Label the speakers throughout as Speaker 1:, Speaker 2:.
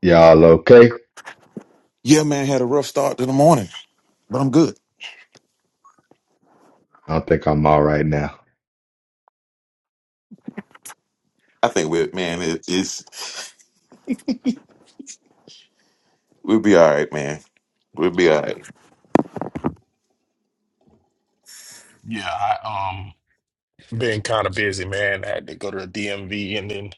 Speaker 1: Y'all okay?
Speaker 2: Yeah, man, had a rough start to the morning, but I'm good.
Speaker 1: I think I'm all right now.
Speaker 2: I think we, man, it, it's we'll be all right, man. We'll be all right.
Speaker 3: Yeah, I um been kind of busy, man. I had to go to the DMV and then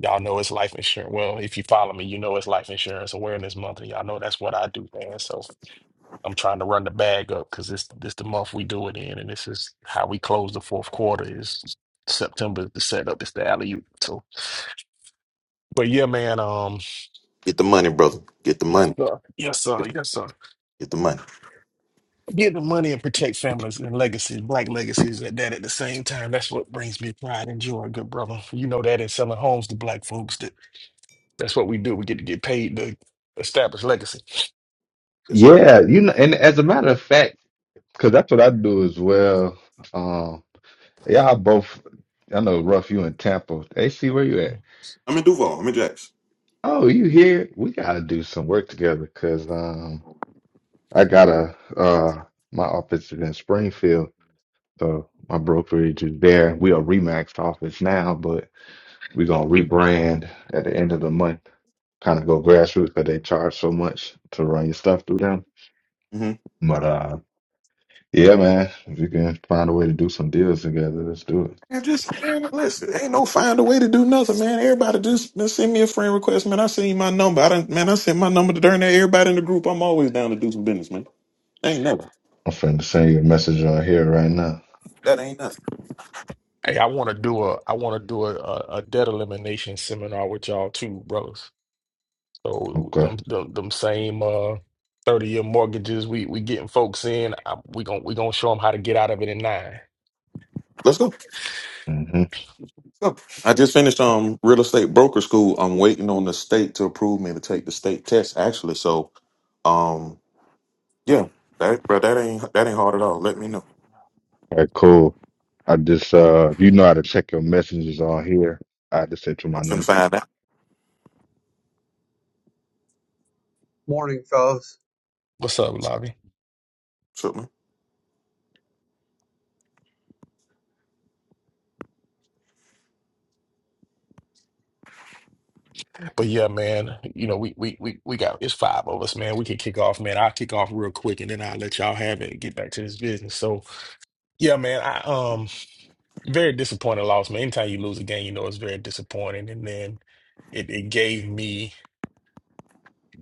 Speaker 3: y'all know it's life insurance. Well, if you follow me, you know it's life insurance awareness month, and y'all know that's what I do, man. So I'm trying to run the bag up because this this the month we do it in, and this is how we close the fourth quarter is September is the setup, it's the alley oop. So but yeah, man, um
Speaker 2: Get the money, brother. Get the
Speaker 3: yes
Speaker 2: money.
Speaker 3: sir. Yes sir,
Speaker 2: Get,
Speaker 3: yes sir.
Speaker 2: get the money.
Speaker 3: Give the money and protect families and legacies, black legacies at that at the same time. That's what brings me pride and joy, good brother. You know that in selling homes to black folks. That that's what we do. We get to get paid to establish legacy.
Speaker 2: Yes, sir.
Speaker 1: Yeah, you know, and as a matter of fact, because that's what I do as well. Um, y'all both, I know, Ruff, you in Tampa. AC, where you at?
Speaker 3: Mm.
Speaker 2: I'm in Duval. I'm in Jackson.
Speaker 1: Oh, you here? We gotta do some work together because um, I gotta uh, my office is in Springfield, so my brokerage is there. We are Remax office now, but we're gonna rebrand at the end of the month. Kind of go grassroots because they charge so much to run your stuff through them.
Speaker 2: hmm
Speaker 1: but. uh, Yeah, man. If you can find a way to do some deals together, let's do it.
Speaker 2: And just man, listen, ain't no find a way to do nothing, man. Everybody just man, send me a friend request, man. I send you my number. I didn't, man, I sent my number to darn near everybody in the group. I'm always down to do some business, man. Ain't nothing.
Speaker 1: I'm finna send you a message on here right now.
Speaker 2: That ain't nothing.
Speaker 3: Hey, I want to do a I want to do a, a, a debt elimination seminar with y'all too, brothers. So
Speaker 1: Okay.
Speaker 3: them them, them same uh 30 year mortgages we we getting folks in, I, we gon' we going to show them how to get out of it in nine.
Speaker 2: Let's go.
Speaker 1: Mm-hmm.
Speaker 2: Oh, I just finished um real estate broker school. I'm waiting on the state to approve me to take the state test actually. So um yeah, that bro, that ain't that ain't hard at all. Let me know.
Speaker 1: All right, cool. I just, uh, if you know how to check your messages on here, I just sent you
Speaker 2: I'm
Speaker 1: my
Speaker 2: finna
Speaker 1: number.
Speaker 2: find out.
Speaker 4: Morning, fellas.
Speaker 3: What's up, Lobby?
Speaker 2: Something.
Speaker 3: But yeah, man, you know, we we we we got it's five of us, man. We can kick off, man. I'll kick off real quick and then I'll let y'all have it and get back to this business. So yeah, man, I um very disappointed loss, man. Anytime you lose a game, you know it's very disappointing. And then it, it gave me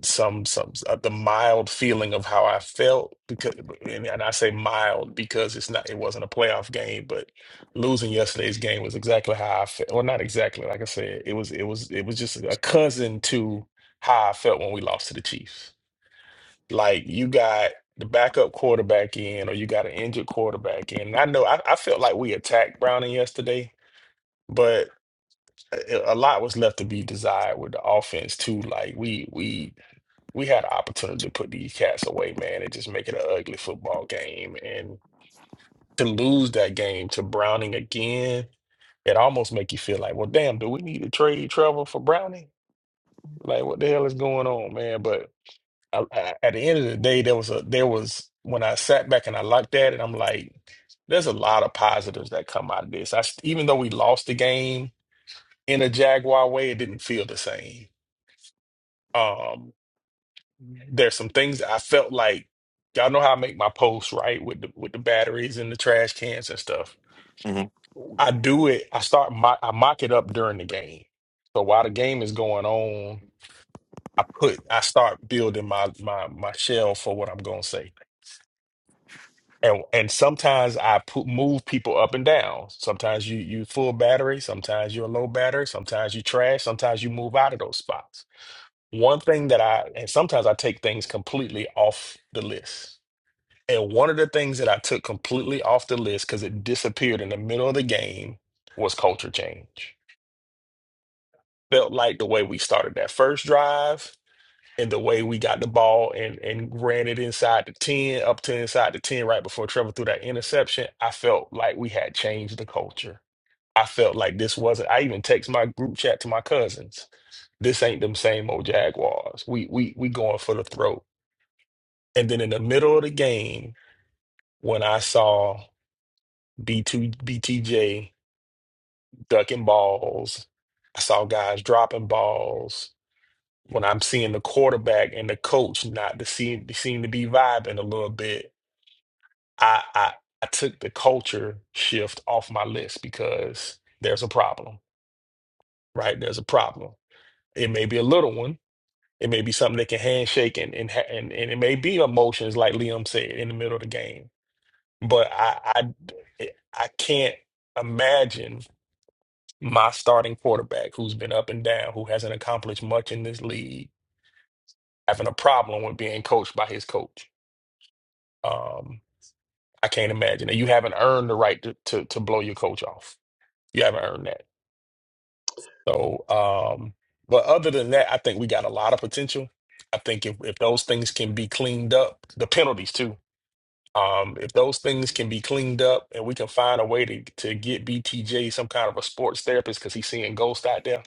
Speaker 3: some some uh, the mild feeling of how I felt because and, and I say mild because it's not it wasn't a playoff game, but losing yesterday's game was exactly how I felt. Well, not exactly, like I said, it was it was it was just a cousin to how I felt when we lost to the Chiefs. Like you got the backup quarterback in, or you got an injured quarterback in. And I know I, I felt like we attacked Browning yesterday, but a a lot was left to be desired with the offense too. Like we we we had an opportunity to put these cats away, man, and just make it an ugly football game. And to lose that game to Browning again, it almost make you feel like, well, damn, do we need to trade Trevor for Browning? Like, what the hell is going on, man? But I, I, at the end of the day, there was a there was when I sat back and I looked at it, I'm like, there's a lot of positives that come out of this. I st- even though we lost the game in a Jaguar way, it didn't feel the same. Um, there's some things I felt like y'all know how I make my posts right with the with the batteries and the trash cans and stuff.
Speaker 2: me. Mhm.
Speaker 3: I do it. I start mock, I mock it up during the game. So while the game is going on, I put I start building my my my shell for what I'm gonna say. And and sometimes I put move people up and down. Sometimes you you full battery. Sometimes you're low battery. Sometimes you trash. Sometimes you move out of those spots. One thing that I and sometimes I take things completely off the list And one of the things that I took completely off the list because it disappeared in the middle of the game was culture change. Felt like the way we started that first drive and the way we got the ball and, and ran it inside the 10, up to inside the 10 right before Trevor threw that interception. I felt like we had changed the culture. I felt like this wasn't, I even text my group chat to my cousins. This ain't them same old Jaguars. We we we going for the throat. And then in the middle of the game, when I saw B2, BTJ, ducking balls. I saw guys dropping balls. When I'm seeing the quarterback and the coach not to seem, seem to be vibing a little bit, I, I I took the culture shift off my list because there's a problem, right? There's a problem. It may be a little one. It may be something that can handshake and and ha- and, and it may be emotions like Liam said in the middle of the game. But I I I can't imagine my starting quarterback who's been up and down, who hasn't accomplished much in this league, having a problem with being coached by his coach. Um, I can't imagine. And you haven't earned the right to, to, to blow your coach off. You haven't earned that. So, um, but other than that, I think we got a lot of potential. I think if, if those things can be cleaned up, the penalties too. Um, if those things can be cleaned up and we can find a way to, to get BTJ some kind of a sports therapist because he's seeing ghosts out there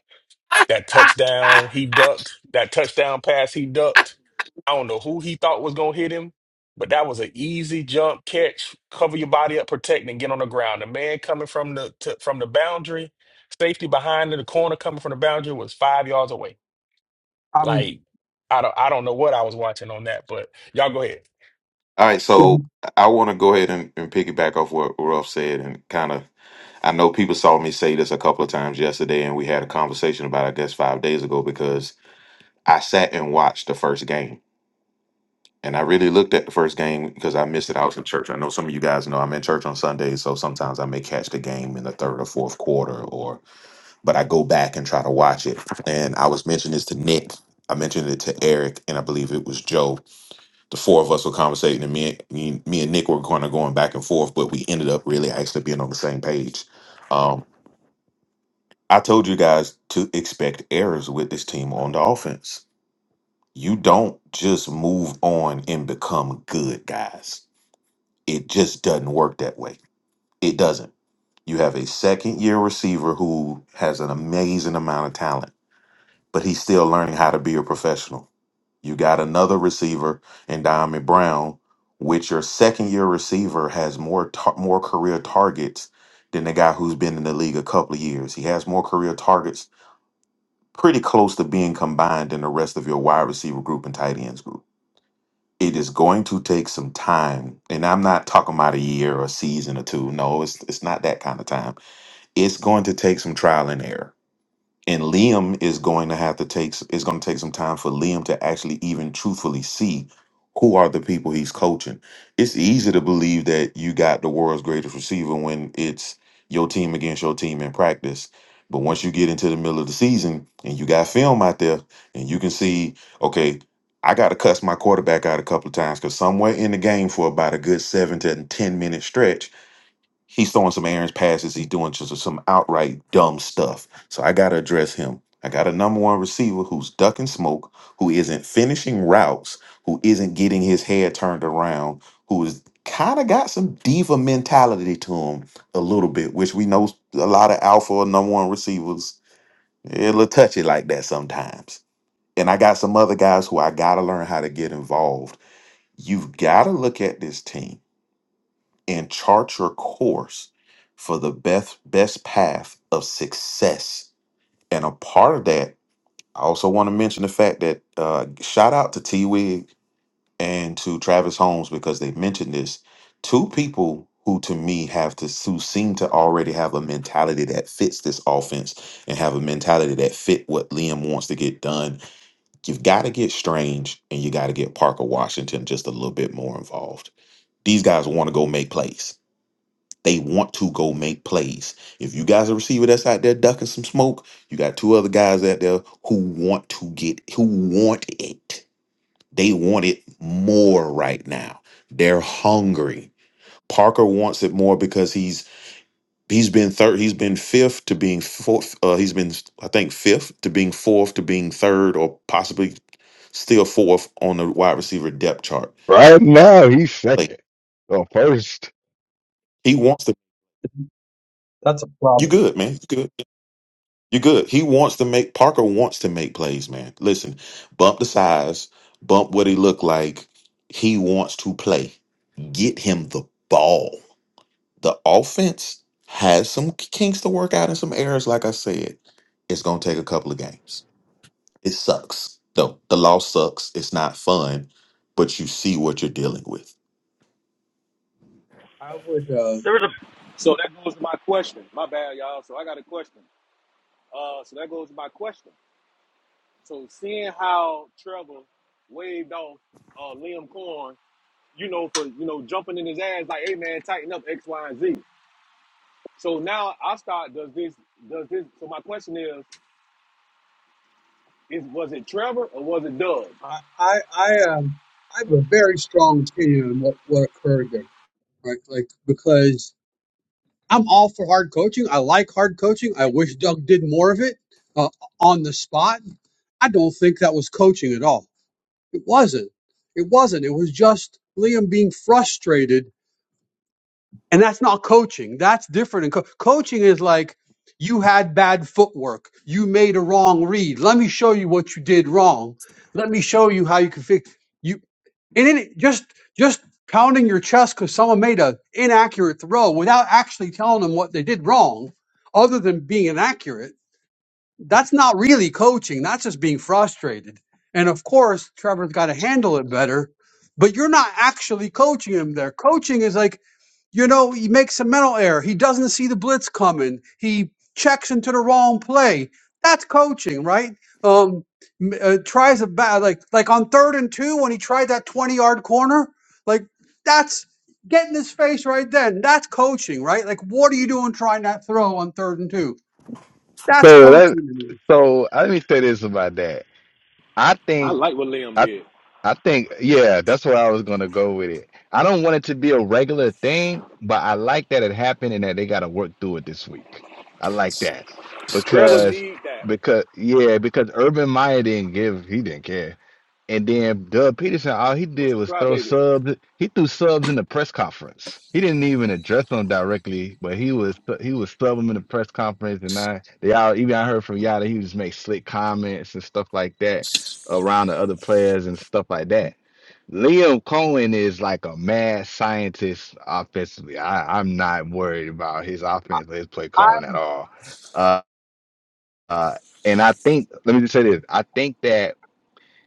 Speaker 3: That touchdown he ducked, that touchdown pass he ducked. I don't know who he thought was going to hit him, but that was an easy jump catch. Cover your body up, protect, and get on the ground. The man coming from the to, from the boundary, safety behind in the corner coming from the boundary was five yards away.
Speaker 4: I'm
Speaker 3: Like I don't I don't know what I was watching on that, but y'all go ahead.
Speaker 2: All right,
Speaker 4: yeah,
Speaker 2: so I want to go ahead and, and piggyback off what Ruff said and kind of I know people saw me say this a couple of times yesterday and we had a conversation about it, I guess five days ago because I sat and watched the first game And I really looked at the first game because I missed it. I was in church. I know some of you guys know I'm in church on Sundays, so sometimes I may catch the game in the third or fourth quarter, or but I go back and try to watch it. And I was mentioning this to Nick. I mentioned it to Eric, and I believe it was Joe. The four of us were conversating, and me, me, me and Nick were kind of going back and forth, but we ended up really actually being on the same page. Um, I told you guys to expect errors with this team on the offense. You don't just move on and become good, guys It just doesn't work that way. It doesn't. You have a second year receiver who has an amazing amount of talent, but he's still learning how to be a professional. You got another receiver in Diamond Brown, which your second year receiver has more tar- more career targets than the guy who's been in the league a couple of years. He has more career targets, pretty close to being combined than the rest of your wide receiver group and tight ends group. it is going to take some time and i'm not talking about a year or a season or two no it's it's not that kind of time it's going to take some trial and error and Liam is going to have to take it's going to take some time for Liam to actually even truthfully see who are the people he's coaching. It's easy to believe that you got the world's greatest receiver when it's your team against your team in practice. But once you get into the middle of the season and you got film out there and you can see, okay, I got to cuss my quarterback out a couple of times because somewhere in the game for about a good seven to 10 minute stretch, He's throwing some errant passes. He's doing just some outright dumb stuff. So I got to address him. I got a number one receiver who's ducking smoke, who isn't finishing routes, who isn't getting his head turned around, who is kind of got some diva mentality to him a little bit, which we know a lot of alpha or number one receivers, they're a little touchy like that sometimes. And I got some other guys who I got to learn how to get involved. You've got to look at this team and chart your course for the best best path of success. And a part of that, I also want to mention the fact that uh, shout out to T Wig and to Travis Holmes because they mentioned this. Two people who to me have to who seem to already have a mentality that fits this offense and have a mentality that fit what Liam wants to get done. You've got to get Strange and you got to get Parker Washington just a little bit more involved. These guys want to go make plays they want to go make plays. If you guys are a receiver that's out there ducking some smoke, you got two other guys out there who want to get who want it. They want it more right now. They're hungry. Parker wants it more because he's he's been third, he's been fifth to being fourth. Uh, he's been I think fifth to being fourth to being third or possibly still fourth on the wide receiver depth chart.
Speaker 1: Right now, he's
Speaker 2: Like
Speaker 1: second. Well, first.
Speaker 2: he wants to.
Speaker 4: that's a
Speaker 2: You
Speaker 4: problem.
Speaker 2: good, man? You good? You're good. He wants to make Parker wants to make plays, man. Listen, bump the size, bump what he look like. He wants to play. Get him the ball. The offense has some kinks to work out and some errors. Like I said, it's gonna take a couple of games. It sucks though. The loss sucks. It's not fun, but you see what you're dealing with.
Speaker 4: I would uh
Speaker 5: There was a
Speaker 6: So that goes to my question. My bad, y'all. So I got a question. Uh, so that goes to my question. So seeing how Trevor waved off uh, Liam Corn, you know, for you know jumping in his ass like, "Hey man, tighten up X, Y, and Z." So now I start. Does this? Does this? So my question is: Is was it Trevor or was it Doug?
Speaker 4: I I I um I have a very strong opinion on what, what occurred there, right? Like because I'm all for hard coaching. I like hard coaching. I wish Doug did more of it uh, on the spot. I don't think that was coaching at all. It wasn't. It wasn't. It was just Liam being frustrated and that's not coaching. That's different. And co- coaching is like you had bad footwork. You made a wrong read. Let me show you what you did wrong. Let me show you how you can fix you. And then it, just just pounding your chest because someone made an inaccurate throw without actually telling them what they did wrong, other than being inaccurate. That's not really coaching. That's just being frustrated. And of course, Trevor's got to handle it better. But you're not actually coaching him there. Coaching is like you know, he makes a mental error. He doesn't see the blitz coming. He checks into the wrong play. That's coaching, right? Um, uh, tries a bad like like on third and two when he tried that twenty yard corner. Like that's get in his face right then. That's coaching, right? Like what are you doing trying that throw on third and two? That's
Speaker 1: So that,
Speaker 4: coaching to me.
Speaker 1: so I let me say this about that. I
Speaker 6: I
Speaker 1: think.
Speaker 6: like what Liam did.
Speaker 1: I think, yeah, that's where I was gonna go with it. I don't want it to be a regular thing, but I like that it happened and that they gotta work through it this week. I like that
Speaker 6: Trevor
Speaker 1: because
Speaker 6: need that
Speaker 1: because yeah, because Urban Meyer didn't give he didn't care. And then Doug Peterson, all he
Speaker 6: was
Speaker 1: did
Speaker 6: a
Speaker 1: was throw
Speaker 6: crybaby.
Speaker 1: subs. He threw subs in the press conference. He didn't even address them directly, but he was he was subbing in the press conference. And I they all even I heard from Yada, he just make slick comments and stuff like that around the other players and stuff like that. Liam Cohen is like a mad scientist offensively. I, I'm not worried about his offense, his play
Speaker 4: I,
Speaker 1: calling at all. Uh, uh, and I think, let me just say this: I think that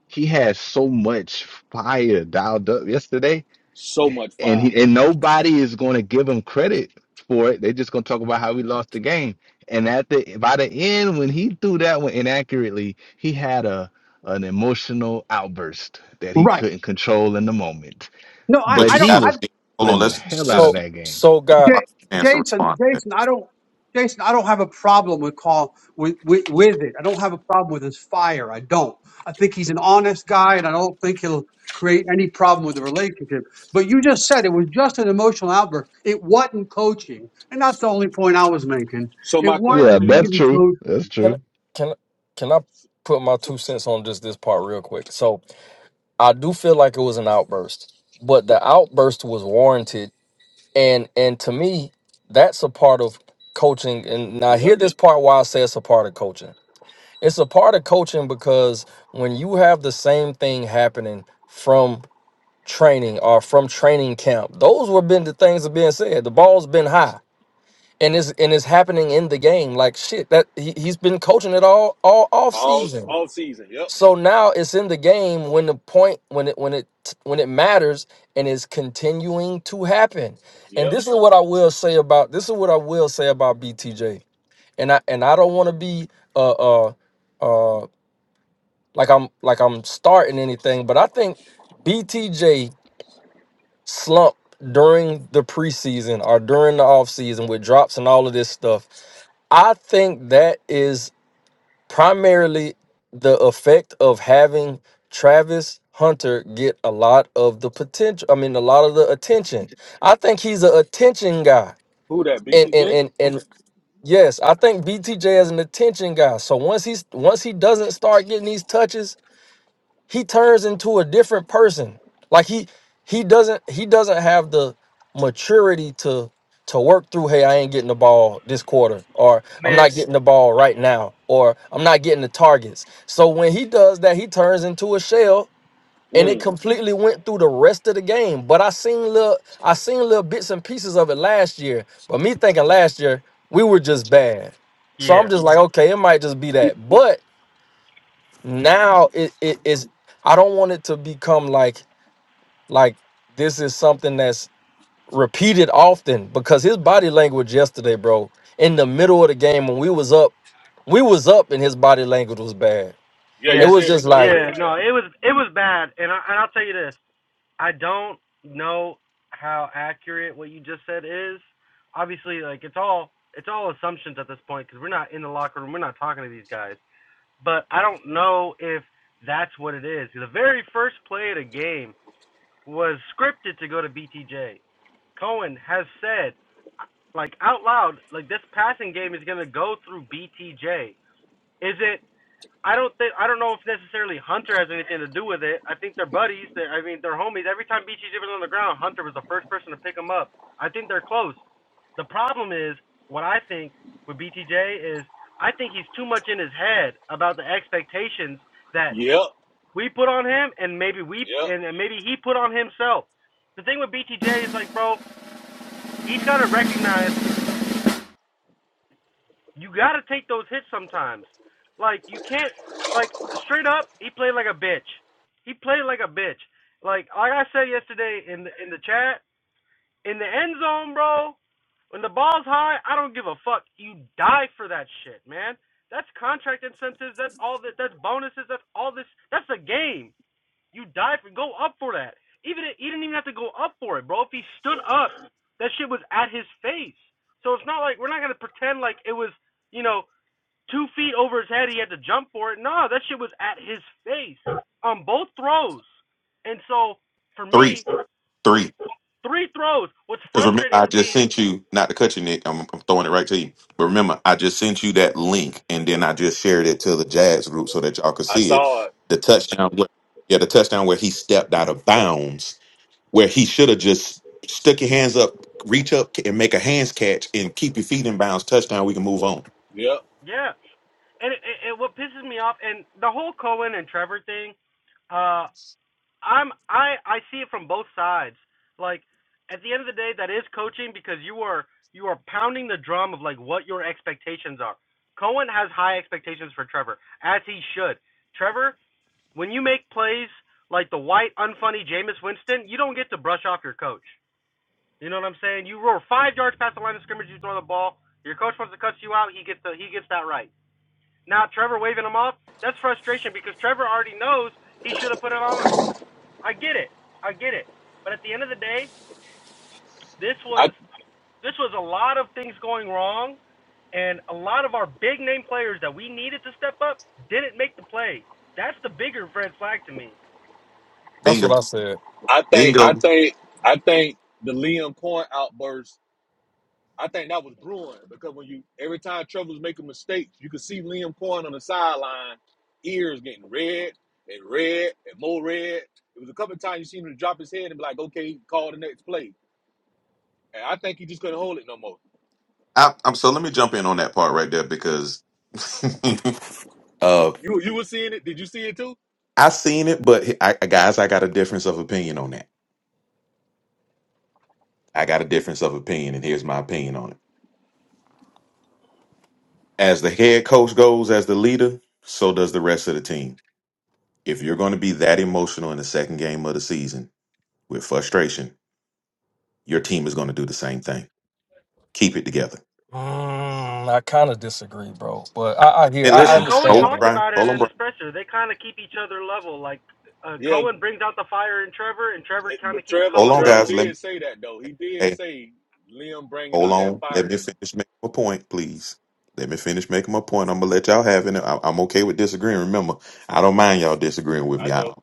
Speaker 1: he has so much fire dialed up yesterday,
Speaker 6: So much
Speaker 1: and
Speaker 6: fire.
Speaker 1: he and nobody is going to give him credit for it. They're just going to talk about how he lost the game. And at the by the end, when he threw that one inaccurately, he had a an emotional outburst that he
Speaker 4: right.
Speaker 1: couldn't control in the moment.
Speaker 4: No, I,
Speaker 2: But
Speaker 1: But
Speaker 4: I
Speaker 2: you
Speaker 4: don't.
Speaker 1: he
Speaker 2: gotta
Speaker 1: was
Speaker 2: hold on.
Speaker 1: calling the
Speaker 2: Let's
Speaker 1: hell out
Speaker 2: let's
Speaker 1: of
Speaker 7: So,
Speaker 2: give
Speaker 1: that game.
Speaker 7: so
Speaker 2: him
Speaker 7: God,
Speaker 2: a
Speaker 4: J-
Speaker 2: chance to
Speaker 4: Jason,
Speaker 2: respond. to that.
Speaker 4: Jason, I don't, Jason, I don't have a problem with call with, with with it. I don't have a problem with his fire. I don't. I think he's an honest guy, and I don't think he'll create any problem with the relationship. But you just said it was just an emotional outburst. It wasn't coaching, and that's the only point I was making.
Speaker 6: So
Speaker 4: It
Speaker 6: my
Speaker 4: wasn't
Speaker 1: Yeah,
Speaker 6: question
Speaker 1: that's
Speaker 4: really
Speaker 6: is:
Speaker 1: true. That's
Speaker 4: coaching,
Speaker 7: can I-
Speaker 1: true.
Speaker 7: can I- can I put my
Speaker 6: So
Speaker 7: two cents on just this part real quick? So, I do feel like it was an outburst, but the outburst was warranted, and and to me, that's a part of coaching. And now,
Speaker 6: yep,
Speaker 7: hear this part why I say it's a part of coaching. It's a part of coaching because when you have the same thing happening from training or from training camp, those were been the things that being said. The ball's been high. and is and is happening in the game. Like shit, that he, he's been coaching it all all off
Speaker 6: all
Speaker 7: season.
Speaker 6: all season. Yep,
Speaker 7: So now it's in the game when the point when it when it when it matters and is continuing to happen. And
Speaker 6: yep.
Speaker 7: this is what I will say about this is what I will say about BTJ. And I and I don't want to be uh uh uh like I'm like I'm starting anything, but I think BTJ slump during the preseason or during the offseason with drops and all of this stuff I think that is primarily the effect of having Travis Hunter get a lot of the potential. I mean, a lot of the attention. I think he's an attention guy,
Speaker 6: Who that?
Speaker 7: and and
Speaker 6: BTJ?
Speaker 7: and and yes, I think BTJ is an attention guy. So once he's once he doesn't start getting these touches, he turns into a different person. Like he he doesn't he doesn't have the maturity to to work through, hey, I ain't getting the ball this quarter, or I'm
Speaker 5: man.
Speaker 7: not getting the ball right now, or I'm not getting the targets. So when he does that, he turns into a shell and it
Speaker 6: Mm.
Speaker 7: completely went through the rest of the game. But I seen little I seen little bits and pieces of it last year. But me thinking last year, we were just bad. So
Speaker 5: Yeah,
Speaker 7: I'm just like, okay, it might just be that. but now it, it is i don't want it to become like like this is something that's repeated often because his body language yesterday bro in the middle of the game when we was up we was up and his body language was bad
Speaker 6: Yeah,
Speaker 7: it
Speaker 6: you
Speaker 5: yeah,
Speaker 7: was
Speaker 6: said
Speaker 7: just
Speaker 6: it during the
Speaker 7: like
Speaker 5: yeah.
Speaker 6: group chat.
Speaker 5: No, it was it was bad, and I and I'll tell you this. I don't know how accurate what you just said is. Obviously, like it's all it's all assumptions at this point because we're not in the locker room. We're not talking to these guys. But I don't know if that's what it is. The very first play of the game was scripted to go to BTJ. Cohen has said, like out loud, like this passing game is gonna go through BTJ. Is it I don't think I don't know if necessarily Hunter has anything to do with it. I think they're buddies. They're, I mean, they're homies. Every time BTJ was on the ground, Hunter was the first person to pick him up. I think they're close. The problem is what I think with BTJ is I think he's too much in his head about the expectations that
Speaker 6: Yep,
Speaker 5: we put on him, and maybe we
Speaker 6: yep.
Speaker 5: and maybe he put on himself. The thing with BTJ is like, bro, he's got to recognize you got to take those hits sometimes. Like you can't like straight up. He played like a bitch. He played like a bitch. Like like I said yesterday in the, in the chat in the end zone, bro. When the ball's high, I don't give a fuck. You die for that shit, man. That's contract incentives. That's all that. That's bonuses. That's all this. That's the game. You die for. Go up for that. Even he didn't even have to go up for it, bro. If he stood up, that shit was at his face. So it's not like we're not gonna pretend like it was you know two feet over his head. He had to jump for it. No, that shit was at his face on both throws. And so for
Speaker 2: Three,
Speaker 5: me, what's
Speaker 2: three.
Speaker 5: three throws? What's
Speaker 2: Because remember,
Speaker 5: frustrating
Speaker 2: I
Speaker 5: for
Speaker 2: just
Speaker 5: me?
Speaker 2: sent you, not to cut you, Nick, I'm, I'm throwing it right to you. But remember, I just sent you that link and then I just shared it to the Jazz group so that y'all could
Speaker 6: I
Speaker 2: see it.
Speaker 6: saw it.
Speaker 2: The touchdown, where, yeah, the touchdown where he stepped out of bounds, where he should have just stuck your hands up, reach up and make a hands catch and keep your feet in bounds. Touchdown, we can move on.
Speaker 6: Yep.
Speaker 5: Yeah, and it, it, it, what pisses me off, and the whole Cohen and Trevor thing, uh, I'm I I see it from both sides. Like at the end of the day, that is coaching because you are you are pounding the drum of like what your expectations are. Cohen has high expectations for Trevor, as he should. Trevor When you make plays like the white, unfunny Jameis Winston, you don't get to brush off your coach. You know what I'm saying? You roll five yards past the line of scrimmage, you throw the ball. Your coach wants to cut you out. He gets the he gets that right. Now Trevor waving him off. That's frustration because Trevor already knows he should have put it on him. I get it. I get it. But at the end of the day, this was
Speaker 6: I
Speaker 5: this was a lot of things going wrong and a lot of our big name players that we needed to step up didn't make the play. That's the bigger red flag to me.
Speaker 7: that's
Speaker 2: Bingo.
Speaker 7: what i said
Speaker 6: I think I
Speaker 2: Bingo.
Speaker 6: think I think the Liam Coin outburst. I think that was brewing because when you every time Trevor's making mistakes, you could see Liam Coin on the sideline, ears getting red and red and more red. It was a couple of times you seen him drop his head and be like, "Okay, call the next play." And I think he just couldn't hold it no more.
Speaker 2: I, I'm so let me jump in on that part right there because uh
Speaker 6: You you were seeing it? Did you see it too?
Speaker 2: I seen it, but hey, I, guys, I got a difference of opinion on that. I got a difference of opinion, and here's my opinion on it. As the head coach goes, as the leader, so does the rest of the team. If you're going to be that emotional in the second game of the season with frustration, your team is going to do the same thing. Keep it together.
Speaker 7: mm, i kind of disagree bro but i i
Speaker 2: And
Speaker 7: hear
Speaker 2: and
Speaker 7: i,
Speaker 5: I
Speaker 7: I
Speaker 5: mean,
Speaker 2: listen,
Speaker 5: Cohen
Speaker 2: hold on,
Speaker 7: understand
Speaker 5: talked
Speaker 7: though
Speaker 2: Brian.
Speaker 5: about it
Speaker 2: Hold on,
Speaker 5: in
Speaker 2: Brian.
Speaker 5: his presser. They kind of keep each other level. Like uh,
Speaker 6: Yeah.
Speaker 5: Cohen brings out the fire in Trevor, and Trevor
Speaker 6: It-
Speaker 5: kind of
Speaker 6: but
Speaker 5: keeps
Speaker 6: Trevor,
Speaker 2: Hold
Speaker 5: Cohen
Speaker 2: on,
Speaker 6: Trevor
Speaker 5: level.
Speaker 2: guys. Let me.
Speaker 6: did say that though. He did
Speaker 2: Hey.
Speaker 6: say Liam bringing
Speaker 2: Hold
Speaker 6: out that
Speaker 2: on. Let
Speaker 6: fire
Speaker 2: me
Speaker 6: in him.
Speaker 2: finish making my point, please. Let me finish making my point. I'm gonna let y'all have it. I- I'm okay with disagreeing. Remember, I don't mind y'all disagreeing with
Speaker 6: I
Speaker 2: me. I
Speaker 6: know,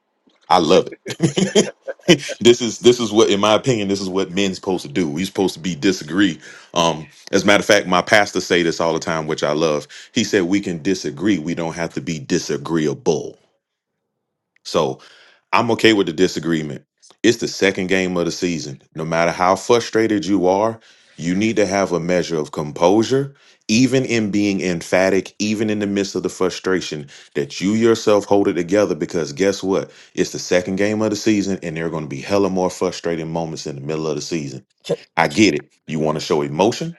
Speaker 2: I love it. this is this is what, in my opinion, this is what men's supposed to do. we supposed to be disagree. Um, as a matter of fact, my pastor say this all the time, which I love. He said we can disagree. We don't have to be disagreeable. So I'm okay with the disagreement. It's the second game of the season. No matter how frustrated you are, you need to have a measure of composure, even in being emphatic, even in the midst of the frustration, that you yourself hold it together. Because guess what? It's the second game of the season, and there are going to be hella more frustrating moments in the middle of the season.
Speaker 7: can,
Speaker 2: I get it. You want to show emotion,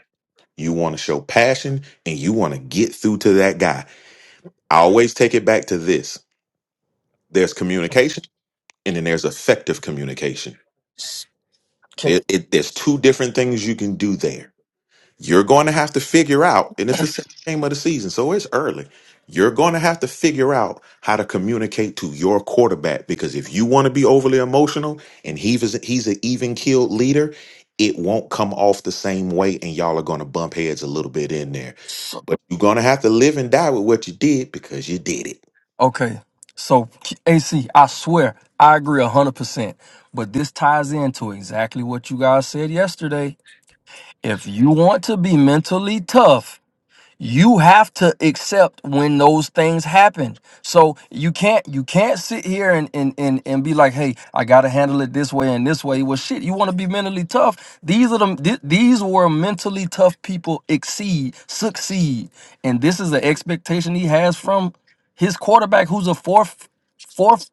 Speaker 2: you want to show passion, and you want to get through to that guy. I always take it back to this there's communication and then there's effective communication.
Speaker 7: can
Speaker 2: There, it, there's two different things you can do there. You're going to have to figure out, and it's the same game of the season, so it's early. You're going to have to figure out how to communicate to your quarterback because if you want to be overly emotional and he's he's an even keeled leader, it won't come off the same way, and y'all are going to bump heads a little bit in there. But you're going to have to live and die with what you did because you did it.
Speaker 7: Okay. So K- AC, I swear, I agree hundred percent. But this ties into exactly what you guys said yesterday. If you want to be mentally tough, you have to accept when those things happen so you can't you can't sit here and and and, and be like hey i gotta handle it this way and this way well shit you want to be mentally tough these are the th- these were mentally tough people exceed succeed and this is the expectation he has from his quarterback who's a fourth fourth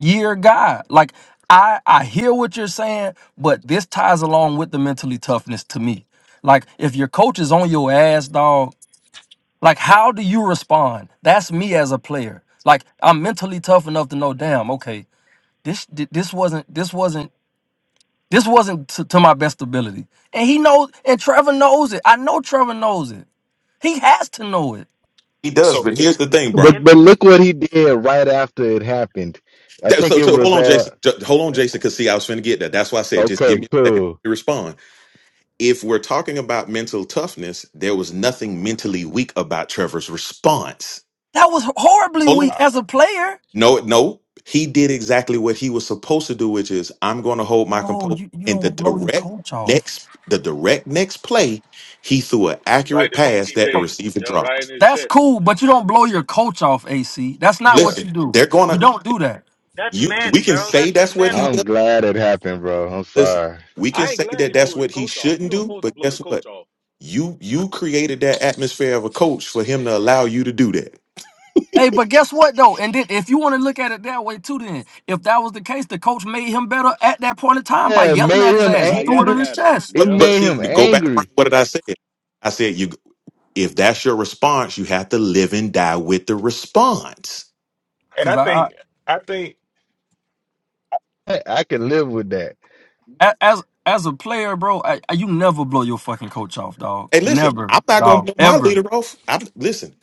Speaker 7: year guy like i i hear what you're saying but this ties along with the mentally toughness to me like if your coach is on your ass, dog like, how do you respond? That's me as a player. Like, I'm mentally tough enough to know, damn, okay, this th- this wasn't this wasn't this wasn't to, to my best ability. And he knows, and Trevor knows it. I know Trevor knows it. He has to know it.
Speaker 2: He does,
Speaker 3: So
Speaker 2: but here's the thing, Brian.
Speaker 1: But
Speaker 5: And
Speaker 1: but look what he did right after it happened. I
Speaker 2: That,
Speaker 1: think
Speaker 2: so,
Speaker 1: it
Speaker 2: so hold
Speaker 1: was
Speaker 2: on,
Speaker 1: uh
Speaker 2: Jason. Ju- Hold on, Jason, because see, I was finna get that. That's why I said, just give
Speaker 1: okay,
Speaker 2: me a second
Speaker 1: cool.
Speaker 2: to respond. If we're talking about mental toughness, there was nothing mentally weak about Trevor's response.
Speaker 7: That was horribly
Speaker 2: Hold on.
Speaker 7: weak
Speaker 3: uh,
Speaker 7: as a player.
Speaker 2: No, no. He did exactly what he was supposed to do, which is I'm going to hold my
Speaker 7: No,
Speaker 2: composure.
Speaker 7: you you
Speaker 2: In the
Speaker 7: don't blow your
Speaker 2: direct
Speaker 7: coach off.
Speaker 2: next, the direct next play, he threw an
Speaker 6: right
Speaker 2: accurate
Speaker 6: to
Speaker 2: pass that the
Speaker 7: Oh,
Speaker 6: BTJ,
Speaker 2: receiver
Speaker 6: yeah, right in
Speaker 2: dropped.
Speaker 6: his
Speaker 7: that's
Speaker 6: chest.
Speaker 7: cool, but you don't blow your coach off, AC. That's not
Speaker 3: yeah,
Speaker 7: what
Speaker 2: Listen,
Speaker 7: you
Speaker 2: they're
Speaker 7: do.
Speaker 2: going
Speaker 7: You
Speaker 2: to
Speaker 7: don't do that.
Speaker 5: that's
Speaker 2: you. We
Speaker 5: men,
Speaker 2: can
Speaker 5: bro.
Speaker 2: say
Speaker 5: That's just
Speaker 2: that's what
Speaker 5: men.
Speaker 2: he
Speaker 1: I'm
Speaker 2: does.
Speaker 1: glad it happened, bro. I'm
Speaker 2: Listen,
Speaker 1: sorry.
Speaker 2: we can
Speaker 6: I ain't
Speaker 2: say
Speaker 6: glad
Speaker 2: that
Speaker 6: he
Speaker 2: that's
Speaker 6: blew his
Speaker 2: what he
Speaker 6: coach off. You
Speaker 2: shouldn't
Speaker 6: don't
Speaker 2: do,
Speaker 6: supposed to
Speaker 2: but
Speaker 6: blow the
Speaker 2: guess what?
Speaker 6: coach off
Speaker 2: You you created that atmosphere of a coach for him to allow you to do that.
Speaker 7: Hey, but guess what though? And then, if you want to look at it that way too, then if that was the case, the coach made him better at that point in time by
Speaker 1: Yeah, it
Speaker 7: yelling at
Speaker 1: made
Speaker 7: his
Speaker 1: him
Speaker 7: ass. He
Speaker 6: by
Speaker 7: threw it
Speaker 6: yelling
Speaker 7: on
Speaker 1: angry.
Speaker 7: his
Speaker 6: at him.
Speaker 7: chest.
Speaker 1: It
Speaker 2: But
Speaker 6: Yep.
Speaker 2: but
Speaker 1: made
Speaker 2: see,
Speaker 1: him
Speaker 2: to go back. to
Speaker 1: angry.
Speaker 2: What did I say? I said you. If that's your response, you have to live and die with the response.
Speaker 3: and
Speaker 7: Cause
Speaker 3: I
Speaker 7: I, I
Speaker 3: think I think
Speaker 1: I, I can live with that.
Speaker 7: a- as as a player, bro, I, I- you never blow your fucking coach off, dog.
Speaker 2: Hey, listen,
Speaker 7: Never,
Speaker 2: I'm not gonna
Speaker 7: dog,
Speaker 2: blow my
Speaker 7: ever.
Speaker 2: leader off. I'm listen.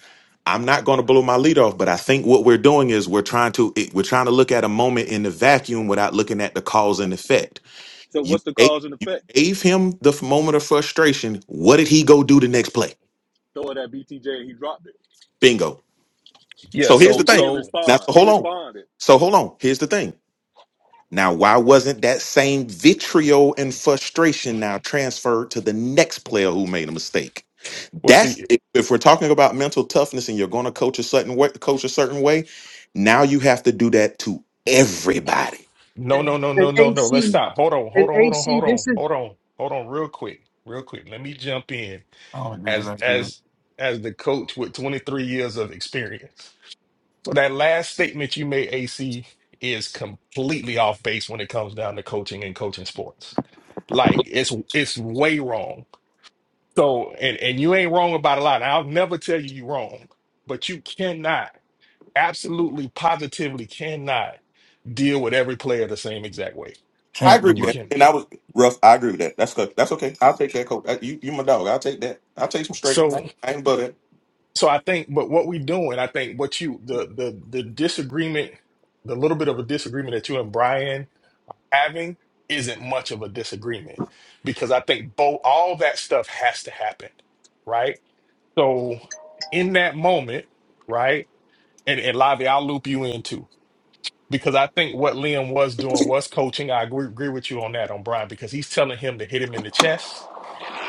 Speaker 2: I'm not going to blow my leader off, but I think what we're doing is we're trying to it, we're trying to look at a moment in the vacuum without looking at the cause and effect.
Speaker 6: So
Speaker 2: You
Speaker 6: what's the
Speaker 2: gave,
Speaker 6: cause and
Speaker 2: you
Speaker 6: effect?
Speaker 2: gave him the f- moment of frustration. What did he go do the next play?
Speaker 6: Throwing that BTJ, and he dropped it.
Speaker 2: Bingo.
Speaker 3: yeah.
Speaker 2: So
Speaker 6: So
Speaker 2: here's
Speaker 3: So
Speaker 2: the
Speaker 6: he
Speaker 2: thing.
Speaker 6: did
Speaker 3: so
Speaker 2: Now,
Speaker 6: respond.
Speaker 2: so
Speaker 6: He
Speaker 2: hold on.
Speaker 6: responded.
Speaker 2: So hold on. Here's the thing. Now, why wasn't that same vitriol and frustration now transferred to the next player who made a mistake?
Speaker 3: we'll
Speaker 2: That's
Speaker 3: see.
Speaker 2: if if we're talking about mental toughness and you're going to coach a certain way, coach a certain way. Now you have to do that to everybody.
Speaker 3: No,
Speaker 4: and
Speaker 3: no, no,
Speaker 4: and
Speaker 3: no, no, no. Let's
Speaker 4: AC.
Speaker 3: stop. Hold on,
Speaker 4: And
Speaker 3: hold on, hold on,
Speaker 4: AC,
Speaker 3: hold on,
Speaker 4: this is
Speaker 3: hold on, hold on, real quick, real quick. Let me jump in
Speaker 7: I don't agree to
Speaker 3: as
Speaker 7: that either.
Speaker 3: as as the coach with 23 years of experience. So that last statement you made, AC, is completely off base when it comes down to coaching and coaching sports. Like it's it's way wrong. So and and you ain't wrong about a lot. I'll never tell you you're wrong, but you cannot, absolutely, positively cannot deal with every player the same exact way.
Speaker 2: I
Speaker 7: Can't
Speaker 2: agree with
Speaker 3: You
Speaker 7: do it,
Speaker 2: that,
Speaker 3: can.
Speaker 2: and I was rough. I agree with that. That's good. That's okay. I'll take that, coach. Uh, You, you my dog. I'll take that. I'll take some straightening.
Speaker 3: So
Speaker 2: I ain't but that.
Speaker 3: so I think but what we doing, I think what you the the the disagreement, the little bit of a disagreement that you and Brian having isn't much of a disagreement because I think both all that stuff has to happen, right? So in that moment, right? And and Lavi, I'll loop you in too. Because I think what Liam was doing was coaching. I agree, agree with you on that on Brian because he's telling him to hit him in the chest,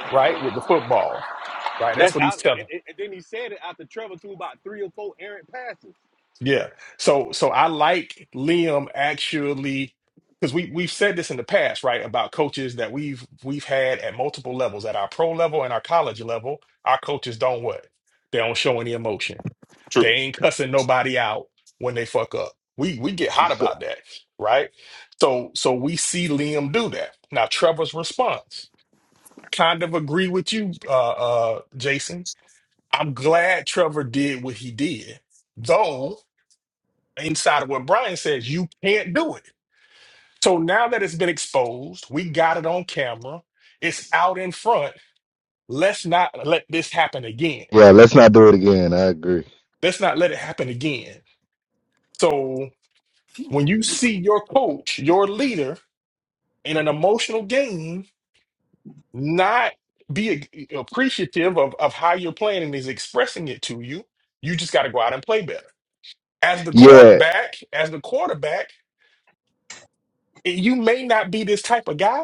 Speaker 3: right? With the football. Right? That's
Speaker 6: That's
Speaker 3: what he's
Speaker 6: out.
Speaker 3: telling. him
Speaker 6: And, and- and then he said it after Trevor threw about three or four errant passes
Speaker 3: Yeah. So so I like Liam actually because we we've said this in the past, right, about coaches that we've we've had at multiple levels, at our pro level and our college level. Our coaches don't what? They don't show any emotion. They
Speaker 2: True.
Speaker 3: ain't cussing nobody out when they fuck up. We we get hot
Speaker 1: So,
Speaker 3: about that, right? So so we see Liam do that. Now Trevor's response. I kind of agree with you, uh uh Jason. I'm glad Trevor did what he did. Though inside of what Brian says, you can't do it. So now that it's been exposed, we got it on camera, it's out in front. Let's not let this happen again.
Speaker 1: yeah, let's not do it again. I agree.
Speaker 3: Let's not let it happen again. So when you see your coach, your leader in an emotional game, not be a- appreciative of, of how you're playing and is expressing it to you, you just got to go out and play better. As the
Speaker 1: Yeah,
Speaker 3: quarterback, as the quarterback, you may not be this type of guy,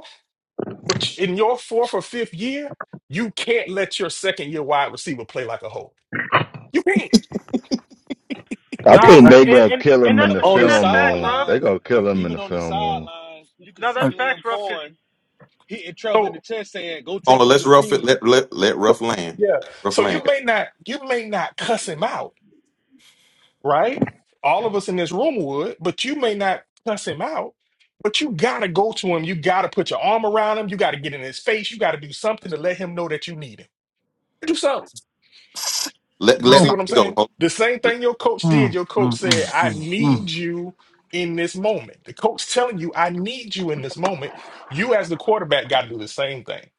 Speaker 3: But in your fourth or fifth year, you can't let your second year wide receiver play like a hole. You can't.
Speaker 1: I
Speaker 3: You
Speaker 5: No,
Speaker 1: think
Speaker 7: I,
Speaker 3: can't.
Speaker 5: I,
Speaker 1: they
Speaker 5: and,
Speaker 1: gonna
Speaker 5: and
Speaker 1: kill
Speaker 5: and
Speaker 1: him in
Speaker 5: that's
Speaker 1: the
Speaker 6: on
Speaker 5: and
Speaker 6: the
Speaker 5: that's
Speaker 1: film
Speaker 5: facts,
Speaker 1: room.
Speaker 5: Ruff.
Speaker 1: They
Speaker 6: sidelines.
Speaker 1: gonna kill
Speaker 6: e-
Speaker 1: him in
Speaker 6: Even
Speaker 1: the
Speaker 6: on the
Speaker 1: film room.
Speaker 6: sidelines, you could
Speaker 5: No, that's
Speaker 6: see
Speaker 7: I-
Speaker 5: facts,
Speaker 6: Liam
Speaker 5: Ruff. Cause
Speaker 6: Cohen hitting Trevor in the
Speaker 3: So
Speaker 6: chest saying, go take
Speaker 2: Only
Speaker 6: over
Speaker 2: let's
Speaker 6: your
Speaker 2: rough it.
Speaker 6: team.
Speaker 2: Let let let rough land.
Speaker 3: yeah.
Speaker 2: Rough
Speaker 3: So you
Speaker 2: land.
Speaker 6: Oh.
Speaker 3: may not you may not cuss him out, right? All of us in this room would, but you may not cuss him out. But you gotta go to him. You gotta put your arm around him. You gotta get in his face. You gotta do something to let him know that you need him. Do something.
Speaker 7: s-
Speaker 2: Let
Speaker 3: You
Speaker 2: let
Speaker 3: see
Speaker 7: bro.
Speaker 2: Lobby
Speaker 3: what I'm
Speaker 2: go.
Speaker 3: saying?
Speaker 2: Hold on.
Speaker 3: The same thing your coach did.
Speaker 7: Mm,
Speaker 3: Your coach
Speaker 7: mm, mm,
Speaker 3: said,
Speaker 7: mm,
Speaker 3: I
Speaker 7: mm. mm,
Speaker 3: need you in this moment. The coach telling you, I need you in this moment. You as the quarterback got to do the same thing.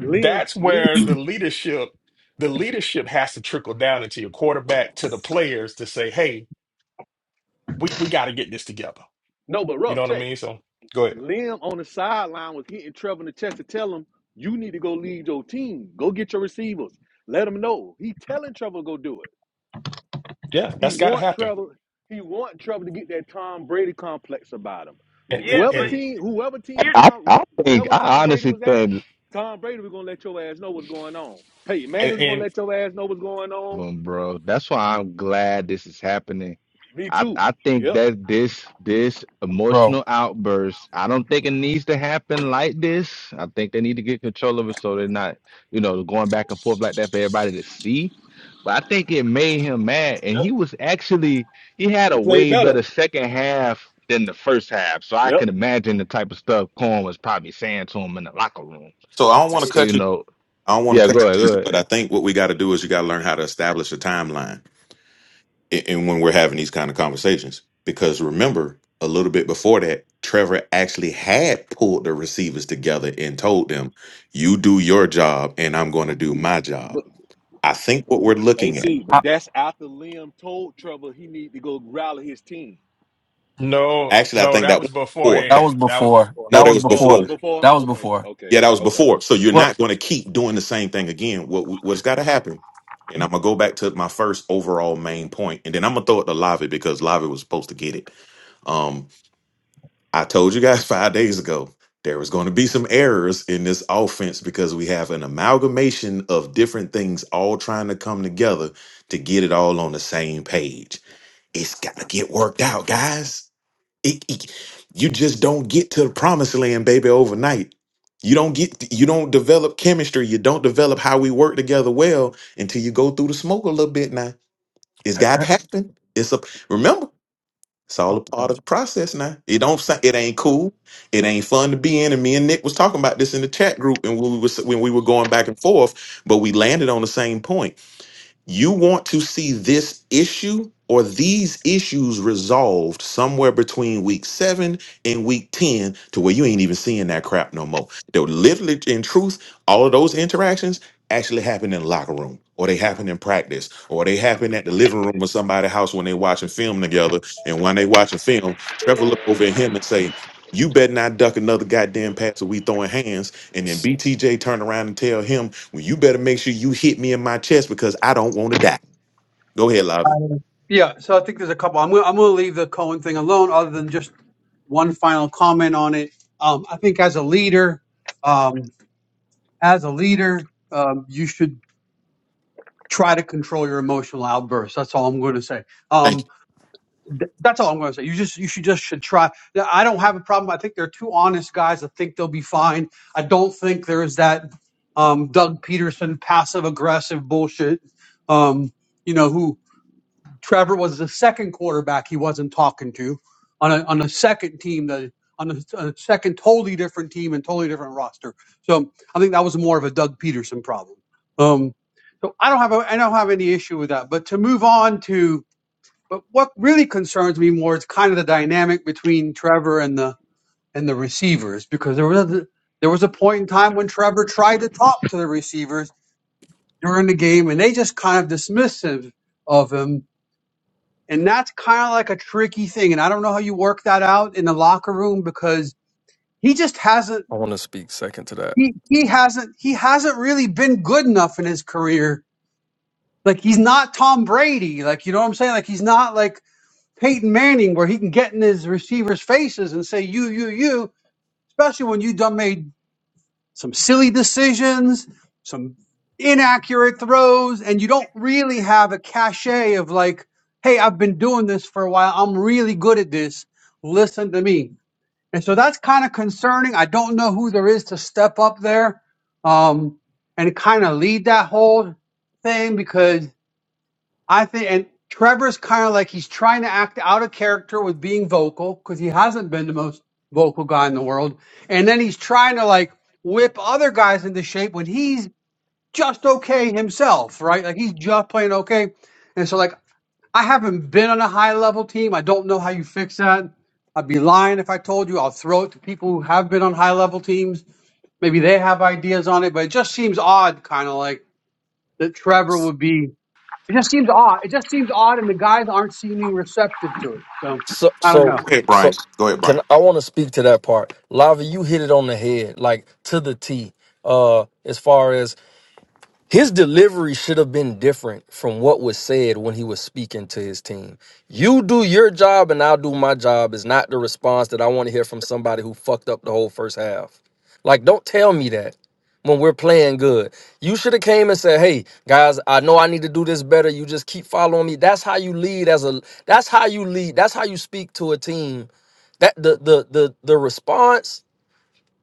Speaker 6: Liam,
Speaker 3: That's
Speaker 6: Liam,
Speaker 3: where the leadership, the leadership has to trickle down into your quarterback to the players to say, hey, we, we got to get this together.
Speaker 6: no, but
Speaker 3: You know
Speaker 6: rough
Speaker 3: what I
Speaker 6: check.
Speaker 3: mean? So go ahead.
Speaker 6: Liam on the sideline was hitting Trevor in the chest to tell him, you need to go lead your team. Go get your receivers. Let him know. He telling Trevor go do it.
Speaker 3: Yeah,
Speaker 6: He
Speaker 3: that's got to
Speaker 6: want
Speaker 3: happen.
Speaker 6: Trevor. He want Trevor to get that Tom Brady complex about him.
Speaker 3: And, and,
Speaker 5: yeah,
Speaker 6: Whoever
Speaker 5: but
Speaker 3: and,
Speaker 5: he,
Speaker 6: team, whoever team
Speaker 5: here's
Speaker 1: I,
Speaker 5: the
Speaker 1: I,
Speaker 6: Tom,
Speaker 1: I think
Speaker 6: wherever
Speaker 1: I
Speaker 6: Tom Brady
Speaker 1: honestly
Speaker 6: was at,
Speaker 1: think,
Speaker 6: Tom Brady was gonna let your ass know what's going on. Peyton
Speaker 3: and,
Speaker 6: Manning was gonna
Speaker 3: and
Speaker 6: let your ass know what's going on.
Speaker 1: um, bro. That's why I'm glad this is happening
Speaker 6: Me
Speaker 1: I,
Speaker 6: too.
Speaker 1: I think
Speaker 6: Yep.
Speaker 1: that this this
Speaker 7: Bro,
Speaker 1: emotional outburst, I don't think it needs to happen like this. I think they need to get control of it so they're not, you know, going back and forth like that for everybody to see. But I think it made him mad, and
Speaker 6: Yep.
Speaker 1: he was actually he had
Speaker 6: He
Speaker 1: a
Speaker 6: played
Speaker 1: way
Speaker 6: better.
Speaker 1: better second half than the first half. So I
Speaker 6: Yep.
Speaker 1: can imagine the type of stuff Corn was probably saying to him in the locker room.
Speaker 2: So I don't
Speaker 1: Uh,
Speaker 2: want to cut
Speaker 1: You
Speaker 2: you.
Speaker 1: know,
Speaker 2: I don't want to
Speaker 1: yeah,
Speaker 2: cut
Speaker 1: go
Speaker 2: you,
Speaker 1: ahead, go
Speaker 2: Jason, but
Speaker 1: ahead.
Speaker 2: I think what we got to do is you got to learn how to establish a timeline, and and when we're having these kind of conversations, because remember a little bit before that, Trevor actually had pulled the receivers together and told them, "You do your job, and I'm going to do my job."
Speaker 6: But
Speaker 2: I think what we're looking at,
Speaker 6: AC, but
Speaker 7: I,
Speaker 6: that's after Liam told Trevor he need to go rally his team.
Speaker 3: no,
Speaker 2: actually, I
Speaker 3: no,
Speaker 2: think
Speaker 3: that
Speaker 2: that
Speaker 3: was
Speaker 2: was before.
Speaker 7: that
Speaker 2: That,
Speaker 3: beforehand.
Speaker 7: was
Speaker 3: That was
Speaker 7: before.
Speaker 2: no,
Speaker 7: That
Speaker 2: that
Speaker 3: beforehand.
Speaker 7: was
Speaker 2: was
Speaker 6: Oh, it
Speaker 7: before.
Speaker 2: before.
Speaker 6: was before?
Speaker 7: That was
Speaker 6: Okay,
Speaker 7: before.
Speaker 6: okay,
Speaker 2: Yeah, that was
Speaker 6: okay.
Speaker 2: before. So you're
Speaker 7: What?
Speaker 2: not going to keep doing the same thing again. What what's got to happen? And I'm gonna go back to my first overall main point, and then I'm gonna throw it to Lavi because Lavi was supposed to get it. Um, I told you guys five days ago there was going to be some errors in this offense because we have an amalgamation of different things all trying to come together to get it all on the same page. It's got to get worked out, guys. It- it- you just don't get to the promised land, baby, overnight. You don't get you don't develop chemistry. You don't develop how we work together well until you go through the smoke a little bit now. It's gotta
Speaker 7: I
Speaker 2: happen. It's a remember, it's all a part of the process now. It don't sa- it ain't cool. It ain't fun to be in. And me and Nick was talking about this in the chat group and we was when we were going back and forth, but we landed on the same point you want to see this issue or these issues resolved somewhere between week seven and week 10 to where you ain't even seeing that crap no more. Though, literally, in truth, all of those interactions actually happen in the locker room or they happen in practice or they happen at the living room of somebody's house when they watching film together. And when they watching film, Trevor look over at him and say, you better not duck another goddamn pass or we throwing hands. And then BTJ turn around and tell him well, you better make sure you hit me in my chest because I don't want to die. Go ahead, Lavi.
Speaker 4: Yeah, so I think there's a couple. I'm gonna, I'm going to leave the Cohen thing alone, other than just one final comment on it. Um, I think as a leader, um, as a leader, um, you should try to control your emotional outbursts. That's all I'm going to say.
Speaker 2: Thank
Speaker 4: Um,
Speaker 2: you.
Speaker 4: th- that's all I'm going to say. You just you should just should try. Yeah, I don't have a problem. I think they're two honest guys. I think they'll be fine. I don't think there's that um, Doug Peterson passive aggressive bullshit. Um, you know who Trevor was the second quarterback he wasn't talking to on a on a second team that on a, on a second totally different team and totally different roster. So I think that was more of a Doug Peterson problem. Um, so I don't have a, I don't have any issue with that. But to move on to but what really concerns me more is kind of the dynamic between Trevor and the and the receivers because there was a, there was a point in time when Trevor tried to talk to the receivers during the game and they just kind of dismissed him of him and that's kind of like a tricky thing. And I don't know how you work that out in the locker room because he just hasn't
Speaker 7: want to speak second to that.
Speaker 4: he, he hasn't he hasn't really been good enough in his career. Like he's not Tom Brady. Like you know what I'm saying? Like he's not like Peyton Manning where he can get in his receivers' faces and say you, you, you, especially when you done made some silly decisions, some inaccurate throws, and you don't really have a cachet of like, hey, I've been doing this for a while. I'm really good at this. Listen to me. And so that's kind of concerning. I don't know who there is to step up there um, and kind of lead that whole thing because I think, and Trevor's kind of like he's trying to act out of character with being vocal because he hasn't been the most vocal guy in the world. And then he's trying to like whip other guys into shape when he's just okay himself, right? Like he's just playing okay. And so, like, I haven't been on a high level team. I don't know how you fix that. I'd be lying if I told you. I'll throw it to people who have been on high level teams. Maybe they have ideas on it, but it just seems odd, kind of like that Trevor would be. It just seems odd. It just seems odd, and the guys aren't seeming receptive to it. So
Speaker 7: So
Speaker 4: I don't
Speaker 7: so
Speaker 2: Go
Speaker 4: know.
Speaker 2: ahead, Brian.
Speaker 7: so
Speaker 2: Go ahead,
Speaker 7: can
Speaker 2: Brian.
Speaker 7: I want to speak to that part. Lava, you hit it on the head, like to the T. Uh as far as his delivery should have been different from what was said when he was speaking to his team. You do your job and I'll do my job is not the response that I want to hear from somebody who fucked up the whole first half. Like, don't tell me that when we're playing good. You should have came and said, "Hey guys, I know I need to do this better. You just keep following me." That's how you lead as a. That's how you lead. That's how you speak to a team. That the the the the response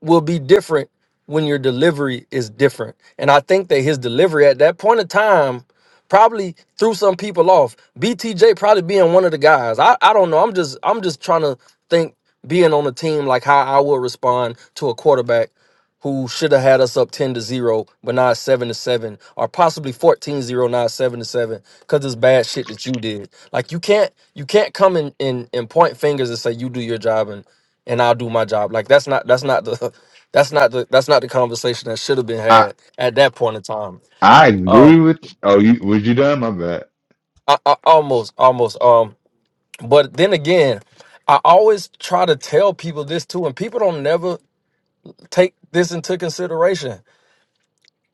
Speaker 7: will be different when your delivery is different. And I think that his delivery at that point of time probably threw some people off. BTJ probably being one of the guys. I, I don't know. I'm just I'm just trying to think being on a team like how I would respond to a quarterback who should have had us up 10 to 0 but not 7 to 7 or possibly fourteen zero, not 7 to 7 because it's bad shit that you did like you can't you can't come in and, and point fingers and say you do your job and and I'll do my job. Like that's not that's not the that's not the that's not the conversation that should have been
Speaker 1: I
Speaker 7: had at that point in time.
Speaker 1: I agree
Speaker 7: Um,
Speaker 1: with. Oh, you, was you done? My bad.
Speaker 7: I, I almost almost um, but then again, I always try to tell people this too, and people don't never take this into consideration.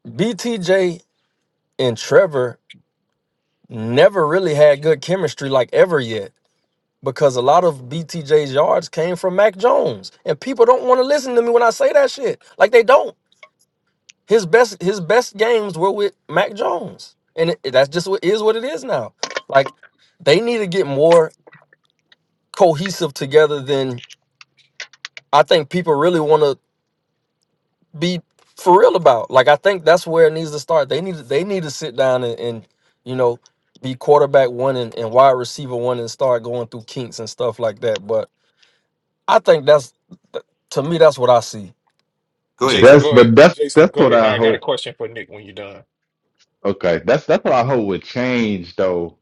Speaker 7: BTJ and Trevor never really had good chemistry like ever yet. Because a lot of BTJ's yards came from Mac Jones. And people don't want to listen to me when I say that shit. Like they don't. His best his best games were with Mac Jones, and it, that's just what is what it is now. Like they need to get more cohesive together than I think people really want to be for real about. Like I think that's where it needs to start. They need to, they need to sit down and, and you know be quarterback one and, and wide receiver one and start going through kinks and stuff like that. But I think that's th- to me that's what I see.
Speaker 2: Go ahead, Jay.
Speaker 3: Jason,
Speaker 1: That's
Speaker 3: go ahead.
Speaker 1: but that's
Speaker 3: Jason,
Speaker 1: that's
Speaker 3: go
Speaker 1: what
Speaker 3: ahead.
Speaker 1: I
Speaker 3: I got a
Speaker 1: hope
Speaker 3: question for Nick when you're done.
Speaker 1: Okay, that's that's what I hope would change though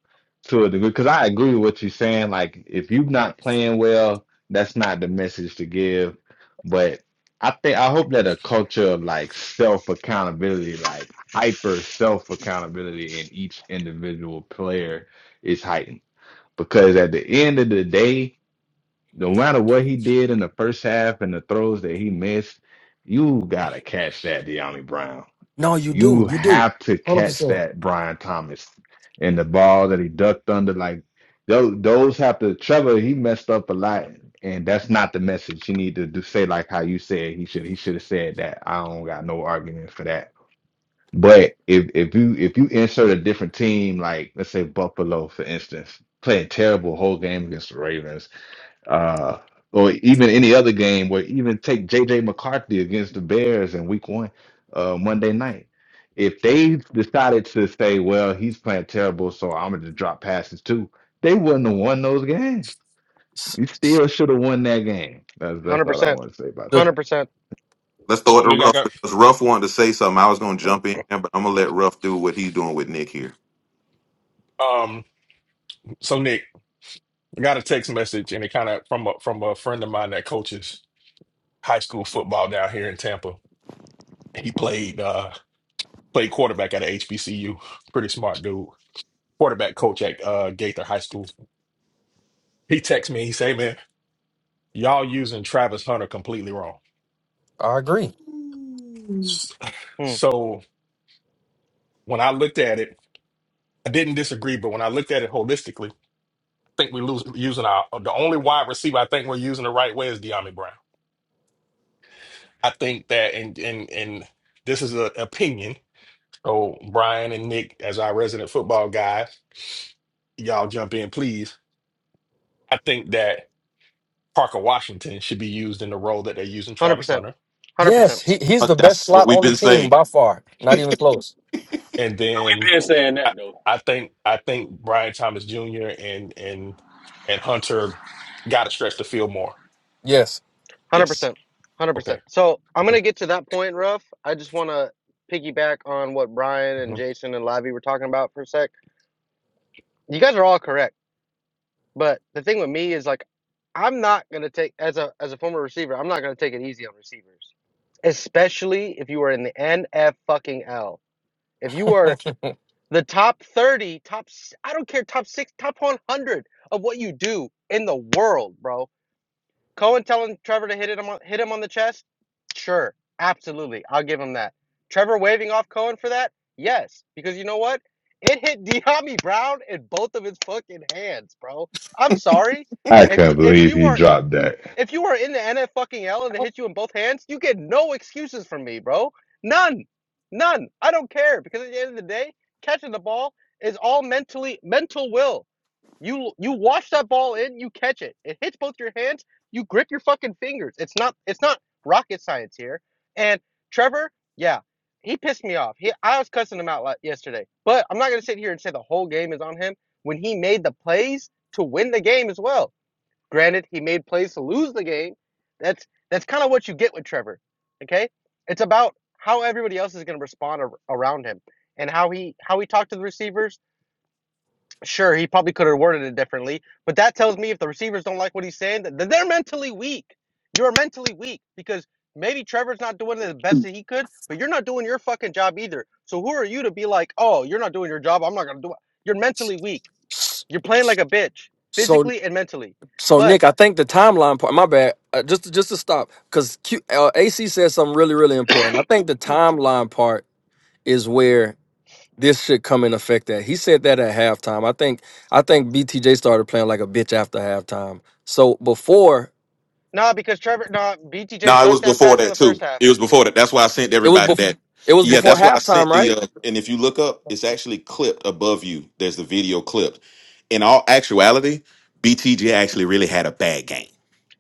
Speaker 1: to a degree because I agree with what you're saying. Like if you're not playing well, that's not the message to give. But I think I hope that a culture of like self accountability, like hyper self accountability in each individual player is heightened because at the end of the day, no matter what he did in the first half and the throws that he missed, you gotta catch that, De'Ami Brown.
Speaker 7: No, you do,
Speaker 1: You
Speaker 7: you do,
Speaker 1: have to
Speaker 7: hundred
Speaker 1: catch
Speaker 7: percent.
Speaker 1: that Brian Thomas and the ball that he ducked under. Like those, those have to. Trevor, he messed up a lot, and that's not the message. You need to do, say like how you said he should. He should have said that. I don't got no argument for that. But if if you if you insert a different team, like let's say Buffalo, for instance, playing terrible whole game against the Ravens uh, or even any other game where even take JJ McCarthy against the Bears in week one, uh, Monday night. If they decided to say, well, he's playing terrible, so I'm going to drop passes too, they wouldn't have won those games. You still should have won that game. That's,
Speaker 5: Hundred
Speaker 1: that's all I
Speaker 5: percent.
Speaker 1: want to say about
Speaker 7: The
Speaker 5: Hundred
Speaker 1: that.
Speaker 5: percent.
Speaker 2: Let's throw it
Speaker 3: So
Speaker 2: to
Speaker 3: Nick, I
Speaker 2: Ruff
Speaker 3: got
Speaker 2: because Ruff wanted to say something. I was going to jump in, there, but I'm going to let Ruff do what he's doing with Nick here.
Speaker 3: um so Nick, I got a text message and it kind of from a from a friend of mine that coaches high school football down here in Tampa. He played uh played quarterback at a HBCU. Pretty smart dude. Quarterback coach at uh Gaither High School. He texted me, he say, man, y'all using Travis Hunter completely wrong.
Speaker 7: I agree.
Speaker 3: S-
Speaker 5: Hundred
Speaker 3: So when I looked at it, I didn't disagree, but when I looked at it holistically, think we're losing, using our the only wide receiver I think we're using the right way is Deami Brown. I think that, and and and this is an opinion. So Brian and Nick, as our resident football guys, y'all jump in, please. I think that Parker Washington should be used in the role that they're using Travis
Speaker 5: percent.
Speaker 3: Hunter,
Speaker 5: Hundred
Speaker 7: Yes,
Speaker 5: percent.
Speaker 7: he, he's
Speaker 2: Uh,
Speaker 7: the best
Speaker 2: That's what
Speaker 7: slot
Speaker 2: we've
Speaker 7: on the
Speaker 2: been
Speaker 7: team
Speaker 2: saying.
Speaker 7: by far. Not even close.
Speaker 3: and
Speaker 6: we
Speaker 3: then
Speaker 6: have been saying
Speaker 3: I,
Speaker 6: that though.
Speaker 3: I think I think Brian Thomas Jr. and and and Hunter got to stretch the field more.
Speaker 7: Yes.
Speaker 5: Hundred
Speaker 2: Yes.
Speaker 5: percent. Hundred
Speaker 3: Okay,
Speaker 5: percent. So I'm gonna
Speaker 3: okay.
Speaker 5: get to that point, Ruff. I just wanna piggyback on what Brian and Jason and Lavi were talking about for a sec. You guys are all correct. But the thing with me is like I'm not gonna take as a as a former receiver, I'm not gonna take it easy on receivers. Especially if you are in the NF fucking L. If you are the top 30, top s- I don't care, top six, top 100 of what you do in the world, bro Cohen telling Trevor to hit him on, hit him on the chest? Sure, absolutely. I'll give him that. Trevor waving off Cohen for that? Yes, because you know what? It hit Deami Brown in both of his fucking hands, bro. I'm sorry.
Speaker 1: I
Speaker 5: If
Speaker 1: can't
Speaker 5: if
Speaker 1: believe
Speaker 5: you
Speaker 1: he
Speaker 5: are
Speaker 1: dropped that.
Speaker 5: if you are in the NFL and they hit you in both hands, you get no excuses from me, bro. None. None. I don't care because at the end of the day, catching the ball is all mentally mental will. You you wash that ball in, you catch it. It hits both your hands. You grip your fucking fingers. It's not it's not rocket science here. And Trevor, yeah, he pissed me off. He I was cussing him out like yesterday. But I'm not gonna sit here and say the whole game is on him when he made the plays to win the game as well. Granted, he made plays to lose the game. That's that's kind of what you get with Trevor. Okay, it's about how everybody else is gonna respond ar- around him and how he how he talked to the receivers Sure, he probably could have worded it differently, but that tells me if the receivers don't like what he's saying, that they're mentally weak. You're mentally weak because maybe Trevor's not doing the best that he could, but you're not doing your fucking job either. So who are you to be like, oh, you're not doing your job? I'm not gonna do it. You're mentally weak. You're playing like a bitch,
Speaker 7: So
Speaker 5: physically and mentally.
Speaker 7: so
Speaker 5: But
Speaker 7: Nick, I think the timeline part. My bad. Uh, just to- just to stop because Q, uh, AC said something really really important. I think the timeline part is where this should come in effect. At he said that at halftime. I think I think BTJ started playing like a bitch after halftime. So before
Speaker 5: nah, because Trevor, nah, BTJ
Speaker 2: No, it was
Speaker 5: junked that
Speaker 2: before
Speaker 5: pass in
Speaker 2: that
Speaker 5: the first
Speaker 2: too.
Speaker 5: half.
Speaker 2: It was before that. That's why I sent
Speaker 7: it was
Speaker 2: everybody
Speaker 7: before
Speaker 2: that.
Speaker 7: it was
Speaker 2: Yeah,
Speaker 7: before
Speaker 5: B-
Speaker 2: that's why I
Speaker 7: halftime,
Speaker 2: sent
Speaker 7: right?
Speaker 2: the. Uh, and if you look up, it's actually clipped above you. There's the video clipped. In all actuality, BTG actually really had a bad game.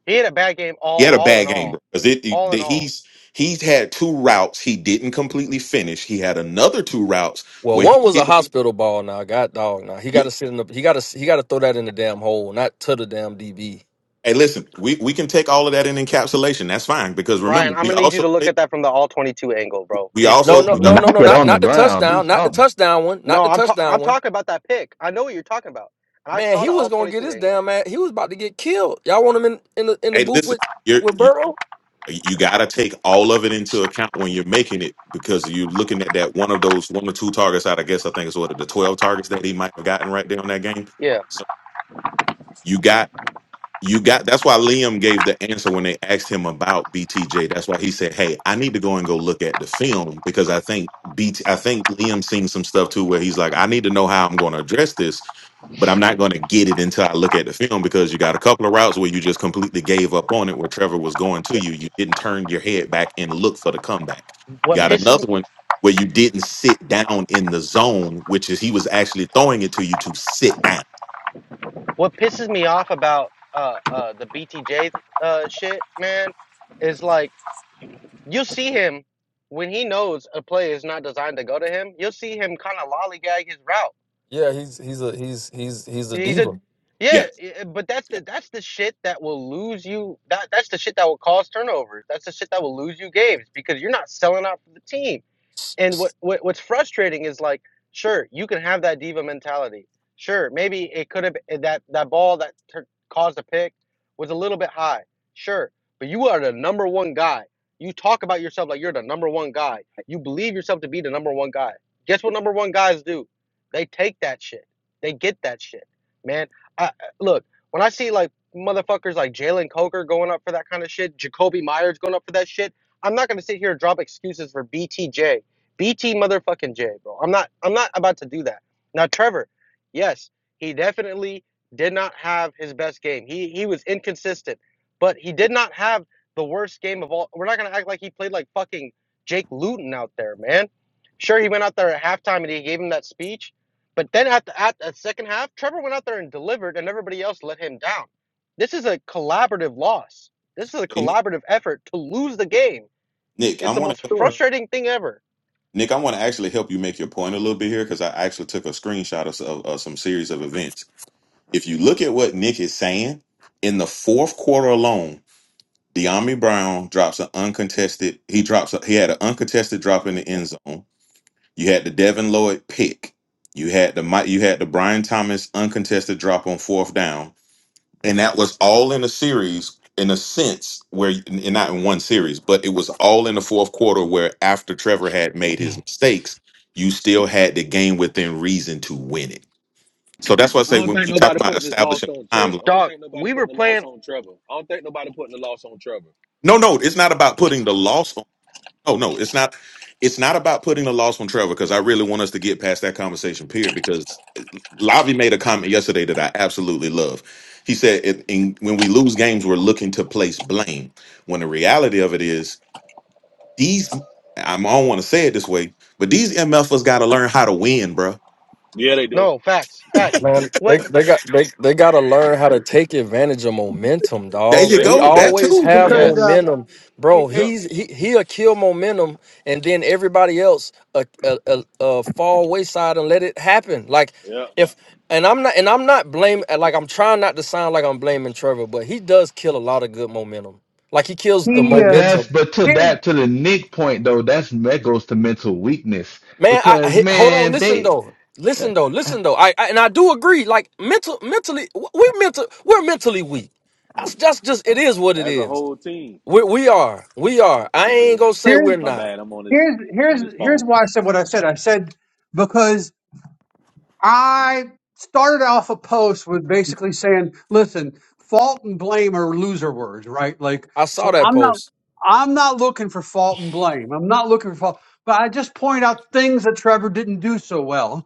Speaker 5: he had a bad game
Speaker 2: He
Speaker 5: all,
Speaker 2: had a
Speaker 5: all in
Speaker 2: bad game,
Speaker 5: all,
Speaker 2: bro. Because it, it-
Speaker 5: all in
Speaker 2: the-
Speaker 5: all.
Speaker 2: he's he's had two routes he didn't completely finish. He had another two routes
Speaker 7: Well,
Speaker 2: where he
Speaker 7: one was a
Speaker 2: didn't.
Speaker 7: hospital ball. Now, God dog. Now he
Speaker 2: Yeah,
Speaker 7: got to sit in the. He got to. He got to throw that in the damn hole, not to the damn DB.
Speaker 2: hey, listen, we, we can take all of that in encapsulation. That's fine because
Speaker 5: Brian,
Speaker 2: remember,
Speaker 5: I'm
Speaker 2: we
Speaker 5: gonna need you
Speaker 2: also
Speaker 5: to look at that from the all 22 angle, bro.
Speaker 2: we
Speaker 5: It
Speaker 7: No,
Speaker 2: also
Speaker 7: no,
Speaker 2: we, are-
Speaker 7: no, no,
Speaker 1: Knock
Speaker 7: no.
Speaker 1: it
Speaker 7: Not
Speaker 1: on the
Speaker 7: not the
Speaker 1: ground, do
Speaker 7: touchdown. Not the
Speaker 1: something.
Speaker 7: touchdown one. Not
Speaker 5: No,
Speaker 7: the
Speaker 5: I'm ta-
Speaker 7: touchdown
Speaker 5: I'm
Speaker 7: one.
Speaker 5: talking about that pick. I know what you're talking about, and I
Speaker 7: Man,
Speaker 5: saw
Speaker 7: he
Speaker 5: the all
Speaker 7: was gonna get
Speaker 5: 22
Speaker 7: his
Speaker 5: angle.
Speaker 7: damn ass. He was about to get killed. Y'all want him in in the in the
Speaker 2: hey,
Speaker 7: booth
Speaker 2: listen,
Speaker 7: with
Speaker 2: you're,
Speaker 7: with
Speaker 2: you
Speaker 7: Burrow?
Speaker 2: you got to take all of it into account when you're making it because you're looking at that one of those one or two targets out. I guess I think it's what the twelve targets that he might have gotten right there on that game.
Speaker 5: Yeah.
Speaker 2: So you got you got that's why Liam gave the answer when they asked him about BTJ. That's why he said, "Hey, I need to go and go look at the film because I think BT I think Liam seen some stuff too where he's like, I need to know how I'm going to address this, but I'm not going to get it until I look at the film because you got a couple of routes where you just completely gave up on it where Trevor was going to
Speaker 5: yeah.
Speaker 2: you. You didn't turn your head back and look for the comeback. You
Speaker 5: What
Speaker 2: got
Speaker 5: pisses
Speaker 2: another one where you didn't sit down in the zone, which is he was actually throwing it to you to sit down.
Speaker 5: what pisses me off about uh uh the BTJ uh shit, man, is like you see him when he knows a play is not designed to go to him. You'll see him kind of lollygag his route.
Speaker 7: Yeah, he's he's a he's he's he's a
Speaker 5: He's a
Speaker 7: diva.
Speaker 5: yeah,
Speaker 2: Yeah.
Speaker 5: but that's
Speaker 2: yeah.
Speaker 5: the that's the shit that will lose you. That that's the shit that will cause turnovers. That's the shit that will lose you games because you're not selling out for the team and what, what what's frustrating is like sure you can have that diva mentality sure maybe it could have eh, that that ball that tur caused a pick was a little bit high sure but you are the number one guy you talk about yourself like you're the number one guy you believe yourself to be the number one guy guess what number one guys do they take that shit they get that shit man I- look when i see like motherfuckers like jalen coker going up for that kind of shit jacoby myers going up for that shit i'm not going to sit here and drop excuses for btj BT motherfucking J, bro. I'm not I'm not about to do that. Now Trevor, yes, he definitely did not have his best game. He he was inconsistent, but he did not have the worst game of all. We're not gonna act like he played like fucking Jake Luton out there, man. Sure, he went out there at halftime and he gave him that speech, but then at the at the second half, Trevor went out there and delivered, and everybody else let him down. This is a collaborative loss. This is a
Speaker 2: And Nick,
Speaker 5: collaborative effort to lose the game.
Speaker 2: Nick, I
Speaker 5: It's
Speaker 2: want
Speaker 5: the
Speaker 2: to help.
Speaker 5: most
Speaker 4: Sure.
Speaker 5: frustrating thing ever.
Speaker 2: Nick, I want to actually help you make your point a little bit here because I actually took a screenshot of, of, of some series of events. If you look at what Nick is saying, in the fourth quarter alone, De'Ami Brown drops an uncontested. He drops. A, he had an uncontested drop in the end zone. You had the Devin Lloyd pick. You had the Mi- you had the Brian Thomas uncontested drop on fourth down and that was all in a series in a sense where and not in one series but it was all in the fourth quarter where after trevor had made his mistakes you still had the game within reason to win it so that's why i
Speaker 6: I
Speaker 2: say
Speaker 6: don't
Speaker 2: when
Speaker 6: think
Speaker 2: you talk
Speaker 6: nobody
Speaker 2: about
Speaker 6: putting this loss
Speaker 2: establishing
Speaker 6: on
Speaker 2: a
Speaker 6: Terry.
Speaker 2: timeline
Speaker 6: I don't
Speaker 5: Dog,
Speaker 6: think nobody
Speaker 5: we were
Speaker 6: putting the loss
Speaker 5: playing.
Speaker 6: on Trevor. I don't think nobody putting the loss on Trevor.
Speaker 2: no no it's not about putting the loss on Oh no, it's not. It's not about putting the loss on Trevor because I really want us to get past that conversation. Period. Because eh, Lavi made a comment yesterday that I absolutely love. He said, in, in, "When we lose games, we're looking to place blame. When the reality of it is, these I don't want to say it this way, but these MFers got to learn how to win, bruh.
Speaker 6: Yeah, they do.
Speaker 5: No, facts, facts.
Speaker 3: Mhm.
Speaker 7: Man, they,
Speaker 5: What?
Speaker 7: they got they, they gotta learn how to take advantage of momentum,
Speaker 2: There
Speaker 7: dog.
Speaker 2: you
Speaker 4: Be-
Speaker 7: We
Speaker 2: go.
Speaker 6: Yes.
Speaker 2: That
Speaker 7: always
Speaker 5: Yes,
Speaker 2: too.
Speaker 7: have
Speaker 4: Because
Speaker 6: Yes.
Speaker 5: yes.
Speaker 4: um,
Speaker 7: momentum,
Speaker 4: it,
Speaker 7: bro.
Speaker 4: it,
Speaker 6: Yep.
Speaker 7: He's he he'll kill momentum, and then everybody else uh, uh, uh, uh fall wayside and let it happen. Like
Speaker 6: Yep.
Speaker 7: if and I'm not and I'm not blaming like I'm trying not to sound like I'm blaming Trevor, but he does kill a lot of good momentum. Like he kills the
Speaker 4: He
Speaker 1: But
Speaker 4: uh,
Speaker 7: momentum.
Speaker 1: that's but to
Speaker 4: here's
Speaker 1: that to the Nick point though, that's that goes to mental weakness
Speaker 7: Man, I, I
Speaker 1: because
Speaker 7: hold on.
Speaker 1: man,
Speaker 7: Listen
Speaker 1: they
Speaker 7: though. Listen though. Listen though. I, I and I do agree. Like mental, mentally, w- we mental, we're mentally weak. That's that's just it is what it
Speaker 6: As a
Speaker 7: is.
Speaker 6: whole team.
Speaker 7: We we are. We
Speaker 6: Yes,
Speaker 7: are. I
Speaker 6: sir,
Speaker 7: ain't
Speaker 6: Chili.
Speaker 7: gonna say
Speaker 4: here's
Speaker 7: we're
Speaker 6: My
Speaker 7: not.
Speaker 6: bad. I'm on this
Speaker 4: here's
Speaker 6: on
Speaker 4: here's
Speaker 6: this
Speaker 4: here's
Speaker 6: phone.
Speaker 4: why I said what I said. I said because I started off a post with basically saying, "Listen, fault and blame are loser words, right?" Like,
Speaker 7: I saw
Speaker 4: so
Speaker 7: that
Speaker 4: I'm not
Speaker 7: post.
Speaker 4: I'm not looking for fault and blame. I'm not looking for fault, but I just point out things that Trevor didn't do so well.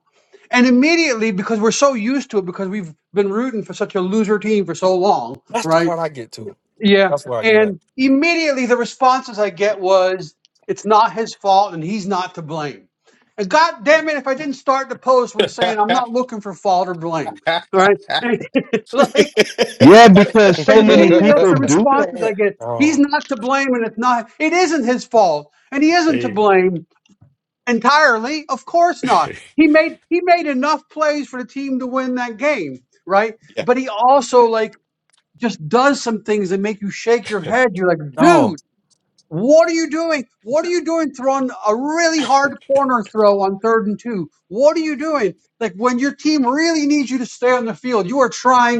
Speaker 4: And immediately, because we're so used to it, because we've been rooting for such a loser team for so long,
Speaker 7: That's the
Speaker 4: right?
Speaker 7: part I get to.
Speaker 4: Yeah.
Speaker 7: That's where I get at.
Speaker 4: And immediately the responses I get was, it's not his fault and he's not to blame. And god damn it, if I didn't start the post with saying, I'm not looking for fault or blame, right? And, like,
Speaker 1: Yeah, because
Speaker 4: and
Speaker 1: so many
Speaker 4: immediately that's
Speaker 1: people
Speaker 4: the
Speaker 1: do
Speaker 4: responses I
Speaker 1: that.
Speaker 4: get. He's
Speaker 7: Oh
Speaker 4: not to blame and it's not, it isn't his fault and he isn't to
Speaker 3: Hey,
Speaker 4: blame entirely. Of course not. He made he made enough plays for the team to win that game, right?
Speaker 2: yeah,
Speaker 4: But he also like just does some things that make you shake your head. You're like,
Speaker 7: no,
Speaker 4: dude, what are you doing? What are you doing throwing a really hard corner throw on third and two? What are you doing? Like when your team really needs you to stay on the field, you are trying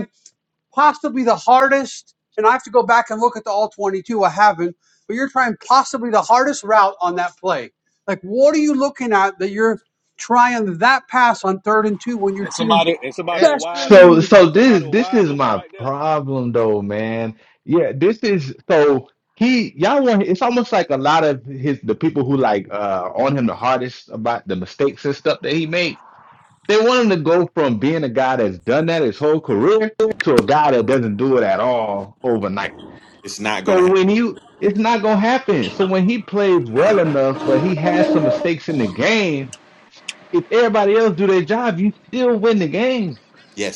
Speaker 4: possibly the hardest, and I have to go back and look at the all 22. I haven't, but you're trying possibly the hardest route on that play. Like, what are you looking at that you're trying that pass on third and two when your
Speaker 6: And
Speaker 4: team
Speaker 6: somebody and somebody
Speaker 5: And
Speaker 6: was wide
Speaker 4: desperately
Speaker 1: So
Speaker 6: open.
Speaker 4: needs?
Speaker 1: so
Speaker 6: Somebody
Speaker 1: this
Speaker 6: was
Speaker 1: this
Speaker 6: wide
Speaker 1: is
Speaker 6: open
Speaker 1: my
Speaker 6: right
Speaker 1: problem though, man. Yeah, this is so he y'all want it's almost like a lot of his the people who like uh on him the hardest about the mistakes and stuff that he made. They want him to go from being a guy that's done that his whole career to a guy that doesn't do it at all
Speaker 2: right.
Speaker 1: overnight.
Speaker 2: it's not gonna
Speaker 1: So
Speaker 2: happen.
Speaker 1: when you it's not gonna happen. So when he plays well enough, but he has some mistakes in the game If everybody else do their job, you still win the game.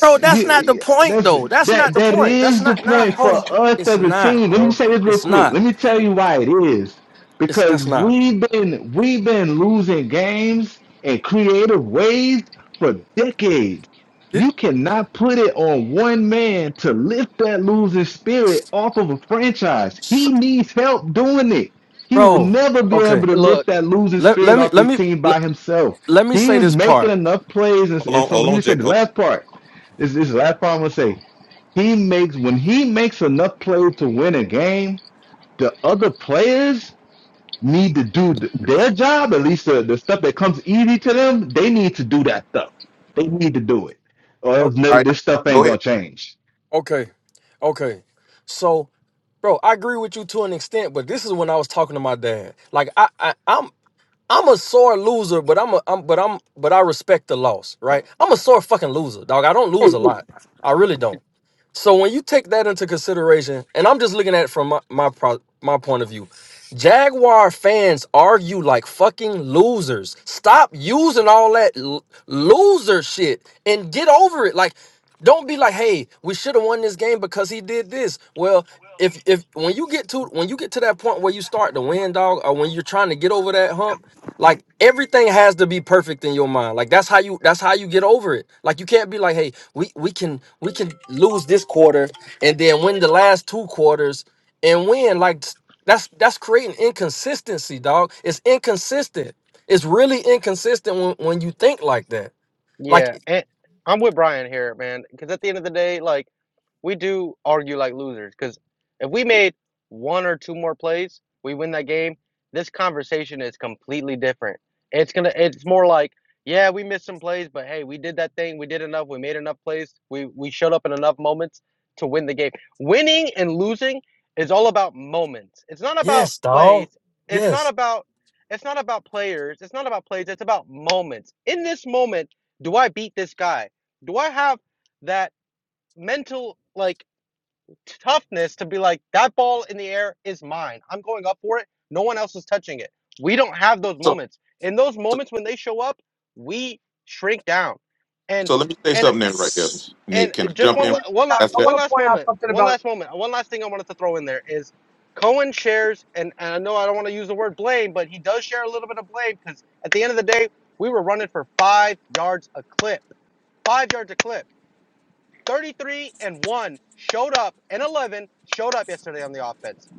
Speaker 7: bro. That's not the
Speaker 1: You,
Speaker 7: point
Speaker 1: that's
Speaker 7: though. That's not
Speaker 1: that
Speaker 7: the
Speaker 1: that
Speaker 7: point. That's
Speaker 1: is the
Speaker 7: not. Nah,
Speaker 1: point for
Speaker 7: hold on.
Speaker 1: us
Speaker 7: It's
Speaker 1: as a
Speaker 7: not,
Speaker 1: team. Let me
Speaker 7: bro.
Speaker 1: say this real
Speaker 7: It's
Speaker 1: quick.
Speaker 7: not.
Speaker 1: Let me tell you why it is.
Speaker 7: It's that's
Speaker 1: Because
Speaker 7: not.
Speaker 1: we've been we've been losing games in creative ways for decades.
Speaker 7: It-
Speaker 1: You cannot put it on one man to lift that losing spirit
Speaker 7: s-
Speaker 1: off of a franchise.
Speaker 7: s-
Speaker 1: He needs help doing it. He will
Speaker 7: bro.
Speaker 1: never be
Speaker 7: Okay.
Speaker 1: able to
Speaker 5: look.
Speaker 1: lift that losing
Speaker 7: Let
Speaker 1: spirit
Speaker 7: let me
Speaker 1: off
Speaker 7: let
Speaker 1: this
Speaker 7: me
Speaker 1: team
Speaker 7: let,
Speaker 1: by himself.
Speaker 7: let me
Speaker 1: He
Speaker 7: say
Speaker 1: is
Speaker 7: this
Speaker 1: making
Speaker 7: part.
Speaker 1: enough plays and,
Speaker 2: Hold
Speaker 1: and
Speaker 2: on.
Speaker 1: so
Speaker 2: Hold
Speaker 1: let me
Speaker 2: on,
Speaker 1: just say
Speaker 2: Jay.
Speaker 1: the
Speaker 2: Hold on.
Speaker 1: last part. This, this is the last problem I say. He makes when he makes enough plays to win a game, the other players need to do th- their job, at least the, the stuff that comes easy to them, they need to do that stuff. They need to do it. Or
Speaker 7: Oh,
Speaker 1: else no,
Speaker 2: All right,
Speaker 1: this
Speaker 2: now
Speaker 1: stuff
Speaker 2: go
Speaker 1: ain't
Speaker 2: ahead.
Speaker 1: gonna change.
Speaker 7: okay, okay. So, bro, I agree with you to an extent, but this is when I was talking to my dad. Like, I, I I'm I'm a sore loser, but I'm a I'm but I'm but I respect the loss, right? I'm a sore fucking loser, dog. I don't lose a lot. I really don't. So when you take that into consideration, and I'm just looking at it from my my, pro, my point of view, Jaguar fans argue like fucking losers. Stop using all that l- loser shit and get over it. Like, don't be like, hey, we should have won this game because he did this. Well, if if when you get to when you get to that point where you start to win, dog, or when you're trying to get over that hump, like everything has to be perfect in your mind. Like that's how you that's how you get over it. Like you can't be like, hey, we we can we can lose this quarter and then win the last two quarters and win. Like that's that's creating inconsistency, dog. It's inconsistent. It's really inconsistent when, when you think like that.
Speaker 5: Yeah,
Speaker 7: Like
Speaker 5: and I'm with Brian here, man. Because at the end of the day, like we do argue like losers. Because if we made one or two more plays, we win that game. This conversation is completely different. It's gonna. It's more like, yeah, we missed some plays, but hey, we did that thing. We did enough. We made enough plays. We we showed up in enough moments to win the game. Winning and losing is all about moments. It's not about
Speaker 7: yes,
Speaker 5: plays.
Speaker 7: dog.
Speaker 5: It's not
Speaker 7: Yes.
Speaker 5: about. It's not about players. It's not about plays. It's about moments. In this moment do I beat this guy? Do I have that mental like toughness to be like that ball in the air is mine. I'm going up for it. No one else is touching it. We don't have those
Speaker 2: So.
Speaker 5: moments. In those
Speaker 2: so
Speaker 5: moments when they show up, we shrink down. And
Speaker 2: So let me say
Speaker 5: and
Speaker 2: something there right there,
Speaker 6: there.
Speaker 2: Nick.
Speaker 5: and
Speaker 2: Can I
Speaker 4: I
Speaker 5: just
Speaker 2: jump
Speaker 5: one
Speaker 2: in
Speaker 5: one
Speaker 4: want
Speaker 5: one
Speaker 4: to point out,
Speaker 2: after
Speaker 4: I
Speaker 2: that?
Speaker 4: want to
Speaker 5: last
Speaker 4: point out
Speaker 5: moment.
Speaker 4: something
Speaker 5: One
Speaker 4: about.
Speaker 5: last moment. One last thing I wanted to throw in there is Cohen shares and, and I know I don't want to use the word blame, but he does share a little bit of blame cuz at the end of the day, we were running for 5 yards a clip. 5 yards a clip 33 and 1 showed up and 11 showed up yesterday on the offense.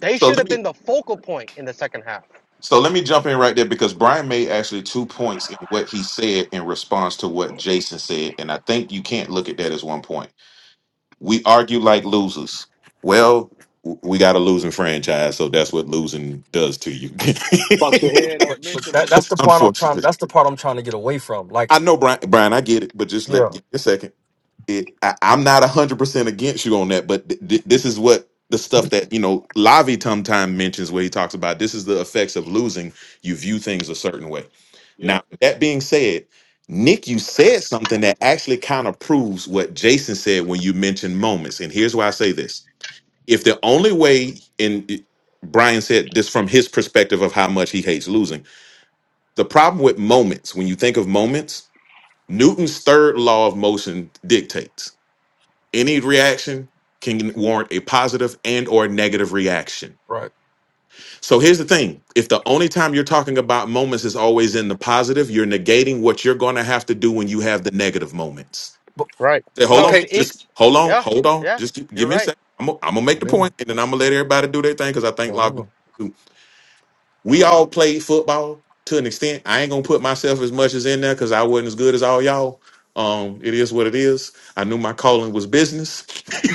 Speaker 5: They
Speaker 2: So
Speaker 5: should
Speaker 2: let
Speaker 5: have
Speaker 2: me
Speaker 5: been the focal point in the second half.
Speaker 2: so let me jump in right there because Brian made actually two points in what he said in response to what Jason said, and I think you can't look at that as one point. We argue like losers. Well, w- we got a losing franchise, so that's what losing does to you.
Speaker 6: Fucks your head
Speaker 7: But
Speaker 6: up
Speaker 7: but that,
Speaker 6: mentally.
Speaker 7: that's the part I'm trying
Speaker 2: Unfortunately,
Speaker 7: that's the part I'm trying to get away from. Like,
Speaker 2: I know Brian. Brian, I get it, but just let
Speaker 7: yeah,
Speaker 2: give me a second. it, I, I'm not hundred percent against you on that, but th- th- this is what the stuff that you know Lavi sometime mentions where he talks about this is the effects of losing. You view things a certain way. Now,
Speaker 6: Yep.
Speaker 2: with that being said, Nick, you said something that actually kind of proves what Jason said when you mentioned moments. And here's why I say this: if the only way in Brian said this from his perspective of how much he hates losing. The problem with moments, when you think of moments, Newton's third law of motion dictates any reaction can warrant a positive and or negative reaction
Speaker 7: right.
Speaker 2: so here's the thing if the only time you're talking about moments is always in the positive you're negating what you're going to have to do when you have the negative moments
Speaker 7: But
Speaker 5: Right.
Speaker 2: Say, hold
Speaker 5: No,
Speaker 2: on
Speaker 5: it's
Speaker 7: okay.
Speaker 5: the eek.
Speaker 2: just hold on
Speaker 5: Yeah.
Speaker 2: hold on
Speaker 5: Yeah.
Speaker 2: just gi-
Speaker 5: You're
Speaker 2: give me a
Speaker 5: right.
Speaker 2: second i'm going to make the point
Speaker 7: Momentum.
Speaker 2: and then i'm gonna let everybody do their thing because i think log
Speaker 7: Momentum.
Speaker 2: we all played football to an extent. I ain't gonna put myself as much as in there because I wasn't as good as all y'all. Um, it is what it is. I knew my calling was business,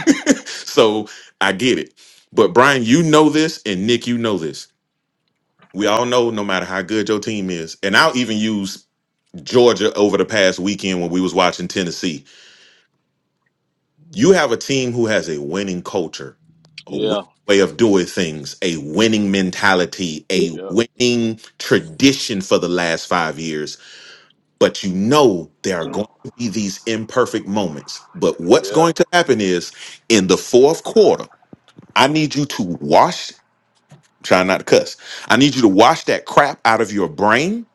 Speaker 2: so I get it. But Brian, you know this, and Nick, you know this. We all know no matter how good your team is, and I'll even use Georgia over the past weekend when we was watching Tennessee you have a team who has a winning culture, a winning
Speaker 6: Yeah.
Speaker 2: way of doing things, a winning mentality, a
Speaker 6: Yep.
Speaker 2: winning tradition for the last five years. But you know there are going to be these imperfect moments. But what's
Speaker 6: Yep.
Speaker 2: going to happen is in the fourth quarter, I need you to wash, try not to cuss, I need you to wash that crap out of your brain.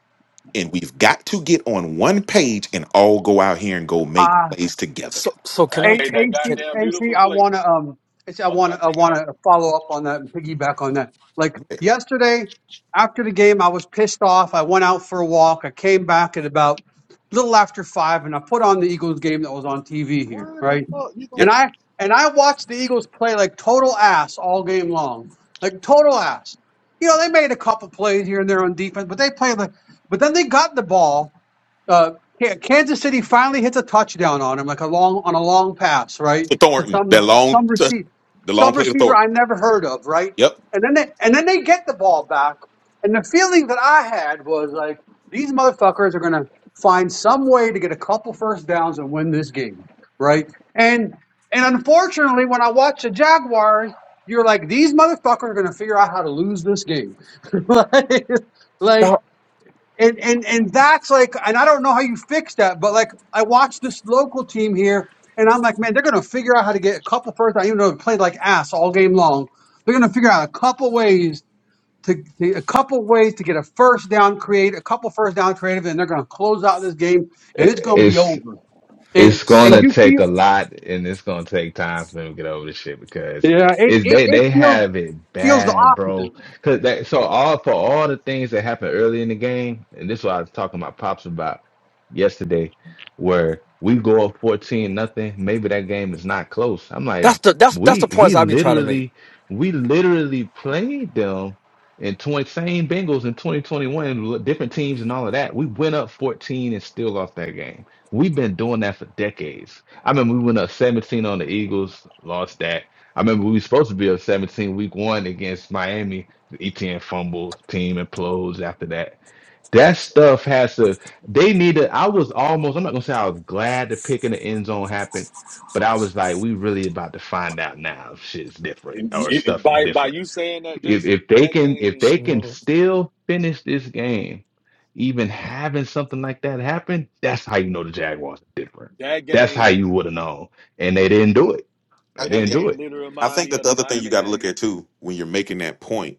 Speaker 2: And we've got to get on one page and all go out here and go make
Speaker 4: uh,
Speaker 2: plays together.
Speaker 7: So so can
Speaker 4: A-
Speaker 6: And
Speaker 7: I
Speaker 6: He made
Speaker 7: can,
Speaker 6: that
Speaker 4: AC,
Speaker 7: can
Speaker 6: goddamn
Speaker 4: AC,
Speaker 6: beautiful
Speaker 4: I
Speaker 6: plate.
Speaker 4: want to um, AC, I
Speaker 6: Fuck
Speaker 4: want
Speaker 6: my
Speaker 4: to, I
Speaker 6: ticket
Speaker 4: want
Speaker 6: up.
Speaker 4: to follow up on that and piggyback on that. Like
Speaker 2: Yeah,
Speaker 4: yesterday, after the game, I was pissed off. I went out for a walk. I came back at about little after five, and I put on the Eagles game that was on TV here,
Speaker 6: Why the
Speaker 4: right?
Speaker 6: fuck you
Speaker 2: Yep.
Speaker 4: And
Speaker 6: gonna
Speaker 4: I and I watched the Eagles play like total ass all game long, like total ass. You know, they made a couple plays here and there on defense, but they played like. But then they got the ball uh, Ka- Kansas City finally hits a touchdown on him, like a long on a long pass, right?
Speaker 2: to
Speaker 4: To
Speaker 2: Thornton. That
Speaker 4: some
Speaker 2: long
Speaker 4: some
Speaker 2: touch,
Speaker 4: receiver,
Speaker 2: the long
Speaker 4: some
Speaker 2: play to
Speaker 4: receiver
Speaker 2: Thornton.
Speaker 4: I never heard of, right?
Speaker 2: Yep.
Speaker 4: And then they and then they get the ball back, and the feeling that I had was like these motherfuckers are gonna find some way to get a couple first downs and win this game, right? And and unfortunately, when I watch the Jaguars, you're like these motherfuckers are gonna figure out how to lose this game, like. Like and and and that's like and i don't know how you fix that but like i watched this local team here and i'm like man they're gonna figure out how to get a couple first i even though they played like ass all game long they're gonna figure out a couple ways to, to a couple ways to get a first down create a couple first down creative and they're gonna close out this game and it's gonna be over and
Speaker 1: It's
Speaker 4: and
Speaker 1: gonna
Speaker 7: So
Speaker 4: you
Speaker 1: take a
Speaker 4: feel
Speaker 1: lot and it's gonna take time for them to get over this shit because
Speaker 4: yeah it
Speaker 1: it's
Speaker 4: it,
Speaker 1: they
Speaker 4: it
Speaker 1: they
Speaker 4: feels
Speaker 1: have it
Speaker 4: feels the
Speaker 1: bad, bro.
Speaker 4: opposite
Speaker 1: Cause that so all for all the things that happened early in the game, and this is what I was talking to my pops about yesterday, where we go up 14 nothing, maybe that game is not close. I'm like,
Speaker 7: that's the that's that's the
Speaker 1: we
Speaker 7: points
Speaker 1: we
Speaker 7: I be trying to make.
Speaker 1: literally we literally played them in 20 same Bengals in 2021, different teams and all of that. We went up 14 and still lost that game. We've been doing that for decades. I remember we went up 17 on the Eagles, lost that. I remember we were supposed to be up 17 week one against Miami. The ETN fumble, team implodes after that. That stuff has to. They needed. I was almost. I'm not gonna say I was glad the pick in the end zone happened, but I was like, we really about to find out now if shit's different or
Speaker 6: And
Speaker 1: stuff is
Speaker 6: by by
Speaker 1: different.
Speaker 6: you saying that,
Speaker 1: If
Speaker 6: Jason?
Speaker 1: if they
Speaker 6: That
Speaker 1: can if
Speaker 6: game,
Speaker 7: Shit,
Speaker 1: they can
Speaker 7: no.
Speaker 1: still finish this game, even having something like that happen, that's how you know the Jaguars are different.
Speaker 6: that
Speaker 1: That's how
Speaker 6: game,
Speaker 1: you would have known, and they didn't do it.
Speaker 2: I,
Speaker 1: They
Speaker 6: that
Speaker 1: didn't do
Speaker 6: game
Speaker 1: it.
Speaker 6: literally
Speaker 2: I
Speaker 6: remind
Speaker 2: think
Speaker 6: me
Speaker 2: that
Speaker 6: of
Speaker 2: the
Speaker 6: the
Speaker 2: other thing you
Speaker 6: Miami
Speaker 2: got to look
Speaker 6: game.
Speaker 2: at too when you're making that point,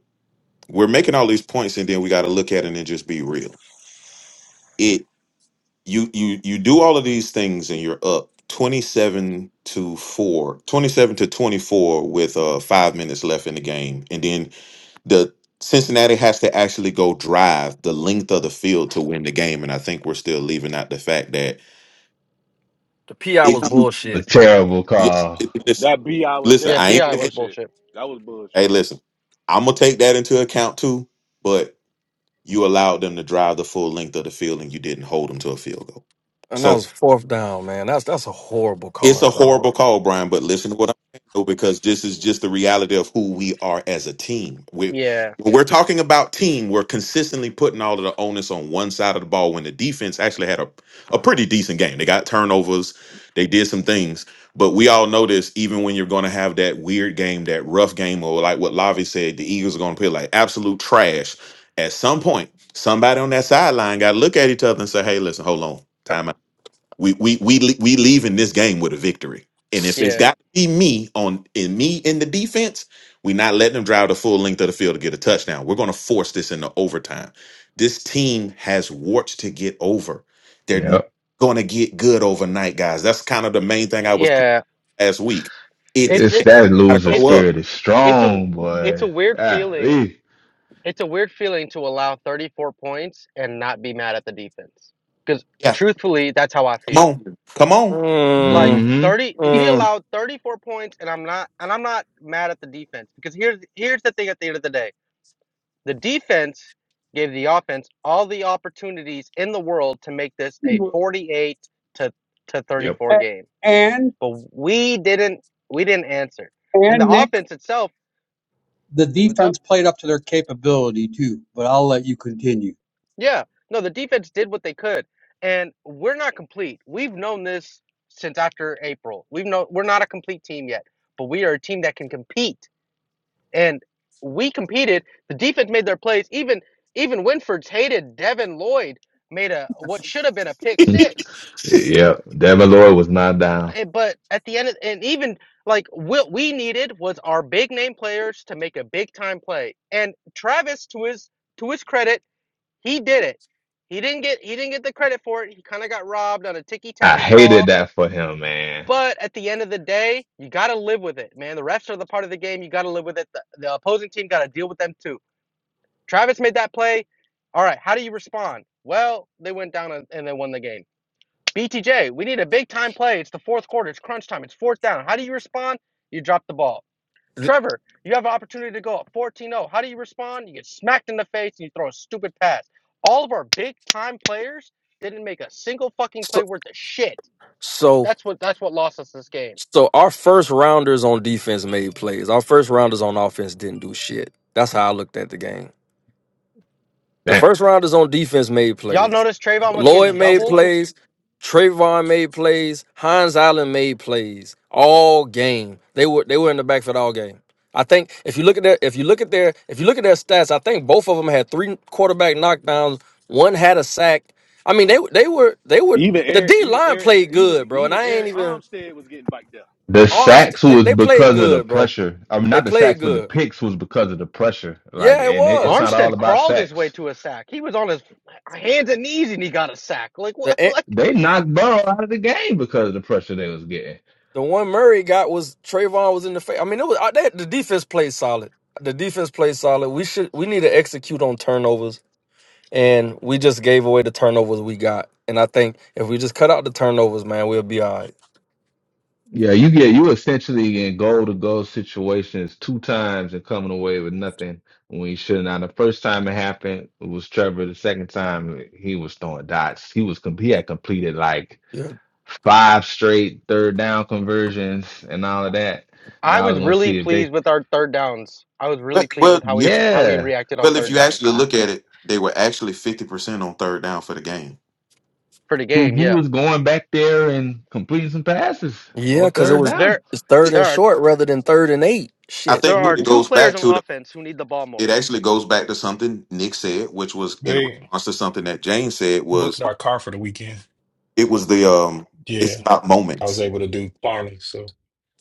Speaker 2: we're making all these points, and then we got to look at it and just be real. It you you you do all of these things, and you're up. 27 to 4, 27 to 24 with uh five minutes left in the game and then the cincinnati has to actually go drive the length of the field to win the game and i think we're still leaving out the fact that
Speaker 7: The PI
Speaker 2: it,
Speaker 7: was
Speaker 1: A
Speaker 7: bullshit,
Speaker 1: terrible
Speaker 2: it,
Speaker 1: call.
Speaker 2: it- listen,
Speaker 6: That B, I was
Speaker 2: listen.
Speaker 5: Yeah,
Speaker 2: I ain't
Speaker 6: definitely
Speaker 5: PI was
Speaker 6: bullshit.
Speaker 5: bullshit.
Speaker 6: That was
Speaker 2: Hey,
Speaker 6: bullshit.
Speaker 2: listen, I'm gonna take that into account too. But you allowed them to drive the full length of the field, and you didn't hold them to a field goal.
Speaker 7: and that
Speaker 2: So
Speaker 7: was fourth down, man. That's that's a horrible
Speaker 2: it's
Speaker 7: call,
Speaker 2: a
Speaker 7: dog.
Speaker 2: horrible call, Brian, but listen to what I'm saying, though, because this is just the reality of who we are as a team. We,
Speaker 5: Yeah.
Speaker 2: when we're talking about team, we're consistently putting all of the onus on one side of the ball when the defense actually had a, a pretty decent game. They got turnovers, they did some things, but we all know this, even when you're going to have that weird game, that rough game, or like what Lavi said, the Eagles are going to play like absolute trash. At some point, somebody on that sideline got to look at each other and say, hey, listen, hold on,
Speaker 7: Uh,
Speaker 2: timeout." We we we le- we leave in this game with a victory. And if it's
Speaker 5: Yeah.
Speaker 2: got to be me on in me in the defense, we're not letting them drive the full length of the field to get a touchdown. We're going to force this into overtime. This team has warts to get over. They're
Speaker 1: Yep.
Speaker 2: going to get good overnight, guys. That's kind of the main thing I was preaching
Speaker 5: Yeah.
Speaker 2: last week. It's
Speaker 5: It's
Speaker 1: It's
Speaker 2: it
Speaker 5: it's
Speaker 1: that
Speaker 2: got to
Speaker 1: loser
Speaker 2: grow
Speaker 5: it's a
Speaker 2: up.
Speaker 1: spirit is
Speaker 5: it's a
Speaker 1: strong,
Speaker 5: it's a
Speaker 1: boy.
Speaker 5: weird feeling.
Speaker 1: Golly.
Speaker 5: It's a weird feeling to allow 34 points and not be mad at the defense. Cuz
Speaker 2: Yeah,
Speaker 5: truthfully, that's how I
Speaker 2: come
Speaker 5: feel.
Speaker 2: on, come on.
Speaker 5: Like
Speaker 7: Mm,
Speaker 1: hmm
Speaker 5: 30, we
Speaker 7: mm.
Speaker 5: allowed 34 points, and I'm not and I'm not mad at the defense because here's here's the thing at the end of the day. The defense gave the offense all the opportunities in the world to make this a 48 to to
Speaker 1: Yep.
Speaker 5: 34
Speaker 4: A-
Speaker 5: game.
Speaker 4: and
Speaker 5: But we didn't we didn't answer. And the
Speaker 4: and nick
Speaker 5: offense itself,
Speaker 4: the
Speaker 5: what's up?
Speaker 4: defense played up to their capability too but i'll let you continue
Speaker 5: Yeah. No, the defense did what they could. And we're not complete. We've known this since after April. We've known we're not a complete team yet, but we are a team that can compete and we competed. The defense made their plays. Even even Winford's hated Devin Lloyd made a what should have been a pick six.
Speaker 1: Yep. Devin Lloyd was not down.
Speaker 5: Eh, But at the end, of, and even like what we needed was our big name players to make a big time play. And Travis, to his to his credit, he did it. He didn't get he didn't get the credit for it. He kind of got robbed on a ticky
Speaker 1: I
Speaker 5: tacky
Speaker 1: hated
Speaker 5: call.
Speaker 1: that for him, man.
Speaker 5: But at the end of the day, you got to live with it, man. The refs are the part of the game. You got to live with it. The, the opposing team got to deal with them too Travis made that play. All right, how do you respond? Well, they went down and, they won the game. BTJ, we need a big time play. It's the fourth quarter. It's crunch time. It's fourth down. How do you respond? You drop the ball. Trevor, you have an opportunity to go up 14 0. How do you respond? You get smacked in the face and you throw a stupid pass. All of our big time players didn't make a single fucking
Speaker 7: So
Speaker 5: play worth of shit.
Speaker 7: so
Speaker 5: That's what that's what lost us this game.
Speaker 7: so our first rounders on defense made plays. Our first rounders on offense didn't do shit. That's how I looked at the game. The
Speaker 1: Damn.
Speaker 7: first rounders on defense made
Speaker 5: Y'all
Speaker 7: plays.
Speaker 5: notice Trayvon was getting
Speaker 7: Lloyd made
Speaker 5: doubled
Speaker 7: plays. Trayvon made plays. Hines Allen made plays all game. They were they were in the backfield all game. I think if you look at their if you look at their if you look at their stats, I think both of them had three quarterback knockdowns. One had a sack. I mean they they were they were
Speaker 6: Even
Speaker 7: the
Speaker 6: Eric,
Speaker 7: D
Speaker 6: even
Speaker 7: line
Speaker 6: Eric,
Speaker 7: played
Speaker 6: even
Speaker 7: good, bro. And
Speaker 6: even
Speaker 7: I ain't
Speaker 6: Eric
Speaker 7: even
Speaker 6: Armstead was getting biked up.
Speaker 1: The
Speaker 7: arms.
Speaker 1: sacks
Speaker 7: They,
Speaker 1: was
Speaker 7: they played
Speaker 1: because of the
Speaker 7: good, bro.
Speaker 1: pressure. I mean,
Speaker 7: They
Speaker 1: not the
Speaker 7: played
Speaker 1: sacks, but the
Speaker 7: good.
Speaker 1: picks was because of the pressure. Like,
Speaker 7: Yeah, it
Speaker 1: and it, it's
Speaker 7: was.
Speaker 1: not
Speaker 7: Tr-
Speaker 1: all
Speaker 5: Armstead
Speaker 1: about
Speaker 5: crawled his way
Speaker 1: sacks.
Speaker 5: to a sack. He was on his hands and knees and he got a sack. Like what?
Speaker 7: the.
Speaker 5: Like
Speaker 1: They knocked Burrow out of the game because of the pressure they was getting.
Speaker 7: The one Murray got was Trayvon was in the face. I mean, it was I- they, the defense played solid. The defense played solid. We should we need to execute on turnovers, and we just gave away the turnovers we got. And I think if we just cut out the turnovers, man, we'll be all right.
Speaker 1: Yeah, you get you essentially in goal to goal situations two times and coming away with nothing when you should not. The first time it happened it was Trevor. The second time he was throwing dots. He was com- he had completed like
Speaker 7: Yeah,
Speaker 1: five straight third down conversions and all of that. And
Speaker 5: I
Speaker 1: I
Speaker 5: was
Speaker 1: was gonna
Speaker 5: really
Speaker 1: see if
Speaker 5: pleased
Speaker 1: they
Speaker 5: with our third downs. I was
Speaker 2: Well,
Speaker 5: really pleased
Speaker 2: well,
Speaker 5: with how we
Speaker 2: if
Speaker 5: how we
Speaker 1: yeah,
Speaker 5: reacted on
Speaker 2: well, if
Speaker 1: Uh,
Speaker 5: third
Speaker 2: you
Speaker 5: down
Speaker 2: actually
Speaker 1: I,
Speaker 2: look at it, they were actually fifty percent on third down for the game.
Speaker 5: for the
Speaker 1: he
Speaker 5: game.
Speaker 1: he
Speaker 5: Yeah,
Speaker 1: was going back there and completing some passes
Speaker 7: yeah,
Speaker 1: on
Speaker 7: because it
Speaker 1: third
Speaker 7: was
Speaker 1: down.
Speaker 5: there
Speaker 7: it's third
Speaker 2: It-
Speaker 5: there
Speaker 7: and
Speaker 5: are
Speaker 7: short rather than third and eight.
Speaker 2: I
Speaker 7: Shit,
Speaker 5: there
Speaker 2: think
Speaker 5: are
Speaker 2: what it
Speaker 7: We-
Speaker 5: two
Speaker 2: goes
Speaker 5: players
Speaker 2: back
Speaker 5: on
Speaker 2: to
Speaker 5: offense who need the ball
Speaker 2: it
Speaker 5: more.
Speaker 2: actually goes back to something Nick said, which was in
Speaker 3: they
Speaker 2: response to something that Jane said was
Speaker 3: booked our car for the weekend.
Speaker 2: it was the um it's
Speaker 3: Yeah,
Speaker 2: about
Speaker 3: I was
Speaker 2: moments.
Speaker 3: able to do Barney, so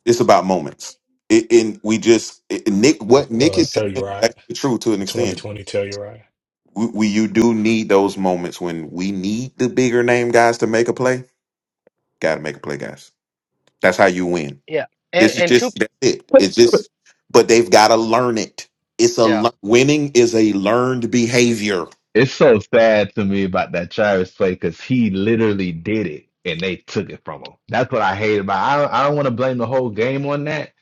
Speaker 2: It's about moments. It, and we just it, Nick what Nick
Speaker 3: uh,
Speaker 2: is saying is
Speaker 3: Telluride,
Speaker 2: actually true to an extent.
Speaker 3: 2020 Telluride.
Speaker 2: We, we you do need those moments when we need the bigger name guys to make a play. Got to make a play, guys. That's how you win.
Speaker 5: Yeah, and
Speaker 2: This is
Speaker 5: and two.
Speaker 2: just that's it. It's just but they've got to learn it. It's a
Speaker 5: Yeah,
Speaker 2: le- winning is a learned behavior.
Speaker 1: It's so sad to me about that Travis play because he literally did it and they took it from him. That's what I hate about. I don't, I don't want to blame the whole game on that,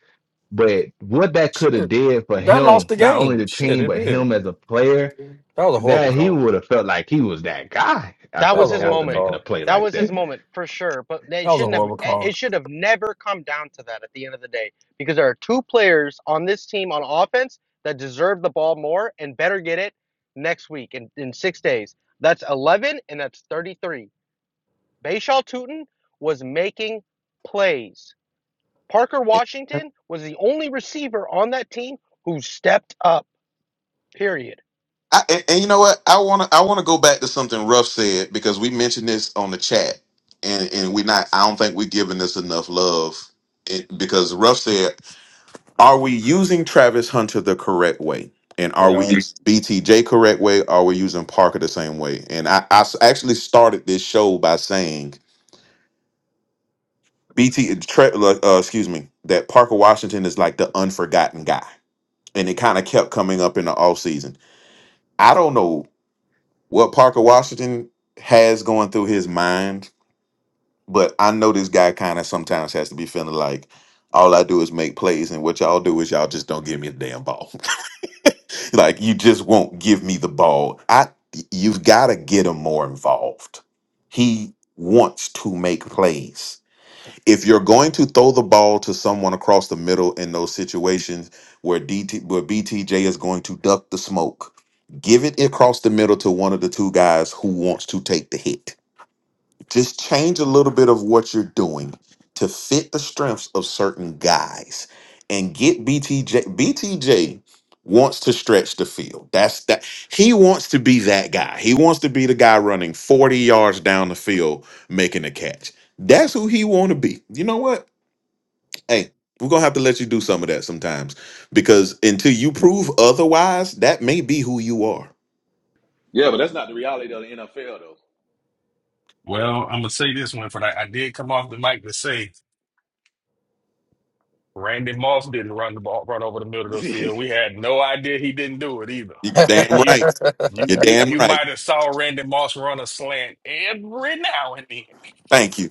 Speaker 1: but what that could have
Speaker 7: shit,
Speaker 1: did for
Speaker 7: that lost
Speaker 1: him,
Speaker 7: the
Speaker 1: not only
Speaker 7: game.
Speaker 1: the
Speaker 7: Shit,
Speaker 1: team
Speaker 7: it
Speaker 1: but
Speaker 7: did.
Speaker 1: him as a player,
Speaker 7: That was a horrible
Speaker 1: that he
Speaker 7: call.
Speaker 1: would have felt like he was that guy
Speaker 5: That
Speaker 7: That
Speaker 1: after
Speaker 7: was
Speaker 5: was
Speaker 7: a
Speaker 5: his
Speaker 7: horrible
Speaker 1: after
Speaker 5: moment.
Speaker 1: making a
Speaker 7: call.
Speaker 1: play
Speaker 5: That
Speaker 1: like
Speaker 5: was his
Speaker 1: that.
Speaker 5: moment for sure. But they
Speaker 7: That was a
Speaker 5: shouldn't have.
Speaker 7: horrible
Speaker 5: eh,
Speaker 7: call.
Speaker 5: It should have never come down to that at the end of the day because there are two players on this team on offense that deserve the ball more and better get it next week in, in six days. That's 11 and that's 33. Bayshaw Tootin was making plays. Parker Washington was the only receiver on that team who stepped up. Period.
Speaker 2: I, and, and you know what? I want to I want to go back to something Ruff said because we mentioned this on the chat, and and we not. I don't think we're giving this enough love It- because Ruff said, "Are we using Travis Hunter the correct way?" And are
Speaker 7: We
Speaker 2: we
Speaker 7: are.
Speaker 2: using BTJ correct way? Are we using Parker the same way? And I, I s- actually started this show by saying BT, Tra- uh, uh, excuse me, that Parker Washington is like the unforgotten guy, and it kind of kept coming up in the off season. I don't know what Parker Washington has going through his mind, but I know this guy kind of sometimes has to be feeling like all I do is make plays, and what y'all do is y'all just don't give me the damn ball. like you just won't give me the ball. I you've got to get him more involved. He wants to make plays if you're going to throw the ball to someone across the middle in those situations where DT where BTJ is going to duck the smoke, give it across the middle to one of the two guys who wants to take the hit just change a little bit of what you're doing to fit the strengths of certain guys and get BTJ. BTJ wants to stretch the field. That's that he wants to be that guy. He wants to be the guy running 40 yards down the field making a catch. That's who he want to be. You know what? Hey, we're going to have to let you do some of that sometimes because until you prove otherwise, that may be who you are.
Speaker 6: Yeah, but that's not the reality of the NFL
Speaker 3: Well, I'm gonna say this one for that. I did come off the mic to say Randy Moss didn't run the ball, run over the middle of the
Speaker 6: though.
Speaker 3: field. We had no idea he didn't do it either.
Speaker 2: You
Speaker 3: Eh,
Speaker 2: damn
Speaker 3: You,
Speaker 2: right.
Speaker 3: you,
Speaker 2: You're
Speaker 3: you,
Speaker 2: damn
Speaker 3: you
Speaker 2: right.
Speaker 3: might have saw Randy Moss run a slant every now and then.
Speaker 2: Thank you.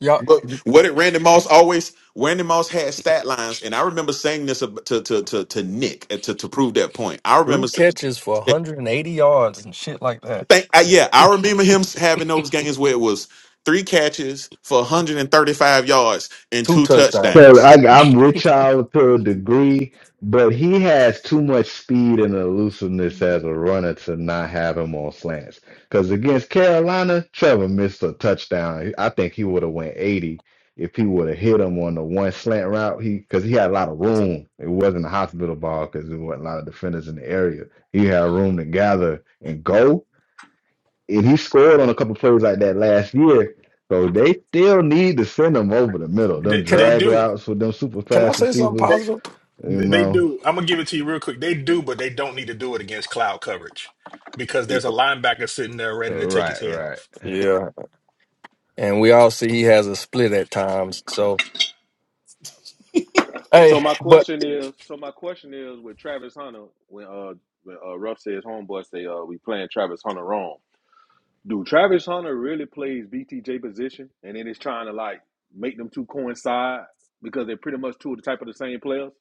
Speaker 7: Y'all,
Speaker 2: But what did Randy Moss always? Randy Moss had stat lines, and I remember saying this ab- to to to, to Nick uh, to to prove that point. I
Speaker 7: Three
Speaker 2: remember saying,
Speaker 7: catches for 180 yards and shit like that.
Speaker 2: "Thank I, yeah, I remember him having those games where it was three catches for 135 yards and
Speaker 7: Two
Speaker 2: two
Speaker 7: touchdowns.
Speaker 1: So
Speaker 2: touchdowns."
Speaker 1: I, I'm with y'all to a degree, but he has too much speed and elusiveness as a runner to not have him on slants. Because against Carolina, Trevor missed a touchdown. I think he would have went 80 if he would have hit him on the one slant route. He because he had a lot of room. It wasn't a hospital ball because there wasn't a lot of defenders in the area. He had room to gather and go and he scored on a couple plays like that last year. So they still need to send him over the middle.
Speaker 3: They,
Speaker 1: Them
Speaker 7: Can I
Speaker 3: they
Speaker 1: drag
Speaker 3: do.
Speaker 1: routes with them super
Speaker 7: can I
Speaker 1: fast
Speaker 7: say something
Speaker 1: receivers,
Speaker 7: positive?
Speaker 1: you
Speaker 3: They
Speaker 1: know.
Speaker 3: do. I'm gonna give it to you real quick. They do, but they don't need to do it against cloud coverage because
Speaker 2: There you
Speaker 3: there's a
Speaker 2: go.
Speaker 3: linebacker sitting there ready to take his
Speaker 1: Right,
Speaker 3: head
Speaker 1: right.
Speaker 3: off.
Speaker 7: Yeah. And we all see he has a split at times. So hey,
Speaker 6: So my
Speaker 7: but
Speaker 6: question is, so my question is with Travis Hunter, when uh when uh Ruff says homeboy say uh we playing Travis Hunter wrong. Do Travis Hunter really plays BTJ position and then it's trying to like make them two coincide because they're pretty much two of the type of the same players?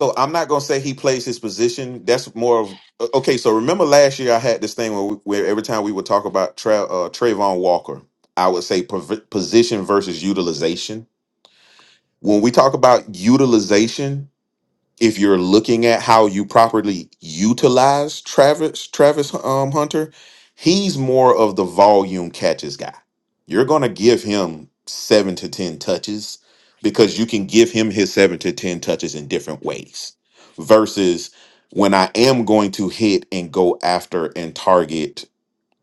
Speaker 2: So I'm not gonna say he plays his position. That's more of uh, okay. So remember last year I had this thing where, we, where every time we would talk about Tra, uh, Trayvon Walker, I would say pov- position versus utilization. When we talk about utilization if you're looking at how you properly utilize Travis Travis um, Hunter, he's more of the volume catches guy. You're gonna give him seven to ten touches because you can give him his seven to ten touches in different ways. Versus when I am going to hit and go after and target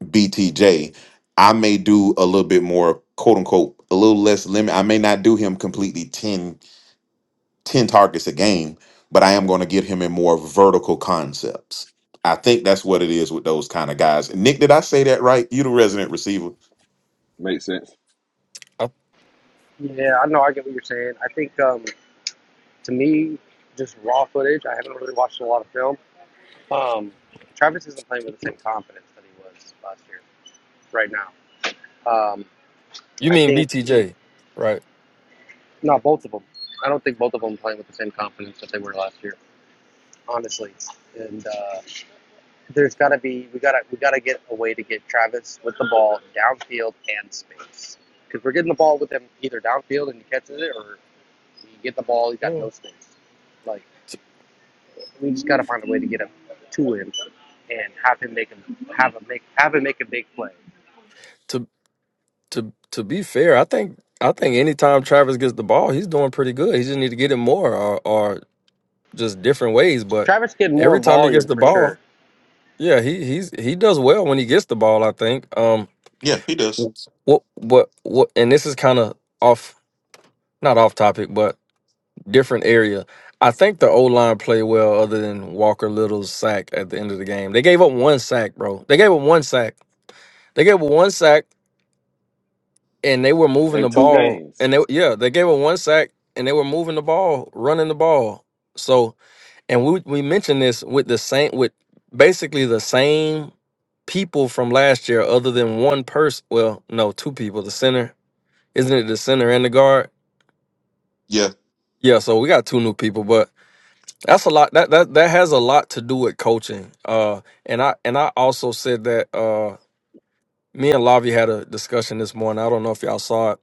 Speaker 2: BTJ, I may do a little bit more quote unquote a little less limit. I may not do him completely 10 10 targets a game, but I am going to get him in more vertical concepts. I think that's what it is with those kind of guys. Nick, did I say that right? You the resident receiver.
Speaker 6: Makes sense.
Speaker 7: uh,
Speaker 5: Yeah, I know. I get what you're saying. I think. Um, to me, just raw footage. I haven't really watched a lot of film. Um, Travis isn't playing with the same confidence that he was last year. Right now, um,
Speaker 7: you
Speaker 5: I
Speaker 7: mean
Speaker 5: think
Speaker 7: BTJ, right?
Speaker 5: not both of them. I don't think I'm playing with the same confidence that they were last year, honestly. And uh, there's got to be we gotta we gotta get a way to get Travis with the ball downfield and space because we're getting the ball with him either downfield and he catches it or he get the ball he's got
Speaker 7: Yeah.
Speaker 5: no space. Like
Speaker 7: To,
Speaker 5: we just gotta find a way to get him to him and have him make a have a make have him make a big play.
Speaker 7: to to to be fair, I think I think anytime Travis gets the ball, he's doing pretty good. He just need to get it more or or just different ways. But
Speaker 5: Travis get more
Speaker 7: every time he gets
Speaker 5: volume
Speaker 7: the
Speaker 5: for sure.
Speaker 7: ball, yeah, he he's he does well when he gets the ball. I think. Um,
Speaker 2: Yeah, he does.
Speaker 7: What what what and this is kind of off not off topic, but different area. I think the O line played well other than Walker Little's sack at the end of the game. They gave up one sack, bro. They gave up one sack. They gave up one sack and they were moving the
Speaker 6: And two
Speaker 7: ball.
Speaker 6: games.
Speaker 7: And they yeah, they gave up one sack and they were moving the ball, running the ball. So and we we mentioned this with the same with basically the same people from last year, other than one person. Well, no, two people, the center Isn't it the center and the guard?
Speaker 2: Yeah.
Speaker 7: Yeah, so we got two new people, but that's a lot that that, that has a lot to do with coaching. Uh and I and I also said that uh me and Lavi had a discussion this morning. I don't know if y'all saw it.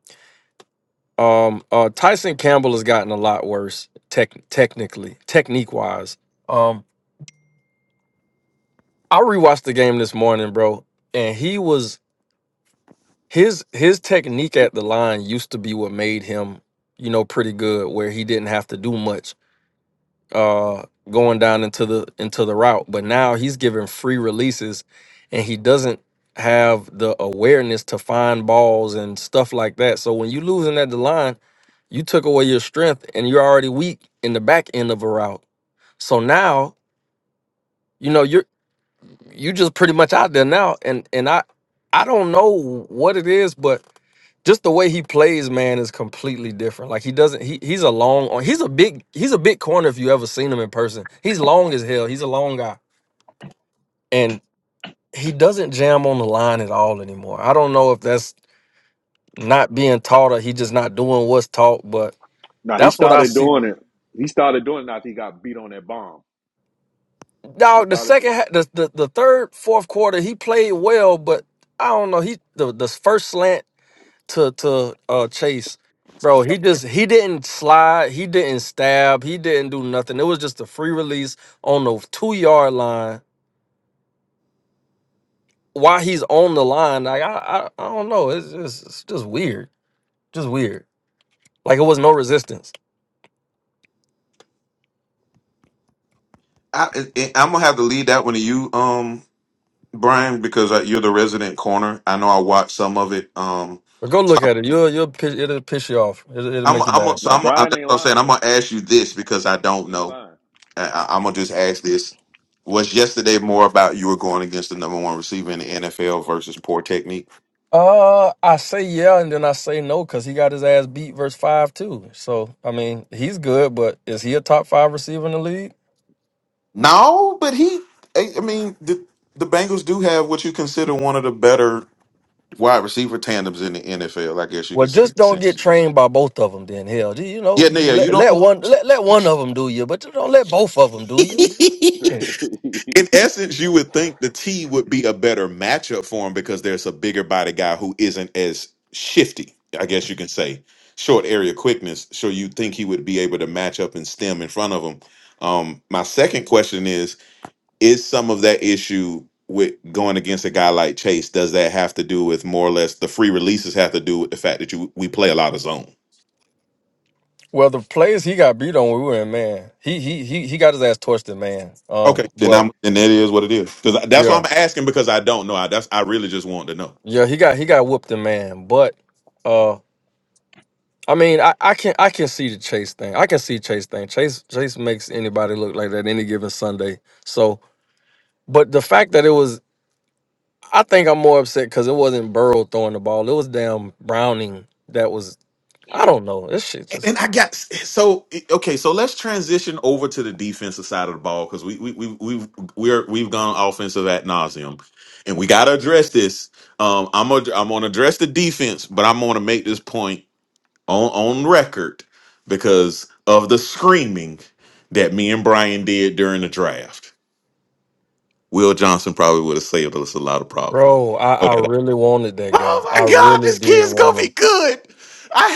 Speaker 7: Um uh Tyson Campbell has gotten a lot worse tech technically, technique wise. Um I rewatched the game this morning, bro, and he was his his technique at the line used to be what made him, you know, pretty good where he didn't have to do much uh going down into the into the route but now he's giving free releases and he doesn't have the awareness to find balls and stuff like that so when you losing at the line you took away your strength and you're already weak in the back end of a route so now you know you're you just pretty much out there now and and i i don't know what it is but just the way he plays, man, is completely different. Like he doesn't he he's a long he's a big he's a big corner if you ever seen him in person. He's long as hell. He's a long guy. And he doesn't jam on the line at all anymore. I don't know if that's not being taught or he just not doing what's taught, but
Speaker 6: Now he
Speaker 7: that's what I
Speaker 6: started
Speaker 7: see.
Speaker 6: doing it. He started doing it after he got beat on that bomb. He
Speaker 7: Dog, the
Speaker 6: started
Speaker 7: second ha- the, the the third, fourth quarter, he played well, but I don't know. He the the first slant to to uh Chase, bro. He just he didn't slide, he didn't stab, he didn't do nothing. It was just a free release on the two yard line. While he's on the line, like I I, I don't know. It's just it's just weird, just weird. Like it was no resistance.
Speaker 2: I, I- I'm going to have to leave that one to you, um, Brian, because uh, you're the resident corner. I know I watched some of it. Um,
Speaker 7: But go
Speaker 2: so
Speaker 7: look at it. You'll you'll piss, it'll piss you off. It'll, it'll
Speaker 2: I'm,
Speaker 7: make you
Speaker 2: I'm,
Speaker 7: mad.
Speaker 2: so
Speaker 6: now
Speaker 2: I'm, I-
Speaker 6: Brian
Speaker 2: that's
Speaker 6: ain't
Speaker 2: what I'm saying.
Speaker 6: lying
Speaker 2: I'm
Speaker 6: though.
Speaker 2: going to ask you this because I don't
Speaker 6: He ain't
Speaker 2: know.
Speaker 6: lying.
Speaker 2: I, I- I'm going to just ask this. Was yesterday more about you were going against the number one receiver in the NFL versus poor technique?
Speaker 7: Uh, I say yeah, and then I say no because he got his ass beat verse five too. So I mean, he's good, but is he a top five receiver in the league?
Speaker 6: Mm.
Speaker 2: No, but he. I I mean, the, the Bengals do have what you consider one of the better wide receiver tandems in the NFL. I guess you
Speaker 7: Well,
Speaker 2: can say. in
Speaker 7: just
Speaker 2: a
Speaker 7: don't get
Speaker 2: sense.
Speaker 7: trained by both of them. Then hell, you you know,
Speaker 2: Yeah, no,
Speaker 7: you
Speaker 2: yeah. You
Speaker 7: let, let
Speaker 2: don't.
Speaker 7: one let, let one of them do you, but you don't let both of them do you.
Speaker 2: in
Speaker 7: Shit.
Speaker 2: essence, you would think the T would be a better matchup for him because there's a bigger body guy who isn't as shifty. I guess you can say short area quickness. So you'd think he would be able to match up and stem in front of him. Um, my second question is is some of that issue with going against a guy like Chase? Does that have to do with more or less the free releases have to do with the fact that you we play a lot of zone?
Speaker 7: Well, the plays he got beat on, we were in man. He he he he got his ass torched in man. Um,
Speaker 2: Okay, then
Speaker 7: but
Speaker 2: I'm then that is what it is because that's why
Speaker 7: yeah,
Speaker 2: I'm asking because I don't know. I that's I really just want to know.
Speaker 7: yeah, he got he got whooped in man. But uh, I mean, I I can I can see the Chase thing. I can see Chase thing. Chase Chase makes anybody look like that any given Sunday. So, but the fact that it was, I think I'm more upset because it wasn't Burrow throwing the ball. It was damn Browning that was I don't know. This shit
Speaker 2: And
Speaker 7: just,
Speaker 2: and I got so okay. So let's transition over to the defensive side of the ball because we we we we've we're we've gone offensive at nauseum, and we got to address this. Um, I'm gonna I'm gonna address the defense, but I'm gonna make this point on on record because of the screaming that me and Brian did during the draft. Will Johnson probably would have saved us a lot of problems.
Speaker 7: bro. I,
Speaker 2: Oh
Speaker 7: I
Speaker 2: that-
Speaker 7: really wanted that guy.
Speaker 2: oh my
Speaker 7: I
Speaker 2: God,
Speaker 7: really
Speaker 2: this
Speaker 7: did
Speaker 2: kid's
Speaker 7: want
Speaker 2: gonna be
Speaker 7: him.
Speaker 2: good.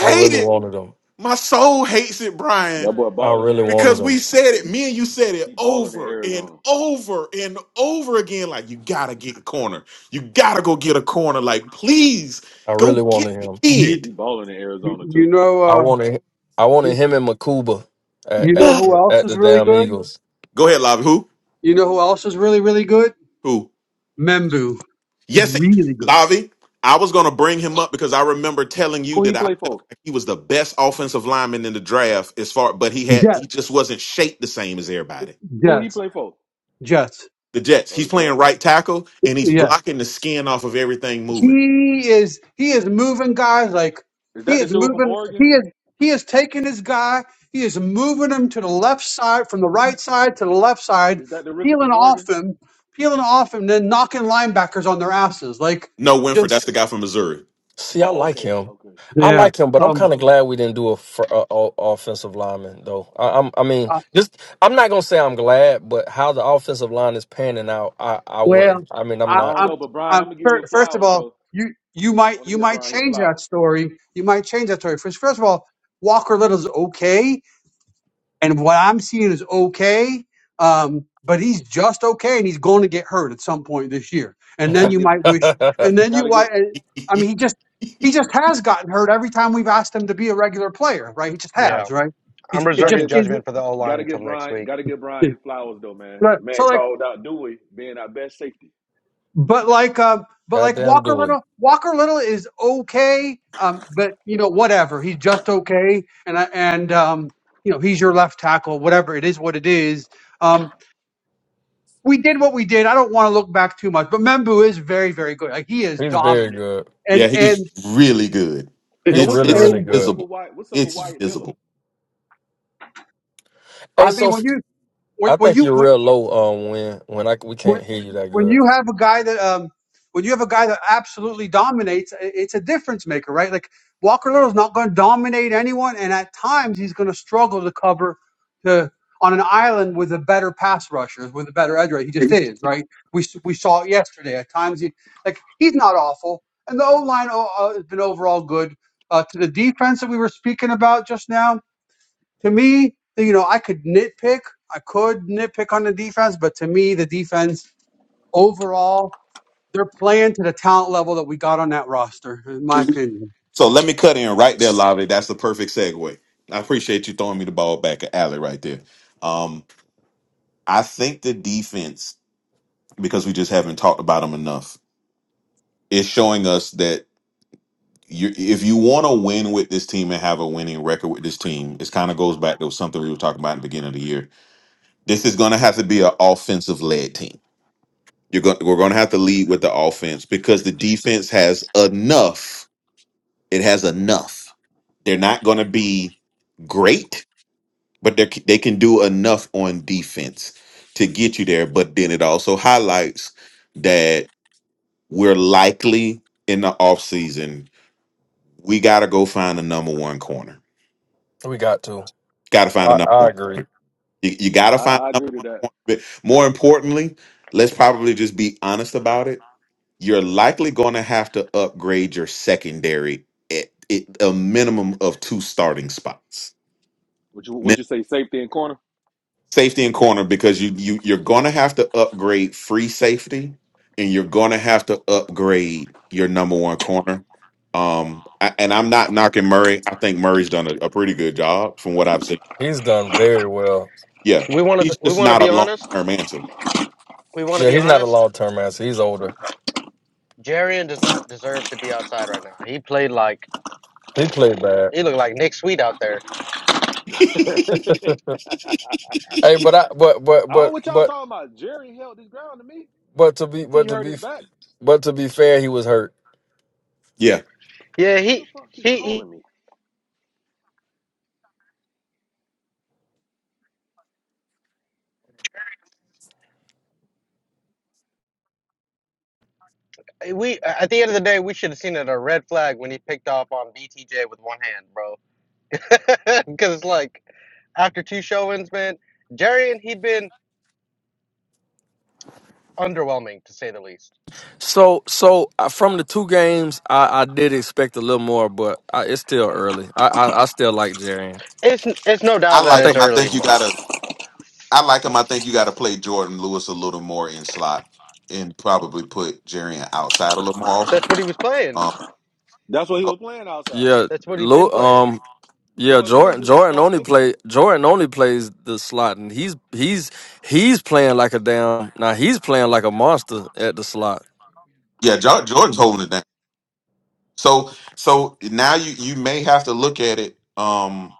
Speaker 7: I really
Speaker 2: hate it.
Speaker 7: wanted him.
Speaker 2: My soul hates it,
Speaker 6: that
Speaker 2: Brian,
Speaker 6: boy
Speaker 7: I
Speaker 6: balling in
Speaker 7: really wanted
Speaker 2: because
Speaker 6: Arizona.
Speaker 7: him.
Speaker 2: we said it. Me and you said it
Speaker 6: He balling in
Speaker 2: over and
Speaker 6: Arizona.
Speaker 2: over and over again. Like you gotta get a corner. You gotta go get a corner. Like please
Speaker 7: I
Speaker 2: go
Speaker 7: really
Speaker 2: get
Speaker 7: wanted
Speaker 2: the
Speaker 7: him.
Speaker 4: You
Speaker 2: kid.
Speaker 6: He balling in
Speaker 4: you
Speaker 6: Arizona
Speaker 4: you
Speaker 6: too.
Speaker 4: know
Speaker 7: I
Speaker 4: uh
Speaker 7: wanted, I wanted
Speaker 4: you,
Speaker 7: him and Makuba at
Speaker 4: you know
Speaker 7: at
Speaker 4: who
Speaker 7: the,
Speaker 4: else
Speaker 7: at
Speaker 4: is
Speaker 7: the
Speaker 4: really
Speaker 7: damn
Speaker 4: good?
Speaker 7: Eagles.
Speaker 2: Go ahead, Lobby. Who?
Speaker 4: You know who else is really really good?
Speaker 2: Who?
Speaker 4: Membu. He's
Speaker 2: Yes, it,
Speaker 4: really good.
Speaker 2: Lavi, I was going to bring him up because I remember telling you
Speaker 6: Who he
Speaker 2: that I
Speaker 6: play
Speaker 2: felt
Speaker 6: for?
Speaker 2: like he was the best offensive lineman in the draft as far, but he had
Speaker 4: Jet
Speaker 2: he just wasn't shaped the same as everybody.
Speaker 6: Who he
Speaker 4: Jets
Speaker 6: play for?
Speaker 4: Jets.
Speaker 2: The Jets,
Speaker 6: Oh,
Speaker 2: he's
Speaker 6: the
Speaker 2: playing
Speaker 6: Jets.
Speaker 2: right tackle and he's
Speaker 4: Yeah.
Speaker 2: blocking the skin off of everything moving.
Speaker 4: He is he is moving guys like
Speaker 6: Is
Speaker 4: he
Speaker 6: that the
Speaker 4: is
Speaker 6: dude from
Speaker 4: moving he
Speaker 6: Oregon?
Speaker 4: is he is taking his guy, he is moving him to the left side from the right side to the left side,
Speaker 6: Is that the rookie
Speaker 4: peeling
Speaker 6: from
Speaker 4: off
Speaker 6: Oregon?
Speaker 4: him, peeling off him, then knocking linebackers on their asses. Like
Speaker 2: No, Winford,
Speaker 4: just
Speaker 2: that's the guy from Missouri.
Speaker 7: See, I
Speaker 6: Oh,
Speaker 7: like
Speaker 6: okay,
Speaker 7: him.
Speaker 6: okay,
Speaker 7: I
Speaker 6: okay.
Speaker 4: Yeah.
Speaker 7: like him, but I'm
Speaker 4: Um
Speaker 7: kind of glad we didn't do a, fr- a, a offensive lineman though. I, I'm, I mean, just I'm not gonna say I'm glad, but how the offensive line is panning out, I, I
Speaker 4: Well,
Speaker 7: wouldn't. I mean, I'm
Speaker 6: I
Speaker 4: I,
Speaker 7: not.
Speaker 6: don't
Speaker 4: I'm,
Speaker 6: know, but Brian,
Speaker 4: I'm
Speaker 6: I'm gonna give you
Speaker 4: fir-
Speaker 6: your
Speaker 4: first of
Speaker 6: flowers
Speaker 4: all,
Speaker 6: though.
Speaker 4: you you
Speaker 6: I
Speaker 4: might
Speaker 6: want to
Speaker 4: you
Speaker 6: give
Speaker 4: might
Speaker 6: Brian his
Speaker 4: change that
Speaker 6: flowers.
Speaker 4: story. You might change that story. First, first of all, Walker Little's okay, and what I'm seeing is okay. Um, but he's just okay, and he's going to get hurt at some point this year. And then
Speaker 6: Gotta
Speaker 4: you
Speaker 6: get,
Speaker 4: might wish, and then you
Speaker 6: gotta get,
Speaker 4: might. and- I mean, he just he just has gotten hurt every time we've asked him to be a regular player, right? He just
Speaker 5: Yeah,
Speaker 4: has, right? He,
Speaker 5: I'm
Speaker 4: j-
Speaker 6: we
Speaker 4: it
Speaker 6: gotta
Speaker 4: just
Speaker 5: reserving
Speaker 6: get,
Speaker 4: is.
Speaker 5: judgment for the O line
Speaker 6: gotta
Speaker 5: until
Speaker 6: get
Speaker 5: next
Speaker 6: Brian,
Speaker 5: week.
Speaker 6: gotta get Brian his flowers though, man.
Speaker 4: Right.
Speaker 6: The
Speaker 4: So
Speaker 6: man
Speaker 4: like
Speaker 6: called out Dewey being our best safety.
Speaker 4: But like, um, but like
Speaker 7: Goddamn,
Speaker 4: Walker
Speaker 7: do it.
Speaker 4: Little, Walker Little is okay. Um, but you know, whatever, he's just okay. And I and um, you know, he's your left tackle. Whatever it is, what it is. Um, we did what we did. I don't want to look back too much, but Membu is very, very good. Like he is
Speaker 7: He's very
Speaker 4: dominant.
Speaker 7: good.
Speaker 4: And
Speaker 2: Yeah, he's
Speaker 4: and
Speaker 2: really good.
Speaker 6: So
Speaker 7: He's
Speaker 2: It's
Speaker 6: what's the
Speaker 7: really,
Speaker 2: it's
Speaker 6: deal?
Speaker 7: really
Speaker 4: and
Speaker 6: What's
Speaker 7: good.
Speaker 6: up
Speaker 2: visible.
Speaker 6: with White? What's up with
Speaker 2: It's
Speaker 6: Wyatt Miller?
Speaker 2: visible.
Speaker 7: Hey,
Speaker 4: I
Speaker 7: so
Speaker 4: mean, when
Speaker 7: f-
Speaker 4: you when,
Speaker 7: I
Speaker 4: when
Speaker 7: think
Speaker 4: you
Speaker 7: you're
Speaker 4: when
Speaker 7: real low. Um, when when I we
Speaker 4: when
Speaker 7: can't hear you that
Speaker 4: when
Speaker 7: good,
Speaker 4: you have a guy that um when you have a guy that absolutely dominates, i- it's a difference maker, right? Like Walker Little's not going to dominate anyone, and at times he's going to struggle to cover to on an island with a better pass rusher, with a better edge rusher. He just is, right? We s- we saw it yesterday. At times he like he's not awful, and the O line uh, has been overall good. Uh, to the defense that we were speaking about just now, to me, you know, I could nitpick. I could nitpick on the defense, but to me, the defense overall, they're playing to the talent level that we got on that roster, in my opinion.
Speaker 2: So let me cut in right there, Lavi. That's the perfect segue. I appreciate you throwing me the ball back at Alley right there. Um, I think the defense because we just haven't talked about them enough. It's showing us that you, if you want to win with this team and have a winning record with this team, it kind of goes back to something we were talking about at the beginning of the year. This is going to have to be an offensive led team. You're going, we're going to have to lead with the offense because the defense has enough. It has enough. They're not going to be great, but they they can do enough on defense to get you there. But then it also highlights that We're likely in the off season. We got to go find a number one corner.
Speaker 7: we got to.
Speaker 2: Got to find a
Speaker 7: I
Speaker 2: number
Speaker 7: I
Speaker 2: one.
Speaker 7: agree.
Speaker 2: Corner. You, you got to
Speaker 6: I,
Speaker 2: find.
Speaker 6: I
Speaker 2: A number,
Speaker 6: agree to that.
Speaker 2: more importantly, let's probably just be honest about it. You're likely going to have to upgrade your secondary at, at a minimum of two starting spots.
Speaker 6: What you what you say? Safety and corner.
Speaker 2: safety and corner because you you you're gonna have to upgrade free safety and you're gonna have to upgrade your number one corner. Um, I, and I'm not knocking Murray. I think Murray's done a, a pretty good job from what I've seen.
Speaker 7: He's done very well.
Speaker 2: Yeah,
Speaker 5: We want to
Speaker 2: he's
Speaker 5: we
Speaker 2: just
Speaker 5: want to
Speaker 2: not a
Speaker 5: be
Speaker 2: long
Speaker 5: honest.
Speaker 2: term answer.
Speaker 5: We want to
Speaker 7: Yeah,
Speaker 5: be
Speaker 7: he's not a
Speaker 5: honest.
Speaker 7: long term answer. He's older.
Speaker 5: Jarian does not deserve to be outside right now. He played like
Speaker 7: He played bad.
Speaker 5: he looked like Nick Sweet out there.
Speaker 6: I
Speaker 7: Hey, but I but but
Speaker 6: don't know
Speaker 7: but
Speaker 6: what y'all
Speaker 7: but
Speaker 6: talking about. Jerry held his ground to me.
Speaker 7: but to be
Speaker 6: Until
Speaker 7: but
Speaker 6: you
Speaker 7: to
Speaker 6: hurt
Speaker 7: be
Speaker 6: his back.
Speaker 7: but to be fair, he was hurt.
Speaker 2: yeah,
Speaker 5: Yeah,
Speaker 6: Who
Speaker 5: he
Speaker 6: the fuck keep
Speaker 5: he,
Speaker 6: calling me?
Speaker 5: he we at the end of the day we should have seen it a red flag when he picked off on BTJ with one hand, bro. Because it's like after two showings, man, Jarian he'd been underwhelming to say the least.
Speaker 7: So so uh, from the two games, I I did expect a little more, but I, it's still early. I I, I still like Jarian.
Speaker 5: It's it's no
Speaker 2: I
Speaker 5: doubt
Speaker 7: I
Speaker 5: that
Speaker 2: like
Speaker 5: it's
Speaker 7: think
Speaker 2: him. I
Speaker 5: early,
Speaker 2: think you
Speaker 5: but
Speaker 2: gotta. I like him. I think you gotta play Jordan Lewis a little more in slot and probably put Jerry outside a little more often.
Speaker 5: that's what he was playing.
Speaker 2: Um,
Speaker 6: That's what he
Speaker 2: oh,
Speaker 6: was playing outside.
Speaker 7: yeah.
Speaker 5: That's what he'd
Speaker 7: Lou,
Speaker 5: been playing.
Speaker 7: um, Yeah,
Speaker 6: Joy Lewis
Speaker 7: Jordan.
Speaker 6: is to
Speaker 7: Jordan
Speaker 6: start
Speaker 7: only
Speaker 6: nickel.
Speaker 7: play. Jordan only plays the slot, and he's he's he's playing like a damn. Now he's playing like a monster at the slot.
Speaker 2: yeah, Jor- Jordan's holding it down. So so now you you may have to look at it. Um,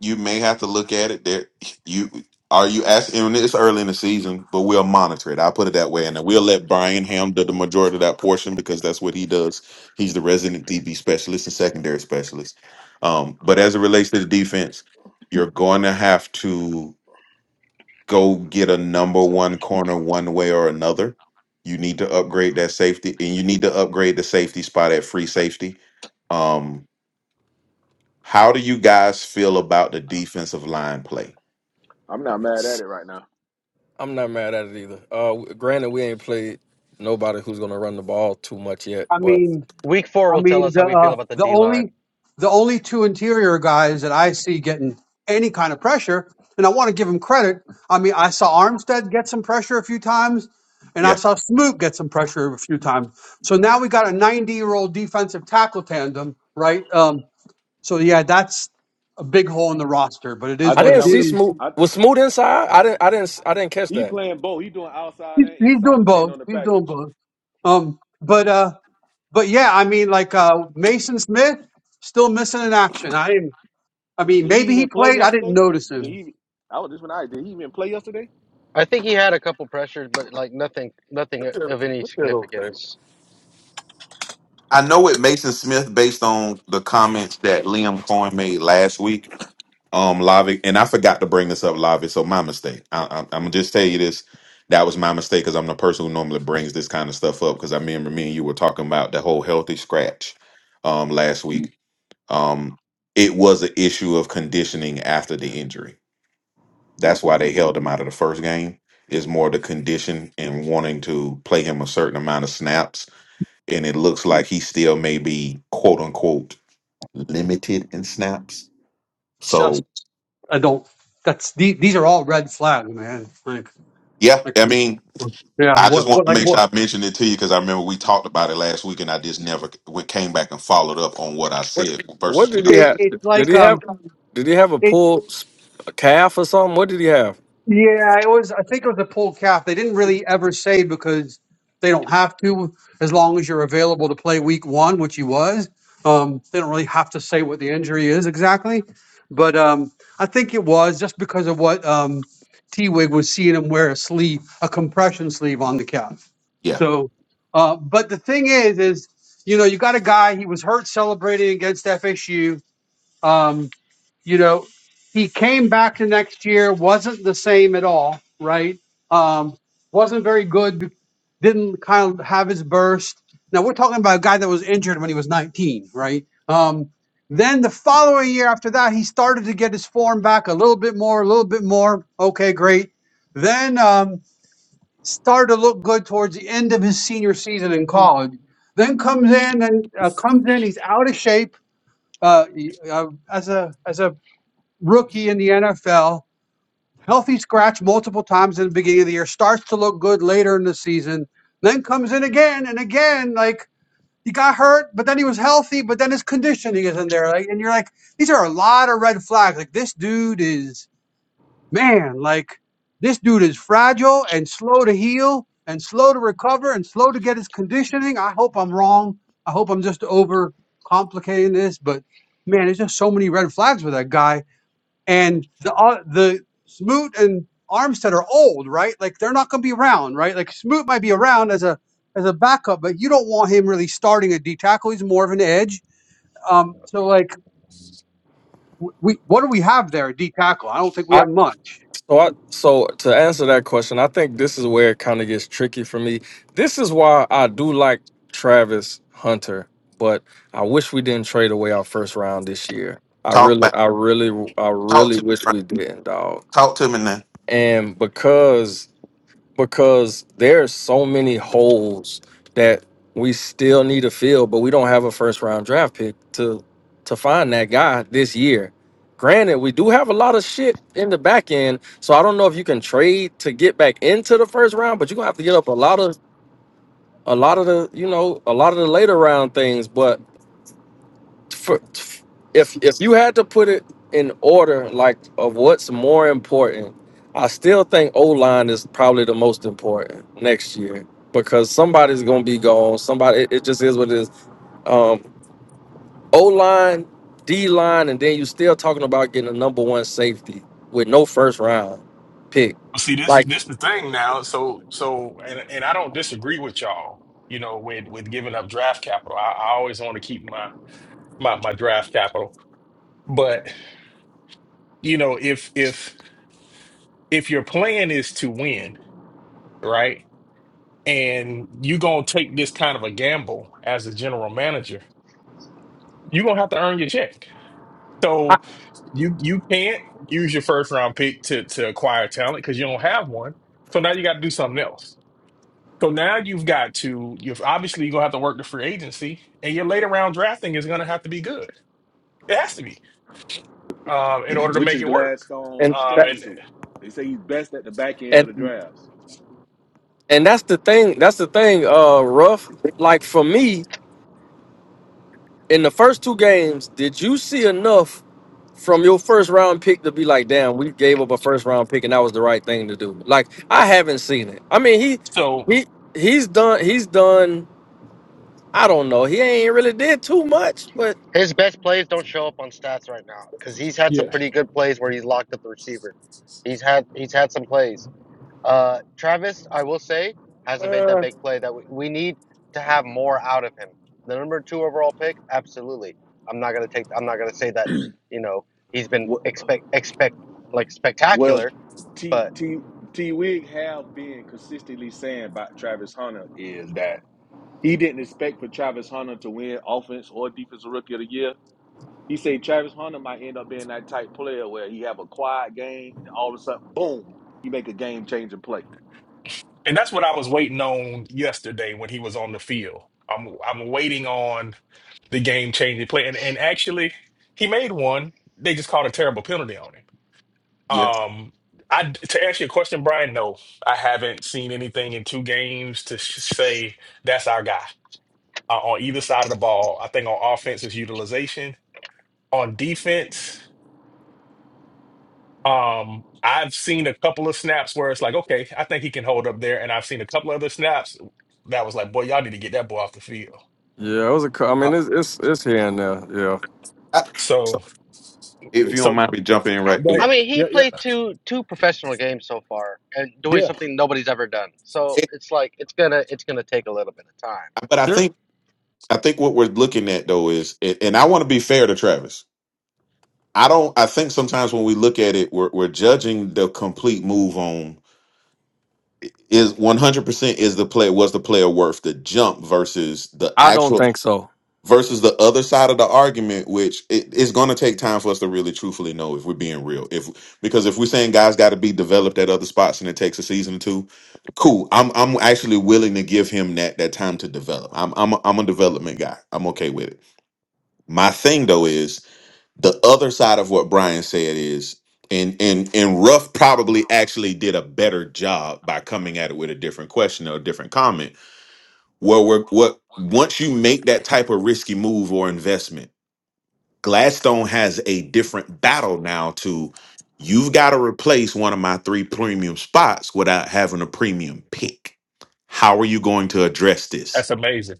Speaker 2: you may have to look at it. There, you are you asking? And it's early in the season, but we'll monitor it. I'll put it that way, and then we'll let Brian Ham do the majority of that portion because that's what he does. He's the resident DB specialist and secondary specialist. Um, but as it relates to the defense, you're going to have to go get a number one corner one way or another. You need to upgrade that safety, and you need to upgrade the safety spot at free safety. Um, how do you guys feel about the defensive line play?
Speaker 6: I'm not mad at
Speaker 7: S-
Speaker 6: it right now.
Speaker 7: I'm not mad at it either. Uh, granted, we ain't played nobody who's gonna run the ball too much yet,
Speaker 4: I
Speaker 7: but
Speaker 4: mean,
Speaker 5: Week four
Speaker 4: I
Speaker 5: will tell
Speaker 4: mean
Speaker 5: us
Speaker 4: the
Speaker 5: how we feel
Speaker 4: uh,
Speaker 5: about the
Speaker 4: the
Speaker 5: D line.
Speaker 4: only the only two interior guys that I see getting any kind of pressure, and I want to give them credit. I mean, I saw Armstead get some pressure a few times, and I
Speaker 2: Yeah,
Speaker 4: saw Smoot get some pressure a few times. So now we got a 90 year old defensive tackle tandem, right? Um, so yeah, that's a big hole in the roster, but it
Speaker 6: I
Speaker 4: is
Speaker 7: I
Speaker 4: what
Speaker 6: think
Speaker 7: didn't
Speaker 4: it
Speaker 6: that was
Speaker 7: see
Speaker 6: the
Speaker 4: is.
Speaker 7: smooth.
Speaker 6: I
Speaker 7: Was smooth inside? I didn't. I didn't. I I didn't catch
Speaker 6: he
Speaker 7: that.
Speaker 6: playing both. He doing outside
Speaker 4: He's,
Speaker 6: and
Speaker 4: he's
Speaker 6: inside,
Speaker 4: doing
Speaker 6: depending
Speaker 4: both.
Speaker 6: on the
Speaker 4: He's doing
Speaker 6: package.
Speaker 4: both. Um, but uh, but yeah, I mean, like uh, Mason Smith still missing in action. I didn't. I mean,
Speaker 6: Did he
Speaker 4: maybe he
Speaker 6: even play
Speaker 4: played. I didn't
Speaker 6: yesterday?
Speaker 4: notice
Speaker 6: Did
Speaker 4: him.
Speaker 6: he I was just when I did he even play yesterday?
Speaker 5: I think he had a couple pressures, but like nothing, nothing
Speaker 7: Look
Speaker 5: of any
Speaker 7: at those things.
Speaker 5: significance.
Speaker 2: I know it Mason Smith based on the comments that Liam Cohen made last week. Um, Lavi, and I forgot to bring this up, Lavi. So my mistake. I, I, I'm gonna just tell you this. That was my mistake because I'm the person who normally brings this kind of stuff up. Because I remember me and you were talking about the whole healthy scratch um last week. Um, it was an issue of conditioning after the injury. That's why they held him out of the first game. Is more the condition and wanting to play him a certain amount of snaps, and it looks like he still may be quote unquote limited in snaps.
Speaker 4: It's Just
Speaker 2: So
Speaker 4: I don't. That's these, these are all red flags, man. Like
Speaker 2: yeah,
Speaker 4: like
Speaker 2: I mean,
Speaker 4: yeah,
Speaker 2: I just
Speaker 4: what what
Speaker 2: want to
Speaker 4: like
Speaker 2: make sure
Speaker 4: what?
Speaker 2: I mentioned it to you because I remember we talked about it last week, and I just never we came back and followed up on what I
Speaker 7: What
Speaker 2: said versus
Speaker 7: What did
Speaker 2: what I
Speaker 7: he
Speaker 4: It,
Speaker 2: said.
Speaker 7: have?
Speaker 4: it's
Speaker 7: Did
Speaker 4: like
Speaker 7: he have?
Speaker 4: um.
Speaker 7: Did he have a
Speaker 4: it
Speaker 7: pull, s- a calf or something? What did he have?
Speaker 4: Yeah, it was. I think it was a pulled calf. They didn't really ever say because they don't have to, as long as you're available to play week one, which he was. Um, they don't really have to say what the injury is exactly, but um, I think it was just because of what um, T Wig was seeing him wear a sleeve, a compression sleeve on the calf.
Speaker 2: Yeah,
Speaker 4: So, uh, but the thing is, is you know, you got a guy. He was hurt celebrating against FSU. Um, you know, he came back the next year, wasn't the same at all, right? Um, wasn't very good, didn't kind of have his burst. Now we're talking about a guy that was injured when he was 19, right? Um, then the following year after that, he started to get his form back a little bit more, a little bit more. Okay, great. Then um, started to look good towards the end of his senior season in college. Then comes in and uh, comes in. He's out of shape uh, y- uh, as a as a rookie in the NFL, healthy scratch multiple times in the beginning of the year, starts to look good later in the season, then comes in again and again. Like he got hurt, but then he was healthy, but then his conditioning isn't there. Like, and you're like, these are a lot of red flags. Like this dude is man. Like this dude is fragile and slow to heal and slow to recover and slow to get his conditioning. I hope I'm wrong. I hope I'm just over complicating this, but man, there's just so many red flags with that guy and the uh, the Smoot and Armstead are old, right? Like they're not going to be around, right? Like Smoot might be around as a as a backup, but you don't want him really starting a D tackle. He's more of an edge. Um, so like w- we what do we have there? D tackle? I don't think we have much.
Speaker 7: So, I, so to answer that question, I think this is where it kind of gets tricky for me. This is why I do like Travis Hunter, but I wish we didn't trade away our first round this year. I
Speaker 2: talk
Speaker 7: really,
Speaker 2: back,
Speaker 7: I really, I
Speaker 2: talk
Speaker 7: really
Speaker 2: to me,
Speaker 7: wish
Speaker 2: Brian.
Speaker 7: we didn't, dog.
Speaker 2: talk to me now.
Speaker 7: And because because there's so many holes that we still need to fill, but we don't have a first round draft pick to to find that guy this year. Granted, we do have a lot of shit in the back end, so I don't know if you can trade to get back into the first round, but you're gonna have to get up a lot of a lot of the you know a lot of the later round things. But for, if if you had to put it in order, like of what's more important, I still think O line is probably the most important next year because somebody's gonna be gone. Somebody, it, it just is what it is. Um, o line, D line, and then you still talking about getting a number one safety with no first round pick,
Speaker 3: Well, see, this
Speaker 7: like
Speaker 3: this the thing now. So so, and and I don't disagree with y'all. You know, with with giving up draft capital, I, I always want to keep my my my draft capital. But you know, if if if your plan is to win, right, and you gonna take this kind of a gamble as a general manager, you are gonna have to earn your check. So you you can't use your first round pick to to acquire talent because you don't have one. So now you got to do something else. So now you've got to you've obviously you're gonna have to work the free agency, and your later round drafting is gonna have to be good. It has to be um, in order to
Speaker 6: Which
Speaker 3: make
Speaker 6: is
Speaker 3: it work.
Speaker 6: Gladstone
Speaker 7: and
Speaker 3: Um,
Speaker 7: that
Speaker 6: strong
Speaker 3: and
Speaker 6: suit. They say he's best at the back end of the
Speaker 7: and
Speaker 6: drafts.
Speaker 7: and that's the thing. That's the thing. Uh, rough. Like for me. in the first two games, did you see enough from your first round pick to be like, damn, we gave up a first round pick and that was the right thing to do? Like, I haven't seen it. I mean, he
Speaker 3: so
Speaker 7: he he's done he's done. I don't know. He ain't really did too much, but
Speaker 5: His best plays don't show up on stats right now because he's had some
Speaker 3: yeah,
Speaker 5: pretty good plays where he's locked up the receiver. He's had he's had some plays. Uh, Travis, I will say, hasn't made that
Speaker 7: uh,
Speaker 5: big play that we, we need to have more out of him. The number two overall pick, absolutely. I'm not gonna take. I'm not gonna say that. You know, he's been
Speaker 6: What?
Speaker 5: expect expect like
Speaker 6: Well,
Speaker 5: spectacular,
Speaker 6: T
Speaker 5: but
Speaker 6: T T Wig have been consistently saying about Travis Hunter is that he didn't expect for Travis Hunter to win offense or defensive rookie of the year. He said Travis Hunter might end up being that type player where he have a quiet game and all of a sudden, boom, he make a game changing play.
Speaker 3: and that's what I was waiting on yesterday when he was on the field. I'm I'm waiting on the game changing play, and and actually he made one. They just called a terrible penalty on him
Speaker 2: Yeah,
Speaker 3: Um, I to answer your question, Brian, no, I haven't seen anything in two games to sh say that's our guy uh, on either side of the ball. I think on offense is utilization. On defense, um, I've seen a couple of snaps where it's like, okay, I think he can hold up there, and I've seen a couple other snaps that was like, boy, y'all need to get that boy off the field.
Speaker 7: yeah, it was a. cou- I
Speaker 3: Uh,
Speaker 7: mean, it's it's it's here and there. Yeah,
Speaker 2: I-
Speaker 3: so,
Speaker 2: if you don't
Speaker 3: so
Speaker 2: mind me jumping in
Speaker 5: I,
Speaker 2: right
Speaker 3: go
Speaker 5: I
Speaker 2: through.
Speaker 3: ahead.
Speaker 5: mean, he
Speaker 3: Yeah, yeah,
Speaker 5: played two two professional games so far and doing
Speaker 3: yeah.
Speaker 5: something nobody's ever done. So
Speaker 2: It-
Speaker 5: it's like it's gonna it's gonna take a little bit of time.
Speaker 2: but I
Speaker 3: Sure.
Speaker 2: think I think what we're looking at though is, and and I want to be fair to Travis. I don't. I think sometimes when we look at it, we're we're judging the complete move on is one hundred percent is the play was the player worth the jump versus the
Speaker 7: I don't
Speaker 2: actual
Speaker 7: think so.
Speaker 2: versus the other side of the argument, which it, it's going to take time for us to really truthfully know if we're being real. If because if we're saying guys got to be developed at other spots and it takes a season or two, cool. I'm I'm actually willing to give him that that time to develop. I'm I'm a, I'm a development guy. I'm okay with it. My thing though is the other side of what Brian said is. And, and and Ruff probably actually did a better job by coming at it with a different question or a different comment. Where we're what once you make that type of risky move or investment, Gladstone has a different battle now to you've got to replace one of my three premium spots without having a premium pick. How are you going to address this?
Speaker 3: That's amazing.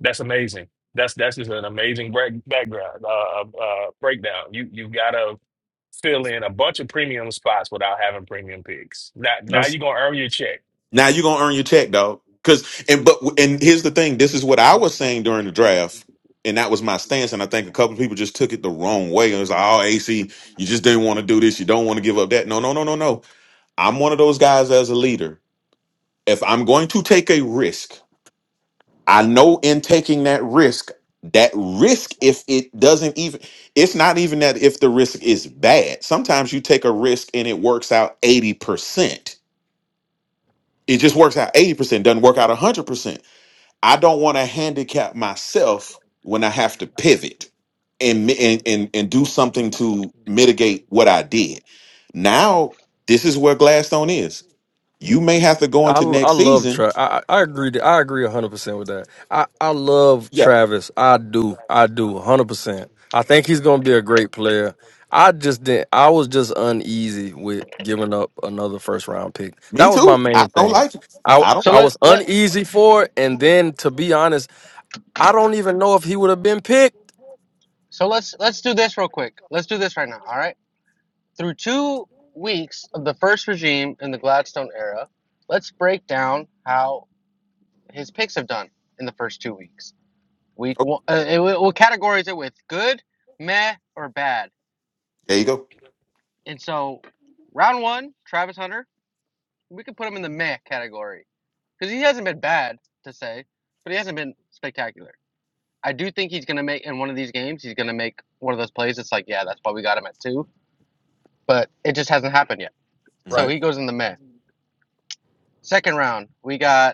Speaker 3: That's amazing. That's that's just an amazing break, background uh, uh, uh, breakdown. You you gotta fill in a bunch of premium spots without having premium picks. Now now you're gonna earn your check.
Speaker 2: Now you're gonna earn your check, dog. Cause and but and here's the thing, this is what I was saying during the draft, and that was my stance. And I think a couple of people just took it the wrong way. And it was like, oh AC, you just didn't want to do this, you don't want to give up that. No, no, no, no, no. I'm one of those guys as a leader. If I'm going to take a risk, I know in taking that risk, that risk, if it doesn't even, it's not even that if the risk is bad. Sometimes you take a risk and it works out 80%. It just works out 80%, doesn't work out 100%. I don't want to handicap myself when I have to pivot and, mi- and, and, and do something to mitigate what I did. Now, this is where Gladstone is. You may have to go
Speaker 7: I,
Speaker 2: into
Speaker 7: I
Speaker 2: next
Speaker 7: love
Speaker 2: season.
Speaker 7: Travis. I, I I agree. that- I agree hundred percent with that. I, I love
Speaker 2: Yeah,
Speaker 7: Travis. I do. I do hundred percent. I think he's gonna be a great player. I just didn't. I was just uneasy with giving up another first round pick. That
Speaker 2: me
Speaker 7: was my
Speaker 2: too. I
Speaker 7: main
Speaker 2: don't
Speaker 7: thing.
Speaker 2: like it.
Speaker 7: I
Speaker 2: I don't
Speaker 5: So
Speaker 2: like
Speaker 7: I
Speaker 5: let
Speaker 7: was
Speaker 5: let
Speaker 7: uneasy for it, and then to be honest, I don't even know if he would have been picked.
Speaker 5: so let's let's do this real quick. Let's do this right now. All right. Through two weeks of the first regime in the Gladstone era, let's break down how his picks have done in the first two weeks.
Speaker 2: it.
Speaker 5: Week
Speaker 2: Okay,
Speaker 5: one, uh, it, what categories it with? Good, meh, or bad?
Speaker 2: there you go.
Speaker 5: And so, round one, Travis Hunter, we could put him in the meh category because he hasn't been bad to say, but he hasn't been spectacular. I do think he's going to make in one of these games. He's going to make one of those plays. It's like, yeah, that's why we got him at two, but it just hasn't happened yet.
Speaker 2: hmm
Speaker 5: So
Speaker 7: Right.
Speaker 5: he goes in the meh. Second round, we got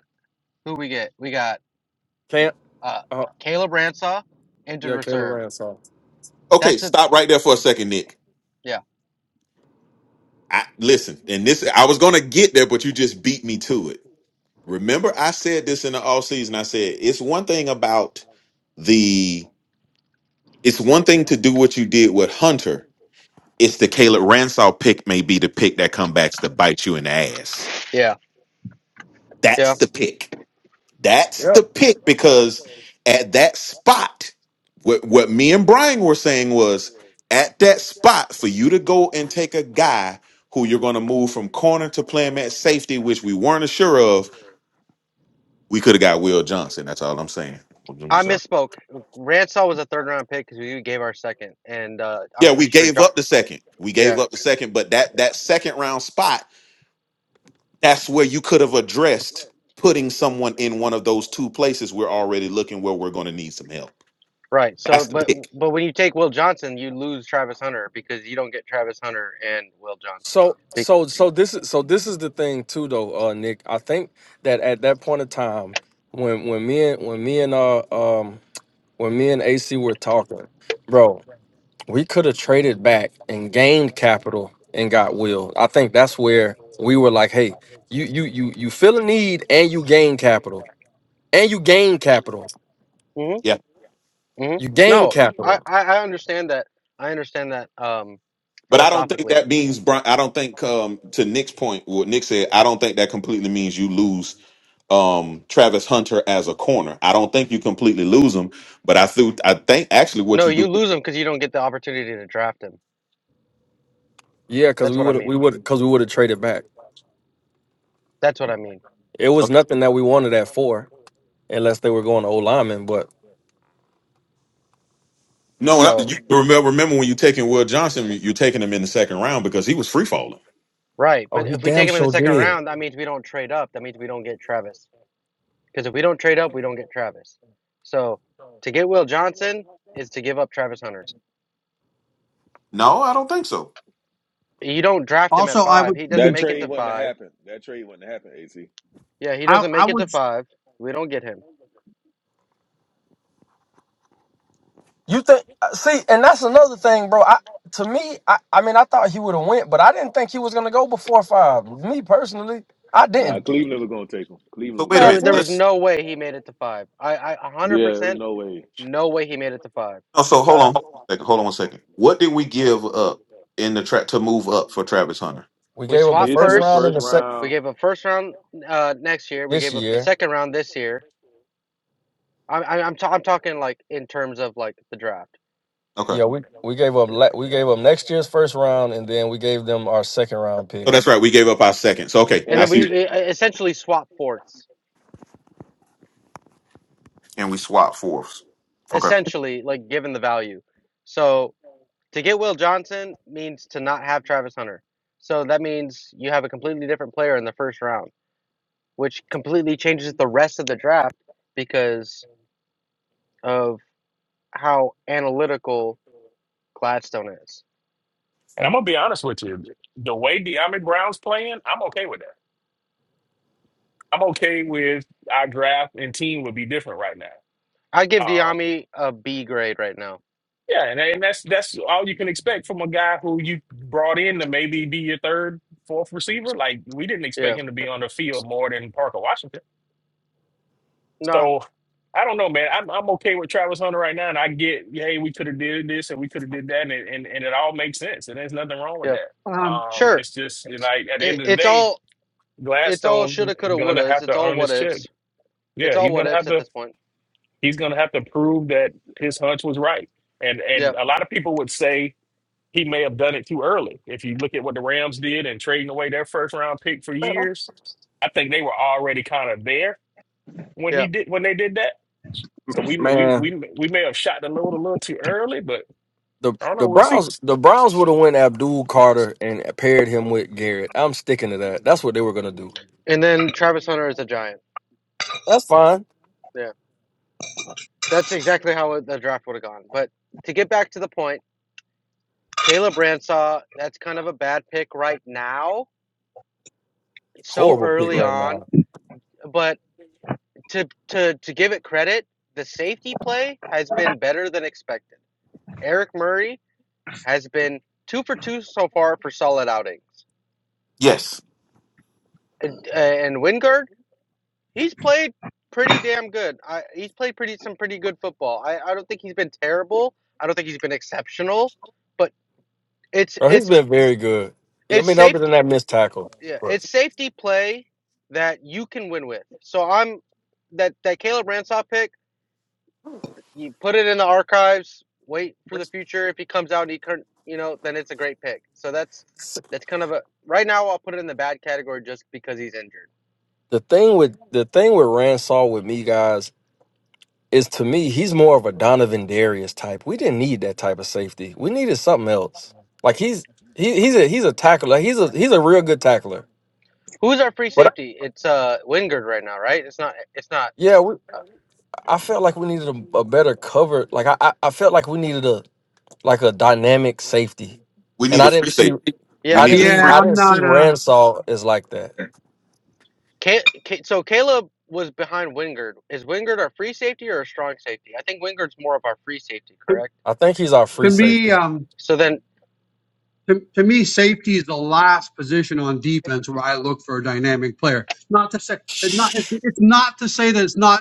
Speaker 5: Who we get? We got
Speaker 7: Can't.
Speaker 5: uh
Speaker 7: Uh,
Speaker 5: Caleb Ransaw, injured
Speaker 7: yeah, Caleb
Speaker 5: reserve.
Speaker 7: Ransall.
Speaker 2: Okay,
Speaker 5: That's it.
Speaker 2: stop right there for a second, Nick.
Speaker 5: Yeah,
Speaker 2: I listen, and this I was gonna get there, but you just beat me to it. Remember, I said this in the off season. I said it's one thing about the it's one thing to do what you did with Hunter. It's the Caleb Ransall pick may be the pick that comes back to bite you in the ass.
Speaker 5: yeah, yeah.
Speaker 2: That's the pick.
Speaker 7: Yep.
Speaker 2: That's the pick because at that spot, what, what me and Brian were saying was at that spot for you to go and take a guy who you're going to move from corner to play him at safety, which we weren't sure of, we could have got Will Johnson. That's all I'm saying. I'm
Speaker 5: I misspoke. Ransaw was a third round pick because we gave our second, and uh, I'm
Speaker 2: Yeah, we
Speaker 5: pretty sure.
Speaker 2: gave
Speaker 5: Jo-
Speaker 2: up the second. We gave
Speaker 5: yeah,
Speaker 2: up the second, but that that second round spot, that's where you could have addressed putting someone in one of those two places we're already looking where we're going to need some help.
Speaker 5: right. So,
Speaker 2: That's the
Speaker 5: but
Speaker 2: pick.
Speaker 5: but when you take Will Johnson, you lose Travis Hunter because you don't get Travis Hunter and Will Johnson.
Speaker 7: So
Speaker 5: Be-
Speaker 7: so so this is so this is the thing too though, uh Nick. I think that at that point of time when when me and when me and uh um when me and AC were talking, bro, we could have traded back and gained capital and got will. I think that's where we were like, hey, you you you you feel a need and you gain capital. And you gain capital.
Speaker 5: mm-hmm,
Speaker 2: Yeah,
Speaker 5: mm-hmm.
Speaker 7: You gain
Speaker 5: No, I,
Speaker 7: capital.
Speaker 5: I I understand that. I understand that um
Speaker 2: but I don't think
Speaker 5: philosophically.
Speaker 2: that means. Bron- I don't think um, to Nick's point, what Nick said. I don't think that completely means you lose um, Travis Hunter as a corner. I don't think you completely lose him, but I think I think actually
Speaker 5: No,
Speaker 2: what you do.
Speaker 5: you lose him because you don't get the opportunity to draft him.
Speaker 7: Yeah, cause
Speaker 5: That's
Speaker 7: we
Speaker 5: what I
Speaker 7: would
Speaker 5: mean.
Speaker 7: we would cause we would have traded back.
Speaker 5: That's what I mean.
Speaker 7: It was nothing that we wanted that for unless they were going to O lineman, but
Speaker 2: No, not-
Speaker 5: So
Speaker 2: you remember remember when you taking Will Johnson, you're taking him in the second round because he was free falling.
Speaker 5: Right,
Speaker 7: Oh,
Speaker 5: but
Speaker 7: he
Speaker 5: if we
Speaker 7: damn
Speaker 5: take him in the
Speaker 7: sure
Speaker 5: second
Speaker 7: did.
Speaker 5: round, that means we don't trade up. That means we don't get Travis. Because if we don't trade up, we don't get Travis. So to get Will Johnson is to give up Travis Hunter.
Speaker 2: No, I don't think so.
Speaker 5: You don't draft him at
Speaker 4: Also, I
Speaker 5: five.
Speaker 4: would
Speaker 5: He doesn't
Speaker 6: That
Speaker 5: make it
Speaker 6: trade
Speaker 5: to
Speaker 6: wouldn't have
Speaker 5: five.
Speaker 6: happened. That trade wouldn't have happened, AC.
Speaker 5: Yeah, he
Speaker 4: I
Speaker 5: doesn't
Speaker 4: I
Speaker 5: make it to
Speaker 4: would
Speaker 5: five. We don't get him.
Speaker 7: You think? uh, See, and that's another thing, bro. I to me, I, I mean, I thought he would have went, but I didn't think he was gonna go before five. Me personally, I
Speaker 6: Nah,
Speaker 7: didn't.
Speaker 6: Cleveland was gonna take him.
Speaker 2: So
Speaker 6: Cleveland
Speaker 2: wait
Speaker 6: was
Speaker 2: a
Speaker 6: gonna
Speaker 7: Max,
Speaker 5: There,
Speaker 2: minute.
Speaker 6: take
Speaker 5: there
Speaker 6: him.
Speaker 7: we-
Speaker 5: was
Speaker 2: Let's.
Speaker 5: no way he made it to five. I, I, a hundred
Speaker 6: Yeah, it was
Speaker 5: percent,
Speaker 6: no way.
Speaker 5: no way he made it to five.
Speaker 2: No, so hold
Speaker 7: uh,
Speaker 2: on. Hold on one second. Hold on one second. What did we give up in the track to move up for Travis Hunter?
Speaker 7: we
Speaker 5: We
Speaker 7: gave up a
Speaker 5: swapped
Speaker 6: This
Speaker 7: first
Speaker 6: year's
Speaker 7: round
Speaker 5: first.
Speaker 7: in
Speaker 6: first
Speaker 7: the second
Speaker 5: We
Speaker 6: round.
Speaker 5: gave up first round uh, next year. We
Speaker 7: this
Speaker 5: gave up the
Speaker 7: year.
Speaker 5: second round this year. I, I, I'm, ta- I'm talking like in terms of like the draft.
Speaker 2: Okay.
Speaker 7: Yeah, we we gave up la- we gave up next year's first round, and then we gave them our second round pick.
Speaker 2: So that's right. We gave up our second. So okay,
Speaker 5: and
Speaker 6: And
Speaker 2: I
Speaker 5: then we
Speaker 2: see.
Speaker 5: e- essentially swap forts
Speaker 2: And we swapped fourths. Okay.
Speaker 5: essentially like given the value so to get will johnson means to not have travis hunter so that means you have a completely different player in the first round which completely changes the rest of the draft because of how analytical gladstone is
Speaker 3: And I'm gonna be honest with you, the way De'Ami Brown's playing, I'm okay with that. I'm okay with our draft and team would be different right now.
Speaker 5: i give
Speaker 3: Um,
Speaker 5: diami a b grade right now
Speaker 3: yeah, and, and that's that's all you can expect from a guy who you brought in to maybe be your third, fourth receiver. Like we didn't expect
Speaker 5: yeah
Speaker 3: him to be on the field more than Parker Washington.
Speaker 5: no
Speaker 3: So I don't know, man. I'm I'm okay with Travis Hunter right now, and I get, hey, we could have did this and we could have did that, and, it- and and it all makes sense, and there's nothing wrong with
Speaker 5: yeah
Speaker 3: that.
Speaker 4: um,
Speaker 3: Um,
Speaker 5: sure
Speaker 3: it's just you know, like at the
Speaker 5: I-
Speaker 3: end of the
Speaker 5: it's
Speaker 3: day,
Speaker 5: all it's all
Speaker 3: Gladstone
Speaker 5: shoulda
Speaker 3: is
Speaker 5: coulda
Speaker 3: going to
Speaker 5: wouldas
Speaker 3: have
Speaker 5: it's
Speaker 3: to
Speaker 5: all
Speaker 3: earn
Speaker 5: what
Speaker 3: his check.
Speaker 5: ifs it's
Speaker 3: Yeah,
Speaker 5: all
Speaker 3: he's
Speaker 5: what
Speaker 3: going to
Speaker 5: ifs
Speaker 3: have
Speaker 5: at
Speaker 3: to
Speaker 5: this point
Speaker 3: he's going to have to prove that his hunch was right, and
Speaker 5: Yeah.
Speaker 3: and a lot of people would say he may have done it too early. If you look at what the Rams did and trading away their first round pick for
Speaker 7: Man, I-
Speaker 3: years, I think they were already kind of there when
Speaker 5: yeah
Speaker 3: he did when they did that So we we
Speaker 7: man,
Speaker 3: we we may have shot the load a little too early, but
Speaker 7: the
Speaker 3: I don't know.
Speaker 7: the
Speaker 3: We'll see.
Speaker 7: Browns the Browns would have went Abdul Carter and paired him with Garrett. I'm sticking to that. That's what they were gonna do.
Speaker 5: And then Travis Hunter is a giant.
Speaker 7: That's fine.
Speaker 5: Yeah, that's exactly how it- the draft would have gone. But to get back to the point, Caleb Bransaw, that's kind of a bad pick right now, so
Speaker 7: Horrible pick
Speaker 5: early
Speaker 7: right now.
Speaker 5: on. But to to to give it credit, the safety play has been better than expected. Eric Murray has been two for two so far for solid outings,
Speaker 2: Yes,
Speaker 5: and, and Wingard, he's played pretty damn good. I, he's played pretty some pretty good football. I, I don't think he's been terrible. I don't think he's been exceptional but. it's
Speaker 7: Bro, he's
Speaker 5: it's
Speaker 7: been very good. I
Speaker 5: it's
Speaker 7: mean, other than
Speaker 5: safety
Speaker 7: that missed tackle,
Speaker 5: yeah
Speaker 7: but
Speaker 5: it's safety play that you can win with so i'm that that caleb ransaw pick you put it in the archives wait for the future if he comes out and he can you know then it's a great pick so that's that's kind of a right now i'll put it in the bad category just because he's injured
Speaker 7: the thing with the thing with Ransaw with me guys is to me he's more of a Donovan Darius type. We didn't need that type of safety. We needed something else. Like he's he, he's a he's a tackler. Like, He's a he's a real good tackler.
Speaker 5: who's our free
Speaker 7: But I,
Speaker 5: safety it's uh wingard right now right it's not it's not
Speaker 7: yeah, we,
Speaker 5: uh,
Speaker 7: I felt like we needed a, a better cover. Like I, I I felt like we needed a like a dynamic safety,
Speaker 2: we
Speaker 7: and
Speaker 2: need
Speaker 7: I
Speaker 2: a free
Speaker 7: didn't see
Speaker 2: safety. We
Speaker 5: yeah
Speaker 7: I
Speaker 2: need
Speaker 7: didn't
Speaker 2: a
Speaker 4: yeah,
Speaker 7: need
Speaker 2: free.
Speaker 7: I
Speaker 4: I'm
Speaker 7: didn't
Speaker 4: not
Speaker 7: see
Speaker 4: uh
Speaker 7: Ransaw as like that.
Speaker 5: Ca Ca- so caleb was behind wingard is wingard our free safety or a strong safety i think wingard's more of our free safety correct
Speaker 7: I think he's our
Speaker 4: to
Speaker 7: free
Speaker 4: me
Speaker 7: safety.
Speaker 4: um.
Speaker 5: so then
Speaker 4: To, to me, safety is the last position on defense where I look for a dynamic player. Not to say, it's not, it's it's not to say that it's not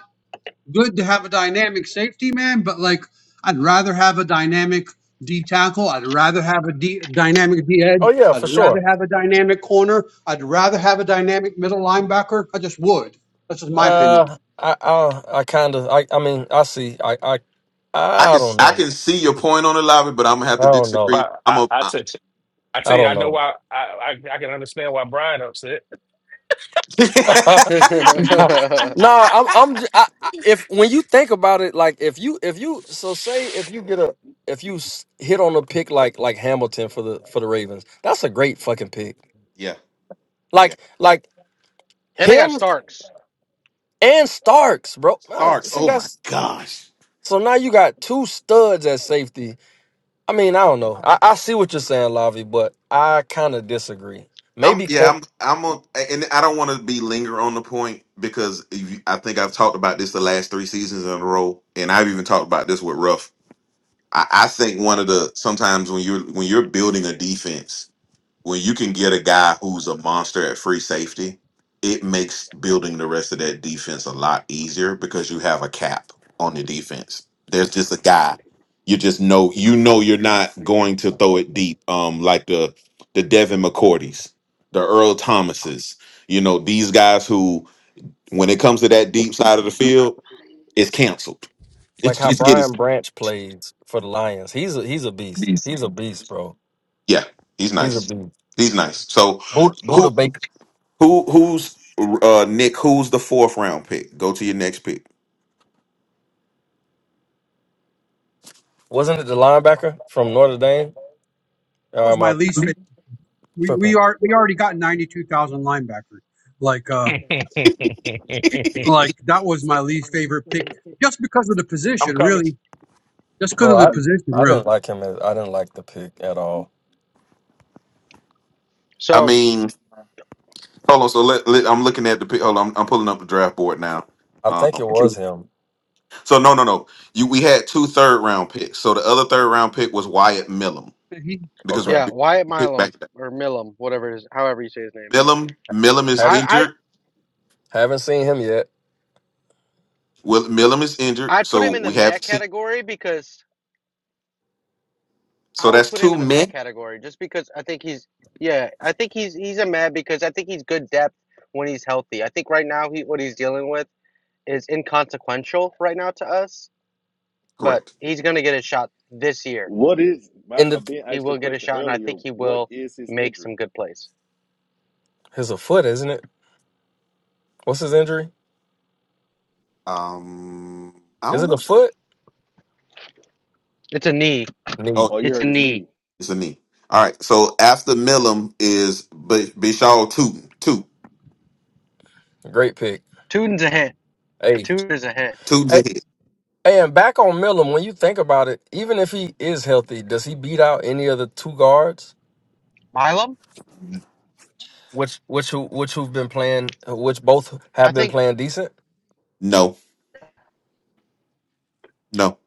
Speaker 4: good to have a dynamic safety man, but like I'd rather have a dynamic D tackle. I'd rather have a D, dynamic D edge.
Speaker 7: Oh yeah,
Speaker 4: I'd
Speaker 7: for
Speaker 4: rather
Speaker 7: sure.
Speaker 4: have a dynamic corner. I'd rather have a dynamic middle linebacker. I just would. That's just my opinion.
Speaker 7: Uh, I I, I kind of I I mean I see I I
Speaker 2: I
Speaker 7: I
Speaker 2: can
Speaker 7: don't
Speaker 2: I
Speaker 7: know
Speaker 2: can see your point on the lobby, but I'm gonna have
Speaker 7: I
Speaker 2: to
Speaker 7: don't know
Speaker 2: disagree.
Speaker 3: I
Speaker 2: I'm
Speaker 3: I,
Speaker 2: a.
Speaker 3: I tell I tell
Speaker 7: I
Speaker 3: you, I
Speaker 7: don't
Speaker 3: know
Speaker 7: know.
Speaker 3: why I, I I can understand why Brian upset.
Speaker 5: and I
Speaker 7: no, I'm I'm j- I, I, if when you think about it, like if you if you so say if you get a if you s- hit on a pick like like Hamilton for the for the Ravens, that's a great fucking pick.
Speaker 2: yeah. Yeah.
Speaker 7: Like like
Speaker 5: got
Speaker 7: him
Speaker 5: Starks.
Speaker 7: and Starks, bro. Uh,
Speaker 2: Starks.
Speaker 7: See,
Speaker 2: Oh my
Speaker 7: that's
Speaker 2: gosh.
Speaker 7: so now you got two studs at safety I mean, I don't know. I, I see what you're saying, Lavi, but I kind of disagree.
Speaker 2: I'm
Speaker 7: Maybe
Speaker 2: yeah,
Speaker 7: co-
Speaker 2: I'm I'm a, and I don't want to be linger on the point because if you- I think I've talked about this the last three seasons in a row, and I've even talked about this with Ruff. I, I think one of the sometimes when you're when you're building a defense when you can get a guy who's a monster at free safety, it makes building the rest of that defense a lot easier because you have a cap on the defense. There's just a guy. You just know you know you're not going to throw it deep. Um, like the the Devin McCourties, the Earl Thomases, you know, these guys who when it comes to that deep side of the field, it's canceled.
Speaker 7: like
Speaker 2: It's
Speaker 7: how
Speaker 2: just it
Speaker 7: Brian
Speaker 2: is
Speaker 7: Branch plays for the Lions. He's a he's a beast. He's a beast, bro.
Speaker 2: yeah, he's
Speaker 7: He's a
Speaker 2: nice.
Speaker 7: beast.
Speaker 2: He's nice. So
Speaker 7: Buddha,
Speaker 2: who?
Speaker 7: Buddha Baker
Speaker 2: Who who's uh Nick? Who's the fourth round pick? Go to your next pick.
Speaker 7: wasn't it the linebacker from Notre Dame? Or
Speaker 4: That was
Speaker 7: am I
Speaker 4: my least favorite. We we
Speaker 7: tripping,
Speaker 4: are we already got ninety two thousand linebackers. Like uh like that was my least favorite pick just because of the
Speaker 3: I'm
Speaker 4: position,
Speaker 3: coming.
Speaker 4: really. Just because
Speaker 7: bro?
Speaker 4: of the
Speaker 7: I
Speaker 4: position,
Speaker 7: I
Speaker 4: really.
Speaker 7: didn't like him. As, I didn't like the pick at all.
Speaker 2: I
Speaker 5: So
Speaker 2: mean, hold on. So let, let I'm looking at the pick. Hold on, I'm, I'm pulling up the draft board now.
Speaker 7: I think
Speaker 2: Um,
Speaker 7: it was him.
Speaker 2: so no, no, no. You we had two third round picks. So the other third round pick was Wyatt Millum
Speaker 4: He,
Speaker 2: because we
Speaker 7: Okay,
Speaker 5: yeah,
Speaker 2: we
Speaker 5: Wyatt
Speaker 2: picked back
Speaker 5: Milam
Speaker 2: to that.
Speaker 5: or Milam, whatever it is, however you say his name.
Speaker 2: Millum Millum is
Speaker 7: Have,
Speaker 5: I
Speaker 2: injured.
Speaker 7: haven't seen him yet.
Speaker 2: Well, Millum is
Speaker 5: I
Speaker 2: injured,
Speaker 5: I'd put
Speaker 2: so
Speaker 5: him in the
Speaker 2: we
Speaker 5: mad
Speaker 2: have seen.
Speaker 5: category because
Speaker 2: So
Speaker 5: I would
Speaker 2: that's
Speaker 5: put him
Speaker 2: two
Speaker 5: in the mad
Speaker 2: men.
Speaker 5: category just because I think he's yeah I think he's he's a mad because I think he's good depth when he's healthy. I think right now he what he's dealing with is inconsequential right now to us, but
Speaker 2: Correct.
Speaker 5: he's gonna get a shot this year.
Speaker 6: what is is
Speaker 7: In
Speaker 6: uh,
Speaker 7: the
Speaker 6: Ben
Speaker 5: He
Speaker 6: asked a
Speaker 5: will get a
Speaker 6: question
Speaker 5: shot, and I
Speaker 6: earlier?
Speaker 5: think he
Speaker 6: What
Speaker 5: will
Speaker 6: is his
Speaker 5: make
Speaker 6: injury?
Speaker 5: some good plays.
Speaker 7: his a foot, isn't it? What's his injury?
Speaker 2: Um, I
Speaker 7: Is
Speaker 2: don't
Speaker 7: it a
Speaker 2: know.
Speaker 7: foot?
Speaker 5: It's a knee.
Speaker 7: Knee.
Speaker 6: Oh, you
Speaker 5: It's a
Speaker 6: heard his
Speaker 5: knee.
Speaker 6: knee.
Speaker 2: It's a knee. All right. So after Milam is B- Bishal Tootin. Toot.
Speaker 7: Great pick.
Speaker 5: Tutin's a hit.
Speaker 7: Hey,
Speaker 5: two is a hit.
Speaker 2: Tootin's a
Speaker 7: hey,
Speaker 2: hit.
Speaker 7: Hey, and back on Millam, when you think about it, even if he is healthy, does he beat out any of the two guards,
Speaker 5: Milam?
Speaker 7: which which who which who've been playing, which both
Speaker 5: I
Speaker 7: have been
Speaker 5: think.
Speaker 7: playing decent?
Speaker 2: No, no,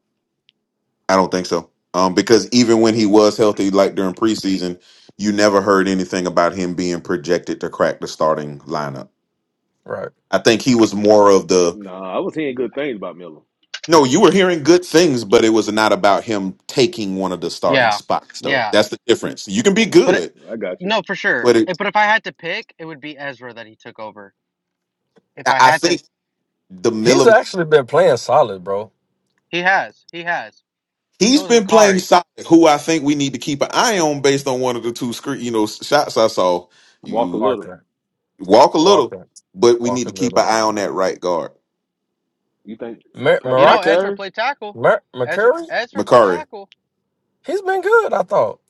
Speaker 2: I don't think so. Um, because even when he was healthy, like during preseason, you never heard anything about him being projected to crack the starting lineup.
Speaker 7: Right.
Speaker 2: I think he was more of the
Speaker 6: Nah, I was hearing good things about Miller.
Speaker 2: no, you were hearing good things, but it was not about him taking one of the starting
Speaker 5: Yeah,
Speaker 2: spots, though.
Speaker 5: yeah.
Speaker 2: That's the difference. You can be
Speaker 6: Okay,
Speaker 5: But it-
Speaker 2: good,
Speaker 6: I got you.
Speaker 5: no, for sure.
Speaker 2: but
Speaker 5: Eh,
Speaker 2: it,
Speaker 5: But if I had to pick, it would be Ezra that he took over. If
Speaker 2: I
Speaker 5: I
Speaker 2: I
Speaker 5: had to,
Speaker 2: think the
Speaker 7: He's
Speaker 2: Milam
Speaker 7: actually been playing solid, bro.
Speaker 5: he has, he has. But
Speaker 2: He's
Speaker 5: so is
Speaker 2: been playing
Speaker 5: Makari.
Speaker 2: solid, who I think we need to keep an eye on based on one of the two screen, you know, shots I saw.
Speaker 6: Walk a
Speaker 2: You
Speaker 6: little.
Speaker 7: Parker,
Speaker 2: walk a little,
Speaker 7: Walker,
Speaker 2: but we need
Speaker 7: Walker
Speaker 2: to keep an
Speaker 7: Little,
Speaker 2: eye on that right guard,
Speaker 6: You think
Speaker 7: Mer-
Speaker 5: You
Speaker 6: Patrick
Speaker 5: know,
Speaker 7: Meraki,
Speaker 5: Ezra
Speaker 6: McCary?
Speaker 5: played tackle.
Speaker 7: Mer-
Speaker 5: Ezra,
Speaker 7: McCurry.
Speaker 5: Ezra played
Speaker 2: Makari.
Speaker 5: tackle.
Speaker 7: He's been good, I thought.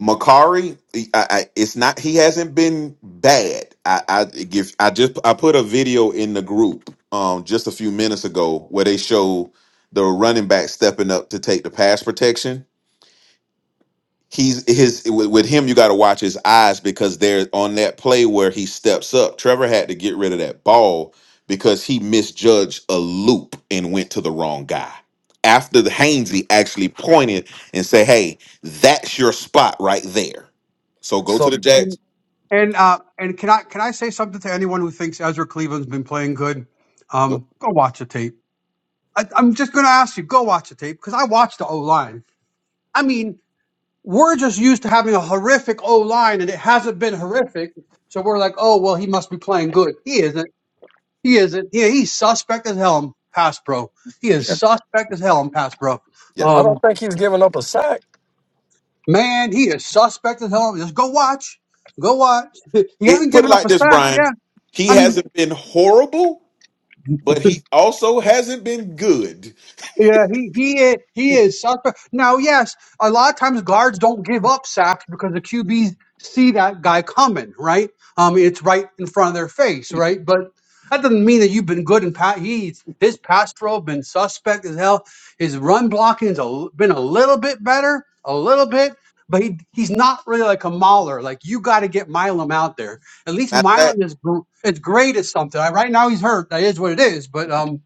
Speaker 2: Makari, I, I, it's not. He hasn't been bad. I, I give. I just I put a video in the group um just a few minutes ago where they show the running back stepping up to take the pass protection he's his with, with him you got to watch his eyes because they're on that play where he steps up trevor had to get rid of that ball because he misjudged a loop and went to the wrong guy after the Hainsey actually pointed and say hey that's your spot right there so go to the
Speaker 7: So
Speaker 4: and
Speaker 2: jacks
Speaker 4: And uh, and can I can I say something to anyone who thinks Ezra Cleveland's been playing good?
Speaker 2: go
Speaker 4: Um, go watch the tape. I, I'm just going to ask you, go watch the tape because I watched the O line. I mean, we're just used to having a horrific O line, and it hasn't been horrific. So we're like, oh well, he must be playing good. He isn't. He isn't. Yeah, he's suspect as hell in pass pro. He is
Speaker 2: yeah
Speaker 4: suspect as hell in pass pro.
Speaker 2: yeah
Speaker 7: I
Speaker 4: Um,
Speaker 7: don't think he's giving up a sack.
Speaker 4: man, he is suspect as hell. Just go watch. Go watch. He
Speaker 2: it
Speaker 4: hasn't
Speaker 2: put it
Speaker 4: given up
Speaker 2: like
Speaker 4: a
Speaker 2: this
Speaker 4: sack. Yeah.
Speaker 2: brian he
Speaker 4: I mean,
Speaker 2: hasn't been horrible but he also hasn't been good
Speaker 4: Yeah, he he is, he is suspect. Now, yes, a lot of times guards don't give up sacks because the QBs see that guy coming, right? Um, it's right in front of their face, right? But that doesn't mean that you've been good And pat. He's his pass pro been suspect as hell. His run blocking's a, l- been a little bit better, a little bit, but he he's not really like a mauler. Like you got to get Milam out there. At least
Speaker 2: matter of fact
Speaker 4: Milam is gr- is great at something. Right now he's hurt. That is what it is. But um.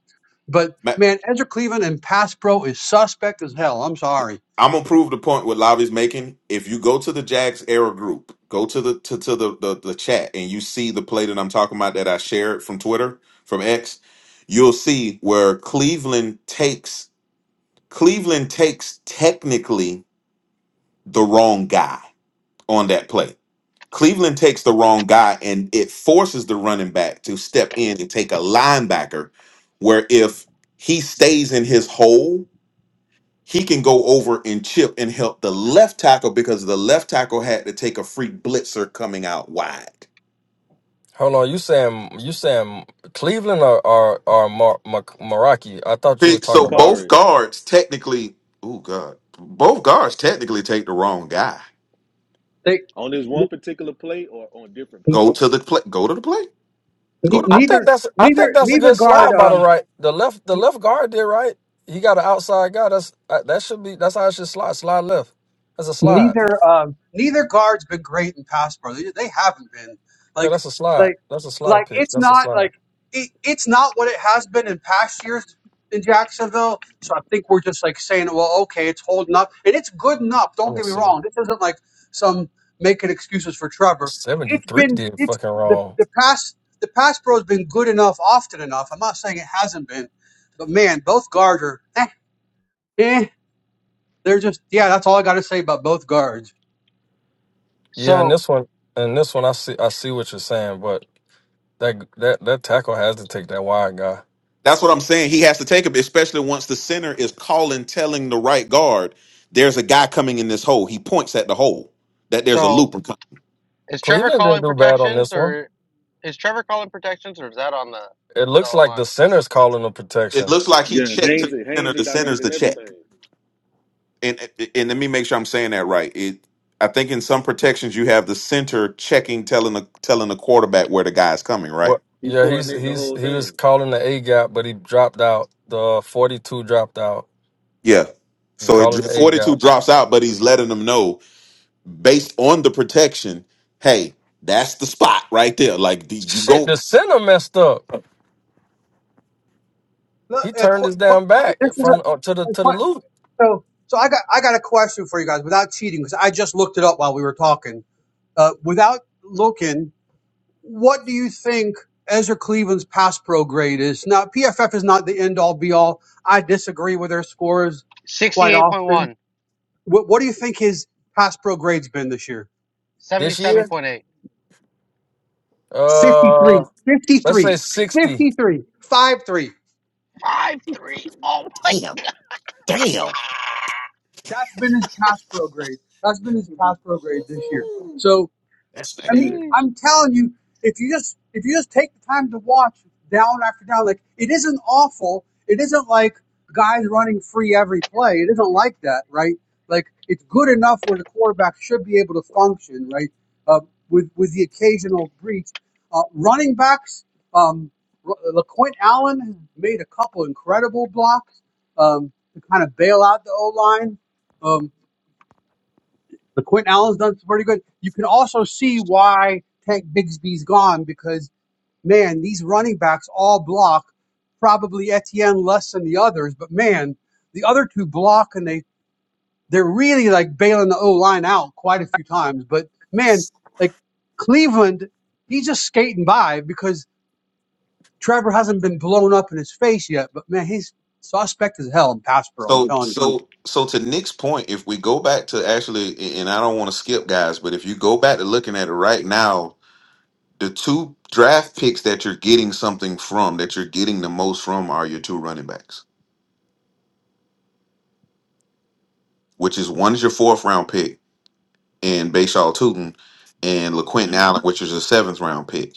Speaker 2: ma-
Speaker 4: Man, Ezra Cleveland and Pass Pro is suspect as hell. I'm sorry.
Speaker 2: I'm gonna prove the point what Lavi's making. If you go to the Jags era group, go to the to, to the, the the chat and you see the play that I'm talking about that I shared from Twitter from X, you'll see where Cleveland takes Cleveland takes technically the wrong guy on that play. Cleveland takes the wrong guy and it forces the running back to step in and take a linebacker where if he stays in his hole he can go over and chip and help the left tackle because the left tackle had to take a free blitzer coming out wide.
Speaker 7: Hold on, you saying you saying Cleveland or or, or Mar- Mer- Meraki? I thought you were
Speaker 2: See,
Speaker 7: talking
Speaker 2: So
Speaker 7: about.
Speaker 2: both
Speaker 6: McCary
Speaker 2: guards technically, oh god, both guards technically take the wrong guy.
Speaker 4: They
Speaker 6: on this one particular play or on different
Speaker 4: ne-
Speaker 2: Go
Speaker 6: plays?
Speaker 2: to the play. Go to the play. Go to. The
Speaker 7: I
Speaker 2: play.
Speaker 7: think
Speaker 4: neither
Speaker 7: that's I think
Speaker 4: neither
Speaker 7: that's a
Speaker 4: neither
Speaker 7: good
Speaker 4: guard
Speaker 7: slide by the
Speaker 4: um,
Speaker 7: right. The left the left guard did right. He got an outside guy. That's uh, that should be that's how it should slide. Slide left. That's a slide.
Speaker 4: neither um neither guard's been great in pass pro. They, they haven't been
Speaker 7: Yeah,
Speaker 4: like
Speaker 7: that's a slide.
Speaker 4: like
Speaker 7: That's a slide
Speaker 4: like
Speaker 7: pick.
Speaker 4: it's
Speaker 7: That's a
Speaker 4: not
Speaker 7: slide.
Speaker 4: like it, it's not what it has been in past years in Jacksonville. So I think we're just like saying, well, okay, it's holding up and it's good enough.
Speaker 7: Let
Speaker 4: Don't
Speaker 7: me
Speaker 4: get me
Speaker 7: see.
Speaker 4: wrong. This isn't like some making excuses for Trevor.
Speaker 7: Seventy
Speaker 4: It's
Speaker 7: three
Speaker 4: been
Speaker 7: did
Speaker 4: it's
Speaker 7: fucking
Speaker 4: the
Speaker 7: wrong.
Speaker 4: the pass the pass pro has been good enough often enough. I'm not saying it hasn't been, but man, both guards are eh, eh. They're just yeah. That's all I got to say about both guards.
Speaker 7: Yeah, and
Speaker 5: So,
Speaker 7: this one and this one I see I see what you're saying, but that that that tackle has to take that wide guy.
Speaker 2: That's what I'm saying. He has to take him, especially once the center is calling, telling the right guard, "There's a guy coming in this hole." He points at the hole that there's a
Speaker 5: so
Speaker 2: looper. coming.
Speaker 5: is Trevor
Speaker 7: Cleveland didn't
Speaker 5: calling
Speaker 7: do bad on
Speaker 5: protections
Speaker 7: this one.
Speaker 5: or is Trevor calling protections or is that on the
Speaker 7: It
Speaker 5: the
Speaker 7: looks
Speaker 5: O
Speaker 7: like
Speaker 5: line?
Speaker 7: the center's calling the
Speaker 2: It
Speaker 7: protection.
Speaker 2: looks like he
Speaker 6: Yeah,
Speaker 2: checked to the
Speaker 6: Haynes. is
Speaker 2: center.
Speaker 6: Haynes is
Speaker 2: The center's the
Speaker 6: directing
Speaker 2: check.
Speaker 6: everything.
Speaker 2: and and let me make sure I'm saying that right. It, I think in some protections you have the center checking, telling the telling the quarterback where the guy's coming, right?
Speaker 7: What?
Speaker 6: He's
Speaker 7: Yeah, he's
Speaker 6: coordinating the
Speaker 7: he's
Speaker 6: whole
Speaker 7: he was
Speaker 6: thing.
Speaker 7: calling the A gap, but he dropped out. The forty two dropped out.
Speaker 2: Yeah.
Speaker 7: He's
Speaker 2: So it,
Speaker 7: calling the A
Speaker 2: 42
Speaker 7: gap.
Speaker 2: drops out, but he's letting them know based on the protection. Hey, that's the spot right there. Like the, you
Speaker 7: Shit,
Speaker 2: go,
Speaker 7: the center messed up.
Speaker 4: Look,
Speaker 7: He
Speaker 4: uh,
Speaker 7: turned
Speaker 4: qu-
Speaker 7: his down
Speaker 4: qu-
Speaker 7: back
Speaker 4: this is
Speaker 7: from uh, to the
Speaker 4: a, a
Speaker 7: to the
Speaker 4: que-
Speaker 7: loop
Speaker 4: so. So I got I got a question for you guys without cheating because I just looked it up while we were talking. Uh, without looking, what do you think Ezra Cleveland's pass pro grade is? Now PFF is not the end all be all. I disagree with their scores quite
Speaker 5: Sixty-eight point
Speaker 4: often.
Speaker 5: one,
Speaker 4: What what do you think his pass pro grade's been this year?
Speaker 7: this
Speaker 5: seventy-seven
Speaker 7: year.
Speaker 5: point eight.
Speaker 7: Uh,
Speaker 4: 53,
Speaker 7: let's
Speaker 4: 53,
Speaker 7: say sixty.
Speaker 4: 53, 5 3.
Speaker 2: damn, damn,
Speaker 4: That's been his pass pro grade. That's been his pass pro grade this year. So
Speaker 2: that's
Speaker 4: I
Speaker 2: not
Speaker 4: mean,
Speaker 2: good.
Speaker 5: 77.8. Sheesh.
Speaker 4: I'm telling you, if you just if you just take the time to watch down after down, like it isn't awful. It isn't like guys running free every play. It isn't like that, right? Like it's good enough where the quarterback should be able to function, right? Uh, with with the occasional breach, uh, running backs. Um, R- LaQuint Allen has made a couple incredible blocks um, to kind of bail out the O line. The Quentin Allen's done pretty good. You can also see why Tank Bigsby's gone because man, these running backs all block. Probably Etienne less than the others, but man, the other two block and they they're really like bailing the O line out quite a few times. But man, like Cleveland, he's just skating by because Trevor hasn't been blown up in his face yet. But man, he's suspect as hell in pass pro. I'm
Speaker 2: So
Speaker 4: telling you.
Speaker 2: so so to Nick's point, if we go back to actually, and I don't want to skip guys, but if you go back to looking at it right now, the two draft picks that you're getting something from, that you're getting the most from, are your two running backs, which is one is your fourth round pick and Bashaw Tootin and LaQuentin
Speaker 4: You
Speaker 2: Allen, which is a seventh round pick.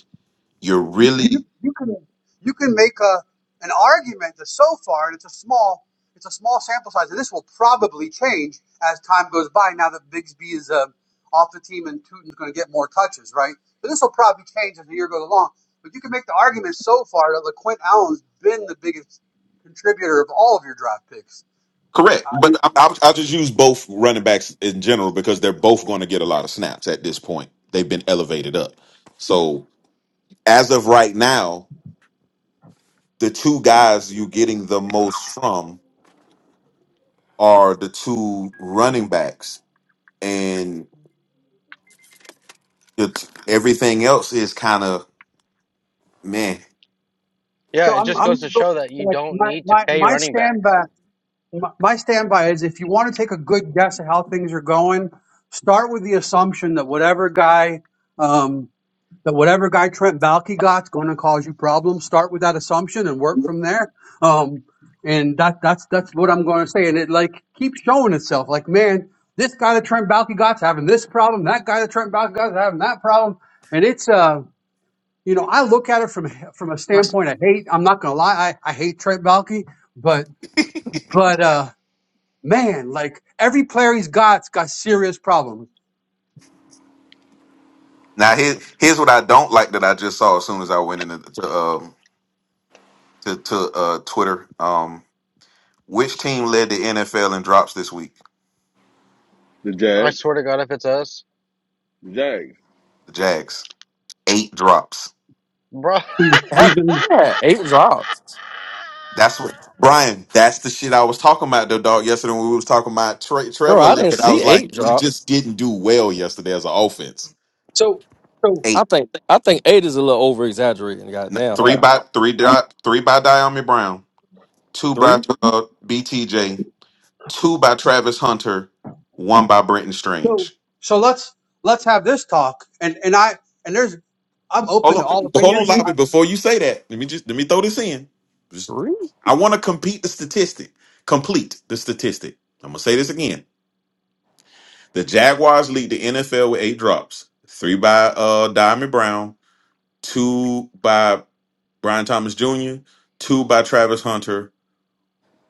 Speaker 2: You're
Speaker 4: You
Speaker 2: really
Speaker 4: you you can you can make a an argument that so far, and it's a small it's a small sample size, and this will probably change as time goes by. Now that Bigsby is uh, off the team and Tootin's going to get more touches, right? But this will probably change as the year goes along. But you can make the argument so far that LaQuint Allen's been the biggest contributor of all of your draft picks.
Speaker 2: correct, but I- I'll, I'll just use both running backs in general because they're both going to get a lot of snaps at this point. They've been elevated up. So as of right now, the two guys you're getting the most from are the two running backs. And it- everything else is kind of meh.
Speaker 5: Yeah,
Speaker 4: So
Speaker 5: it
Speaker 4: I'm
Speaker 5: just
Speaker 4: I'm
Speaker 5: goes to
Speaker 4: going to go-
Speaker 5: show that you
Speaker 4: like
Speaker 5: don't
Speaker 4: my
Speaker 5: need to
Speaker 4: my
Speaker 5: pay
Speaker 4: my
Speaker 5: running
Speaker 4: stand
Speaker 5: backs.
Speaker 4: by. My, my standby is if you want to take a good guess at how things are going, start with the assumption that whatever guy, um, that whatever guy Trent Balky got's going to cause you problems. Start with that assumption and work from there. Um, and that that's that's what I'm going to say. And it like keeps showing itself. Like man, this guy that Trent Balky got's having this problem. That guy that Trent Balky got's having that problem. And it's uh, you know, I look at it from from a standpoint of hate. I'm not going to lie, I, I hate Trent Balky, but but uh. Man, like every player he's got's got serious problems.
Speaker 2: Now here, here's what I don't like that I just saw as soon as I went into to um to to uh Twitter. Um, which team led the NFL in drops this week?
Speaker 6: The
Speaker 5: I
Speaker 6: Jags.
Speaker 5: swear to God, if it's us,
Speaker 6: The Jags.
Speaker 2: The Jags, eight drops.
Speaker 5: bro.
Speaker 4: We we have
Speaker 7: Had
Speaker 4: been
Speaker 7: we had eight drops,
Speaker 2: That's what Brian. That's the shit I was talking about though, dog. Yesterday when we was talking about Tre
Speaker 7: bro.
Speaker 2: Trevor,
Speaker 7: I didn't
Speaker 2: but I
Speaker 7: see
Speaker 2: was like,
Speaker 7: eight
Speaker 2: we
Speaker 7: drops.
Speaker 2: just didn't do well yesterday as an offense.
Speaker 4: So so
Speaker 7: I
Speaker 2: Eight,
Speaker 7: think I think eight is a little over exaggerating.
Speaker 2: N-
Speaker 7: Goddamn,
Speaker 2: three
Speaker 7: now
Speaker 2: by three dot three by Diami Brown, two by
Speaker 7: three,
Speaker 2: uh, BTJ, two by Travis Hunter, one by Brenton
Speaker 4: so
Speaker 2: Strange.
Speaker 4: so let's let's have this talk. And and I and there's I'm open to
Speaker 2: Hold
Speaker 4: all
Speaker 2: on, hold on,
Speaker 4: opinions. I,
Speaker 2: Lobby. Before you say that, let me just let me throw this in. Just-
Speaker 7: three.
Speaker 2: I want to compete the statistic. Complete the statistic. I'm gonna say this again. The Jaguars lead the NFL with eight drops, three by uh Diamond Brown, two by Brian Thomas Jr., two by Travis Hunter,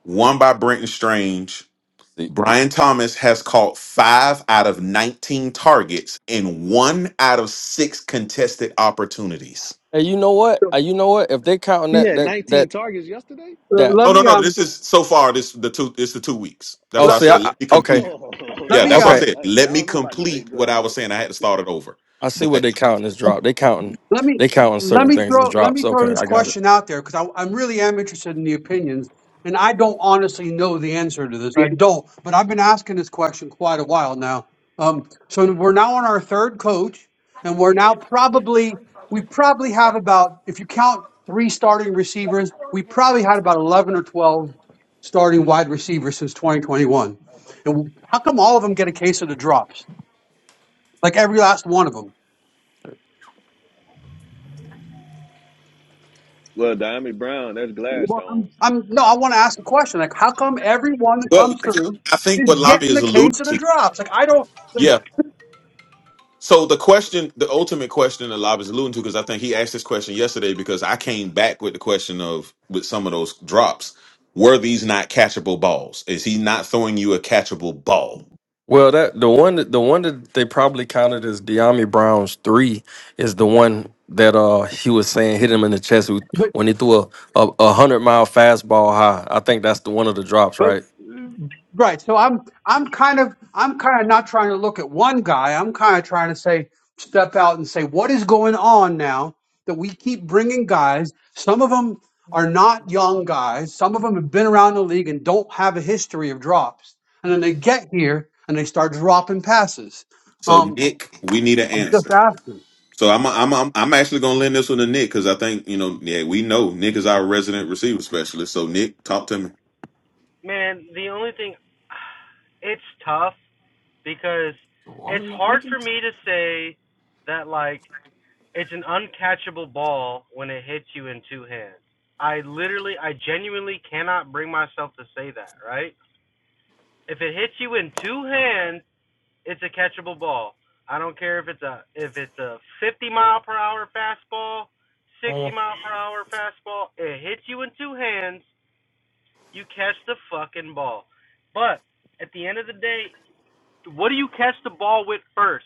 Speaker 2: one by Brenton Strange,
Speaker 7: See,
Speaker 2: Brian Thomas has caught five out of 19 targets in one out of six contested opportunities.
Speaker 7: hey, you know what?
Speaker 4: so,
Speaker 7: Uh, You know what? If they counting
Speaker 6: He
Speaker 7: that
Speaker 6: had
Speaker 7: that that
Speaker 6: 19 targets yesterday.
Speaker 4: uh,
Speaker 7: that.
Speaker 4: let
Speaker 2: No, no,
Speaker 4: me
Speaker 2: no.
Speaker 4: um
Speaker 2: This is so far. This the two. It's the two weeks. That's
Speaker 7: Oh,
Speaker 2: why
Speaker 4: let,
Speaker 2: I
Speaker 7: see, I
Speaker 4: let,
Speaker 2: said
Speaker 6: Oh,
Speaker 2: let me
Speaker 7: I- okay.
Speaker 2: complete.
Speaker 6: oh.
Speaker 4: let
Speaker 6: okay,
Speaker 2: Yeah,
Speaker 6: I
Speaker 4: me
Speaker 2: that's
Speaker 4: uh
Speaker 6: was
Speaker 2: why I
Speaker 7: Okay,
Speaker 6: eight.
Speaker 2: said
Speaker 6: I,
Speaker 2: let
Speaker 6: now I
Speaker 2: me
Speaker 6: don't know about no
Speaker 2: complete
Speaker 6: eight. Dr-
Speaker 2: what I was saying. I had to start it over,
Speaker 7: I see what
Speaker 2: but
Speaker 7: they counting as drop. They counting
Speaker 4: Let me
Speaker 7: they counting
Speaker 4: let
Speaker 7: certain
Speaker 4: me
Speaker 7: things as
Speaker 4: throw let
Speaker 7: drops.
Speaker 4: me throw
Speaker 7: Okay,
Speaker 4: this
Speaker 7: I got it.
Speaker 4: question out there because I, I really am interested in the opinions, and I don't honestly know the answer to this. I don't, but I've been asking this question quite a while now. Um, so we're now on our third coach, and we're now probably we probably have about if you count three starting receivers, we probably had about eleven or twelve starting wide receivers since 2021. And how come all of them get a case of the drops? Like every last one of them.
Speaker 6: well, Diamond Brown. That's
Speaker 4: Well, I'm,
Speaker 6: Gladstone's.
Speaker 4: I'm no, I want to ask a question. Like, how come everyone that
Speaker 2: well,
Speaker 4: comes through
Speaker 2: I think
Speaker 4: is
Speaker 2: what Lavi
Speaker 4: getting
Speaker 2: is
Speaker 4: the case
Speaker 2: alluding
Speaker 4: of the
Speaker 2: to.
Speaker 4: drops? Like, I don't like,
Speaker 2: yeah, So the question, the ultimate question that Lob is alluding to, because I think he asked this question yesterday because I came back with the question of with some of those drops, were these not catchable balls? Is he not throwing you a catchable ball?
Speaker 7: Well, that the one that the one that they probably counted as Deami Brown's three is the one that uh he was saying hit him in the chest with-
Speaker 4: but
Speaker 7: when he threw a a, a hundred mile fastball high. I think that's the one of the drops,
Speaker 4: but
Speaker 7: right?
Speaker 4: uh, right. So I'm I'm kind of I'm kind of not trying to look at one guy. I'm kind of trying to say step out and say what is going on now that we keep bringing guys. Some of them are not young guys. Some of them have been around the league and don't have a history of drops. And then they get here and they start dropping passes.
Speaker 2: So
Speaker 4: Um,
Speaker 2: Nick, we need an
Speaker 4: I'm just
Speaker 2: answer.
Speaker 4: asking.
Speaker 2: So I'm I'm I'm, I'm actually gonna lend this one to Nick because I think you know yeah we know Nick is our resident receiver specialist. So Nick, talk to me.
Speaker 5: Man, the only thing it's tough because
Speaker 7: The water
Speaker 5: it's
Speaker 7: not
Speaker 5: hard for
Speaker 7: working.
Speaker 5: me to say that like it's an uncatchable ball when it hits you in two hands. I literally I genuinely cannot bring myself to say that, right? If it hits you in two hands, it's a catchable ball. I don't care if it's a if it's a 50 mile per hour fastball, 60
Speaker 7: Uh,
Speaker 5: mile per hour fastball, it hits you in two hands, you catch the fucking ball. But at the end of the day, what do you catch the ball with first?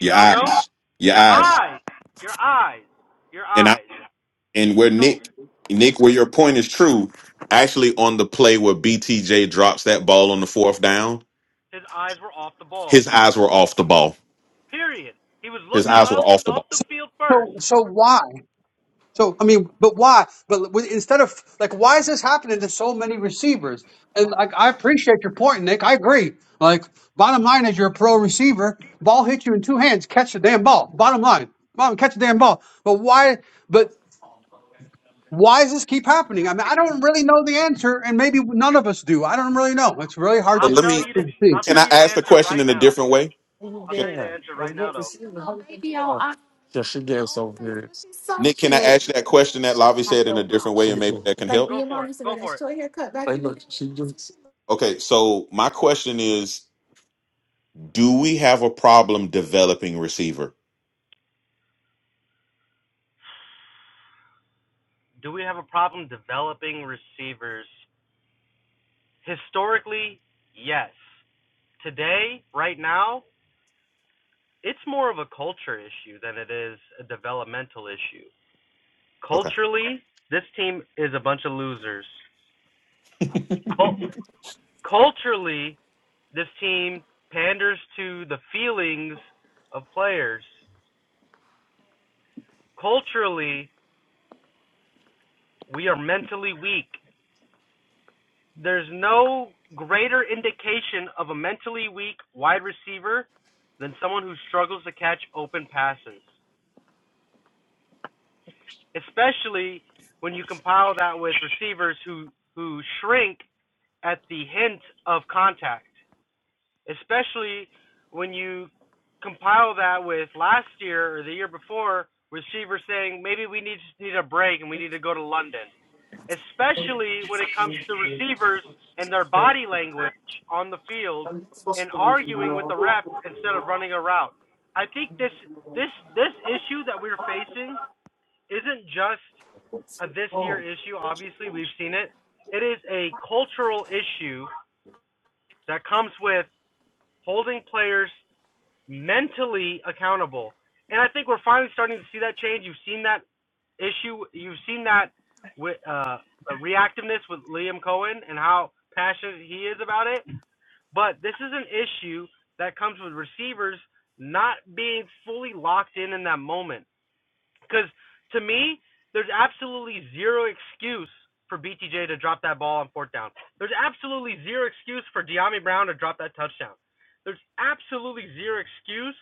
Speaker 5: Do
Speaker 2: Your
Speaker 5: y'all know?
Speaker 2: eyes, your
Speaker 5: Your
Speaker 2: eyes,
Speaker 5: eyes. Your eyes. Your
Speaker 2: and
Speaker 5: eyes.
Speaker 2: and where
Speaker 5: So
Speaker 2: Nick, Nick, where your point is true, actually on the play where BTJ drops that ball on the fourth down,
Speaker 5: his eyes were off the ball.
Speaker 2: his eyes were off the ball.
Speaker 5: Period. He was
Speaker 2: His
Speaker 5: looking
Speaker 2: eyes were
Speaker 5: up
Speaker 2: off the
Speaker 5: up
Speaker 2: ball.
Speaker 5: the
Speaker 4: So,
Speaker 5: field first.
Speaker 4: so, so why? So, I mean, but why? But w- instead of like, why is this happening to so many receivers? And like, I appreciate your point, Nick. I agree. Like, bottom line is you're a pro receiver. Ball hit you in two hands. Catch the damn ball. Bottom line, bottom catch the damn ball. But why? But why does this keep happening? I mean, I don't really know the answer, and maybe none of us do. I don't really know. It's really hard
Speaker 2: So
Speaker 5: I'll
Speaker 4: to
Speaker 2: let
Speaker 5: tell
Speaker 2: me,
Speaker 5: you the
Speaker 4: to see.
Speaker 5: I'll
Speaker 2: can
Speaker 5: tell
Speaker 2: I
Speaker 5: you the
Speaker 2: ask the
Speaker 5: answer
Speaker 2: question
Speaker 5: right
Speaker 2: in a
Speaker 5: now.
Speaker 2: different way?
Speaker 5: I'll
Speaker 2: Can,
Speaker 5: tell you the answer right now though.
Speaker 2: Nick, can I ask that question that Lavi said in a different way and maybe that can help?
Speaker 5: Go for it. Go for it.
Speaker 2: Okay, so my question is, do we have a problem developing receiver?
Speaker 5: Do we have a problem developing receivers? Historically, yes. Today, right now, it's more of a culture issue than it is a developmental issue.
Speaker 2: Okay.
Speaker 5: Culturally, this team is a bunch of losers. Culturally, this team panders to the feelings of players. Culturally, we are mentally weak. There's no greater indication of a mentally weak wide receiver than someone who struggles to catch open passes, especially when you compile that with receivers who, who shrink at the hint of contact, especially when you compile that with last year or the year before, receivers saying maybe we need need a break and we need to go to London, especially when it comes to receivers and their body language on the field and arguing with the ref instead of running a route. I think this this this issue that we're facing isn't just a this year issue. Obviously, we've seen it. It is a cultural issue that comes with holding players mentally accountable. And I think we're finally starting to see that change. You've seen that issue. You've seen that with uh, the reactiveness with Liam Cohen and how passionate he is about it. But this is an issue that comes with receivers not being fully locked in in that moment. Because to me, there's absolutely zero excuse for BTJ to drop that ball on fourth down. There's absolutely zero excuse for Deami Brown to drop that touchdown. There's absolutely zero excuse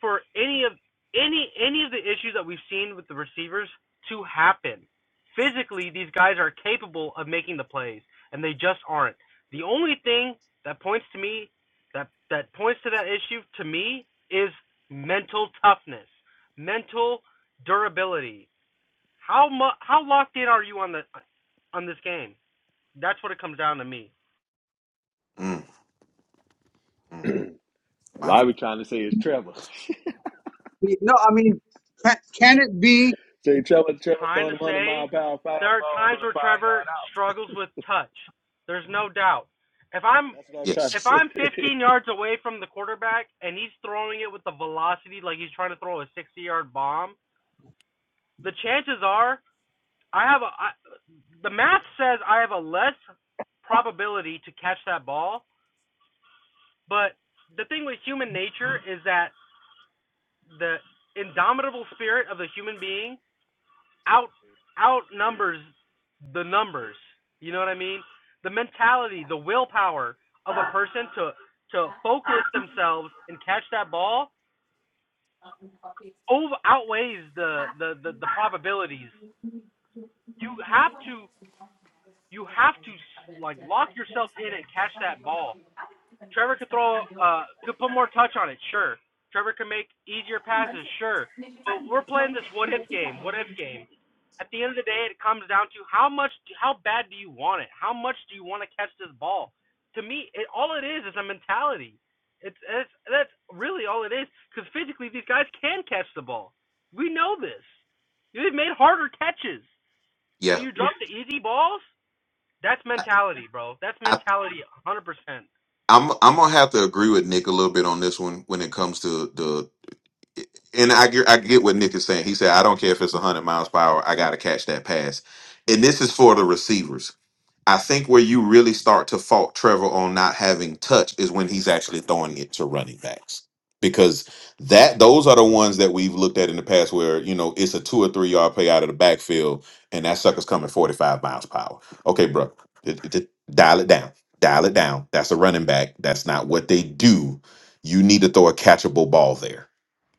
Speaker 5: for any of any any of the issues that we've seen with the receivers to happen. Physically, these guys are capable of making the plays, and they just aren't. The only thing that points to me that that points to that issue to me is mental toughness, mental durability. How mu- how locked in are you on the on this game? That's what it comes down to me.
Speaker 2: Mm, mm,
Speaker 6: A
Speaker 2: wow.
Speaker 6: lot we trying to say is Trevor.
Speaker 4: No, I mean, can, can it be?
Speaker 6: Say Trevor, Trevor
Speaker 5: trying
Speaker 6: throwing
Speaker 5: to
Speaker 6: them hundred mile
Speaker 5: say
Speaker 6: power
Speaker 5: there are
Speaker 6: fastballs on
Speaker 5: times
Speaker 6: a
Speaker 5: where
Speaker 6: five
Speaker 5: Trevor
Speaker 6: yard out.
Speaker 5: struggles with touch. There's no doubt. If I'm
Speaker 6: That's what I'm trying to
Speaker 2: Yes.
Speaker 5: if I'm
Speaker 6: say.
Speaker 5: 15 yards away from the quarterback and he's throwing it with the velocity like he's trying to throw a 60-yard bomb, the chances are I have a I, the math says I have a less probability to catch that ball, but the thing with human nature is that the indomitable spirit of the human being out outnumbers the numbers. You know what I mean? The mentality, the willpower of a person to to focus themselves and catch that ball over outweighs the the the, the probabilities. You have to you have to like lock yourself in and catch that ball. Trevor could throw, uh, could put more touch on it, sure. Trevor could make easier passes, sure. But we're playing this what if game, what if game. At the end of the day, it comes down to how much, how bad do you want it? How much do you want to catch this ball? To me, it, all it is is a mentality. It's, it's that's really all it is. Because physically, these guys can catch the ball. We know this. they have made harder catches, but
Speaker 2: Yeah.
Speaker 5: you drop the easy balls. That's
Speaker 2: I,
Speaker 5: mentality, bro. That's
Speaker 2: I,
Speaker 5: mentality, 100%.
Speaker 2: I'm I'm gonna have to agree with Nick a little bit on this one when it comes to the. and I get, I get what Nick is saying. He said, I don't care if it's 100 miles per hour. I got to catch that pass. And this is for the receivers. I think where you really start to fault Trevor on not having touch is when he's actually throwing it to running backs. Because that those are the ones that we've looked at in the past where, you know, it's a two or three yard play out of the backfield and that sucker's coming 45 miles per hour. Okay, bro. d- d- d- dial it down. Dial it down. That's a running back. That's not what they do. You need to throw a catchable ball there.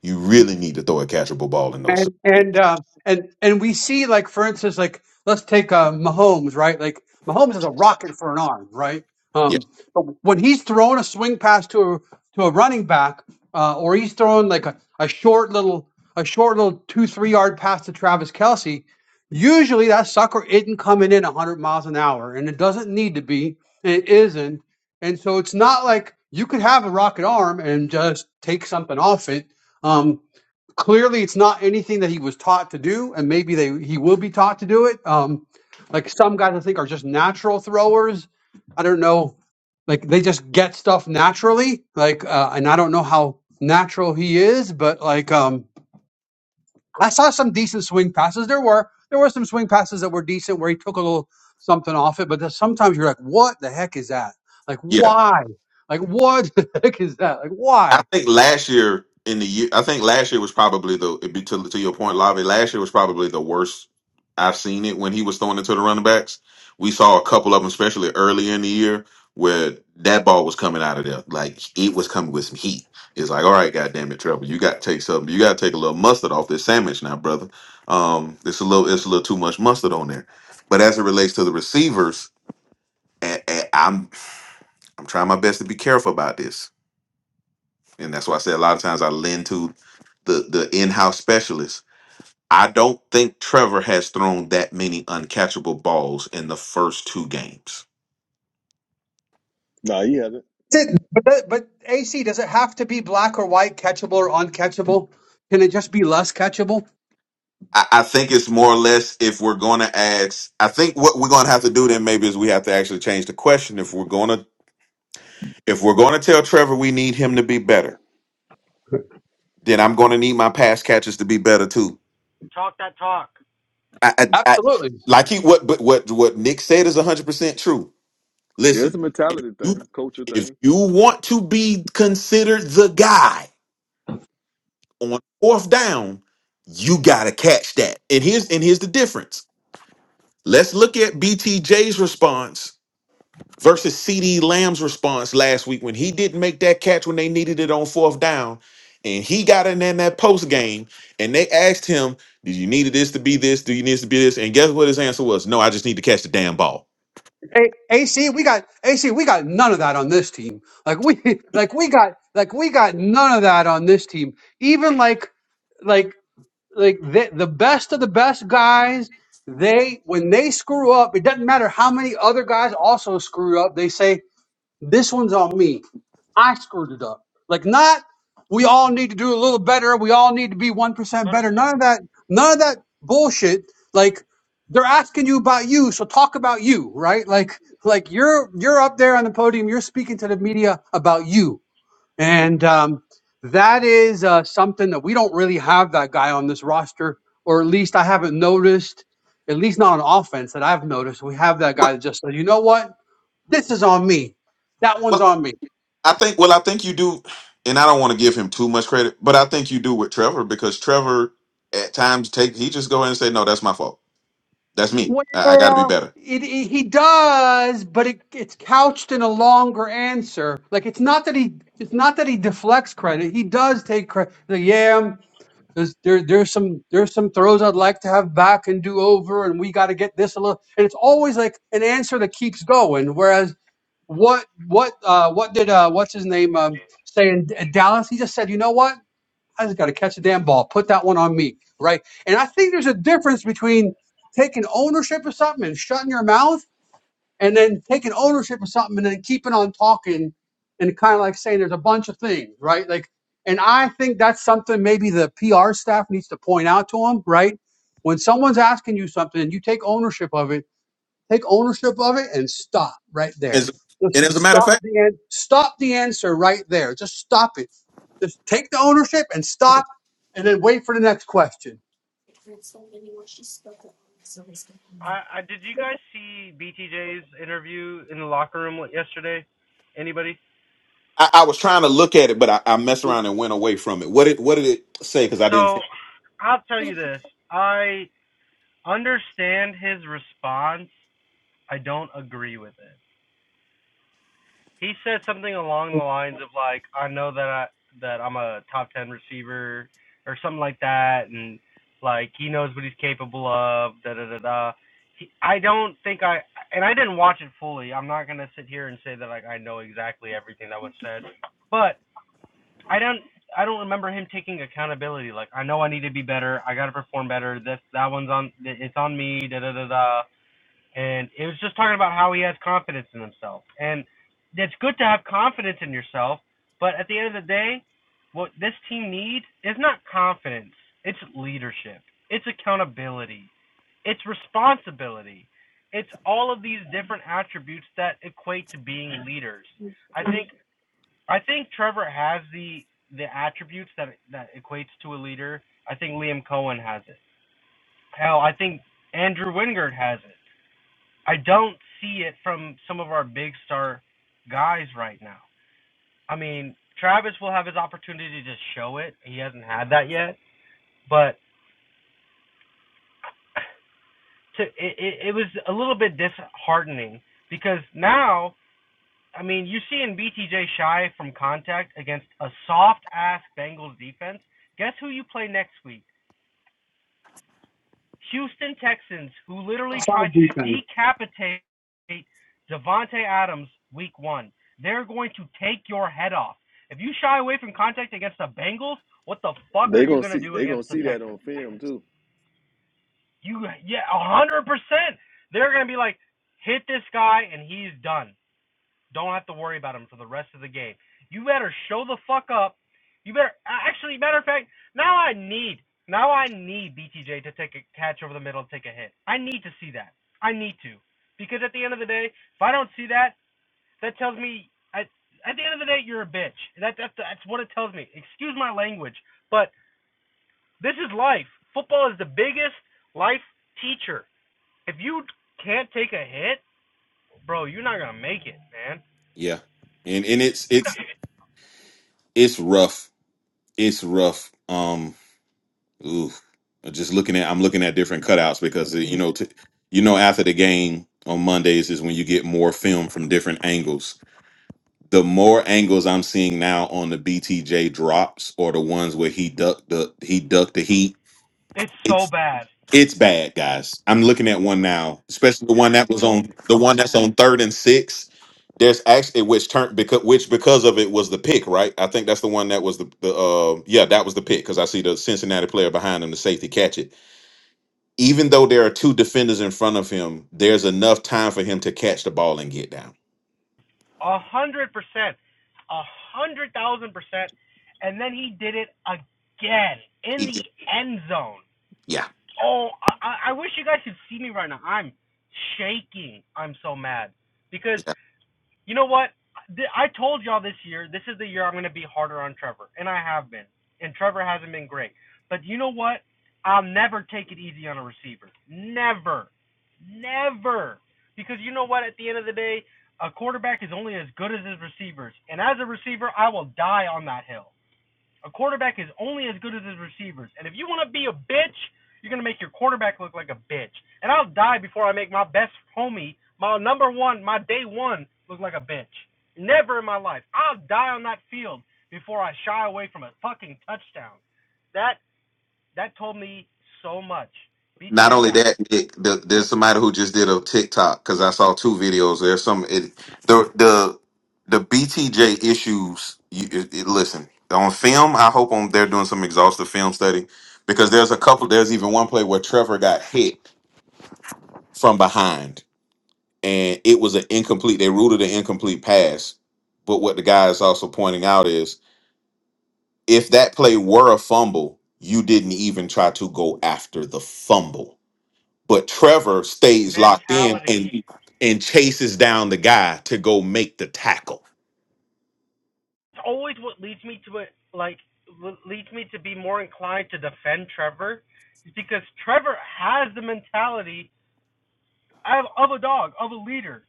Speaker 2: You really need to throw a catchable ball in those.
Speaker 4: And and uh, and and we see like for instance like let's take uh, Mahomes right like Mahomes is a rocket for an arm right
Speaker 2: Yeah.
Speaker 4: um but when he's throwing a swing pass to a to a running back uh, or he's throwing like a, a short little a short little two three yard pass to Travis Kelsey usually that sucker isn't coming in hundred miles an hour and it doesn't need to be and it isn't and so it's not like you could have a rocket arm and just take something off it Um, clearly it's not anything that he was taught to do and maybe they he will be taught to do it um like some guys i think are just natural throwers i don't know like they just get stuff naturally like uh, and i don't know how natural he is but like um i saw some decent swing passes there were there were some swing passes that were decent where he took a little something off it but there's sometimes you're like what the heck is that like
Speaker 2: yeah.
Speaker 4: why like what the heck is that like why
Speaker 2: I think last year in the year, I think last year was probably the it'd be to, to your point, Lavi. Last year was probably the worst I've seen it when he was throwing it to the running backs. We saw a couple of them, especially early in the year, where that ball was coming out of there like it was coming with some heat. It's like, all right, goddamn it, Trevor, you got to take something. You got to take a little mustard off this sandwich now, brother. Um, it's a little, it's a little too much mustard on there. But as it relates to the receivers, and, and I'm, I'm trying my best to be careful about this and that's why I say a lot of times I lend to the the in-house specialists. I don't think Trevor has thrown that many uncatchable balls in the first two games.
Speaker 6: nah, he hasn't.
Speaker 4: That's it. But that, but AC, does it have to be black or white, catchable or uncatchable? Can it just be less catchable?
Speaker 2: I, I think it's more or less if we're going to ask. I think what we're going to have to do then maybe is we have to actually change the question. If we're going to if we're going to tell Trevor we need him to be better, then I'm going to need my pass catches to be better too.
Speaker 5: Talk that talk.
Speaker 2: I, I, I
Speaker 4: Absolutely.
Speaker 2: like he what but what what Nick said is 100 percent true
Speaker 6: Yeah, it's a
Speaker 2: Listen, if
Speaker 6: mentality
Speaker 2: you
Speaker 6: thing, culture
Speaker 2: if
Speaker 6: thing.
Speaker 2: you want to be considered the guy on fourth down, you gotta catch that. And here's and here's the difference. Let's look at BTJ's response versus CD Lamb's response last week when he didn't make that catch when they needed it on fourth down. And he got in there in that post game and they asked him, Do you need this to be this? Do you need this to be this? And guess what his answer was? No, I just need to catch the damn ball.
Speaker 4: A- AC, we got AC, we got none of that on this team. Like we like we got like we got none of that on this team. Even like like like the the best of the best guys, they when they screw up, it doesn't matter how many other guys also screw up. They say This one's on me. I screwed it up. Like not we all need to do a little better, we all need to be 1%
Speaker 5: one Hundred
Speaker 4: better.
Speaker 5: percent.
Speaker 4: None of that none of that bullshit. Like they're asking you about you, so talk about you, right? Like like you're you're up there on the podium, you're speaking to the media about you. And um that is uh, something that we don't really have that guy on this roster, or at least I haven't noticed, at least not on offense that I've noticed. We have that guy
Speaker 2: What?
Speaker 4: that just says, you know what? This is on me. That one's on me.
Speaker 2: I think. Well, I think you do, and I don't want to give him too much credit, but I think you do with Trevor because Trevor at times take he just go ahead and say, "No, that's my fault. That's me.
Speaker 4: Well,
Speaker 2: I, I got to be better."
Speaker 4: It, it, he does, but it, it's couched in a longer answer. Like it's not that he it's not that he deflects credit. He does take credit. Like, yeah, there's there, there's some there's some throws I'd like to have back and do over, and we got to get this a little. And it's always like an answer that keeps going. Whereas what what uh, what did uh, what's his name um, say in D- Dallas? He just said, you know what? I just got to catch a damn ball. Put that one on me, right? And I think there's a difference between taking ownership of something and shutting your mouth, and then taking ownership of something and then keeping on talking, and kind of like saying there's a bunch of things, right? Like, and I think that's something maybe the PR staff needs to point out to them, right? When someone's asking you something and you take ownership of it Take ownership of it and stop right there.
Speaker 2: As,
Speaker 4: Just
Speaker 2: and as a matter of
Speaker 4: stop
Speaker 2: fact,
Speaker 4: the an- stop the answer right there. Just stop it. Just take the ownership and stop, and then wait for the next question.
Speaker 5: I, I did you guys see BTJ's interview in the locker room yesterday? Anybody?
Speaker 2: I, I was trying to look at it, but I, I messed around and went away from it. What did What did it say? Because I didn't.
Speaker 5: So I'll tell you this. I understand his response. I don't agree with it. he said something along the lines of like, I know that I that I'm a top ten receiver or something like that, and like he knows what he's capable of. Da da da da. He, I don't think I and I didn't watch it fully. I'm not gonna sit here and say that like I know exactly everything that was said, but I don't. I don't remember him taking accountability. Like I know I need to be better. I gotta perform better. This that one's on. It's on me. Da da da da and it was just talking about how he has confidence in himself. And it's good to have confidence in yourself, but at the end of the day, what this team needs is not confidence. It's leadership. It's accountability. It's responsibility. It's all of these different attributes that equate to being leaders. I think I think Trevor has the the attributes that that equates to a leader. I think Liam Cohen has it. Hell, I think Andrew Wingard has it. I don't see it from some of our big star guys right now. I mean, Travis will have his opportunity to show it. He hasn't had that yet, but to, it, it, it was a little bit disheartening because now, I mean, you're seeing BTJ shy from contact against a soft ass Bengals defense. Guess who you play next week? Houston Texans, who literally
Speaker 4: Top
Speaker 5: tried
Speaker 4: Five
Speaker 5: to
Speaker 4: defense.
Speaker 5: decapitate Devontae Adams week one. They're going to take your head off. If you shy away from contact against the Bengals, what the fuck
Speaker 6: They
Speaker 5: are you
Speaker 6: gonna
Speaker 5: going to
Speaker 6: see.
Speaker 5: do
Speaker 6: They gonna
Speaker 5: against the
Speaker 6: see that on
Speaker 5: Texans?
Speaker 6: film too.
Speaker 5: You, yeah, 100%. They're going to be like, hit this guy and he's done. Don't have to worry about him for the rest of the game. You better show the fuck up. You better actually, matter of fact, now I need now I need BTJ to take a catch over the middle and take a hit. I need to see that. I need to because at the end of the day, if I don't see that, that tells me at at the end of the day you're a bitch. That that's that's what it tells me. Excuse my language, but this is life. Football is the biggest life teacher. If you can't take a hit, bro, you're not gonna make it, man.
Speaker 2: Yeah, and and it's it's it's rough. It's rough. Um, ooh, just looking at I'm looking at different cutouts because you know to, you know after the game on Mondays is when you get more film from different angles the more angles I'm seeing now on the BTJ drops or the ones where he ducked the he ducked the heat.
Speaker 5: It's so
Speaker 2: It's
Speaker 5: bad.
Speaker 2: it's bad, guys. I'm looking at one now, especially the one that was on the one that's on third and six. There's actually which turned because which because of it was the pick, right? I think that's the one that was the, the uh yeah that was the pick because I see the Cincinnati player behind him, the safety catch it. Even though there are two defenders in front of him, there's enough time for him to catch the ball and get down.
Speaker 5: A hundred percent. A hundred thousand percent. And then he did it again in
Speaker 2: He-
Speaker 5: the
Speaker 2: did.
Speaker 5: end zone.
Speaker 2: Yeah,
Speaker 5: Oh, I, I- wish you guys could see me right now. I'm shaking. I'm so mad because you know what? I told y'all this year, this is the year I'm going to be harder on Trevor, and I have been. And Trevor hasn't been great. But you know what? I'll never take it easy on a receiver. Never. Never. Because you know what? At the end of the day, a quarterback is only as good as his receivers. And as a receiver, I will die on that hill. A quarterback is only as good as his receivers. And if you want to be a bitch, you're going to make your quarterback look like a bitch. And I'll die before I make my best homie, my number one, my day one, look like a bitch. Never in my life. I'll die on that field before I shy away from a fucking touchdown. That that told me so much.
Speaker 2: Not
Speaker 5: BTJ
Speaker 2: only
Speaker 5: got
Speaker 2: that, Nick, the, there's somebody who just did a TikTok because I saw two videos. There's some it, the the the BTJ issues. You, it, it- listen on film. I hope on they're doing some exhaustive film study because there's a couple. There's even one play where Trevor got hit from behind and it was an incomplete. They ruled it an incomplete pass. But what the guy is also pointing out is if that play were a fumble, you didn't even try to go after the fumble But Trevor stays locked in
Speaker 5: mentality.
Speaker 2: and and chases down the guy to go make the tackle.
Speaker 5: It's always what leads me to it, like leads me to be more inclined to defend Trevor, is because Trevor has the mentality of, of a dog, of a leader.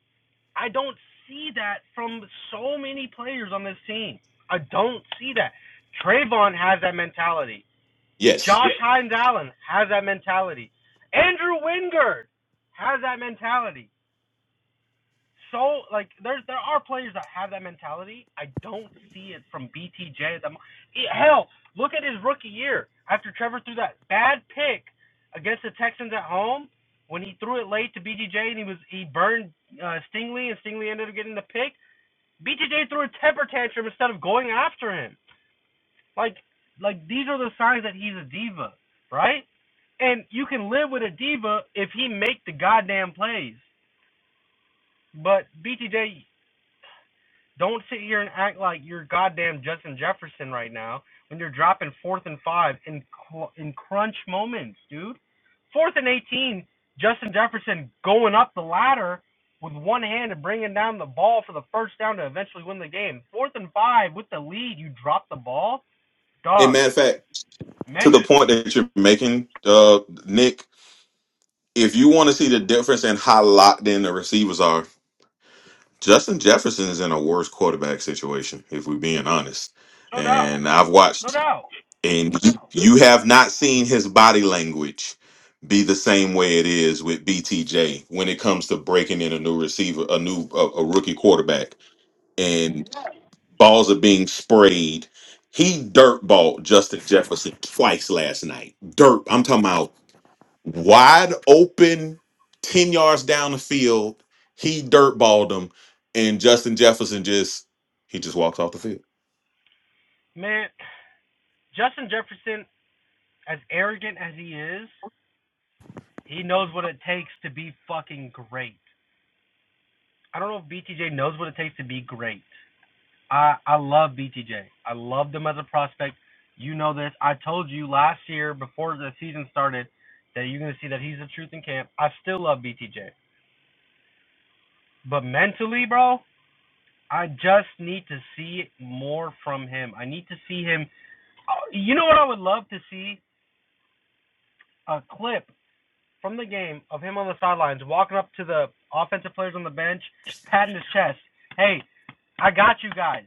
Speaker 5: I don't see that from so many players on this team. I don't see that. Trayvon has that mentality.
Speaker 2: Yes.
Speaker 5: Josh Hines Allen has that mentality. Andrew Wingard has that mentality so like there's there are players that have that mentality. I don't see it from BTJ. At the, Eh, hell, look at his rookie year after Trevor threw that bad pick against the Texans at home when he threw it late to BTJ and he was he burned uh, Stingley and Stingley ended up getting the pick. BTJ threw a temper tantrum instead of going after him. Like like these are the signs that he's a diva, right? And you can live with a diva if he make the goddamn plays. But BTJ Don't sit here and act like you're goddamn Justin Jefferson right now when you're dropping fourth and five in in crunch moments, dude. Fourth and 18, Justin Jefferson going up the ladder with one hand and bringing down the ball for the first down to eventually win the game. Fourth and five with the lead, you drop the ball,
Speaker 2: And
Speaker 5: dog.
Speaker 2: matter of fact, to the
Speaker 5: Mention,
Speaker 2: point that you're making, uh, Nick, if you want to see the difference in how locked in the receivers are, Justin Jefferson is in a worse quarterback situation, if we're being honest.
Speaker 5: no doubt,
Speaker 2: And I've
Speaker 5: no
Speaker 2: watched,
Speaker 5: doubt,
Speaker 2: and you you have not seen his body language be the same way it is with BTJ when it comes to breaking in a new receiver, a new a, a rookie quarterback and balls are being sprayed. He dirtballed Justin Jefferson twice last night. Dirt. I'm talking about wide open, ten yards down the field. He dirtballed him, and Justin Jefferson just he just walks off the field.
Speaker 5: man. Justin Jefferson, as arrogant as he is, he knows what it takes to be fucking great. I don't know if BTJ knows what it takes to be great. I I love BTJ. I loved him as a prospect. You know this. I told you last year before the season started that you're gonna see that he's the truth in camp. I still love BTJ, but mentally, bro, I just need to see more from him. I need to see him. uh, You know what I would love to see? A clip from the game of him on the sidelines walking up to the offensive players on the bench, patting his chest. Hey, I got you guys.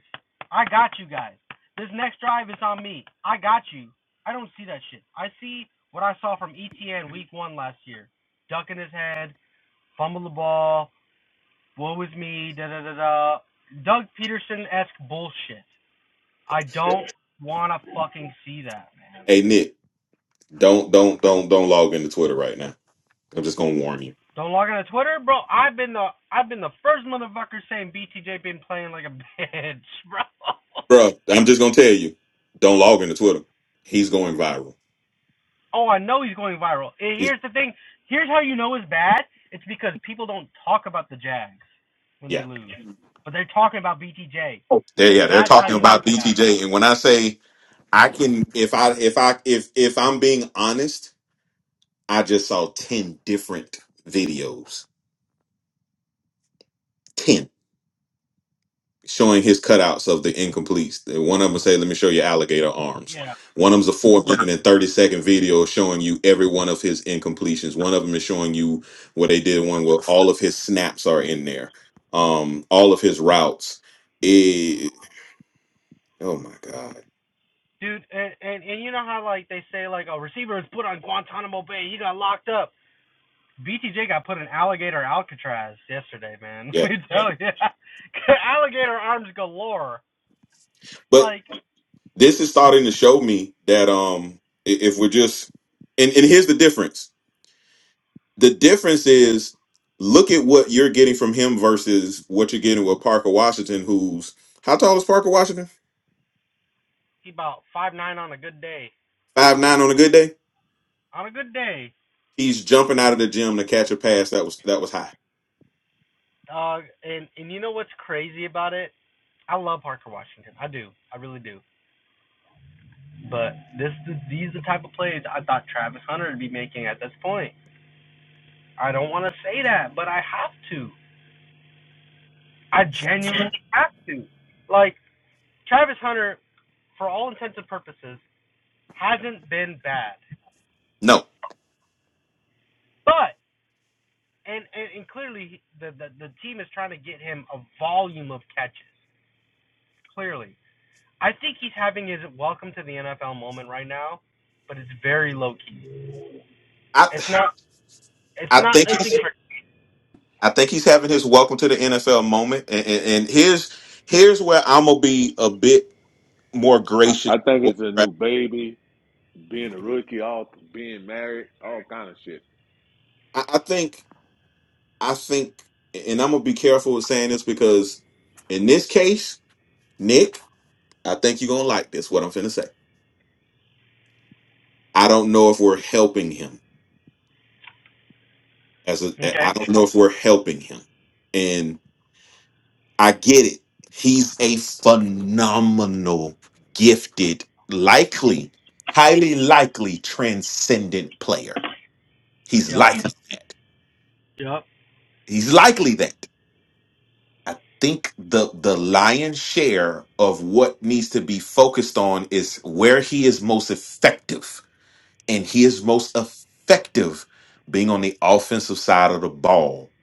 Speaker 5: I got you guys. This next drive is on me. I got you. I don't see that shit. I see what I saw from ETN week one last year. Ducking his head, fumble the ball, woe is me, da da da da. Doug Peterson esque bullshit. I don't wanna fucking see that, man.
Speaker 2: Hey Nick, don't don't don't don't log into Twitter right now. I'm just gonna warn you,
Speaker 5: Don't log on to Twitter, bro. I've been the I've been the first motherfucker saying BTJ been playing like a bitch, bro.
Speaker 2: bro. I'm just gonna tell you, don't log into Twitter. He's going viral.
Speaker 5: Oh, I know he's going viral. And
Speaker 2: He's
Speaker 5: here's the thing. Here's how you know it's bad. It's because people don't talk about the Jags when they
Speaker 2: yeah.
Speaker 5: lose, but they're talking about BTJ.
Speaker 2: They, yeah, they're
Speaker 5: That's how
Speaker 2: talking
Speaker 5: you know it's
Speaker 2: about
Speaker 5: bad.
Speaker 2: BTJ, and when I say I can if I if I if if I'm being honest, I just saw 10 different videos. 10 showing his cutouts of the incompletes. One of them say, "Let me show you alligator arms."
Speaker 5: Yeah,
Speaker 2: One of them's a 4 minute and 30 second video showing you every one of his incompletions. One of them is showing you what they did one where all of his snaps are in there. Um all of his routes. It, oh my god.
Speaker 5: dude. And, and and you know how like they say like a receiver is put on Guantanamo Bay. He got locked up. BTJ got put in alligator Alcatraz yesterday, man.
Speaker 2: Yeah.
Speaker 5: Let me tell you, alligator arms galore. Like
Speaker 2: this is starting to show me that um i- if we're just and, and here's the difference the difference is look at what you're getting from him versus what you're getting with parker washington who's how tall is parker washington
Speaker 5: he about five nine on a good day.
Speaker 2: five nine on a good day
Speaker 5: On a good day.
Speaker 2: he's jumping out of the gym to catch a pass that was that was high
Speaker 5: Uh, and and you know what's crazy about it? I love Parker Washington. I do. I really do. But this, these are the type of plays I thought Travis Hunter would be making at this point. I don't want to say that, but I have to. I genuinely have to. Like Travis Hunter, for all intents and purposes, hasn't been bad.
Speaker 2: no
Speaker 5: But and and, and clearly the, the the team is trying to get him a volume of catches. Clearly, I think he's having his welcome to the NFL moment right now, but it's very low key.
Speaker 2: i
Speaker 5: It's not. It's
Speaker 2: i
Speaker 5: not.
Speaker 2: think
Speaker 5: It's
Speaker 2: he's
Speaker 5: incredible.
Speaker 2: i think he's having his welcome to the nfl moment and and, and here's here's where i'm gonna be a bit more
Speaker 6: I,
Speaker 2: gracious
Speaker 6: I think it's a
Speaker 2: I,
Speaker 6: new baby, being a rookie, all being married, all kind of shit.
Speaker 2: I think I think, and I'm gonna be careful with saying this because in this case, Nick, I think you're gonna like this. What I'm finna say. I don't know if we're helping him. As a,
Speaker 5: Okay.
Speaker 2: I don't know if we're helping him. And I get it. He's a phenomenal, gifted, likely, highly likely transcendent player. He's
Speaker 5: Yep.
Speaker 2: likely that.
Speaker 5: Yep.
Speaker 2: He's likely that. I think the the lion's share of what needs to be focused on is where he is most effective, and he is most effective being on the offensive side of the ball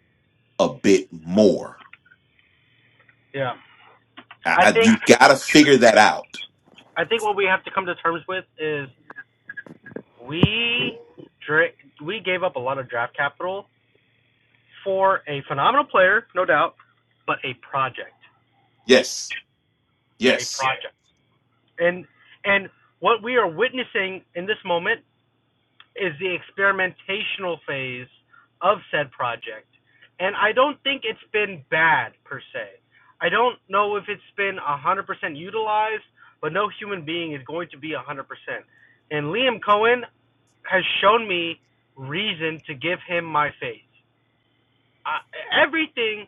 Speaker 2: a bit more.
Speaker 5: Yeah.
Speaker 2: I,
Speaker 5: I
Speaker 2: I,
Speaker 5: think
Speaker 2: you got to figure that out.
Speaker 5: I think what we have to come to terms with is we dra- we gave up a lot of draft capital for a phenomenal player, no doubt, but a project,
Speaker 2: Yes,
Speaker 5: a
Speaker 2: yes.
Speaker 5: project, Yeah. and and what we are witnessing in this moment is the experimentational phase of said project. And I don't think it's been bad per se. I don't know if it's been 100% utilized, but no human being is going to be 100%. And Liam Cohen has shown me reason to give him my faith. I, everything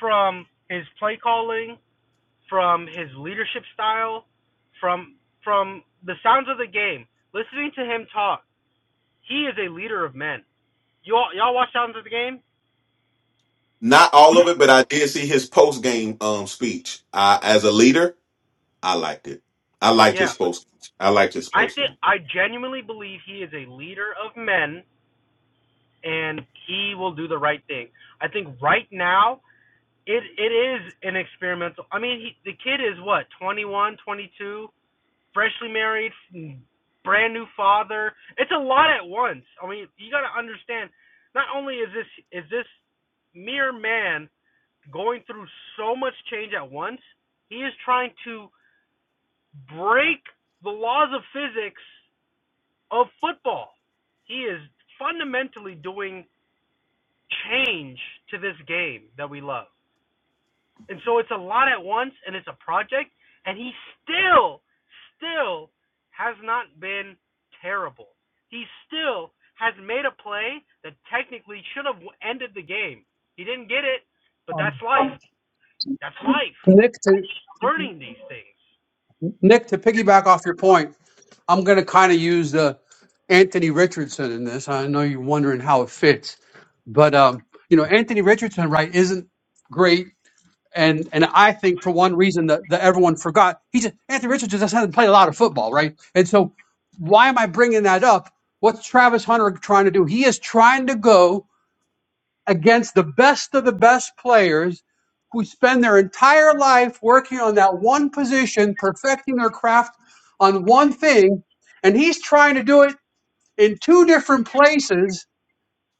Speaker 5: from his play calling, from his leadership style, from from the sounds of the game, listening to him talk, he is a leader of men. You all, y'all watch Sounds of the Game?
Speaker 2: Not all of it, but I did see his post game um, speech. Uh, as a leader, I liked it. I liked
Speaker 5: Yeah.
Speaker 2: his post. I liked his
Speaker 5: I
Speaker 2: post
Speaker 5: think I genuinely believe he is a leader of men and he will do the right thing. I think right now it it is an experimental. I mean, he, the kid is what twenty one, twenty two, freshly married, brand new father. It's a lot at once. I mean, you got to understand. Not only is this is this mere man going through so much change at once, he is trying to break the laws of physics of football. He is fundamentally doing change to this game that we love. And so it's a lot at once and it's a project and he still still has not been terrible. He still has made a play that technically should have ended the game. He didn't get it, but that's life. That's life.
Speaker 4: Nick to
Speaker 5: Learning these things.
Speaker 4: Nick to piggyback off your point, I'm going to kind of use the Anthony Richardson in this. I know you're wondering how it fits, but um, you know Anthony Richardson, right, isn't great And and I think for one reason that, that everyone forgot, he just Anthony Richardson just hasn't played a lot of football, right? And so why am I bringing that up? What's Travis Hunter trying to do? He is trying to go against the best of the best players who spend their entire life working on that one position, perfecting their craft on one thing, and he's trying to do it in two different places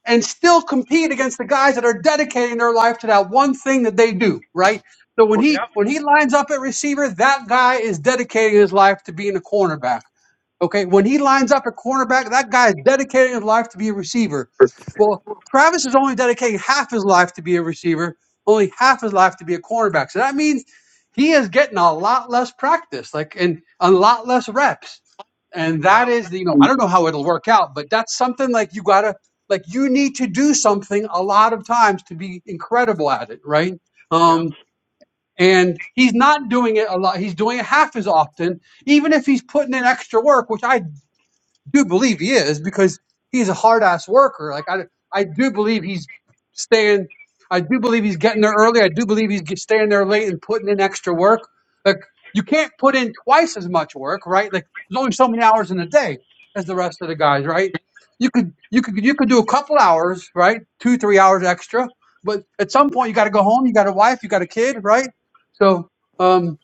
Speaker 4: and still compete against the guys that are dedicating their life to that one thing that they do, right? So when he
Speaker 5: Yep.
Speaker 4: when he lines up at receiver, that guy is dedicating his life to being a cornerback. Okay, when he lines up at cornerback, that guy is dedicating his life to be a receiver. Well, Travis is only dedicating half his life to be a receiver, only half his life to be a cornerback. So that means he is getting a lot less practice, like and a lot less reps. And that
Speaker 5: Yep.
Speaker 4: is, the, you know, I
Speaker 2: game,
Speaker 4: don't know how it'll work out, but that's something like you gotta, like you need to do something a lot of times to be incredible at it, right?
Speaker 5: Yep.
Speaker 4: Um, and he's not doing it a lot. He's doing it half as often even if he's putting in extra work, which I do believe he is because he's a hard ass worker. Like I, I do believe he's staying. I do believe he's getting there early. I do believe he's get- staying there late and putting in extra work. Like you can't put in twice as much work, right? Like there's only so many hours in a day as the rest of the guys, right? You could you could you could do a couple hours, right? Two three hours extra, but at some point you got to go home. You got a wife. You got a kid, right? So um,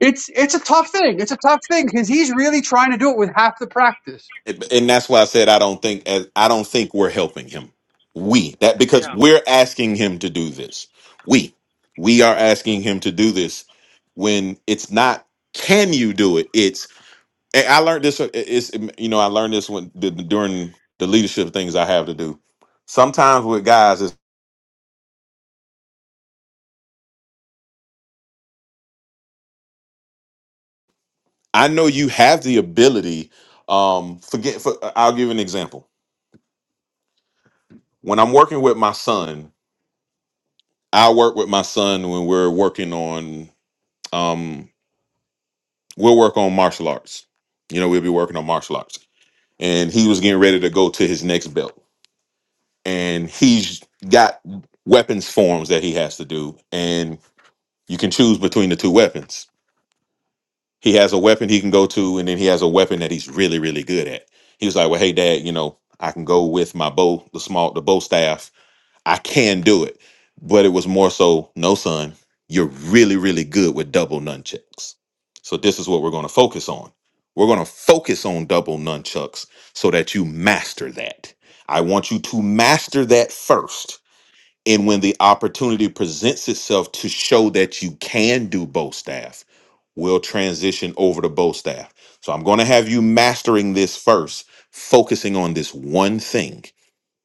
Speaker 4: it's it's a tough thing. It's a tough thing because he's really trying to do it with half the practice
Speaker 2: and and that's why I said I don't think as I don't think we're helping him. We that because
Speaker 5: Yeah.
Speaker 2: we're asking him to do this. We we are asking him to do this when it's not. Can you do it? It's and I learned this. uh, It's you know I learned this when d- during the leadership things I have to do. Sometimes with guys is I know you have the ability. Um, forget. For, I'll give you an example. When I'm working with my son, I work with my son when we're working on um we'll work on martial arts. You know, we'll be working on martial arts. And he was getting ready to go to his next belt. And he's got weapons forms that he has to do and you can choose between the two weapons. He has a weapon he can go to and then he has a weapon that he's really really good at. He was like, "Well, hey dad, you know, I can go with my bow, the small the bow staff I can do it. But it was more so, no, son, you're really, really good with double nunchucks. So this is what we're going to focus on. We're going to focus on double nunchucks so that you master that. I want you to master that first. And when the opportunity presents itself to show that you can do bow staff, we'll transition over to bow staff. So I'm going to have you mastering this first, focusing on this one thing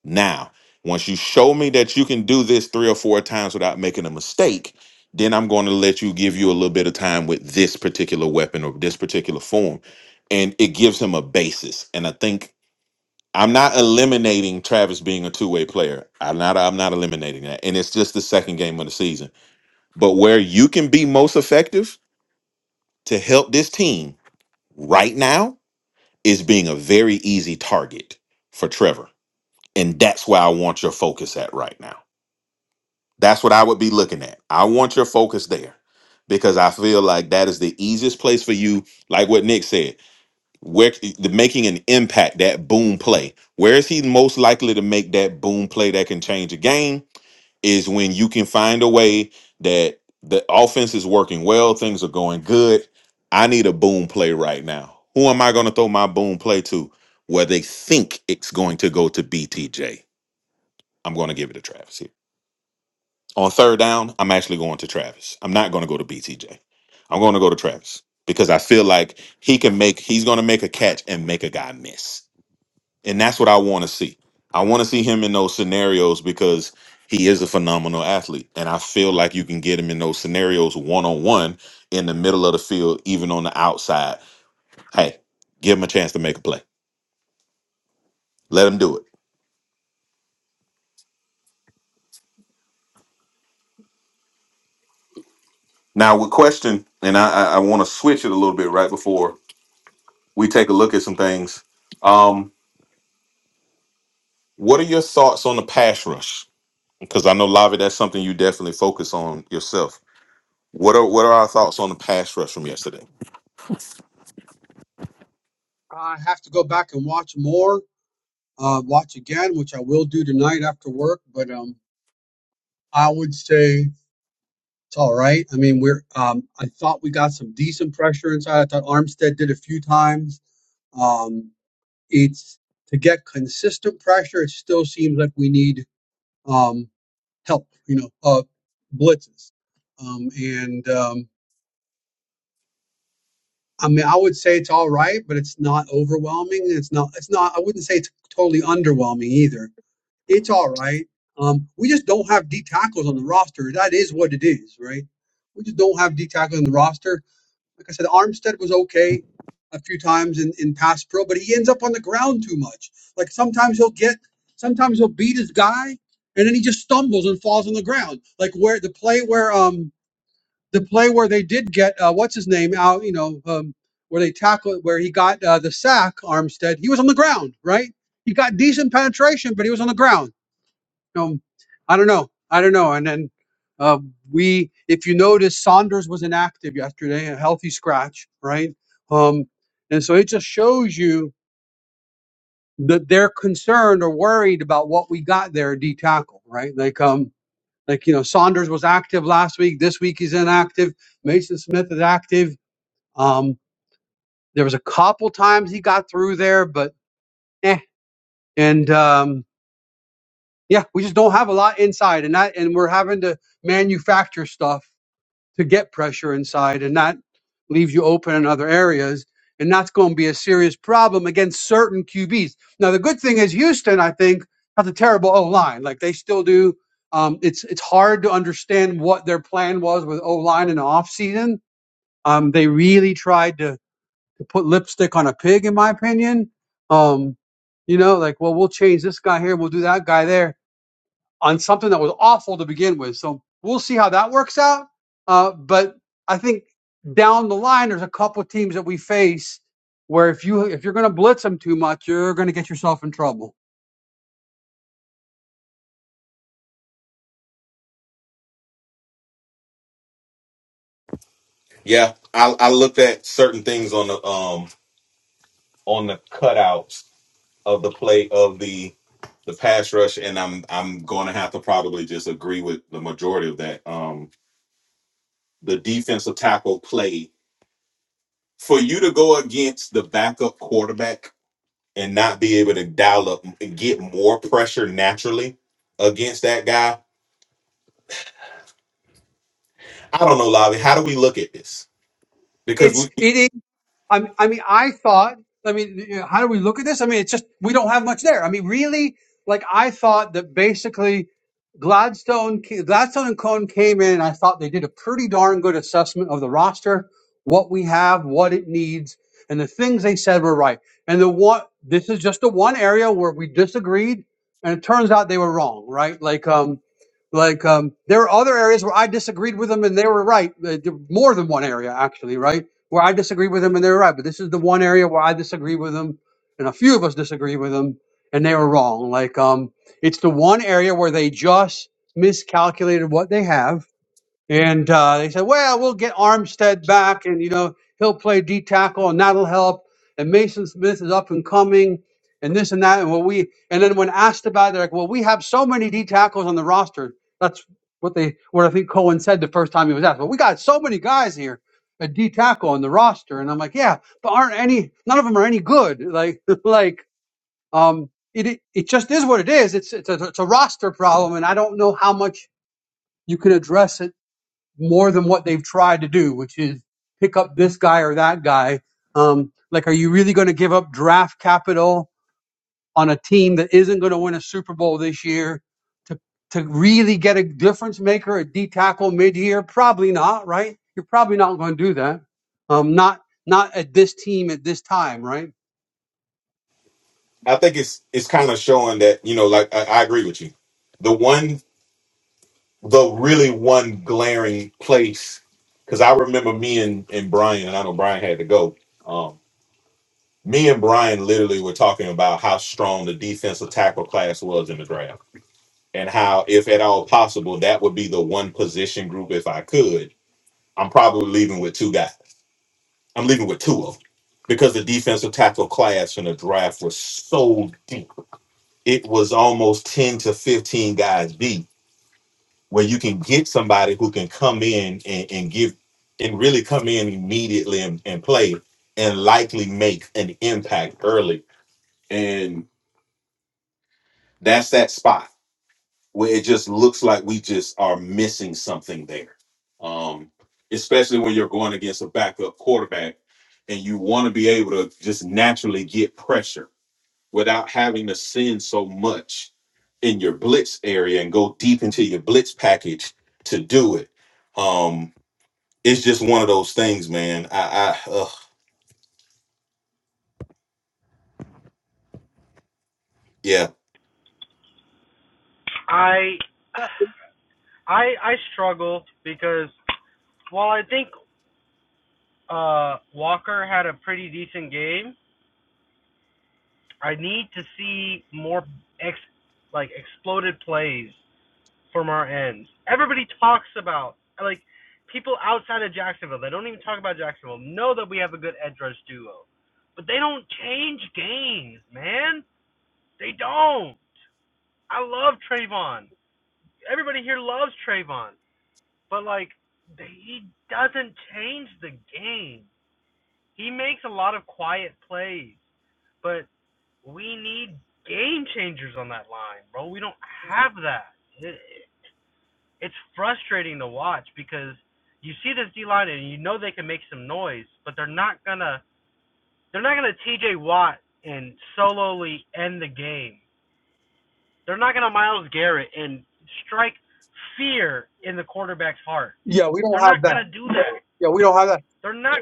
Speaker 2: now, once you show me that you can do this three or four times without making a mistake, then I'm going to let you give you a little bit of time with this particular weapon or this particular form. And it gives him a basis. And I think I'm not eliminating Travis being a two-way player. I'm not I'm not eliminating that. And it's just the second game of the season. But where you can be most effective to help this team right now is being a very easy target for Trevor. And that's where I want your focus at right now. That's what I would be looking at. I want your focus there because I feel like that is the easiest place for you. Like what Nick said, where the making an impact, that boom play. Where is he most likely to make that boom play that can change a game? Is when you can find a way that the offense is working well, things are going good. I need a boom play right now. Who am I going to throw my boom play to? Where they think it's going to go to BTJ. I'm going to give it to Travis here. On third down, I'm actually going to Travis. I'm not going to go to BTJ. I'm going to go to Travis because I feel like he can make he's going to make a catch and make a guy miss. And that's what I want to see. I want to see him in those scenarios because he is a phenomenal athlete and I feel like you can get him in those scenarios one-on-one in the middle of the field even on the outside. Hey, give him a chance to make a play. Let him do it. Now, with question and I I, I want to switch it a little bit right before we take a look at some things. Um, What are your thoughts on the pass rush? Because I know Lavi, that's something you definitely focus on yourself. What are what are our thoughts on the pass rush from yesterday?
Speaker 4: I have to go back and watch more, uh, watch again, which I will do tonight after work. But um, I would say it's all right. I mean, we're um, I thought we got some decent pressure inside. I thought Armstead did a few times. Um, it's to get consistent pressure. It still seems like we need um, help. You know, uh, blitzes. Um, and um, I mean, I would say it's all right, but it's not overwhelming. It's not. It's not. I wouldn't say it's totally underwhelming either It's all right. Um, we just don't have D tackles on the roster. That is what it is, right? We just don't have D tackles on the roster. Like I said, Armstead was okay a few times in, in pass pro, but he ends up on the ground too much. Like sometimes he'll get, sometimes he'll beat his guy, and then he just stumbles and falls on the ground. Like where the play where um the play where they did get uh, what's his name out, you know, um, where they tackled where he got uh, the sack Armstead, he was on the ground, right? He got decent penetration, but he was on the ground um, I don't know. I don't know. And then uh, we, if you notice, Saunders was inactive yesterday, a healthy scratch, right? Um, and so it just shows you that they're concerned or worried about what we got there at D tackle, right? Like, um, like you know, Saunders was active last week. This week he's inactive. Mason Smith is active. Um, there was a couple times he got through there, but eh. And um, yeah, we just don't have a lot inside, and that, and we're having to manufacture stuff to get pressure inside and not leave you open in other areas. And that's going to be a serious problem against certain QBs. Now, the good thing is Houston, I think, has a terrible O line. Like they still do. Um, it's it's hard to understand what their plan was with O line in the offseason. Um, they really tried to, to put lipstick on a pig, in my opinion. Um, you know, like, well, we'll change this guy here, we'll do that guy there on something that was awful to begin with. So we'll see how that works out. Uh, but I think down the line, there's a couple of teams that we face where if you if you're going to blitz them too much, you're going to get yourself in trouble.
Speaker 2: Yeah, I, I looked at certain things on the um on the cutouts of the play of the the pass rush, and I'm I'm going to have to probably just agree with the majority of that. Um, the defensive tackle play for you to go against the backup quarterback and not be able to dial up and get more pressure naturally against that guy I don't know, Lavi. How do we look at this? Because
Speaker 4: It's
Speaker 2: we,
Speaker 4: it is. I mean, I mean, I thought. I mean, you know, how do we look at this? I mean, it's just we don't have much there. I mean, really, like I thought that basically Gladstone, ca- Gladstone and Cohn came in. And I thought they did a pretty darn good assessment of the roster, what we have, what it needs, and the things they said were right. And the one, this is just the one area where we disagreed, and it turns out they were wrong, right? Like, um, like um, there were other areas where I disagreed with them, and they were right. uh, More than one area, actually, right? where I disagree with them and they were right. But this is the one area where I disagree with them, and a few of us disagree with them, and they were wrong. Like um, it's the one area where they just miscalculated what they have and uh, they said, well, we'll get Armstead back, and you know he'll play D tackle, and that'll help. And Mason Smith is up and coming, and this and that. And well, we and then when asked about, it, they're like, well, we have so many D tackles on the roster. That's what they what I think Cohen said the first time he was asked. Well, we got so many guys here at D tackle on the roster, and I'm like, yeah, but aren't any none of them are any good. Like like um, it it just is what it is. It's it's a, it's a roster problem, and I don't know how much you can address it more than what they've tried to do, which is pick up this guy or that guy. Um, like, are you really going to give up draft capital on a team that isn't going to win a Super Bowl this year to to really get a difference maker, a D tackle mid year? Probably not, right? You're probably not going to do that. Um, not not at this team at this time, right?
Speaker 2: I think it's it's kind of showing that you know, like I, I agree with you. The one, the really one glaring place, because I remember me and and Brian, and I know Brian had to go. Um, me and Brian literally were talking about how strong the defensive tackle class was in the draft, and how, if at all possible, that would be the one position group if I could. I'm probably leaving with two guys I'm leaving with two of them because the defensive tackle class in the draft was so deep. It was almost 10 to 15 guys deep where you can get somebody who can come in and, and give and really come in immediately and, and play and likely make an impact early. And that's that spot where it just looks like we just are missing something there. Um, especially when you're going against a backup quarterback and you want to be able to just naturally get pressure without having to send so much in your blitz area and go deep into your blitz package to do it. Um, it's just one of those things, man. I, I ugh, yeah,
Speaker 5: I
Speaker 4: Yeah,
Speaker 5: I I struggle because while I think uh, Walker had a pretty decent game, I need to see more ex like exploded plays from our ends. Everybody talks about like people outside of Jacksonville. They don't even talk about Jacksonville. Know that we have a good edge rush duo, but they don't change games, man. They don't. I love Trayvon. Everybody here loves Trayvon, but like he doesn't change the game. He makes a lot of quiet plays, but we need game changers on that line, bro. We don't have that. It, it's frustrating to watch because you see this D line and you know they can make some noise, but they're not gonna they're not gonna T.J. Watt and solely end the game. They're not gonna Miles Garrett and strike fear in the quarterback's heart.
Speaker 4: yeah, we
Speaker 5: They're
Speaker 4: don't have
Speaker 5: not
Speaker 4: that.
Speaker 5: gonna do that.
Speaker 4: Yeah, we don't have that.
Speaker 5: They're not.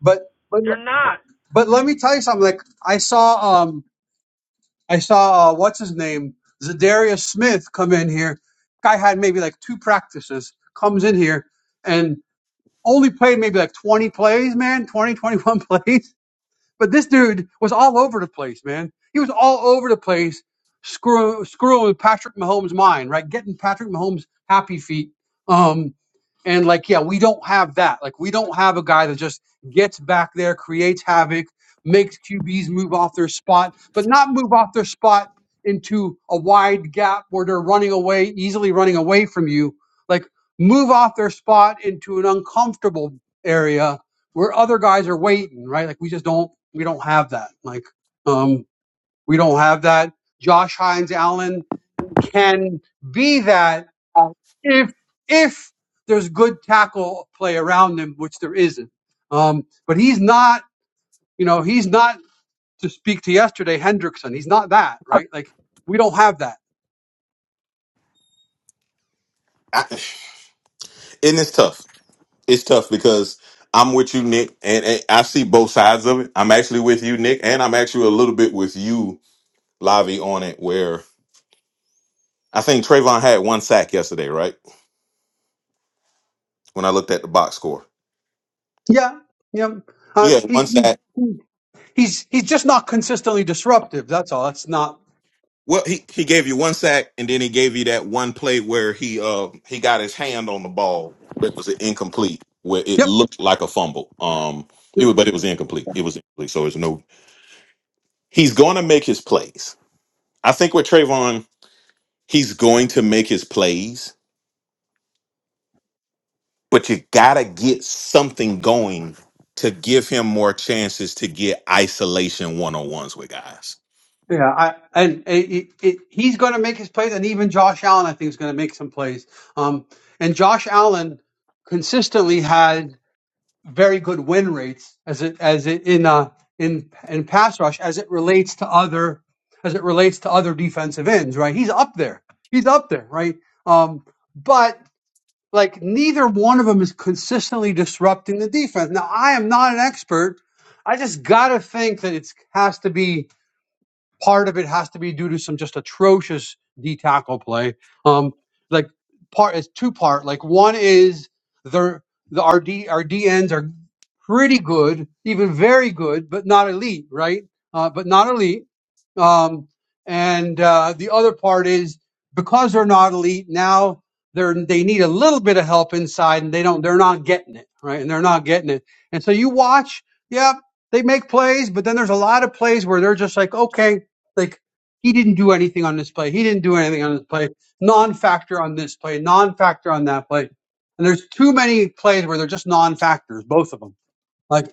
Speaker 4: But but
Speaker 5: They're not.
Speaker 4: but let me tell you something. Like I saw. Um, I saw uh, what's his name, Zadarius Smith, come in here. Guy had maybe like two practices. Comes in here and only played maybe like 20 plays, man, 20, 21 plays. But this dude was all over the place, man. He was all over the place, screw, screwing with Patrick Mahomes' mind, right? Getting Patrick Mahomes' happy feet. Um, and like, yeah, we don't have that. Like, we don't have a guy that just gets back there, creates havoc, makes QBs move off their spot, but not move off their spot into a wide gap where they're running away, easily running away from you. Like, move off their spot into an uncomfortable area where other guys are waiting, right? Like, we just don't, we don't have that. Like, um, we don't have that. Josh Hines Allen can be that if if there's good tackle play around him, which there isn't. Um, but he's not, you know, he's not to speak to yesterday Hendrickson. He's not that,
Speaker 2: I,
Speaker 4: right? Like we don't have that.
Speaker 2: and it's tough. It's tough because I'm with you, Nick, and, and I see both sides of it. I'm actually with you, Nick, and I'm actually a little bit with you, Lavi, on it. Where I think Trayvon had one sack yesterday, right? When I looked at the box score,
Speaker 4: Yeah, yeah. Uh,
Speaker 2: yeah,
Speaker 4: he
Speaker 2: one sack
Speaker 4: he's he's just not consistently disruptive. That's all. That's not.
Speaker 2: Well, he, he gave you one sack, and then he gave you that one play where he uh he got his hand on the ball that was incomplete, where it
Speaker 4: Yep.
Speaker 2: looked like a fumble. Um,
Speaker 4: yep.
Speaker 2: it was, but it was incomplete. It was incomplete, so it's no. He's going to make his plays. I think with Trayvon, he's going to make his plays, but you gotta get something going to give him more chances to get isolation one on ones with guys.
Speaker 4: Yeah, I, and it, it, he's going to make his plays, and even Josh Allen, I think, is going to make some plays. Um, and Josh Allen consistently had. very good win rates as it as it in uh in in pass rush as it relates to other as it relates to other defensive ends, right? He's up there. He's up there, right? Um, but like neither one of them is consistently disrupting the defense. Now I am not an expert. I just gotta think that it's has to be Part of it has to be due to some just atrocious D tackle play. Um, like part it's two part. Like one is their the our D our D ends are pretty good, even very good, but not elite, right? Uh, but not elite. Um, and uh, the other part is because they're not elite now, they're they need a little bit of help inside, and they don't they're not getting it, right? And they're not getting it. And so you watch, yeah, they make plays, but then there's a lot of plays where they're just like, okay. Like he didn't do anything on this play. He didn't do anything on this play. Non-factor on this play. Non-factor on that play. And there's too many plays where they're just non-factors, both of them. Like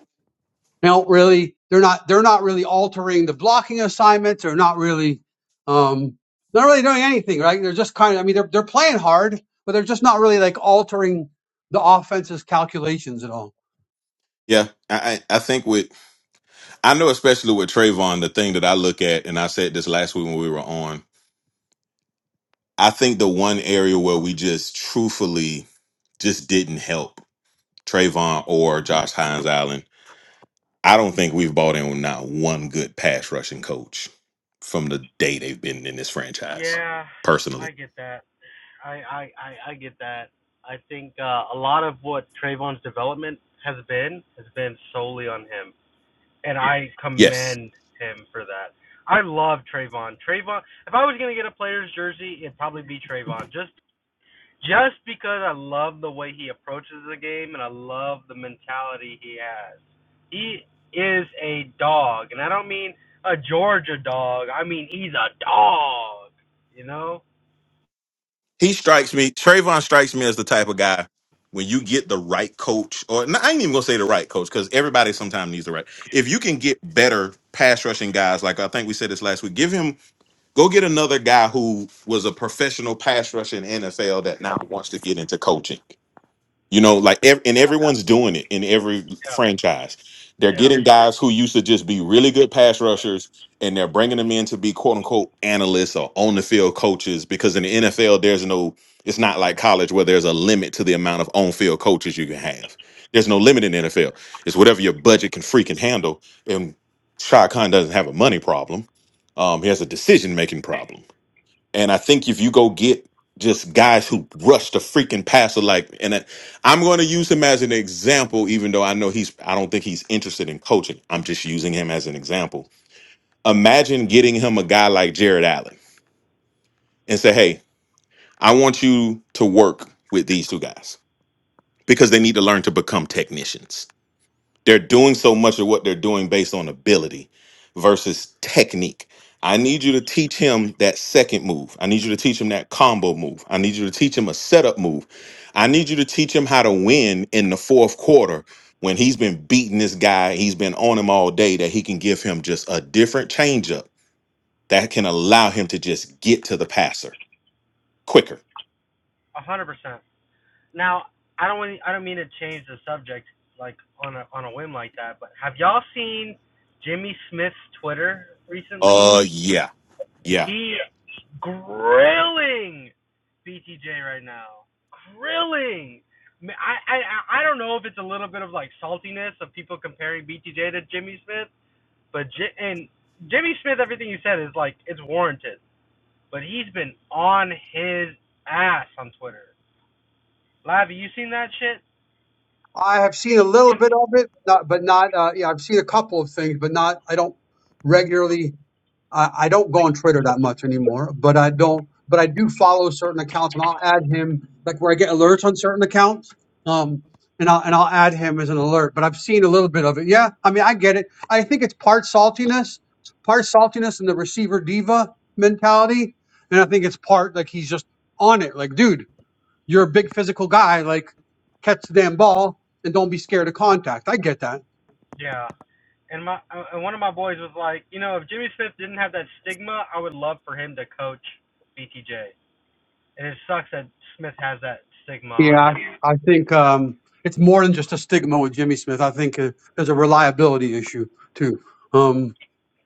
Speaker 4: they don't really they're not they're not really altering the blocking assignments they're not really um not really doing anything right they're just kind of i mean they're, they're playing hard but they're just not really like altering the offense's calculations at all
Speaker 2: Yeah, I I I think with I know, especially with Trayvon, the thing that I look at, and I said this last week when we were on, I think the one area where we just truthfully just didn't help Trayvon or Josh Hines Allen. I don't think we've bought in with not one good pass rushing coach from the day they've been in this franchise,
Speaker 5: Yeah,
Speaker 2: personally.
Speaker 5: I get that. I I I, I get that. I think uh, a lot of what Trayvon's development has been has been solely on him, and I
Speaker 2: Yes.
Speaker 5: commend him for that. I love Trayvon. Trayvon. If I was gonna get a player's jersey, it'd probably be Trayvon. Just just because I love the way he approaches the game, and I love the mentality he has. He is a dog, and I don't mean a Georgia dog. I mean he's a dog. You know
Speaker 2: He strikes me. Trayvon strikes me as the type of guy when you get the right coach, or no, I ain't even gonna say the right coach because everybody sometimes needs the right. If you can get better pass rushing guys, like I think we said this last week, give him go get another guy who was a professional pass rusher in NFL that now wants to get into coaching. You know, like ev- and everyone's doing it in every
Speaker 5: Yeah,
Speaker 2: franchise. They're
Speaker 5: yeah,
Speaker 2: getting guys who used to just be really good pass rushers, and they're bringing them in to be quote unquote analysts or on the field coaches. Because in the NFL, there's no, it's not like college where there's a limit to the amount of on field coaches you can have. There's no limit in the NFL. It's whatever your budget can freaking handle. And Shaq Khan doesn't have a money problem. Um, he has a decision making problem and I think if you go get just guys who rush the freaking passer, like, and I- I'm going to use him as an example, even though I know he's, I don't think he's interested in coaching. I'm just using him as an example. Imagine getting him a guy like Jared Allen and say, hey, I want you to work with these two guys because they need to learn to become technicians They're doing so much of what they're doing based on ability versus technique. I need you to teach him that second move. I need you to teach him that combo move. I need you to teach him a setup move. I need you to teach him how to win in the fourth quarter when he's been beating this guy, he's been on him all day, that he can give him just a different changeup that can allow him to just get to the passer quicker.
Speaker 5: a hundred percent. Now, I don't want, I don't mean to change the subject like on a on a whim like that, but have y'all seen Jimmy Smith's Twitter recently?
Speaker 2: Uh, yeah. Yeah.
Speaker 5: He grilling BTJ right now, grilling. I I I don't know if it's a little bit of like saltiness of people comparing BTJ to Jimmy Smith, but J- and Jimmy Smith, everything you said is like it's warranted, but he's been on his ass on Twitter Live, you seen that shit?
Speaker 4: i have seen a little bit of it not, but not uh, yeah i've seen a couple of things but not i don't regularly I, I don't go on Twitter that much anymore, but I don't. But I do follow certain accounts, and I'll add him like where I get alerts on certain accounts. Um, and I'll and I'll add him as an alert. But I've seen a little bit of it. Yeah, I mean, I get it. I think it's part saltiness, part saltiness, and the receiver diva mentality, and I think it's part like he's just on it. Like, dude, you're a big physical guy. Like, catch the damn ball and don't be scared of contact. I get that.
Speaker 5: Yeah. And my uh, and one of my boys was like, you know, if Jimmy Smith didn't have that stigma, I would love for him to coach BTJ. And it sucks that Smith has that stigma on
Speaker 4: Yeah,
Speaker 5: him.
Speaker 4: I I think um, it's more than just a stigma with Jimmy Smith. I think uh, there's a reliability issue too. Um,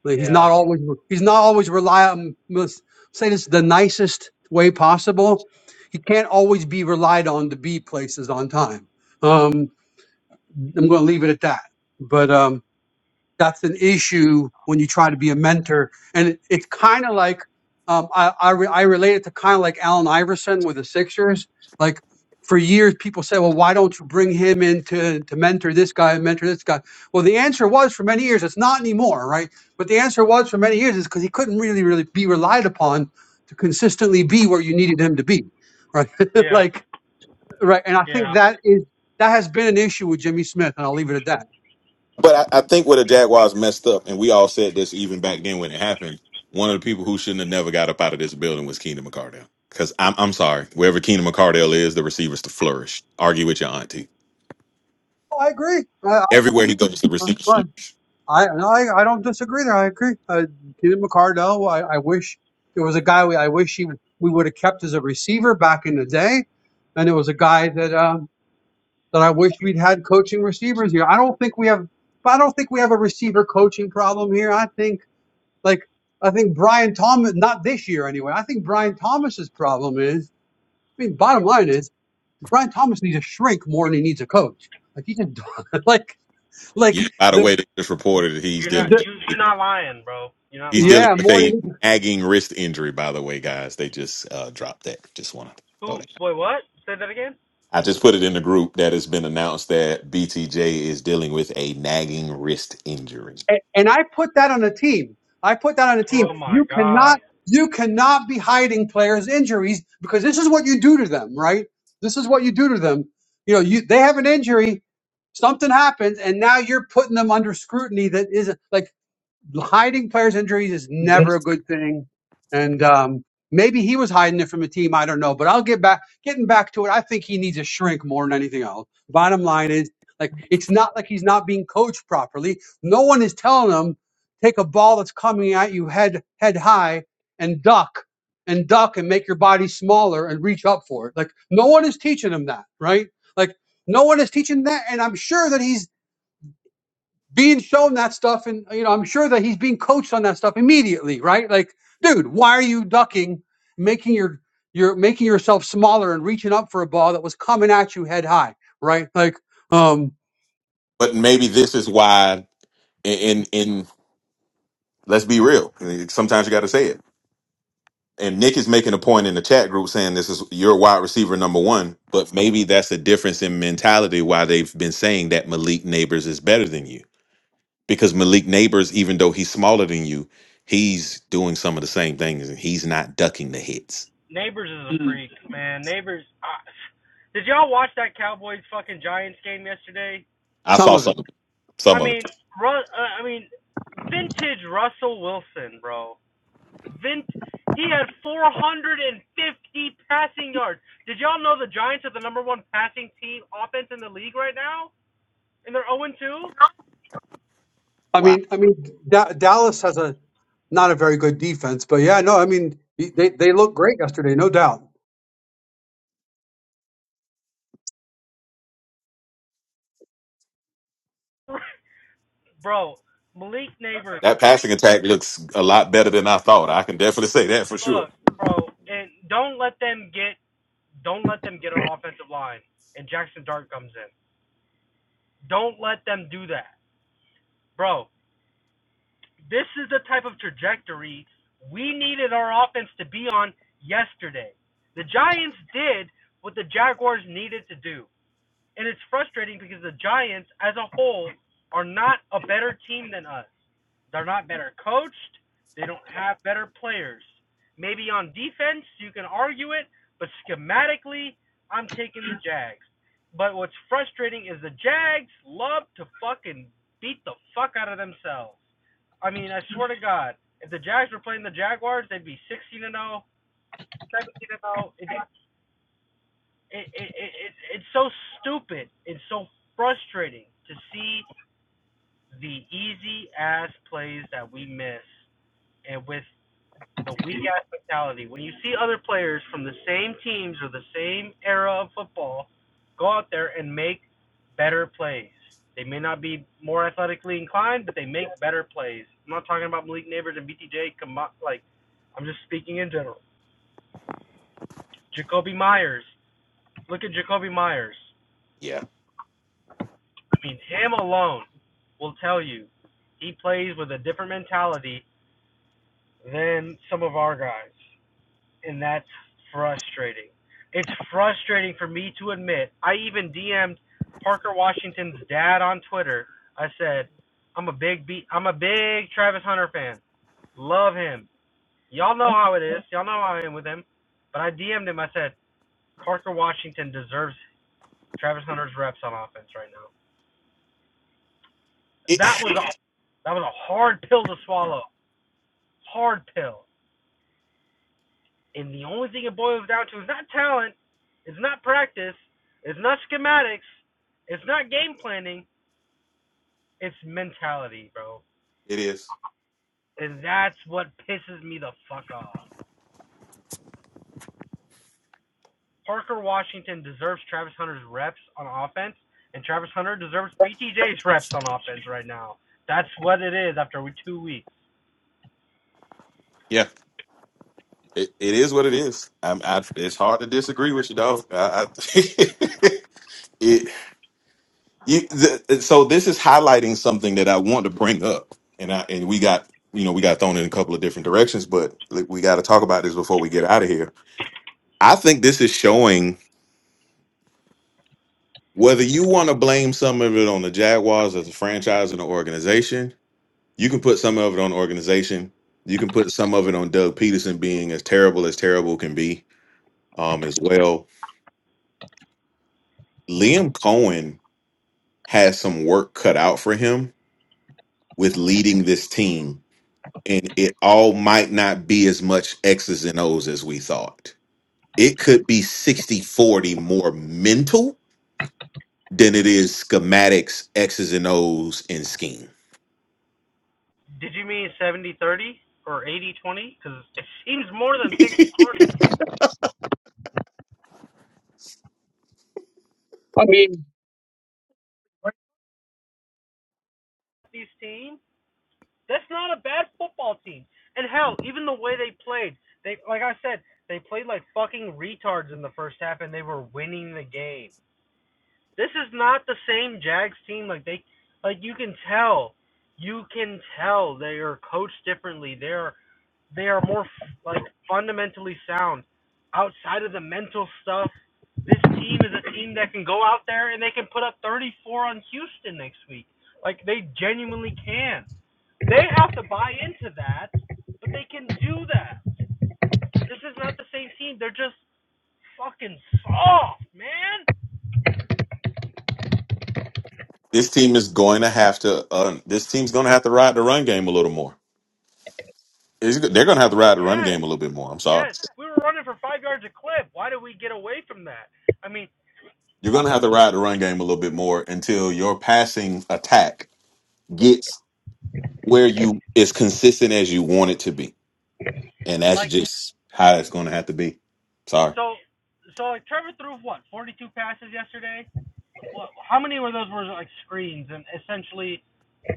Speaker 4: like, he's
Speaker 5: Yeah.
Speaker 4: not always he's not always reliable. let say this the nicest way possible. He can't always be relied on to be places on time. Um, I'm going to leave it at that. But um, that's an issue when you try to be a mentor. And it, it's kind of like um, I I, re- I relate it to kind of like Allen Iverson with the Sixers. Like for years, people said, "Well, why don't you bring him in to to mentor this guy and mentor this guy?" Well, the answer was for many years it's not anymore, right? But the answer was for many years is because he couldn't really really be relied upon to consistently be where you needed him to be, right?
Speaker 5: Yeah.
Speaker 4: like right, and I think
Speaker 5: Yeah.
Speaker 4: that is that has been an issue with Jimmy Smith, and I'll leave it at that.
Speaker 2: But I, I think where the Jaguars messed up, and we all said this even back then when it happened, one of the people who shouldn't have never got up out of this building was Keenan McCardell. Because I'm, I'm sorry, wherever Keenan McCardell is, the receivers to flourish. Argue with your auntie.
Speaker 4: Oh, I agree. I,
Speaker 2: Everywhere he goes, the receivers.
Speaker 4: I, I no, I, I don't disagree there. I agree. Uh, Keenan McCardell, I, I wish it was a guy we I wish he, we would have kept as a receiver back in the day, and it was a guy that um, that I wish we'd had coaching receivers here. I don't think we have. I don't think we have a receiver coaching problem here. I think like I think Brian Thomas, not this year anyway. I think Brian Thomas's problem is. I mean, bottom line is Brian Thomas needs a shrink more than he needs a coach. Like he just like
Speaker 2: Yeah.
Speaker 4: like
Speaker 2: By the
Speaker 4: the
Speaker 2: way, they just reported that he's
Speaker 5: You're not
Speaker 2: dealing.
Speaker 4: the
Speaker 5: you you're not lying, bro. You're not
Speaker 2: He's
Speaker 5: lying.
Speaker 2: dealing
Speaker 4: yeah
Speaker 2: with
Speaker 4: more. than he needs
Speaker 2: a
Speaker 4: a
Speaker 2: nagging wrist injury. By the way, guys, they just uh, dropped that. Just want to throw
Speaker 5: Who?
Speaker 2: that. out.
Speaker 5: Wait, what? Say that again.
Speaker 2: I just put it in the group that has been announced that BTJ is dealing with a nagging wrist injury.
Speaker 4: and, and I put that on a team. I put that on a team.
Speaker 5: Oh my
Speaker 4: You
Speaker 5: God.
Speaker 4: cannot you cannot be hiding players' injuries because this is what you do to them, right? This is what you do to them. You know, you they have an injury, something happens, and now you're putting them under scrutiny that isn't like hiding players' injuries is never a good thing. And um, maybe he was hiding it from a team. I don't know. But I'll get back, getting back to it. I think he needs a shrink more than anything else. Bottom line is, like, it's not like he's not being coached properly. No one is telling him take a ball that's coming at you head head high and duck and duck and make your body smaller and reach up for it. Like, no one is teaching him that, right? Like, no one is teaching that. And I'm sure that he's being shown that stuff and you know i'm sure that he's being coached on that stuff immediately right like dude why are you ducking making your you're making yourself smaller and reaching up for a ball that was coming at you head high right like um
Speaker 2: but maybe this is why in in let's be real sometimes you got to say it and nick is making a point in the chat group saying this is your wide receiver number one but maybe that's a difference in mentality why they've been saying that malik neighbors is better than you because malik neighbors even though he's smaller than you he's doing some of the same things and he's not ducking the hits
Speaker 5: Neighbors is a
Speaker 2: Mm.
Speaker 5: freak, man. Neighbors. I, did y'all watch that Cowboys fucking Giants game yesterday?
Speaker 2: i
Speaker 4: some
Speaker 2: saw
Speaker 4: of
Speaker 2: some
Speaker 4: it
Speaker 2: of it
Speaker 5: I
Speaker 2: some of it
Speaker 5: mean, Ru- uh, I mean, vintage Russell Wilson, bro. Vint. He had 450 passing yards. Did y'all know the Giants are the number one passing team offense in the league right now, and they're 0
Speaker 4: i
Speaker 2: wow
Speaker 4: mean i mean da- dallas has a not a very good defense but yeah no i mean they they look great yesterday no doubt
Speaker 5: 2? bro, Malik Neighbors.
Speaker 2: that passing attack looks a lot better than i thought i can definitely say that for sure
Speaker 5: Look, bro, and don't let them get don't let them get an offensive line, and Jackson Dart comes in. Don't let them do that, bro. This is the type of trajectory we needed our offense to be on yesterday. The Giants did what the Jaguars needed to do. And it's frustrating because the Giants as a whole are not a better team than us. They're not better coached. They don't have better players. Maybe on defense, you can argue it, but schematically, I'm taking the Jags. But what's frustrating is the Jags love to fucking beat the fuck out of themselves. I mean, I swear to God, if the Jags were playing the Jaguars, they'd be 16 and 0, 17 and 0. It, it, it, it, it, it's so stupid. It's so frustrating to see the easy ass plays that we miss, and with the weak ass mentality. When you see other players from the same teams or the same era of football go out there and make better plays. They may not be more athletically inclined, but they make better plays. I'm not talking about Malik Neighbors and BTJ. Like, I'm just speaking in general. Jacoby Myers. Look at Jacoby Myers.
Speaker 2: yeah
Speaker 5: I mean, him alone will tell you he plays with a different mentality than some of our guys. and that's frustrating. It's frustrating for me to admit. I even DM'd Parker Washington's dad on Twitter. I said, "I'm a big B. I'm a big Travis Hunter fan. Love him. Y'all know how it is. Y'all know how I am with him." But I DM'd him. I said, "Parker Washington deserves Travis Hunter's reps on offense right now."
Speaker 2: it,
Speaker 5: That was a that was a hard pill to swallow. Hard pill. And the only thing it boils down to is not talent, it's not practice, it's not schematics, it's not game planning, it's mentality, bro.
Speaker 2: it is
Speaker 5: And that's what pisses me the fuck off. Parker Washington deserves Travis Hunter's reps on offense, and Travis Hunter deserves BTJ's reps on offense right now. That's what it is after two weeks.
Speaker 2: Yeah. It, it is what it is. I'm, I, it's hard to disagree with you, dog. I, I, it, you, the, so this is highlighting something that I want to bring up, and I and we got you know we got thrown in a couple of different directions, but like, we got to talk about this before we get out of here. I think this is showing whether you want to blame some of it on the Jaguars as a franchise and an organization. You can put some of it on the organization. You can put some of it on Doug Peterson being as terrible as terrible can be, um, as well. Liam Cohen has some work cut out for him with leading this team. And it all might not be as much X's and O's as we thought. It could be 60 40 more mental than it is schematics, X's and O's, and scheme.
Speaker 5: Did you mean 70 30 or 80 20? Because it seems more than 60 40
Speaker 4: i mean
Speaker 5: These teams That's not a bad football team. And hell, even the way they played, they like I said, they played like fucking retards in the first half and they were winning the game. This is not the same Jags team like they like you can tell. You can tell they are coached differently. They're they are more like fundamentally sound outside of the mental stuff. This team is a team that can go out there and they can put up 34 on Houston next week. Like they genuinely can. They have to buy into that, but they can do that. This is not the same team. They're just fucking soft, man.
Speaker 2: This team is going to have to, uh, this team's going to have to ride the run game a little more. It's- they're going to have to ride the run game
Speaker 5: Yes.
Speaker 2: a little bit more. I'm sorry.
Speaker 5: Yes. We were running for five yards a clip. Why did we get away from that? I mean,
Speaker 2: You're going to have to ride the run game a little bit more until your passing attack gets where you as consistent as you want it to be and that's
Speaker 5: like,
Speaker 2: just how it's going to have to be. Sorry,
Speaker 5: so, so like Trevor threw what, 42 passes yesterday? What, how many of those were like screens and essentially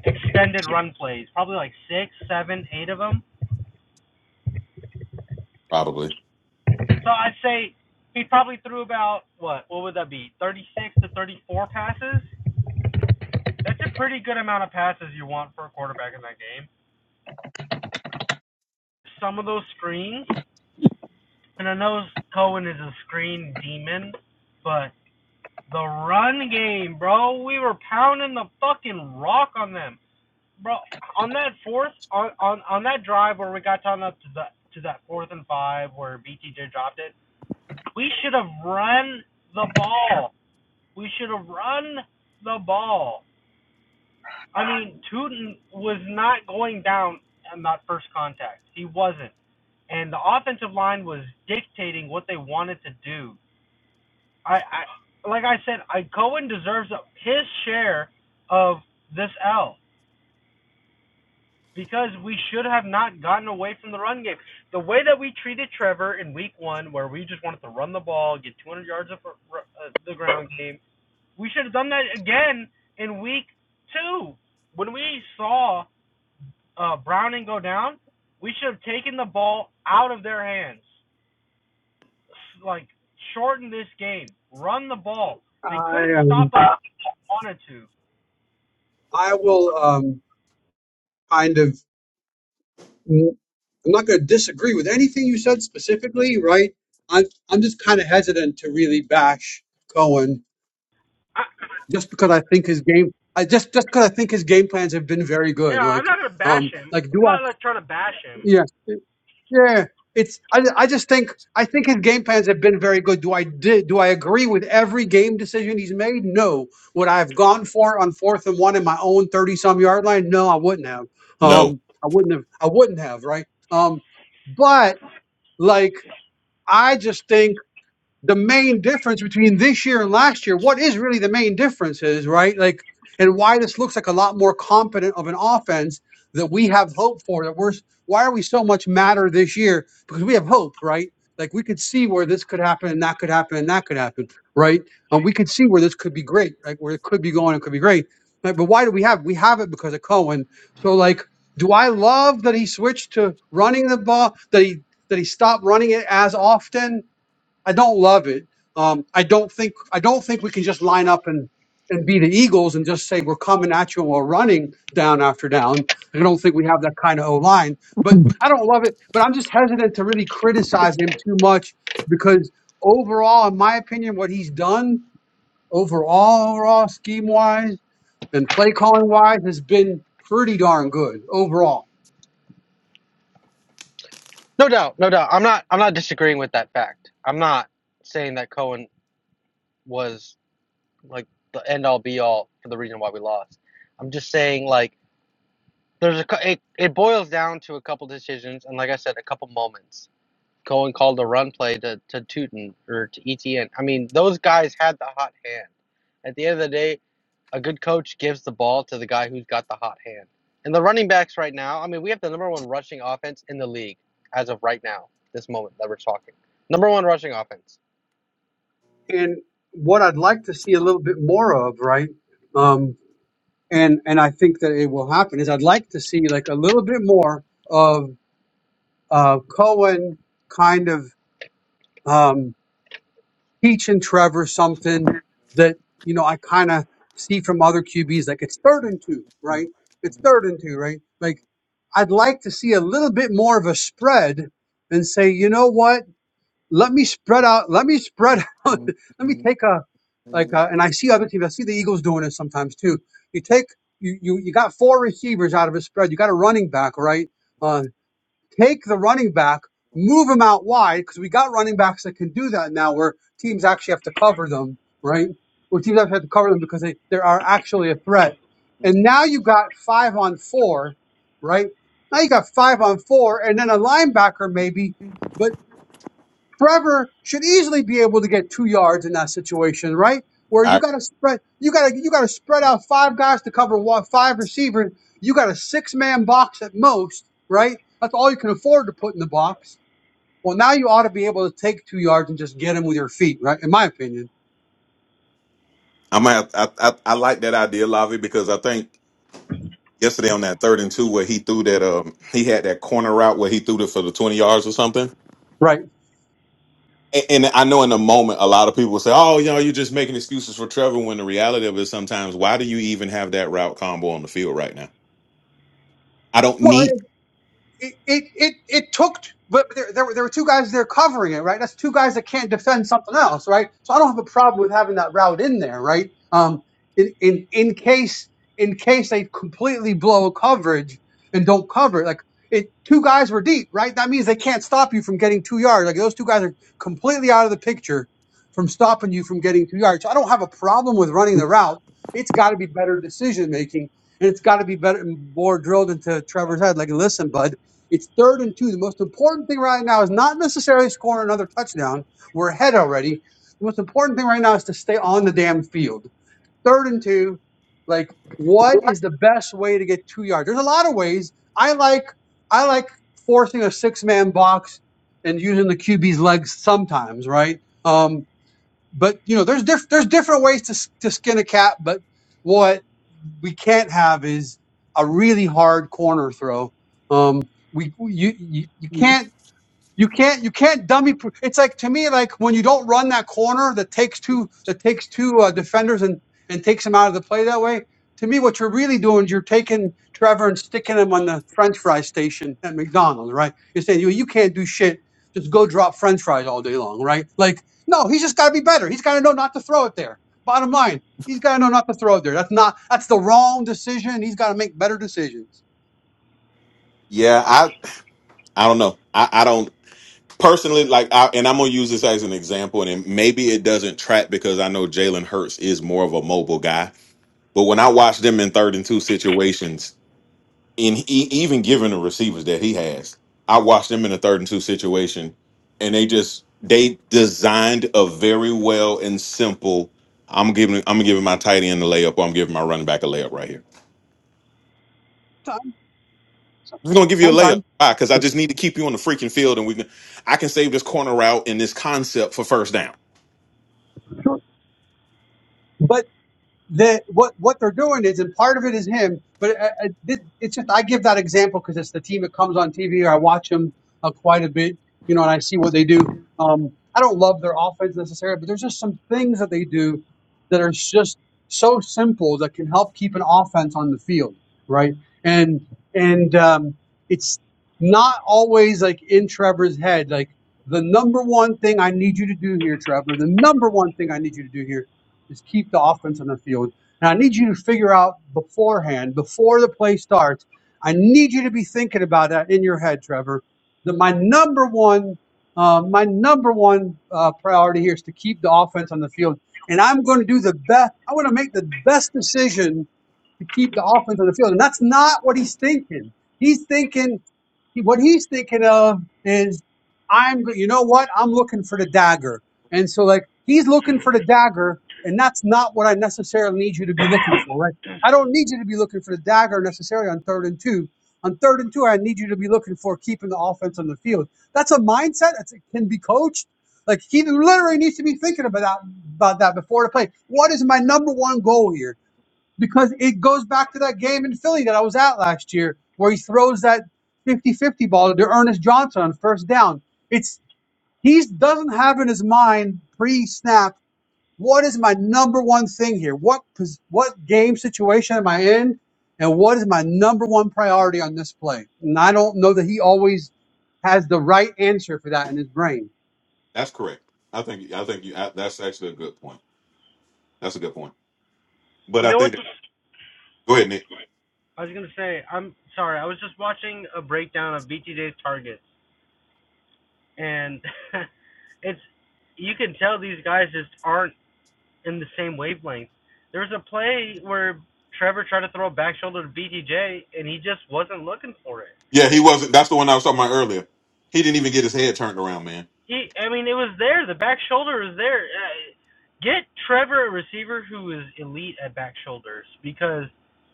Speaker 5: extended run plays? Probably like six, seven, eight of them.
Speaker 2: probably
Speaker 5: So I'd say he probably threw about, what, what would that be? 36 to 34 passes? That's a pretty good amount of passes you want for a quarterback in that game. Some of those screens, and I know Cohen is a screen demon, but the run game, bro, we were pounding the fucking rock on them, bro. On that fourth, on on on that drive where we got down up to the to that fourth and five where BTJ dropped it, we should have run the ball. We should have run the ball. I mean, Tootin was not going down on that first contact. He wasn't. And the offensive line was dictating what they wanted to do. I, I like I said, I Cohen deserves a, his share of this L because we should have not gotten away from the run game. The way that we treated Trevor in week 1 where we just wanted to run the ball, get 200 yards of uh, the ground game, we should have done that again in week 2 when we saw uh, Browning go down, we should have taken the ball out of their hands. Like, shorten this game. Run the ball. They
Speaker 4: i
Speaker 5: couldn't stop
Speaker 4: um
Speaker 5: us if they wanted to.
Speaker 4: i will um kind of I'm not going to disagree with anything you said specifically, right? I'm I'm just kind of hesitant to really bash Cohen
Speaker 5: I,
Speaker 4: just because I think his game I just just because I think his game plans have been very
Speaker 5: yeah,
Speaker 4: good.
Speaker 5: I'm
Speaker 4: Like
Speaker 5: not gonna bash
Speaker 4: um
Speaker 5: him.
Speaker 4: like
Speaker 5: I'm
Speaker 4: do I
Speaker 5: not like trying to bash him.
Speaker 4: yeah yeah it's I, I just think I think his game plans have been very good. Do I did do I agree with every game decision he's made? No. Would I have gone for it on fourth and one in my own thirty some yard line? No, I wouldn't have.
Speaker 2: no.
Speaker 4: Um, I wouldn't have. I wouldn't have. Right. Um, but like. I just think the main difference between this year and last year, what is really the main difference is, right? Like, and why this looks like a lot more competent of an offense that we have hope for. That we're why are we so much matter this year? Because we have hope, right? Like we could see where this could happen and that could happen and that could happen, right? And we could see where this could be great, like where it could be going, it could be great. But, but why do we have? We have it because of Cohen. So like, do I love that he switched to running the ball? That he that he stopped running it as often? I don't love it. Um, I don't think I don't think we can just line up and and be the Eagles and just say we're coming at you and we're running down after down. I don't think we have that kind of O line, but I don't love it. But I'm just hesitant to really criticize him too much because overall, in my opinion, what he's done overall, overall scheme wise and play calling wise has been pretty darn good overall.
Speaker 5: No doubt, no doubt. I'm not I'm not disagreeing with that fact. I'm not saying that Cohen was like the end all be all for the reason why we lost. I'm just saying like there's a it, it boils down to a couple decisions and like I said a couple moments. Cohen called a run play to, to Tootin or to ETN. I mean, those guys had the hot hand. At the end of the day, a good coach gives the ball to the guy who's got the hot hand. And the running backs right now, I mean, we have the number one rushing offense in the league as of right now, this moment that we're talking. Number one rushing offense.
Speaker 4: And what I'd like to see a little bit more of, right? um, and and I think that it will happen is I'd like to see like a little bit more of uh, Cohen kind of um, teaching Trevor something that you know I kind of see from other QBs like it's third and two right it's third and two right like I'd like to see a little bit more of a spread and say you know what let me spread out. Let me spread out. let me take a like. A, and I see other teams. I see the Eagles doing it sometimes too. You take you you you got four receivers out of a spread. You got a running back, right? Uh, take the running back, move him out wide because we got running backs that can do that now, where teams actually have to cover them, right? Where teams actually have to cover them because they there are actually a threat. And now you got five on four, right? Now you got five on four, and then a linebacker maybe. but. Trevor should easily be able to get two yards in that situation, right? Where you
Speaker 2: I
Speaker 4: got to spread, you got to you got to spread out five guys to cover one, five receivers. You got a six man box at most, right? That's all you can afford to put in the box. Well, now you ought to be able to take two yards and just get him with your feet, right? In my opinion,
Speaker 2: I might have, I, I I like that idea, Lavi, because I think yesterday on that third and two where he threw that um he had that corner route where he threw it for the twenty yards or something.
Speaker 4: right?
Speaker 2: And, and I know in the moment a lot of people say, "Oh, you know, you're just making excuses for Trevor." When the reality of it is, sometimes why do you even have that route combo on the field right now? I don't
Speaker 4: Well.
Speaker 2: need.
Speaker 4: it it it, it took but there, there were there were two guys there covering it, right? That's two guys that can't defend something else, right? So I don't have a problem with having that route in there, right? Um, in in in case in case they completely blow coverage and don't cover it, like it two guys were deep, right? That means they can't stop you from getting two yards. Like those two guys are completely out of the picture from stopping you from getting two yards. So I don't have a problem with running the route. It's got to be better decision making, and it's got to be better more drilled into Trevor's head. Like, listen, bud. It's third and two. The most important thing right now is not necessarily scoring another touchdown. We're ahead already. The most important thing right now is to stay on the damn field. Third and two. Like, what is the best way to get two yards? There's a lot of ways. I like I like forcing a six man box and using the QB's legs sometimes, right? Um, but you know, there's diff- there's different ways to s- to skin a cat. But what? we can't have is a really hard corner throw. Um, we you, you you can't you can't you can't dummy. Pro- it's like to me like when you don't run that corner that takes two that takes two uh, defenders and and takes them out of the play that way. To me, what you're really doing is you're taking Trevor and sticking him on the French fry station at McDonald's, right? You're saying you you can't do shit. Just go drop French fries all day long, right? Like no, he's just got to be better. He's got to know not to throw it there. Bottom line, he's got to know not to throw it there. That's not that's the wrong decision. He's got to make better decisions.
Speaker 2: Yeah, I I don't know. I I don't. personally, like, I, and I'm gonna use this as an example, and it, maybe it doesn't track because I know Jalen Hurts is more of a mobile guy. But when I watch them in third and two situations, in e- even given the receivers that he has, I watch them in a third and two situation, and they just they designed a very well and simple. I'm giving I'm giving my tight end a layup, or I'm giving my running back a layup right here.
Speaker 4: Sometimes, some-
Speaker 2: I'm just
Speaker 4: some-
Speaker 2: gonna give you a layup.
Speaker 4: sometimes,
Speaker 2: Why? Because I just need to keep you on the freaking field, and we can I can save this corner route and this concept for first down
Speaker 4: but. that what what they're doing is, and part of it is him, but uh, uh, it, it's just I give that example because it's the team that comes on TV. I watch them uh, quite a bit, you know, and I see what they do. Um, I don't love their offense necessarily, but there's just some things that they do that are just so simple that can help keep an offense on the field, right? And and um, it's not always like in Trevor's head, like the number one thing I need you to do here, Trevor. The number one thing I need you to do here is keep the offense on the field. And I need you to figure out beforehand, before the play starts, I need you to be thinking about that in your head, Trevor. That my number one, uh, my number one uh, priority here is to keep the offense on the field, and I'm going to do the best. I want to make the best decision to keep the offense on the field, and that's not what he's thinking. He's thinking he, what he's thinking of is I'm go- you know what I'm looking for the dagger, and so like he's looking for the dagger, and that's not what I necessarily need you to be looking for, right? I don't need you to be looking for the dagger necessarily on third and two. On third and two, I need you to be looking for keeping the offense on the field. That's a mindset that can be coached. Like he literally needs to be thinking about that about that before the play. What is my number one goal here? because it goes back to that game in Philly that I was at last year where he throws that fifty-fifty ball to Ernest Johnson on first down. It's he doesn't have in his mind pre-snap what is my number one thing here? What pos- what game situation am I in? And what is my number one priority on this play? And I don't know that he always has the right answer for that in his brain.
Speaker 2: That's correct. I think I think you, I, that's actually a good point. That's a good point. But
Speaker 5: You
Speaker 2: I
Speaker 5: know what?
Speaker 2: think that, go ahead, Nick.
Speaker 5: I was gonna say. I'm sorry. I was just watching a breakdown of BTJ's targets, and it's you can tell these guys just aren't in the same wavelength. There was a play where Trevor tried to throw a back shoulder to BTJ, and he just wasn't looking for it.
Speaker 2: Yeah, he wasn't. That's the one I was talking about earlier. He didn't even get his head turned around, man.
Speaker 5: He, I mean, it was there. The back shoulder was there. Uh, Get Trevor a receiver who is elite at back shoulders because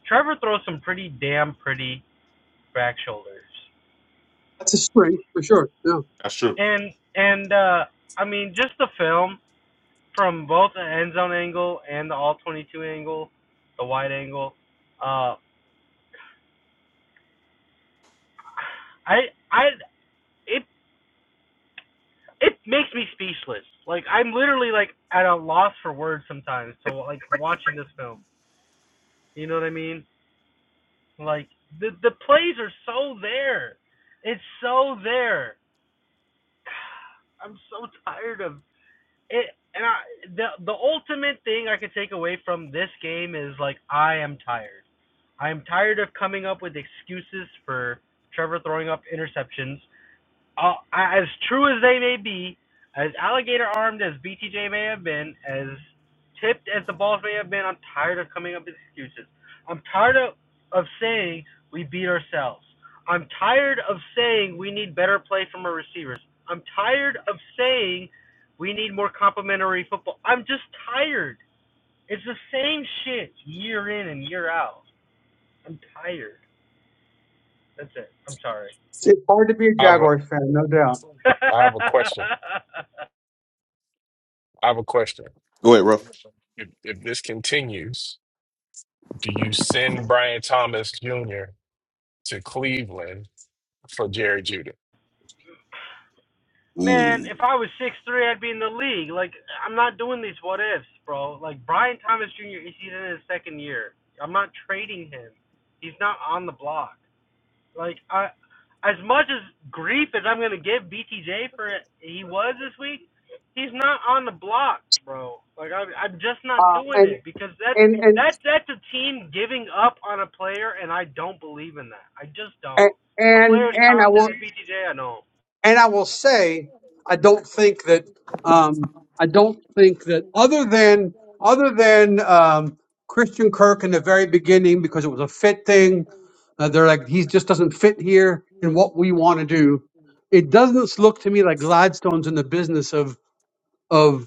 Speaker 5: Trevor throws some pretty damn pretty back shoulders.
Speaker 4: That's a strength for sure. No,
Speaker 2: That's true.
Speaker 5: And and uh, I mean, just the film from both the end zone angle and the all 22 angle, the wide angle. Uh, I I it it makes me speechless. Like I'm literally like at a loss for words sometimes. So like watching this film, you know what I mean? Like the the plays are so there. It's so there. I'm so tired of it. And I the the ultimate thing I could take away from this game is like I am tired. I am tired of coming up with excuses for Trevor throwing up interceptions. uh, as true as they may be, as alligator armed as BTJ may have been, as tipped as the balls may have been, I'm tired of coming up with excuses. I'm tired of, of saying we beat ourselves. I'm tired of saying we need better play from our receivers. I'm tired of saying we need more complementary football. I'm just tired. It's the same shit year in and year out. I'm tired. That's it. I'm sorry.
Speaker 4: it's hard to be a
Speaker 3: I have a
Speaker 4: Jaguars fan, no doubt.
Speaker 3: I have a question. I have a question.
Speaker 2: Go ahead, Ruff.
Speaker 3: If, if this continues, do you send Brian Thomas Jr. to Cleveland for Jerry Judy?
Speaker 5: Man,
Speaker 2: Ooh,
Speaker 5: if I was six three, I'd be in the league. Like, I'm not doing these what ifs, bro. Like Brian Thomas Jr. is he's in his second year. I'm not trading him. He's not on the block. Like I, as much as grief as I'm gonna give BTJ for it, he was this week. He's not on the block, bro. Like I'm, I'm just not
Speaker 4: Uh,
Speaker 5: doing
Speaker 4: and
Speaker 5: it because that's
Speaker 4: and and
Speaker 5: that's that's a team giving up on a player, and I don't believe in that. I just
Speaker 4: and
Speaker 5: don't. A player
Speaker 4: and
Speaker 5: as
Speaker 4: and I
Speaker 5: talented
Speaker 4: will
Speaker 5: as BTJ, I know.
Speaker 4: and I will say I don't think that um, I don't think that other than other than um, Christian Kirk in the very beginning because it was a fit thing. Uh, they're like he just doesn't fit here in what we want to do. It doesn't look to me like Gladstone's in the business of of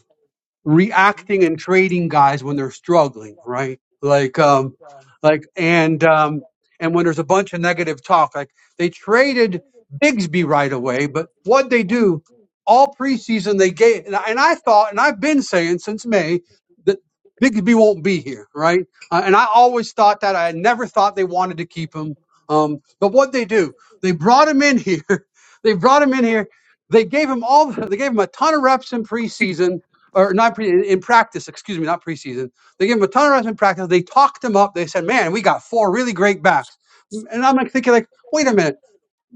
Speaker 4: reacting and trading guys when they're struggling, right? Like, um, like, and, um, and when there's a bunch of negative talk, like they traded Bigsby right away, but what they do all preseason, they gave, and I, and I thought, and I've been saying since May that Bigsby won't be here, right? Uh, and I always thought that I never thought they wanted to keep him. Um, but what they do, they brought him in here. they brought him in here. They gave him all, they gave him a ton of reps in preseason or not pre, in practice, excuse me, not preseason. They gave him a ton of reps in practice. They talked him up. They said, "Man, we got four really great backs." And I'm like thinking, like, wait a minute,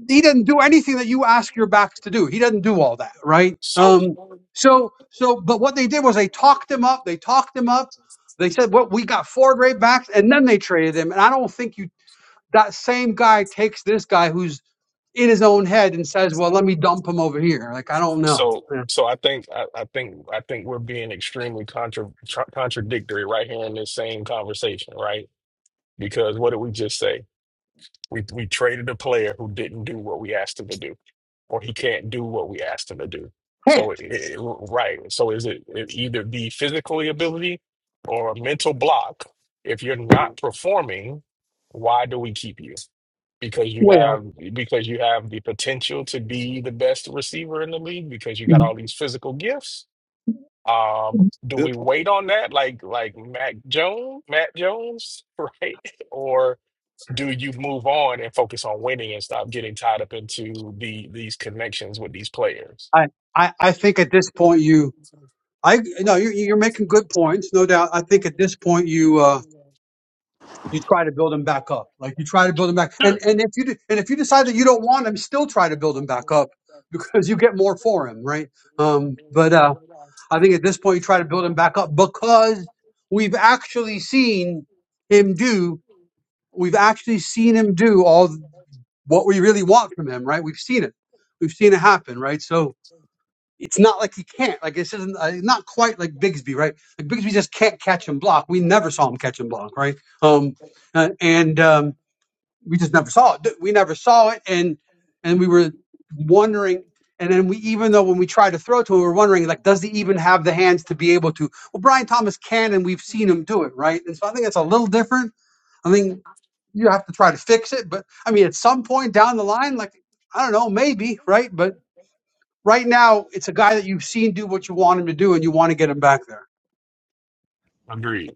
Speaker 4: he doesn't do anything that you ask your backs to do. He doesn't do all that, right?
Speaker 3: So
Speaker 4: Um, so, so, but what they did was they talked him up. They talked him up. They said, "Well, we got four great backs," and then they traded him. And I don't think you that same guy takes this guy who's in his own head and says, "Well, let me dump him over here." Like I don't know.
Speaker 3: So, so I think I, I think I think we're being extremely contra tr contradictory right here in this same conversation, right? Because what did we just say? We we traded a player who didn't do what we asked him to do or he can't do what we asked him to do.
Speaker 4: Can't.
Speaker 3: So, it, it- right. So, is it, it either be physical ability or a mental block? If you're not
Speaker 2: good
Speaker 3: performing, why do we keep you? Because you
Speaker 4: Well,
Speaker 3: have because you have the potential to be the best receiver in the league because you got all these physical gifts. Um, do we
Speaker 2: point,
Speaker 3: wait on that like like Mac Jones, Matt Jones, right? Or do you move on and focus on winning and stop getting tied up into the these connections with these players?
Speaker 4: I, I, I think at this point you, I no, you're, you're making good points, no doubt. I think at this point you, uh, you try to build them back up, like you try to build them back, and and if you do, and if you decide that you don't want them, still try to build them back up because you get more for them, right? Um, but uh, I think at this point you try to build him back up because we've actually seen him do, we've actually seen him do all what we really want from him, right? We've seen it, we've seen it happen, right? So. it's not like he can't. Like this isn't uh, not quite like Bigsby, right? Like Bigsby just can't catch and block. We never saw him catch and block, right? Um, uh, and um, we just never saw it. We never saw it, and and we were wondering. And then we, even though when we tried to throw to him, we were wondering like, does he even have the hands to be able to? Well, Brian Thomas can, and we've seen him do it, right? And so I think that's a little different. I think you have to try to fix it, but I mean, at some point down the line, like I don't know, maybe, right? But Right now, it's a guy that you've seen do what you want him to do, and you want to get him back there.
Speaker 3: Agreed.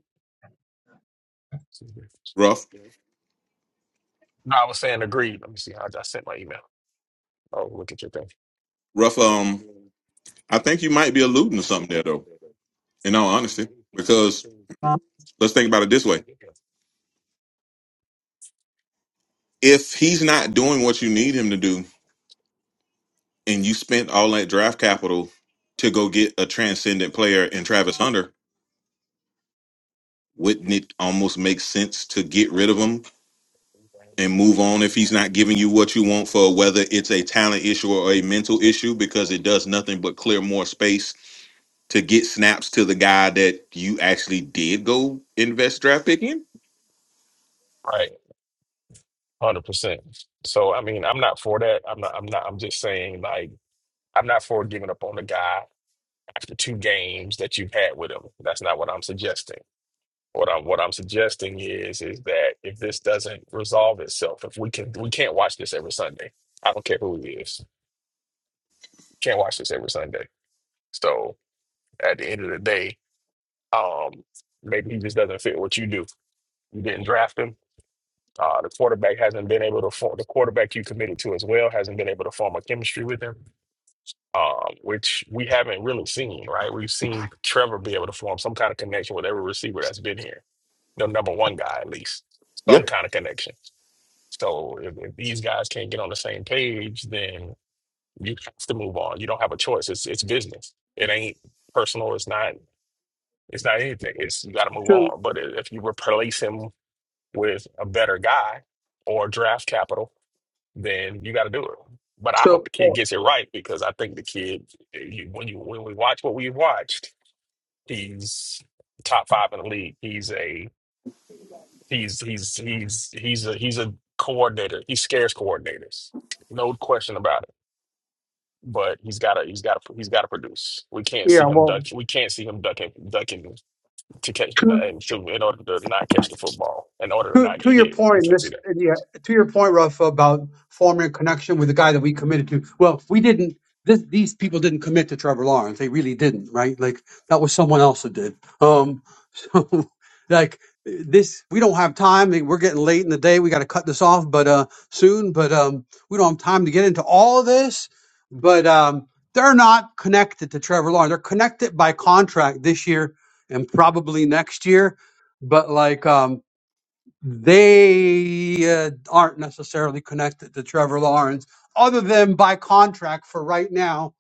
Speaker 2: Ruff.
Speaker 3: No, I was saying agreed. Let me see how I I sent my email. Oh, look at your thing.
Speaker 2: Ruff, um, I think you might be alluding to something there, though. In all honesty, because let's think about it this way: if he's not doing what you need him to do, and you spent all that draft capital to go get a transcendent player in Travis Hunter, wouldn't it almost make sense to get rid of him and move on if he's not giving you what you want for whether it's a talent issue or a mental issue because it does nothing but clear more space to get snaps to the guy that you actually did go invest draft pick in?
Speaker 3: Right, hundred percent. So I mean, I'm not for that. I'm not. I'm not. I'm just saying, like, I'm not for giving up on the guy after two games that you've had with him. That's not what I'm suggesting. What I'm what I'm suggesting is is that if this doesn't resolve itself, if we can we can't watch this every Sunday. I don't care who it is. Can't watch this every Sunday. So at the end of the day, um, maybe he just doesn't fit what you do. You didn't draft him. Uh, the quarterback hasn't been able to form the quarterback you committed to as well hasn't been able to form a chemistry with him, um, which we haven't really seen, right? We've seen Trevor be able to form some kind of connection with every receiver that's been here. The number one guy at least.
Speaker 2: Yeah.
Speaker 3: Some kind of connection. So if, if these guys can't get on the same page, then you have to move on. You don't have a choice. It's it's business. It ain't personal. It's not it's not anything. It's you got to move
Speaker 4: So,
Speaker 3: on. But i- if you replace him with a better guy or draft capital, then you got to do it. But I hope
Speaker 4: so,
Speaker 3: the kid
Speaker 4: so
Speaker 3: gets it right because I think the kid, eh, you- when you when we watch what we have watched, he's top five in the league. He's a He's he's he's he's a he's a coordinator. He scares coordinators. No question about it. But he's gotta he's gotta he's gotta produce. We can't see
Speaker 4: yeah,
Speaker 3: him duck
Speaker 4: well,
Speaker 3: we can't see him ducking ducking to catch
Speaker 4: two.
Speaker 3: and shooting in order to not catch the football, in order to
Speaker 4: To,
Speaker 3: not
Speaker 4: to
Speaker 3: get
Speaker 4: your
Speaker 3: hit. We
Speaker 4: point,
Speaker 3: can't see
Speaker 4: this
Speaker 3: that.
Speaker 4: yeah, to your point, Rafa, about forming a connection with the guy that we committed to. Well, we didn't. This, these people didn't commit to Trevor Lawrence. They really didn't, right? Like that was someone else that did. Um, so like this, we don't have time. Like, We're getting late in the day. We got to cut this off, but uh, soon. But um, we don't have time to get into all of this. But um, they're not connected to Trevor Lawrence. They're connected by contract this year and probably next year. But like um, they uh, aren't necessarily connected to Trevor Lawrence, other than by contract for right now,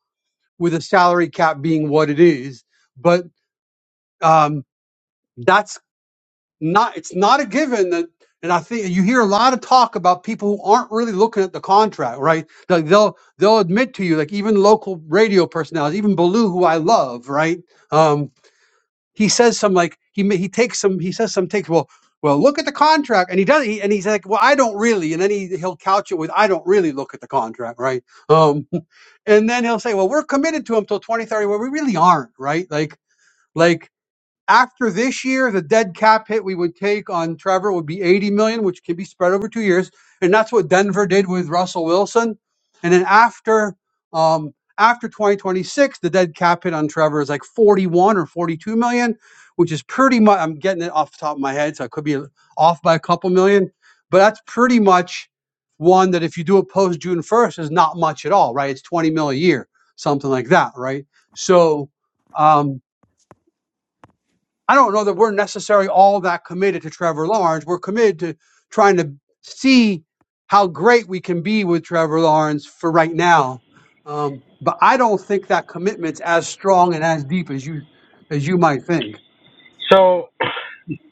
Speaker 4: with a salary cap being what it is. But um, that's not, it's not a given that. And I think you hear a lot of talk about people who aren't really looking at the contract, right? Like they'll they'll admit to you, like even local radio personalities, even Baloo, who I love, right? Um, he says some like he he takes some he says some takes well well look at the contract and he does he, and he's like well I don't really and then he he'll couch it with I don't really look at the contract right um and then he'll say well we're committed to him till 2030 well we really aren't right like like after this year, the dead cap hit we would take on Trevor would be 80 million, which can be spread over two years, and that's what Denver did with Russell Wilson. And then after um, after 2026, the dead cap hit on Trevor is like 41 or 42 million, which is pretty much. I'm getting it off the top of my head, so I could be off by a couple million, but that's pretty much one that if you do it post June 1st is not much at all, right? It's 20 mil a year, something like that, right? So. Um, I don't know that we're necessarily all that committed to Trevor Lawrence. We're committed to trying to see how great we can be with Trevor Lawrence for right now. Um, but I don't think that commitment's as strong and as deep as you as you might think.
Speaker 5: So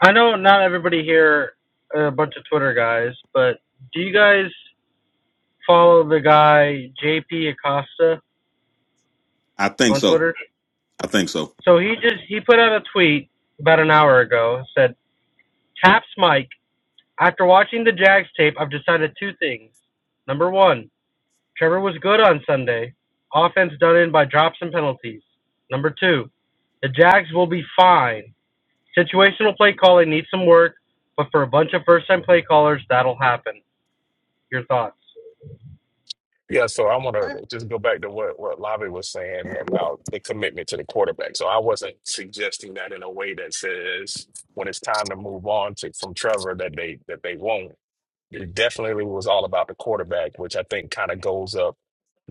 Speaker 5: I know not everybody here are a bunch of Twitter guys, but do you guys follow the guy JP Acosta
Speaker 2: I think
Speaker 5: on
Speaker 2: so.
Speaker 5: Twitter?
Speaker 2: I think so.
Speaker 5: So he just he put out a tweet about an hour ago said Taps Mike after watching the Jags tape I've decided two things. Number 1, Trevor was good on Sunday. Offense done in by drops and penalties. Number 2, the Jags will be fine. Situational play calling needs some work, but for a bunch of first time play callers that'll happen. Your thoughts?
Speaker 3: Yeah, so I wanna just go back to what, what Lavi was saying about the commitment to the quarterback. So I wasn't suggesting that in a way that says when it's time to move on to from Trevor that they that they won't. It definitely was all about the quarterback, which I think kind of goes up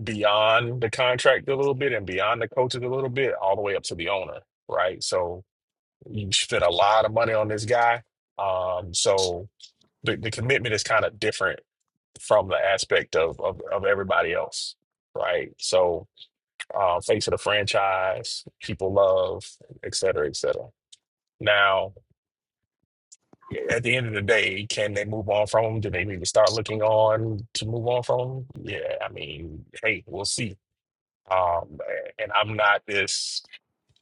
Speaker 3: beyond the contract a little bit and beyond the coaches a little bit, all the way up to the owner, right? So you spent a lot of money on this guy. Um, so the, the commitment is kind of different from the aspect of, of, of everybody else, right? So uh, face of the franchise, people love, et cetera, et cetera. Now, at the end of the day, can they move on from him? Do they need to start looking on to move on from him? Yeah, I mean, hey, we'll see. Um, and I'm not this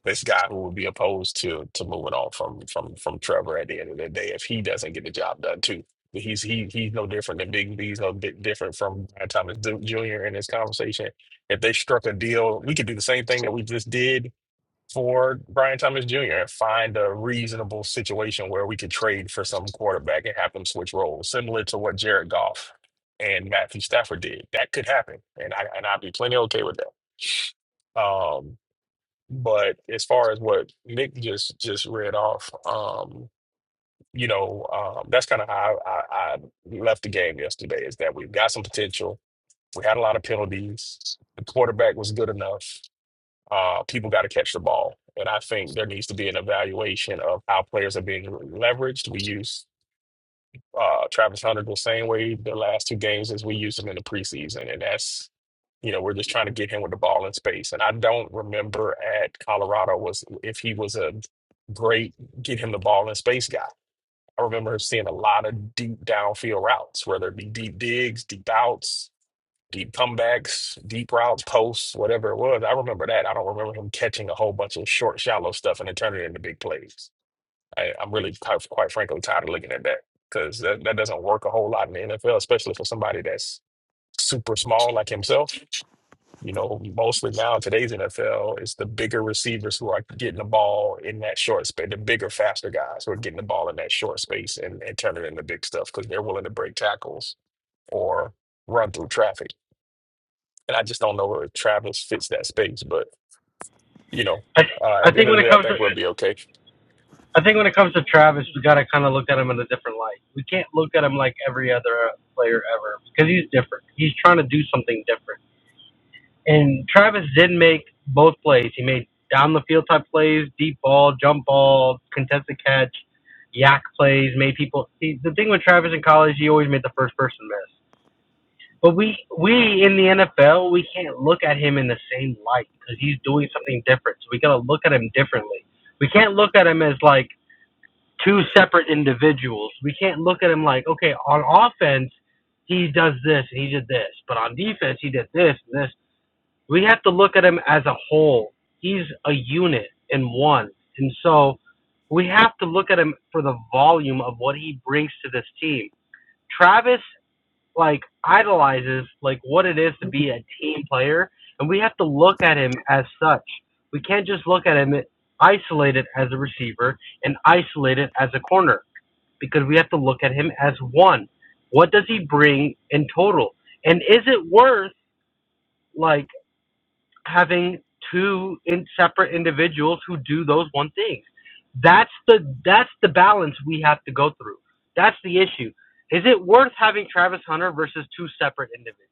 Speaker 3: this guy who would be opposed to to moving on from from from Trevor at the end of the day if he doesn't get the job done too. He's he he's no different than Big B. He's no bit different from Brian Thomas Jr. in this conversation. If they struck a deal, we could do the same thing that we just did for Brian Thomas Jr. and find a reasonable situation where we could trade for some quarterback and have them switch roles, similar to what Jared Goff and Matthew Stafford did. That could happen, and I and I'd be plenty okay with that. Um, but as far as what Nick just just read off, um, you know, um, that's kind of how I, I, I left the game yesterday. Is that we've got some potential. We had a lot of penalties. The quarterback was good enough uh, people got to catch the ball. And I think there needs to be an evaluation of how players are being leveraged. We use uh, Travis Hunter the same way the last two games as we used him in the preseason. And that's, you know, we're just trying to get him with the ball in space. And I don't remember at Colorado was if he was a great get him the ball in space guy. I remember seeing a lot of deep downfield routes, whether it be deep digs, deep outs, deep comebacks, deep routes, posts, whatever it was. I remember that. I don't remember him catching a whole bunch of short, shallow stuff and then turning it into big plays. I, I'm really quite, quite frankly tired of looking at that because that, that doesn't work a whole lot in the NFL, especially for somebody that's super small like himself. You know, mostly now in today's NFL, it's the bigger receivers who are getting the ball in that short space, the bigger, faster guys who are getting the ball in that short space and, and turning it into big stuff because they're willing to break tackles or run through traffic and I just don't know where Travis fits that space. But, you know,
Speaker 5: I, th-
Speaker 3: uh,
Speaker 5: I
Speaker 3: at the
Speaker 5: think
Speaker 3: end of
Speaker 5: when
Speaker 3: the
Speaker 5: it
Speaker 3: day, I
Speaker 5: comes to
Speaker 3: think we'll be okay.
Speaker 5: I think when it comes to Travis, we gotta kind of look at him in a different light. We can't look at him like every other player ever because he's different. He's trying to do something different. And Travis did make both plays. He made down the field type plays, deep ball, jump ball, contested catch, yak plays. Made people. See, the thing with Travis in college, he always made the first person miss. But we we in the NFL we can't look at him in the same light because he's doing something different. So we gotta look at him differently. We can't look at him as like two separate individuals. We can't look at him like okay on offense he does this and he did this, but on defense he did this and this. We have to look at him as a whole. He's a unit in one, and so we have to look at him for the volume of what he brings to this team. Travis like idolizes like what it is to be a team player, and we have to look at him as such. We can't just look at him isolated as a receiver and isolated as a corner because we have to look at him as one. What does he bring in total? And is it worth like having two in separate individuals who do those one things. That's the that's the balance we have to go through. That's the issue. Is it worth having Travis Hunter versus two separate individuals?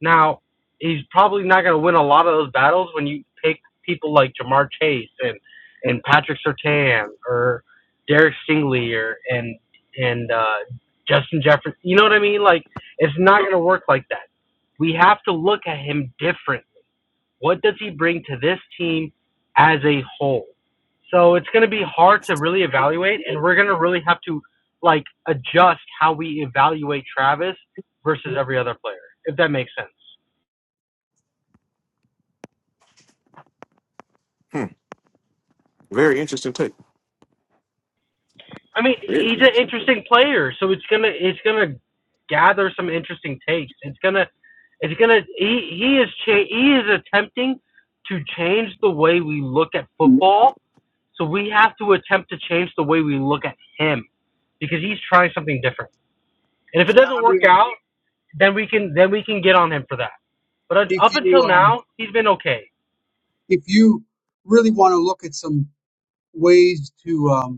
Speaker 5: Now, he's probably not going to win a lot of those battles when you pick people like Jamar Chase and and Patrick Sertan or Derek Stingley or and and uh, Justin Jefferson. You know what I mean? Like it's not going to work like that. We have to look at him different what does he bring to this team as a whole? So it's going to be hard to really evaluate, and we're going to really have to like adjust how we evaluate Travis versus every other player, if that makes sense.
Speaker 2: Hmm. Very interesting take.
Speaker 5: I mean,
Speaker 2: Very
Speaker 5: he's an
Speaker 2: interesting. Take.
Speaker 5: interesting player, so it's gonna it's gonna gather some interesting takes. It's gonna it's gonna he he is cha- he is attempting to change the way we look at football So we have to attempt to change the way we look at him because he's trying something different. And if it
Speaker 4: Yeah,
Speaker 5: doesn't
Speaker 4: I
Speaker 5: work
Speaker 4: mean,
Speaker 5: out, then we can then we can get on him for that. But
Speaker 4: if
Speaker 5: up until
Speaker 4: you um,
Speaker 5: now, he's been okay.
Speaker 4: if you really want to look at some ways to um,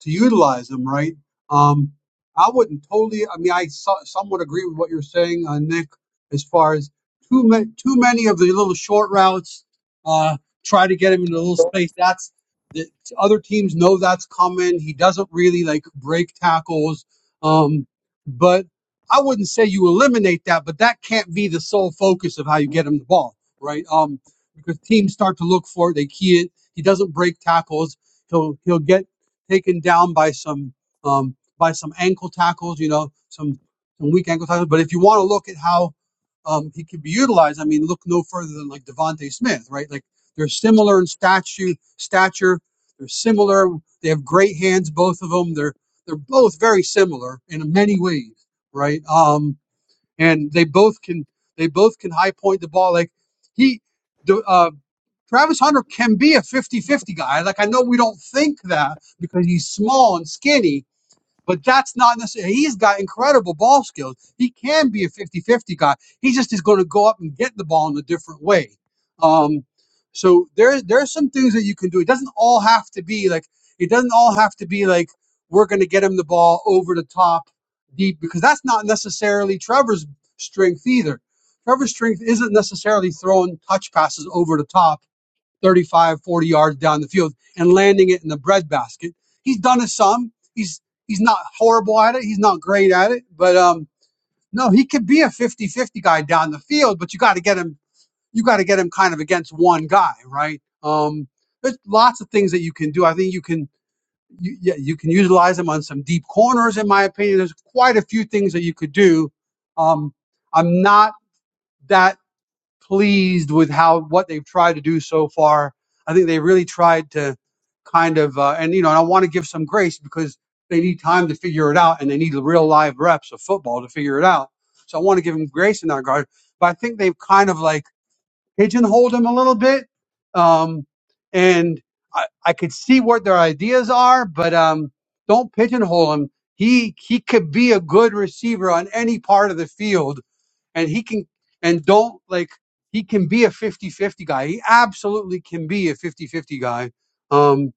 Speaker 4: to utilize them, right? Um, I wouldn't totally. I mean, I so, somewhat agree with what you're saying, uh, Nick, as far as too many too many of the little short routes. Uh, try to get him in a little space. That's the other teams know that's coming. He doesn't really like break tackles, um, but I wouldn't say you eliminate that, but that can't be the sole focus of how you get him the ball, right? Um, because teams start to look for it, they key it. He doesn't break tackles he'll he'll get taken down by some um, by some ankle tackles, you know, some some weak ankle tackles. But if you want to look at how um, he can be utilized, I mean, look no further than like Devonte Smith, right? Like they're similar in statue stature. They're similar. They have great hands, both of them. They're they're both very similar in many ways, right? Um, and they both can they both can high point the ball. Like he, uh, Travis Hunter can be a 50-50 guy. Like I know we don't think that because he's small and skinny, but that's not necessarily he's got incredible ball skills. He can be a 50-50 guy. He just is going to go up and get the ball in a different way. Um so there there are some things that you can do. It doesn't all have to be like it doesn't all have to be like we're going to get him the ball over the top deep because that's not necessarily Trevor's strength either. Trevor's strength isn't necessarily throwing touch passes over the top 35, 40 yards down the field and landing it in the breadbasket. He's done it some. He's he's not horrible at it. He's not great at it, but um, no, he could be a fifty-fifty guy down the field. But you got to get him. You got to get him kind of against one guy, right? Um, there's lots of things that you can do. I think you can. You, yeah, you can utilize him on some deep corners. In my opinion, there's quite a few things that you could do. Um, I'm not that pleased with how what they've tried to do so far. I think they really tried to kind of, uh, and you know, and I want to give some grace because they need time to figure it out, and they need the real live reps of football to figure it out. So I want to give them grace in that regard, but I think they've kind of like pigeonholed him a little bit, um, and I, I could see what their ideas are, but um, don't pigeonhole him. He he could be a good receiver on any part of the field and he can and don't like he can be a 50-50 guy he absolutely can be a 50-50 guy um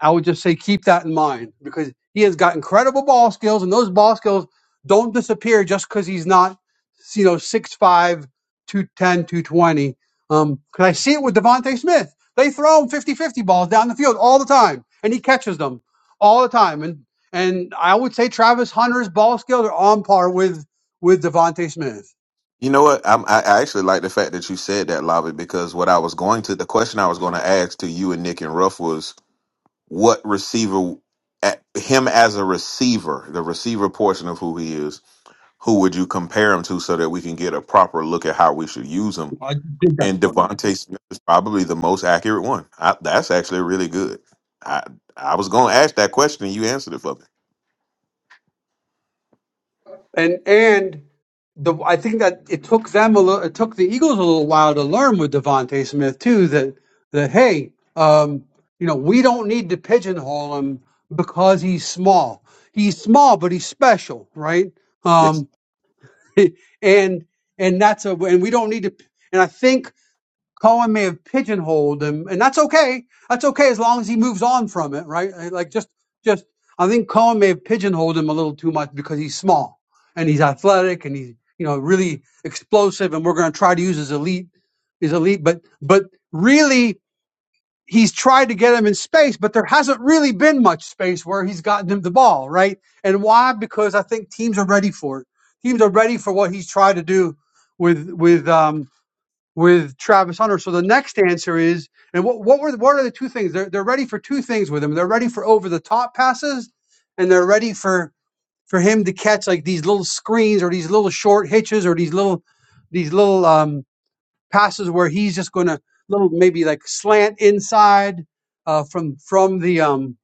Speaker 4: i would just say keep that in mind because he has got incredible ball skills and those ball skills don't disappear just because he's not you know six-five, two-ten, two-twenty. um because i see it with devonte smith they throw him 50-50 balls down the field all the time and he catches them all the time and and i would say travis hunter's ball skills are on par with with devonte smith
Speaker 2: You know what? I'm, I I actually like the fact that you said that, Lavi, because what I was going to, the question I was going to ask to you and Nick and Ruff was what receiver at- him as a receiver, the receiver portion of who he is, who would you compare him to so that we can get a proper look at how we should use him?
Speaker 4: I did that
Speaker 2: And
Speaker 4: for you.
Speaker 2: Devontae Smith is probably the most accurate one. I, that's actually really good. I I was going to ask that question and you answered it for me.
Speaker 4: and and the I think that it took them a little, it took the Eagles a little while to learn with Devonte Smith too that that hey, um, you know, we don't need to pigeonhole him because he's small. He's small, but he's special, right?
Speaker 2: Yes,
Speaker 4: Um, and and that's a and we don't need to. And I think Cohen may have pigeonholed him, and that's okay. That's okay as long as he moves on from it, right? Uh, Like just, just I think Cohen may have pigeonholed him a little too much because he's small and he's athletic and he's you know really explosive, and we're going to try to use his elite, his elite, but but really he's tried to get him in space, but there hasn't really been much space where he's gotten him the ball, right? And why? Because I think teams are ready for it. Teams are ready for what he's tried to do with with um with Travis Hunter. So the next answer is, and what what were the, what are the two things? They're they're ready for two things with him. They're ready for over the top passes, and they're ready for for him to catch like these little screens or these little short hitches or these little these little um, passes where he's just going to little maybe like slant inside uh, from from the um,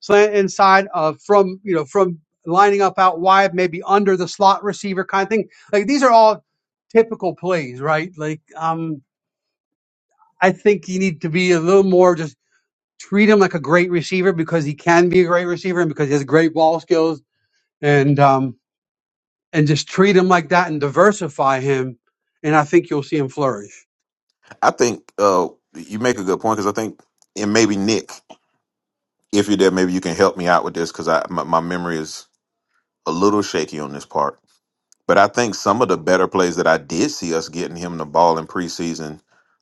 Speaker 4: slant inside uh, from you know from lining up out wide maybe under the slot receiver kind of thing like these are all typical plays right like um I think you need to be a little more just treat him like a great receiver because he can be a great receiver and because he has great ball skills and um and just treat him like that and diversify him and I think you'll see him flourish.
Speaker 2: I think uh, you make a good point because I think and maybe Nick, if you're there, maybe you can help me out with this because I my, my memory is a little shaky on this part But I think some of the better plays that I did see us getting him the ball in preseason,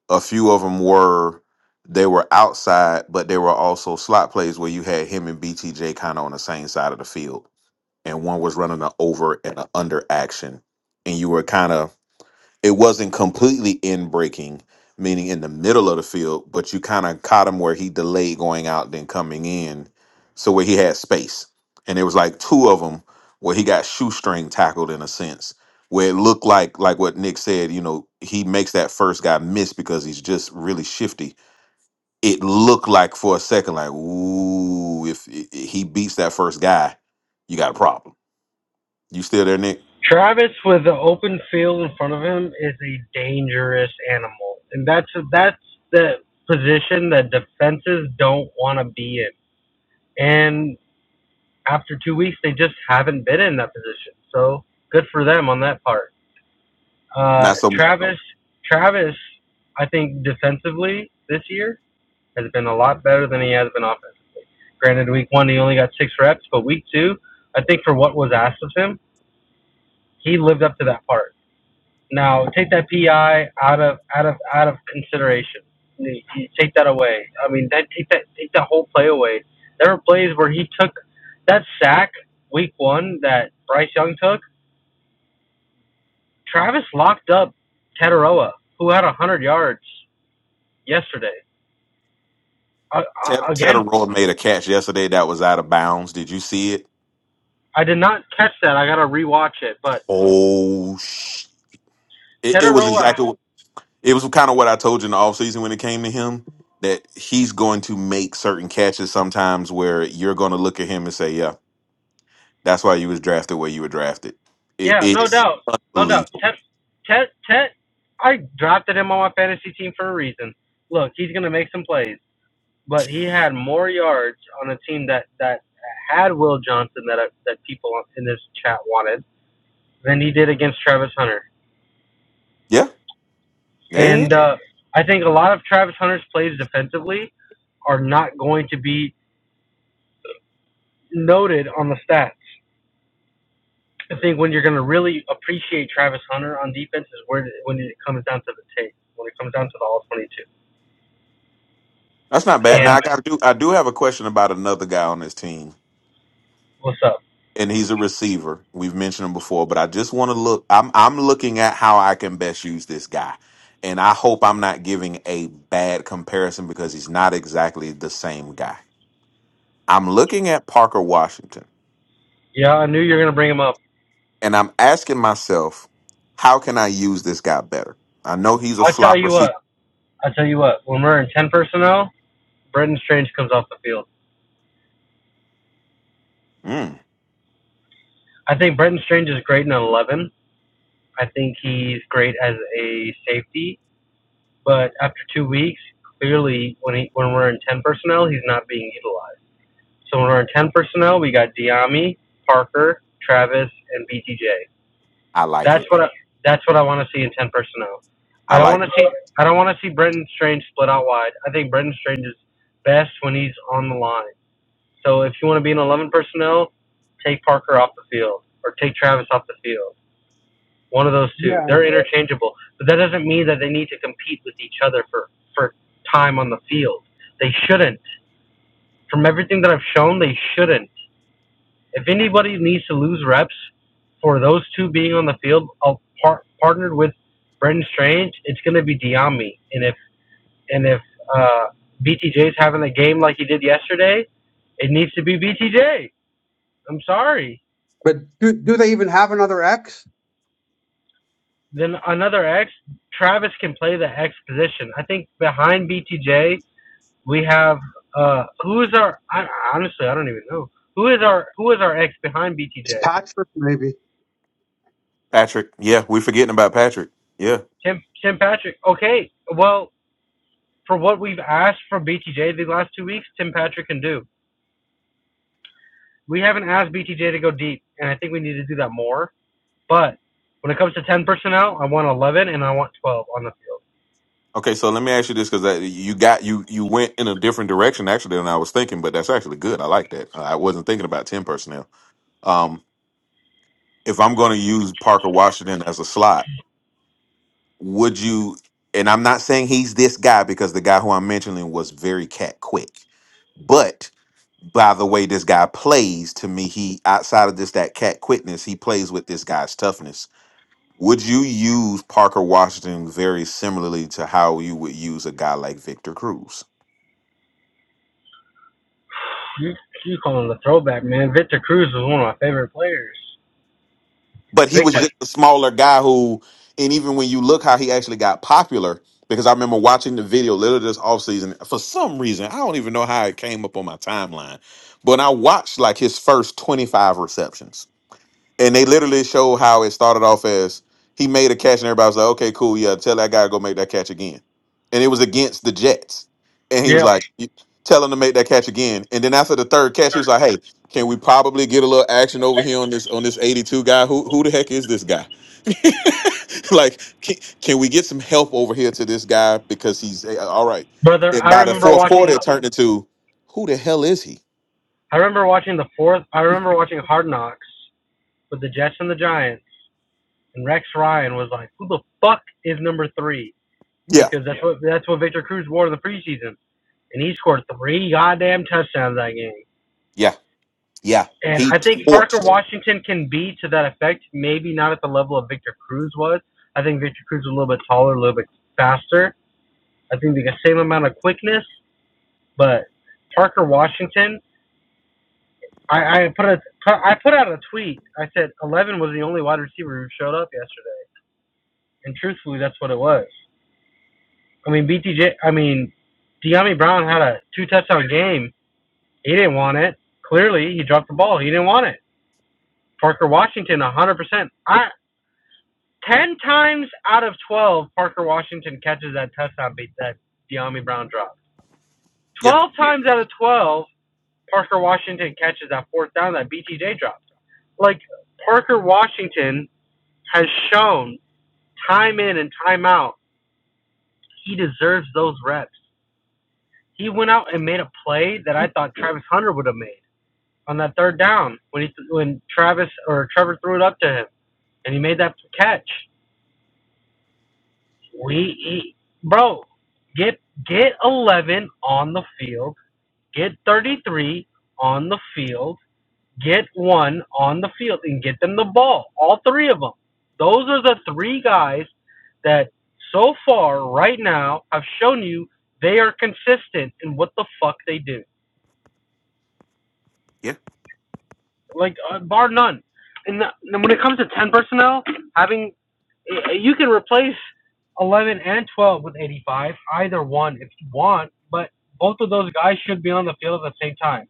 Speaker 2: a few of them were they were outside, but they were also slot plays where you had him and BTJ kind of on the same side of the field, and one was running an over and an under action, and you were kind of it wasn't completely in breaking, meaning in the middle of the field, but you kind of caught him where he delayed going out then coming in, so where he had space. And it was like two of them where he got shoestring tackled in a sense, where it looked like like what Nick said, you know, he makes that first guy miss because he's just really shifty. It looked like for a second, like ooh, if i- i- he beats that first guy, you got a problem. You still there, Nick?
Speaker 5: Travis with the open field in front of him is a dangerous animal, and that's that's the position that defenses don't want to be in. And after two weeks, they just haven't been in that position. So good for them on that part. Uh,
Speaker 2: Not so.
Speaker 5: Travis, Travis, I think defensively this year has been a lot better than he has been offensively. Granted, week one he only got six reps, but week two, I think for what was asked of him, he lived up to that part. Now take that PI out of out of out of consideration. You- you take that away. I mean, that take that take that whole play away. There were plays where he took that sack week one that Bryce Young took. Travis locked up Tataroa, who had a hundred yards yesterday Uh, uh,
Speaker 2: Ted, Ted
Speaker 5: again,
Speaker 2: Roy made a catch yesterday that was out of bounds. Did you see it?
Speaker 5: I did not catch that. I gotta rewatch it. But
Speaker 2: Oh, sh- it, it was
Speaker 5: Tetaroa,
Speaker 2: exactly what- it was kind of what I told you in the offseason when it came to him that he's going to make certain catches sometimes where you're going to look at him and say, "Yeah, that's why you was drafted where you were drafted." It,
Speaker 5: yeah, no
Speaker 2: it's
Speaker 5: doubt, no doubt.
Speaker 2: unbelievable.
Speaker 5: Tet, Tet, Tet. I drafted him on my fantasy team for a reason. Look, he's gonna make some plays, but he had more yards on a team that that had Will Johnson that that people in this chat wanted than he did against Travis Hunter.
Speaker 2: Yeah, yeah, yeah, yeah.
Speaker 5: And uh, I think a lot of Travis Hunter's plays defensively are not going to be noted on the stats. I think when you're going to really appreciate Travis Hunter on defense is where when it comes down to the tape, when it comes down to the all 22.
Speaker 2: that's not bad. Now
Speaker 5: And
Speaker 2: I got to do. I do have a question about another guy on this team.
Speaker 5: what's up?
Speaker 2: and he's a receiver. We've mentioned him before, but I just want to look. I'm I'm looking at how I can best use this guy, and I hope I'm not giving a bad comparison because he's not exactly the same guy. I'm looking at Parker Washington,
Speaker 5: Yeah, I knew you were going to bring him up.
Speaker 2: and I'm asking myself, how can I use this guy better? I know he's a
Speaker 5: I'll tell
Speaker 2: slot
Speaker 5: you
Speaker 2: receiver.
Speaker 5: what. I'll tell you what. When we're in 10 personnel, Brenton Strange comes off the field.
Speaker 2: Mm,
Speaker 5: I think Brenton Strange is great in 11. I think he's great as a safety, but after two weeks, clearly when he, when we're in 10 personnel, he's not being utilized. So when we're in 10 personnel, we got Diami, Parker, Travis, and BTJ.
Speaker 2: I like
Speaker 5: That's
Speaker 2: it.
Speaker 5: what I, that's what I want to see in ten personnel. I
Speaker 2: I
Speaker 5: don't
Speaker 2: like
Speaker 5: want to
Speaker 2: it.
Speaker 5: see I don't want to see Brendan Strange split out wide. I think Brendan Strange is best when he's on the line. So if you want to be in eleven personnel, take Parker off the field or take Travis off the field. One of those two.
Speaker 4: Yeah.
Speaker 5: They're interchangeable, but that doesn't mean that they need to compete with each other for for time on the field. They shouldn't. From everything that I've shown, they shouldn't. If anybody needs to lose reps for those two being on the field, I'll par- partnered with Brendan Strange. It's going to be Diame. and if and if uh, BTJ's having a game like he did yesterday, it needs to be BTJ. I'm sorry.
Speaker 4: But do do they even have another X?
Speaker 5: Then another X. Travis can play the X position. I think behind BTJ we have uh, who is our? I, honestly, I don't even know who is our who is our X behind
Speaker 4: It's
Speaker 5: BTJ.
Speaker 4: Patrick maybe.
Speaker 2: Patrick. Yeah, we're forgetting about Patrick. Yeah.
Speaker 5: Tim Tim Patrick. Okay, well For what we've asked from BTJ the last two weeks, Tim Patrick can do. We haven't asked BTJ to go deep, and I think we need to do that more. But when it comes to 10 personnel, I want 11 and I want 12 on the field.
Speaker 2: Okay, so let me ask you this because you got you you went in a different direction actually than I was thinking, but that's actually good. I like that. I wasn't thinking about ten personnel. Um, if I'm going to use Parker Washington as a slot, would you? And I'm not saying he's this guy because the guy who I'm mentioning was very cat quick, but by the way this guy plays to me, he outside of this that cat quickness, he plays with this guy's toughness. Would you use Parker Washington very similarly to how you would use a guy like Victor Cruz?
Speaker 5: You you calling the throwback, man? Victor Cruz was one of my favorite players.
Speaker 2: but he was
Speaker 5: Victor.
Speaker 2: just a smaller guy who and even when you look how he actually got popular because i remember watching the video literally this offseason for some reason i don't even know how it came up on my timeline but i watched like his first 25 receptions and they literally show how it started off as he made a catch and everybody was like, okay, cool, yeah, tell that guy to go make that catch again. And it was against the Jets. And he was
Speaker 5: Yeah,
Speaker 2: like, "You- tell him to make that catch again. And then after the third catch, he was like, hey, can we probably get a little action over here on this on this 82 guy? Who who the heck is this guy? like, can, can we get some help over here to this guy? Because he's eh, all right.
Speaker 5: Brother,
Speaker 2: And
Speaker 5: I
Speaker 2: by the
Speaker 5: remember
Speaker 2: fourth
Speaker 5: watching
Speaker 2: quarter, it
Speaker 5: the,
Speaker 2: turned into who the hell is he?
Speaker 5: I remember watching the fourth. I remember watching Hard Knocks with the Jets and the Giants, and Rex Ryan was like, "Who the fuck is number three?
Speaker 2: Yeah.
Speaker 5: Because that's what that's what Victor Cruz wore in the preseason. and he scored three goddamn touchdowns that game.
Speaker 2: Yeah. Yeah.
Speaker 5: And
Speaker 2: He
Speaker 5: I think Parker
Speaker 2: torched.
Speaker 5: Washington can be to that effect. Maybe not at the level of Victor Cruz was. I think Victor Cruz was a little bit taller, a little bit faster. I think they got the same amount of quickness, but Parker Washington. I, I put a, I put, out a tweet. I said eleven was the only wide receiver who showed up yesterday, and truthfully, that's what it was. I mean, BTJ. I mean, Deami Brown had a two touchdown game. He didn't want it. Clearly, he dropped the ball. He didn't want it. Parker Washington, 100%. I, 10 times out of 12, Parker Washington catches that touchdown beat that Deami Brown dropped.
Speaker 2: Yeah.
Speaker 5: 12 times out of 12, Parker Washington catches that fourth down that BTJ dropped. Like, Parker Washington has shown time in and time out he deserves those reps. He went out and made a play that I thought Travis Hunter would have made on that third down when he when Travis or Trevor threw it up to him and he made that catch. We eat, bro. Get get eleven on the field. Get thirty three on the field. Get one on the field and get them the ball. All three of them. Those are the three guys that so far right now have shown you they are consistent in what the fuck they do.
Speaker 2: Yeah.
Speaker 5: Like uh, bar none. And the, and when it comes to ten personnel, having Uh, You can replace 11 and 12 with 85, either one if you want, but both of those guys should be on the field at the same time.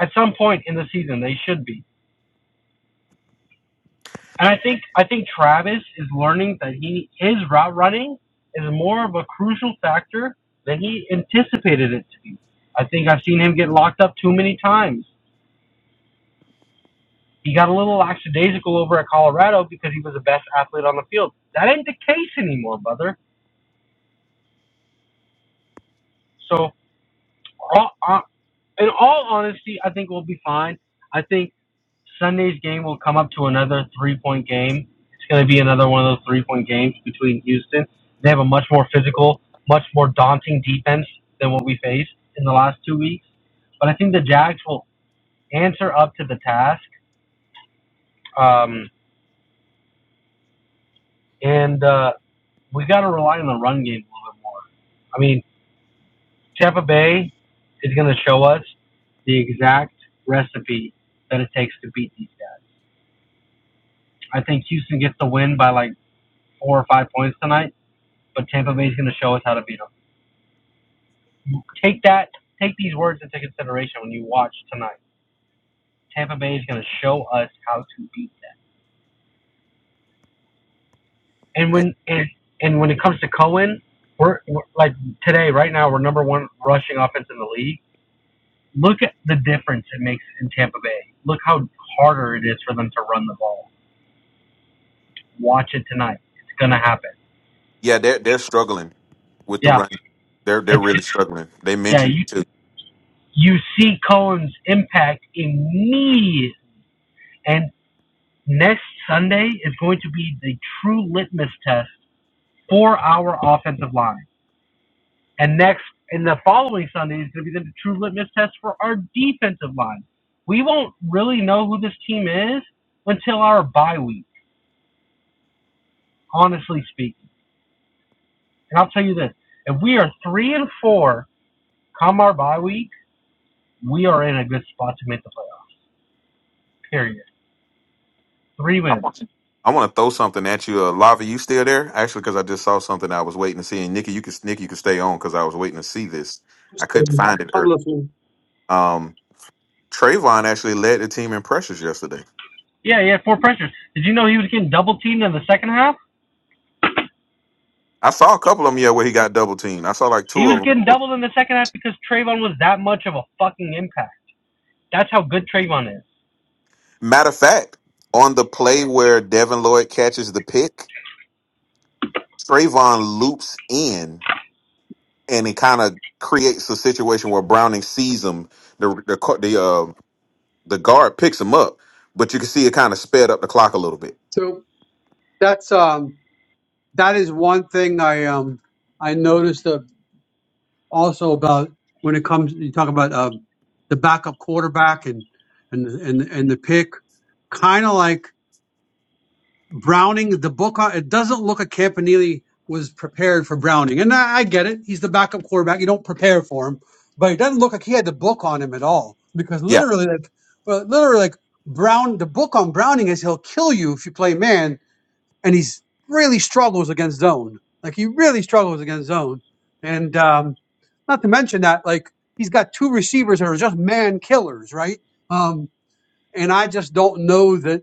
Speaker 5: At some point in the season, they should be. And I think I think Travis is learning that he his route running is more of a crucial factor than he anticipated it to be. I think I've seen him get locked up too many times. He got a little lackadaisical over at Colorado because he was the best athlete on the field. That ain't the case anymore, brother. So all, uh, in all honesty, I think we'll be fine. I think Sunday's game will come up to another three point game. It's going to be another one of those three point games between Houston. They have a much more physical, much more daunting defense than what we faced in the last two weeks. But I think the Jags will answer up to the task. Um, and uh, we got to rely on the run game a little bit more. I mean, Tampa Bay is going to show us the exact recipe that it takes to beat these guys. I think Houston gets the win by like four or five points tonight, but Tampa Bay's going to show us how to beat them. Take that, take these words into consideration when you watch tonight. Tampa Bay is going to show us how to beat them. And when and, and when it comes to Cohen, we're, we're like today, right now, we're number one rushing offense in the league. Look at the difference it makes in Tampa Bay. Look how harder it is for them to run the ball. Watch it tonight. It's going to happen.
Speaker 2: Yeah, they're they're struggling with the
Speaker 5: Yeah,
Speaker 2: run. They're they're
Speaker 5: it's
Speaker 2: really struggling. They
Speaker 5: yeah.
Speaker 2: mentioned
Speaker 5: You
Speaker 2: it too.
Speaker 5: you see Cohen's impact immediately, and Next Sunday is going to be the true litmus test for our offensive line. And next, and the following Sunday is going to be the true litmus test for our defensive line. We won't really know who this team is until our bye week, honestly speaking. And I'll tell you this if we are three and four come our bye week, we are in a good spot to make the playoff, period. Three wins.
Speaker 2: I want to throw something at you. Uh, Lava, you still there? Actually, because I just saw something I was waiting to see. And Nikki, you can Nikki, you can stay on because I was waiting to see this. I
Speaker 4: So,
Speaker 2: couldn't find it.
Speaker 4: I'm
Speaker 2: Or
Speaker 4: listening.
Speaker 2: um, Trayvon actually led the team in pressures yesterday.
Speaker 5: Yeah, he had four pressures. Did you know he was getting double teamed in the second half?
Speaker 2: I saw a couple of them. Yeah, where he got double teamed. I saw like
Speaker 5: He
Speaker 2: two of
Speaker 5: was
Speaker 2: them.
Speaker 5: getting doubled in the second half because Trayvon was that much of a fucking impact. That's how good Trayvon is.
Speaker 2: Matter of fact, on the play where Devin Lloyd catches the pick, Trayvon loops in and it kind of creates a situation where Browning sees him. The the co- the uh, the guard picks him up, but you can see it kind of sped up the clock a little bit.
Speaker 4: So that's um that is one thing I um I noticed uh, also about when it comes you talk about uh, the backup quarterback and and and and the pick kind of like Browning the book on it doesn't look like Campanile was prepared for Browning and I, I get it he's the backup quarterback you don't prepare for him but it doesn't look like he had the book on him at all because
Speaker 2: Yeah,
Speaker 4: literally like well, literally like Brown the book on Browning is he'll kill you if you play man and he's really struggles against zone like he really struggles against zone and um not to mention that, like, he's got two receivers that are just man killers, right? Um, and I just don't know that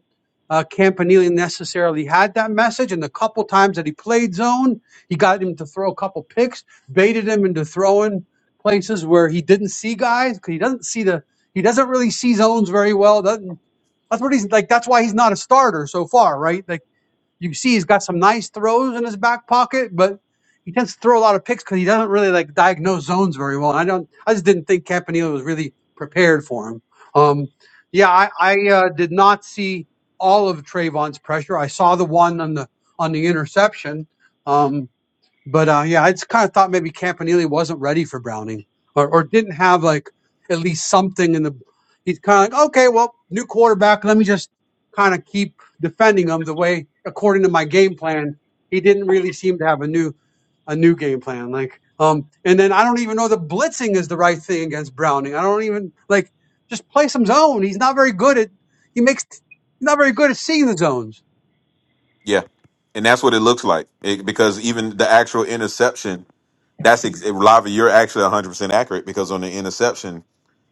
Speaker 4: uh, Campanile necessarily had that message. And the couple times that he played zone, he got him to throw a couple picks, baited him into throwing places where he didn't see guys because he doesn't see the he doesn't really see zones very well. Doesn't that's what he's like. That's why he's not a starter so far, right? Like you can see he's got some nice throws in his back pocket, but he tends to throw a lot of picks because he doesn't really like diagnose zones very well. And I don't, I just didn't think Campanile was really prepared for him. Um, yeah, I, I uh, did not see all of Trayvon's pressure. I saw the one on the on the interception. Um, but uh, yeah, I just kind of thought maybe Campanile wasn't ready for Browning or, or didn't have like at least something in the. He's kind of like, okay, well, new quarterback. Let me just kind of keep defending him the way according to my game plan. He didn't really seem to have a new a new game plan. Like, um, and then I don't even know the blitzing is the right thing against Browning. I don't even like just play some zone. He's not very good at. He makes. He's not very good at seeing the zones.
Speaker 2: yeah, and that's what it looks like It- because even the actual interception. That's ex- eh, Lava. You're actually 100 percent accurate because on the interception,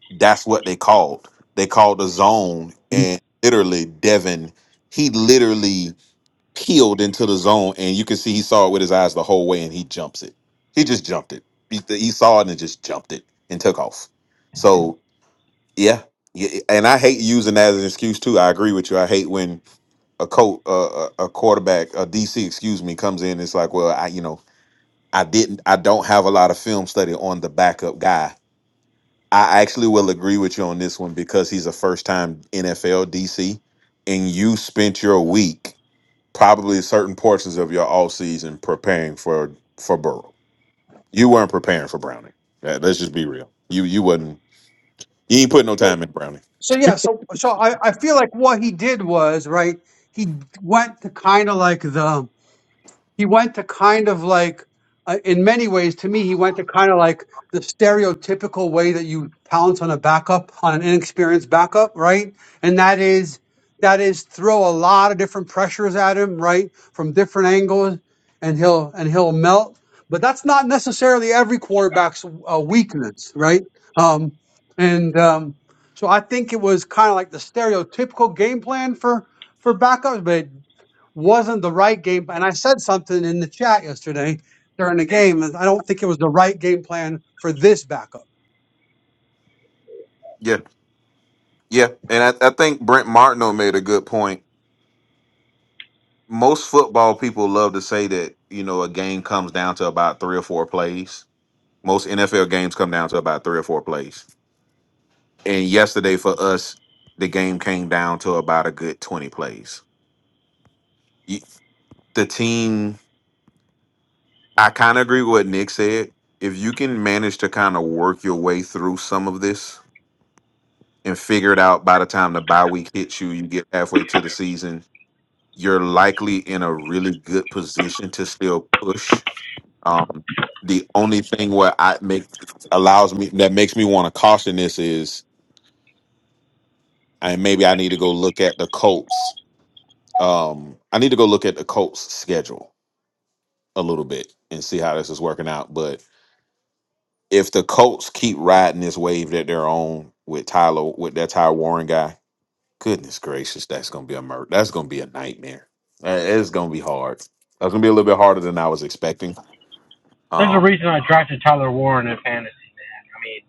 Speaker 2: that's what they called. They called the zone, and literally Devin. He literally peeled into the zone, and you can see he saw it with his eyes the whole way, and he jumps it. He just jumped it. He, he saw it and just jumped it and took off. So yeah, yeah, and I hate using that as an excuse too. I agree with you. I hate when a coach, uh, a a quarterback, a DC, excuse me, comes in. It's like, well, I you know, I didn't, I don't have a lot of film study on the backup guy. I actually will agree with you on this one because he's a first time NFL DC, and you spent your week probably certain portions of your off season preparing for for Burrow. You weren't preparing for Browning. Yeah, let's just be real. You you wasn't. You ain't putting no time in Browning.
Speaker 4: So yeah, so so I, I feel like what he did was right. He went to kind of like the he went to kind of like uh, in many ways to me he went to kind of like the stereotypical way that you pounce on a backup on an inexperienced backup right and that is that is throw a lot of different pressures at him right from different angles and he'll and he'll melt but that's not necessarily every quarterback's uh, weakness right um and um so i think it was kind of like the stereotypical game plan for for backups but wasn't the right game. And I said something in the chat yesterday during the game. and I don't think it was the right game plan for this backup.
Speaker 2: Yeah, yeah, and I, I think Brent Martineau made a good point. Most football people love to say that you know a game comes down to about three or four plays. Most NFL games come down to about three or four plays. And yesterday for us, the game came down to about a good twenty plays. You, the team. I kind of agree with what Nick said. If you can manage to kind of work your way through some of this and figure it out by the time the bye week hits you, you get halfway to the season, you're likely in a really good position to still push. Um, the only thing where I make allows me that makes me want to caution this is, and maybe I need to go look at the Colts. Um, I need to go look at the Colts schedule a little bit and see how this is working out, but if the Colts keep riding this wave that they're on with Tyler with that Ty Warren guy, goodness gracious, that's gonna be a murder. That's gonna be a nightmare. Uh, It's gonna be hard. That's gonna be a little bit harder than I was expecting.
Speaker 5: There's a
Speaker 2: Um,
Speaker 5: reason I drafted Tyler Warren in fantasy. I mean,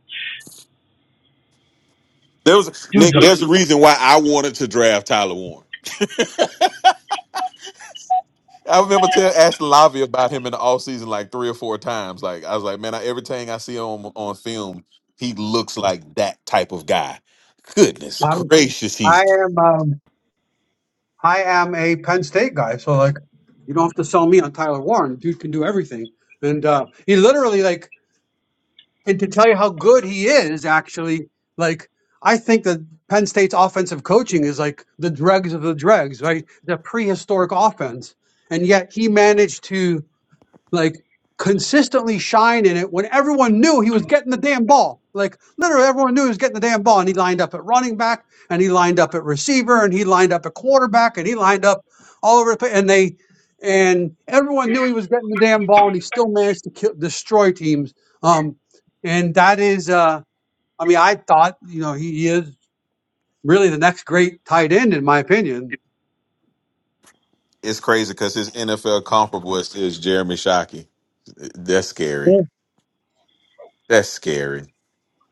Speaker 2: there was
Speaker 5: dude's
Speaker 2: Nick.
Speaker 5: a
Speaker 2: There's a reason why I wanted to draft Tyler Warren. I remember tell asking Lavi about him in the offseason like three or four times. Like I was like, man, I, everything I see on on film, he looks like that type of guy. Goodness
Speaker 4: I'm,
Speaker 2: gracious,
Speaker 4: I
Speaker 2: he's
Speaker 4: am, um, I am a Penn State guy, so like, you don't have to sell me on Tyler Warren. Dude can do everything, and uh, he literally like, and to tell you how good he is, actually, like. I think that Penn State's offensive coaching is like the dregs of the dregs, right? The prehistoric offense. And yet he managed to like consistently shine in it when everyone knew he was getting the damn ball. Like literally everyone knew he was getting the damn ball and he lined up at running back and he lined up at receiver and he lined up at quarterback and he lined up all over the place and they and everyone knew he was getting the damn ball and he still managed to kill, destroy teams. Um and that is uh I mean I thought, you know, he, he is really the next great tight end in my opinion.
Speaker 2: It's crazy because his NFL comparable is, is Jeremy Shockey. That's scary.
Speaker 4: Yeah.
Speaker 2: That's scary.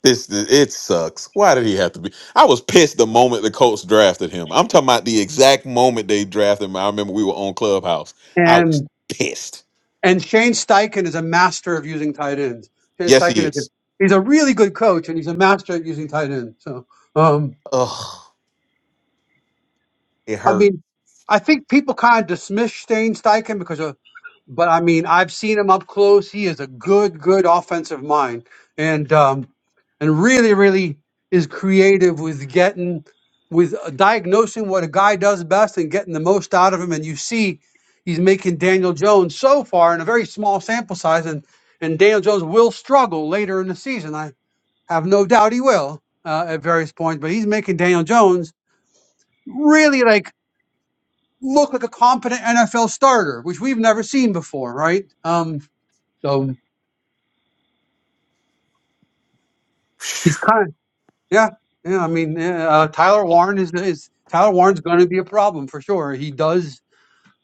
Speaker 2: This it sucks. Why did he have to be? I was pissed the moment the Colts drafted him. I'm talking about the exact moment they drafted him. I remember we were on Clubhouse. I
Speaker 4: And
Speaker 2: was pissed.
Speaker 4: And Shane Steichen is a master of using tight ends. Shane
Speaker 2: Yes, he
Speaker 4: Steichen is a,
Speaker 2: is.
Speaker 4: he's a really good coach and he's a master at using tight ends. So. um,
Speaker 2: Ugh, it
Speaker 4: I
Speaker 2: hurt.
Speaker 4: mean, I think people kind of dismiss Shane Steichen because of, but I mean, I've seen him up close. He is a good, good offensive mind, and um, and really, really is creative with getting with uh, diagnosing what a guy does best and getting the most out of him. And you see, he's making Daniel Jones so far in a very small sample size, and and Daniel Jones will struggle later in the season. I have no doubt he will uh, at various points, but he's making Daniel Jones really like look like a competent NFL starter, which we've never seen before, right? Um, so he's kind of yeah, yeah. I mean, yeah, uh, Tyler Warren is is Tyler Warren's going to be a problem for sure. He does.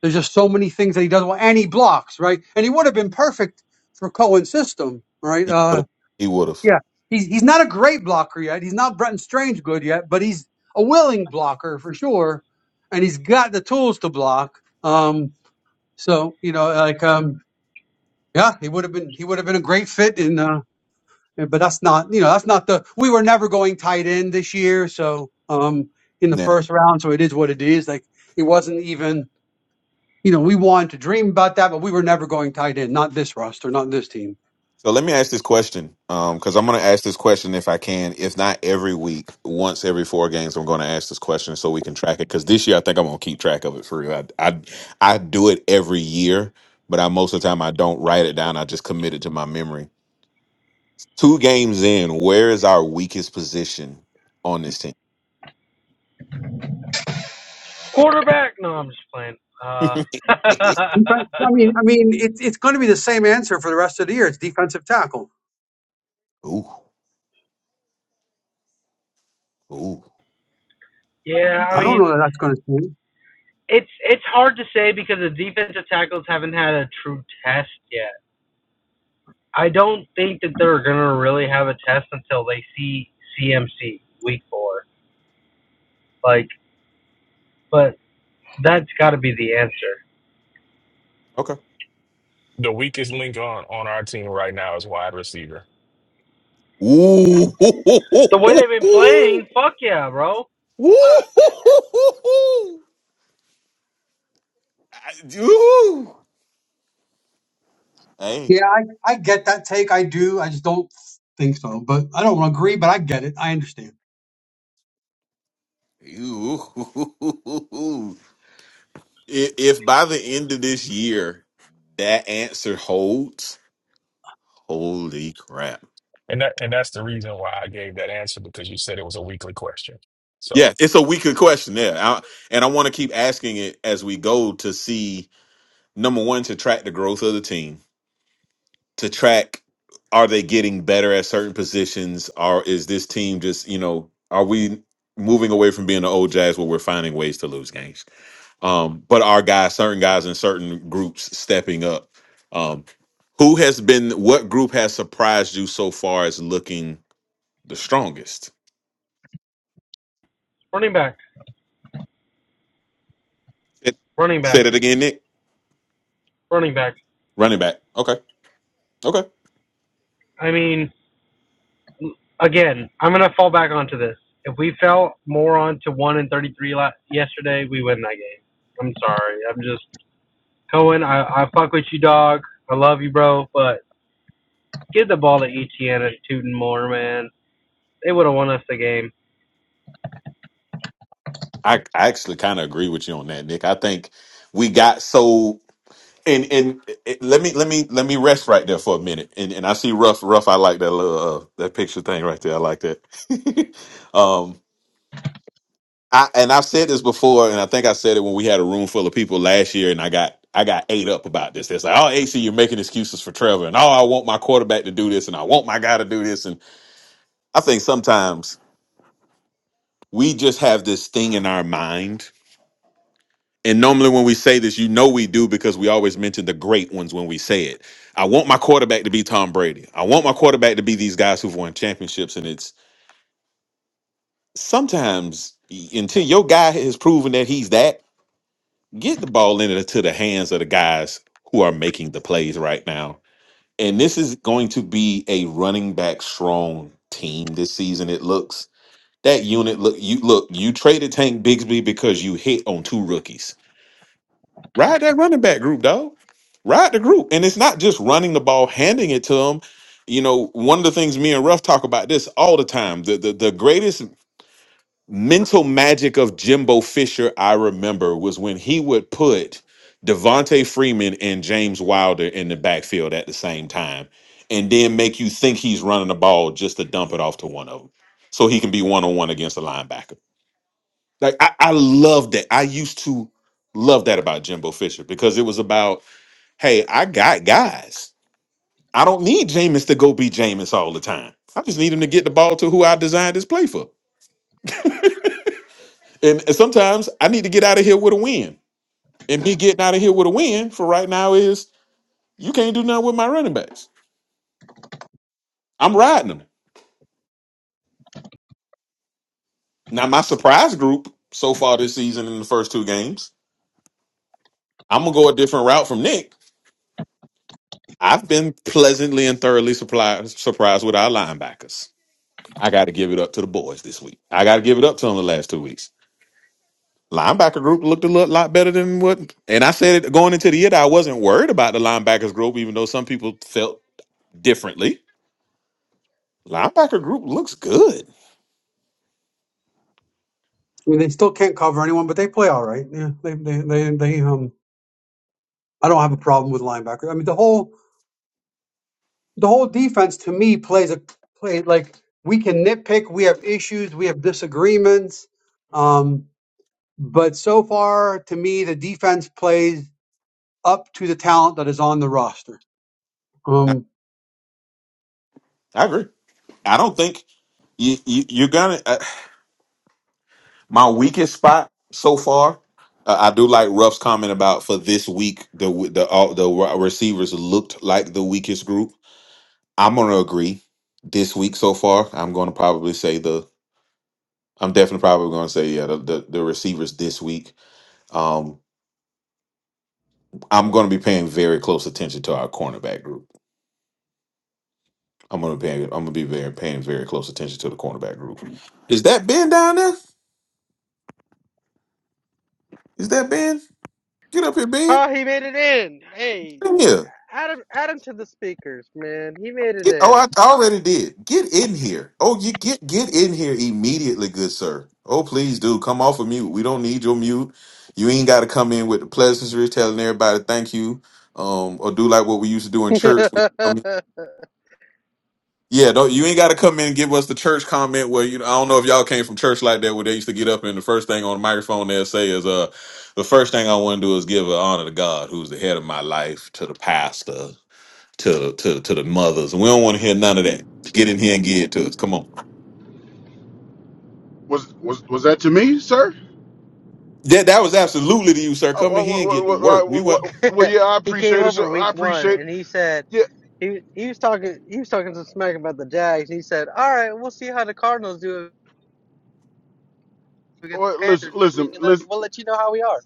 Speaker 4: There's just so many things that he does well, and he blocks, right? And he would have been perfect for Cohen's system, right?
Speaker 2: He would have.
Speaker 4: Uh,
Speaker 2: He would have.
Speaker 4: yeah, he's he's not a great blocker yet. He's not Brenton Strange good yet, but he's a willing blocker for sure, and he's got the tools to block. Um, so you know, like um, Yeah, he would have been he would have been a great fit in uh but that's not you know, that's not the we were never going tight end this year, so um in the first round, so it is what it is. Like it wasn't even you know, we wanted to dream about that, but we were never going tight end, not this roster, not this team.
Speaker 2: So let me ask this question, because I'm going to ask this question if I can, if not every week, once every four games, I'm going to ask this question so we can track it. Because this year, I think I'm going to keep track of it for real. I, I I do it every year, but I most of the time I don't write it down. I just commit it to my memory. Two games in, where is our weakest position on this team?
Speaker 5: quarterback. No, I'm just playing. Uh,
Speaker 4: But, I mean I mean it's it's gonna be the same answer for the rest of the year. It's defensive tackle.
Speaker 2: ooh, ooh,
Speaker 5: yeah, I
Speaker 4: I don't
Speaker 2: ooh.
Speaker 5: mean,
Speaker 4: know that that's gonna change.
Speaker 5: it's it's hard to say because the defensive tackles haven't had a true test yet. I don't think that they're gonna really have a test until they see CMC week four. Like, but that's got to be the answer.
Speaker 2: Okay.
Speaker 3: The weakest link on, on our team right now is wide receiver.
Speaker 2: Ooh, ooh, ooh,
Speaker 5: The way they've been
Speaker 2: ooh,
Speaker 5: playing, fuck yeah, bro. Oh,
Speaker 2: ooh,
Speaker 5: yeah.
Speaker 2: ooh, ooh, ooh. I- ooh. Hey,
Speaker 4: Yeah, I, I get that take. I do. I just don't think so. But I don't agree, but I get it. I understand.
Speaker 2: you. If if by the end of this year that answer holds, holy crap!
Speaker 3: And that and that's the reason why I gave that answer because you said it was a weekly question. So
Speaker 2: Yeah, it's a weaker question there, I, and I want to keep asking it as we go to see number one to track the growth of the team, to track are they getting better at certain positions, or is this team just you know are we moving away from being the old Jazz where we're finding ways to lose games? um, but our guys, certain guys in certain groups stepping up. Um, who has been, what group has surprised you so far as looking the strongest?
Speaker 5: Running back,
Speaker 2: It,
Speaker 5: running
Speaker 2: say
Speaker 5: back,
Speaker 2: that again, Nick.
Speaker 5: running back.
Speaker 2: Running back. Okay. Okay.
Speaker 5: I mean, again, I'm gonna fall back onto this. If we fell more onto one and thirty-three la- yesterday, we win that game. I'm sorry. I'm just Cohen. I, I fuck with you, dog. I love you, bro. But give the ball to Etienne and Tootin more, man. They would have won us the game.
Speaker 2: I, I actually kind of agree with you on that, Nick. I think we got so, and, and it, let me, let me, let me rest right there for a minute. And, and I see rough, rough. I like that little, uh, that picture thing right there. I like that. um, I and I've said this before, and I think I said it when we had a room full of people last year, and I got I got ate up about this. It's like, oh AC, you're making excuses for Trevor, and oh, I want my quarterback to do this, and I want my guy to do this. And I think sometimes we just have this thing in our mind. And normally when we say this, you know we do because we always mention the great ones when we say it. I want my quarterback to be Tom Brady. I want my quarterback to be these guys who've won championships. And it's sometimes until your guy has proven that he's that, get the ball into the hands of the guys who are making the plays right now. And this is going to be a running back strong team this season. It looks that unit look you look you traded Tank Bigsby because you hit on two rookies. Ride that running back group, dog. Ride the group, and it's not just running the ball, handing it to them. You know, one of the things me and Ruff talk about this all the time. The the, the greatest mental magic of Jimbo Fisher, I remember, was when he would put Devontae Freeman and James Wilder in the backfield at the same time and then make you think he's running the ball just to dump it off to one of them so he can be one on one against a linebacker. Like, I, I love that. I used to love that about Jimbo Fisher because it was about, hey, I got guys. I don't need Jameis to go be Jameis all the time. I just need him to get the ball to who I designed this play for. And and sometimes I need to get out of here with a win. and me getting out of here with a win for right now is you can't do nothing with my running backs. I'm riding them. Now my surprise group so far this season in the first two games, I'm gonna go a different route from Nick. I've been pleasantly and thoroughly surprised surprised with our linebackers. I got to give it up to the boys this week. I got to give it up to them the last two weeks. Linebacker group looked a lot, lot better than what, and I said it going into the year that I wasn't worried about the linebackers group, even though some people felt differently. Linebacker group looks good.
Speaker 4: I mean, they still can't cover anyone, but they play all right. Yeah, they, they, they, they um, I don't have a problem with linebackers. I mean, the whole, the whole defense to me plays a play like we can nitpick. We have issues. We have disagreements. Um, but so far, to me, the defense plays up to the talent that is on the roster.
Speaker 2: I,
Speaker 4: Um,
Speaker 2: I agree. I don't think you, you you're gonna. Uh, my weakest spot so far. Uh, I do like Ruff's comment about for this week the the all the receivers looked like the weakest group. I'm gonna agree. This week so far, I'm gonna probably say the. I'm definitely probably gonna say yeah the the, the receivers this week. Um, I'm gonna be paying very close attention to our cornerback group. I'm gonna pay. I'm gonna be very paying very close attention to the cornerback group. Is that Ben down there? Is that Ben? Get up here, Ben.
Speaker 5: Oh, he made it in. Hey,
Speaker 2: Come here.
Speaker 5: add him, add him to the speakers, man. He made it
Speaker 2: Get, oh,
Speaker 5: in.
Speaker 2: I, I already did. Get in here. Oh, you get get in here immediately, good sir. Oh, please do come off of mute. We don't need your mute. You ain't got to come in with the pleasantries, telling everybody thank you, um, or do like what we used to do in church. when you come in. Yeah, don't you ain't got to come in and give us the church comment where you. know, I don't know if y'all came from church like that where they used to get up and the first thing on the microphone they'll say is, "Uh, the first thing I want to do is give an honor to God, who's the head of my life, to the pastor." to to to the mothers. We don't want to hear none of that. Get in here and get it to us. Come on.
Speaker 8: Was was was that to me, sir?
Speaker 2: That that was absolutely to you, sir.
Speaker 8: Oh,
Speaker 2: Come in
Speaker 8: well,
Speaker 2: here
Speaker 8: well,
Speaker 2: and
Speaker 8: well,
Speaker 2: get to
Speaker 8: well,
Speaker 2: work.
Speaker 8: well,
Speaker 2: We
Speaker 8: well,
Speaker 2: want.
Speaker 8: well, well, yeah, I
Speaker 5: he came
Speaker 8: appreciate it. Sir.
Speaker 5: over
Speaker 8: I
Speaker 5: week one
Speaker 8: appreciate.
Speaker 5: and he said,
Speaker 8: Yeah,
Speaker 5: He he was talking he was talking some smack about the Jags. He said, "All right, we'll see how the Cardinals do against the
Speaker 8: well, listen,
Speaker 5: Panthers this week,
Speaker 8: listen,
Speaker 5: and let,
Speaker 8: listen.
Speaker 5: we'll let you know how we are."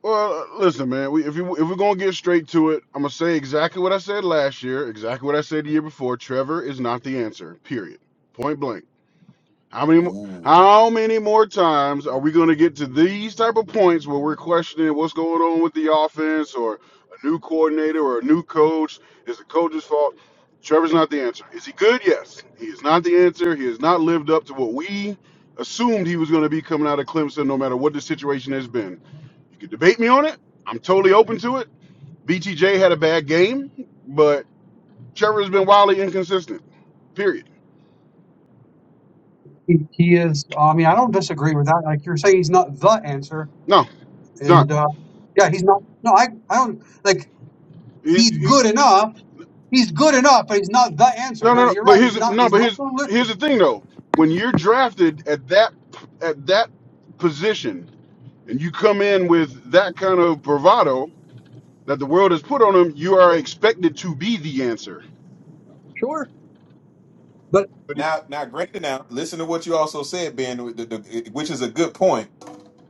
Speaker 8: Well, listen, man. We, if you if we're gonna get straight to it, I'm gonna say exactly what I said last year, exactly what I said the year before. Trevor is not the answer. Period. Point blank. How many? mo-
Speaker 2: Ooh.
Speaker 8: How many more times are we going to get to these type of points where we're questioning what's going on with the offense, or a new coordinator, or a new coach? Is the coach's fault? Trevor's not the answer. Is he good? Yes. He is not the answer. He has not lived up to what we assumed he was going to be coming out of Clemson, no matter what the situation has been. You can debate me on it. I'm totally open to it. BTJ had a bad game, but Trevor's been wildly inconsistent. Period.
Speaker 4: he, he is. I mean, I don't disagree with that. Like you're saying, he's not the answer,
Speaker 8: No, it's not.
Speaker 4: and uh, yeah, he's not. No, I, I don't like.
Speaker 8: He's,
Speaker 4: He's
Speaker 8: he,
Speaker 4: good enough He's good enough, but he's not the answer.
Speaker 8: No,
Speaker 4: No,
Speaker 8: no, no.
Speaker 4: you're
Speaker 8: But
Speaker 4: right. He's
Speaker 8: here's
Speaker 4: not.
Speaker 8: no.
Speaker 4: He's
Speaker 8: But
Speaker 4: not
Speaker 8: here's
Speaker 4: the lift.
Speaker 8: here's the thing though. When you're drafted at that at that position and you come in with that kind of bravado that the world has put on him, you are expected to be the answer.
Speaker 4: Sure, but
Speaker 8: But it
Speaker 2: Now, now, granted, now listen to what you also said, Ben, the- the- which is a good point,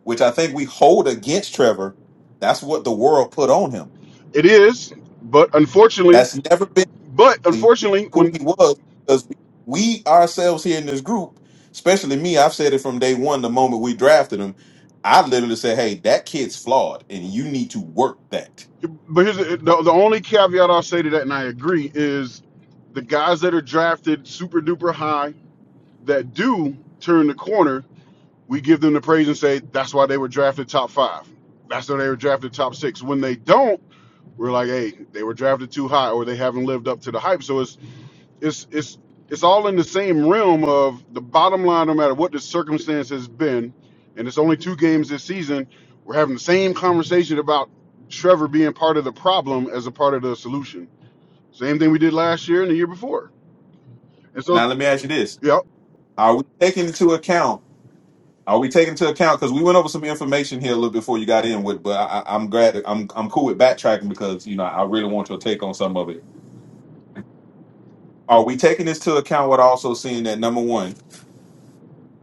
Speaker 2: which I think we hold against Trevor. That's what the world put on him.
Speaker 8: it is. But unfortunately,
Speaker 2: That's never been
Speaker 8: but
Speaker 2: really
Speaker 8: unfortunately,
Speaker 2: who
Speaker 8: when
Speaker 2: he was because we, we ourselves here in this group, especially me, I've said it from day one, the moment we drafted him. I literally said, "Hey, that kid's flawed, and you need to work that."
Speaker 8: but here's the, the the only caveat I'll say to that, and I agree, is the guys that are drafted super duper high that do turn the corner we give them the praise and say that's why they were drafted top five. That's why they were drafted top six. When they don't, we're like, hey, they were drafted too high or they haven't lived up to the hype. So it's it's it's it's all in the same realm of the bottom line, no matter what the circumstance has been, and it's only two games this season, we're having the same conversation about Trevor being part of the problem as a part of the solution. Same thing we did last year and the year before. And so,
Speaker 2: Now let me ask you this:
Speaker 8: yep,
Speaker 2: Are we taking into account? Are we taking into account? Because we went over some information here a little before you got in with, but I, I- I'm glad that I'm I'm cool with backtracking because you know I really want your take on some of it. Are we taking this to account? What also seeing that number one,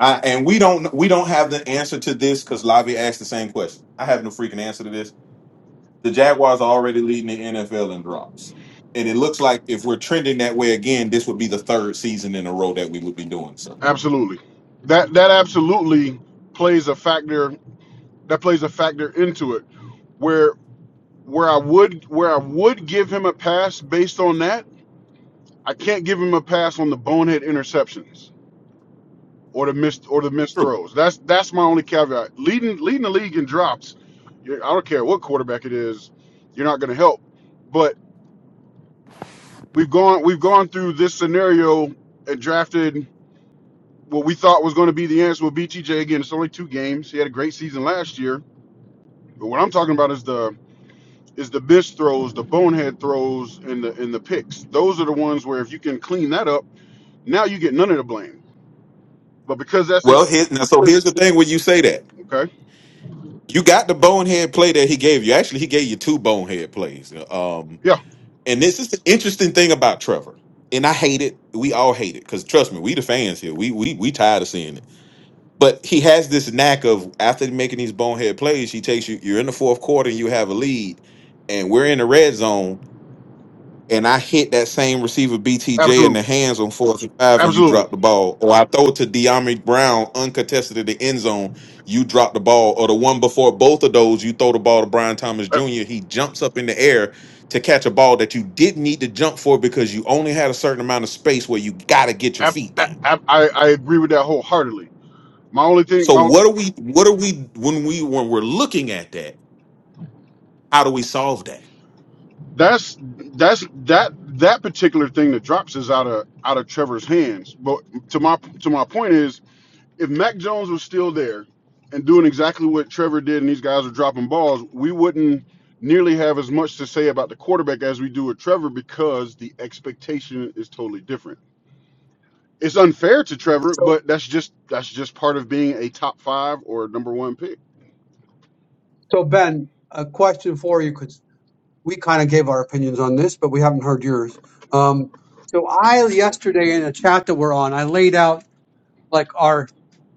Speaker 2: I, and we don't we don't have the answer to this because Lavi asked the same question. I have no freaking answer to this. The Jaguars are already leading the NFL in drops, and it looks like if we're trending that way again, this would be the third season in a row that we would be doing so.
Speaker 8: absolutely. That that absolutely plays a factor that plays a factor into it. Where where I would where I would give him a pass based on that, I can't give him a pass on the bonehead interceptions or the missed or the missed
Speaker 2: True.
Speaker 8: throws. That's that's my only caveat. Leading leading the league in drops, I don't care what quarterback it is, you're not going to help. But we've gone we've gone through this scenario and drafted what we thought was going to be the answer with BTJ. Again, it's only two games. He had a great season last year. But what I'm talking about is the is the bitch throws, the bonehead throws, and the and the picks. Those are the ones where if you can clean that up, now you get none of the blame. But because that's in
Speaker 2: Well, here, now, so here's the thing when you say that.
Speaker 8: okay,
Speaker 2: You got the bonehead play that he gave you. Actually, he gave you two bonehead plays. Um,
Speaker 8: yeah,
Speaker 2: and this is the interesting thing about Trevor. And I hate it. We all hate it because trust me, we the fans here. We we we tired of seeing it. But he has this knack of after making these bonehead plays, he takes you. You're in the fourth quarter and you have a lead, and we're in the red zone and I hit that same receiver BTJ in the
Speaker 8: absolutely,
Speaker 2: hands on fourth and five, and you
Speaker 8: absolutely,
Speaker 2: drop the ball, or I throw it to De'Ami Brown uncontested in the end zone, you drop the ball, or the one before both of those, you throw the ball to Brian Thomas
Speaker 8: Uh,
Speaker 2: Jr. He jumps up in the air to catch a ball that you didn't need to jump for because you only had a certain amount of space where you got to get your
Speaker 8: ab-
Speaker 2: feet down.
Speaker 8: I, I agree with that wholeheartedly. My only thing,
Speaker 2: So
Speaker 8: my
Speaker 2: what are we? What are we when we when we're looking at that? How do we solve that?
Speaker 8: that's that's that that particular thing that drops is out of out of Trevor's hands. But to my to my point is if Mac Jones was still there and doing exactly what Trevor did and these guys are dropping balls, we wouldn't nearly have as much to say about the quarterback as we do with Trevor because the expectation is totally different. It's unfair to Trevor,
Speaker 4: so
Speaker 8: but that's just that's just part of being a top five or number one pick.
Speaker 4: so Ben, a question for you because we kind of gave our opinions on this, but we haven't heard yours. Um, so I yesterday in a chat that we're on, I laid out like our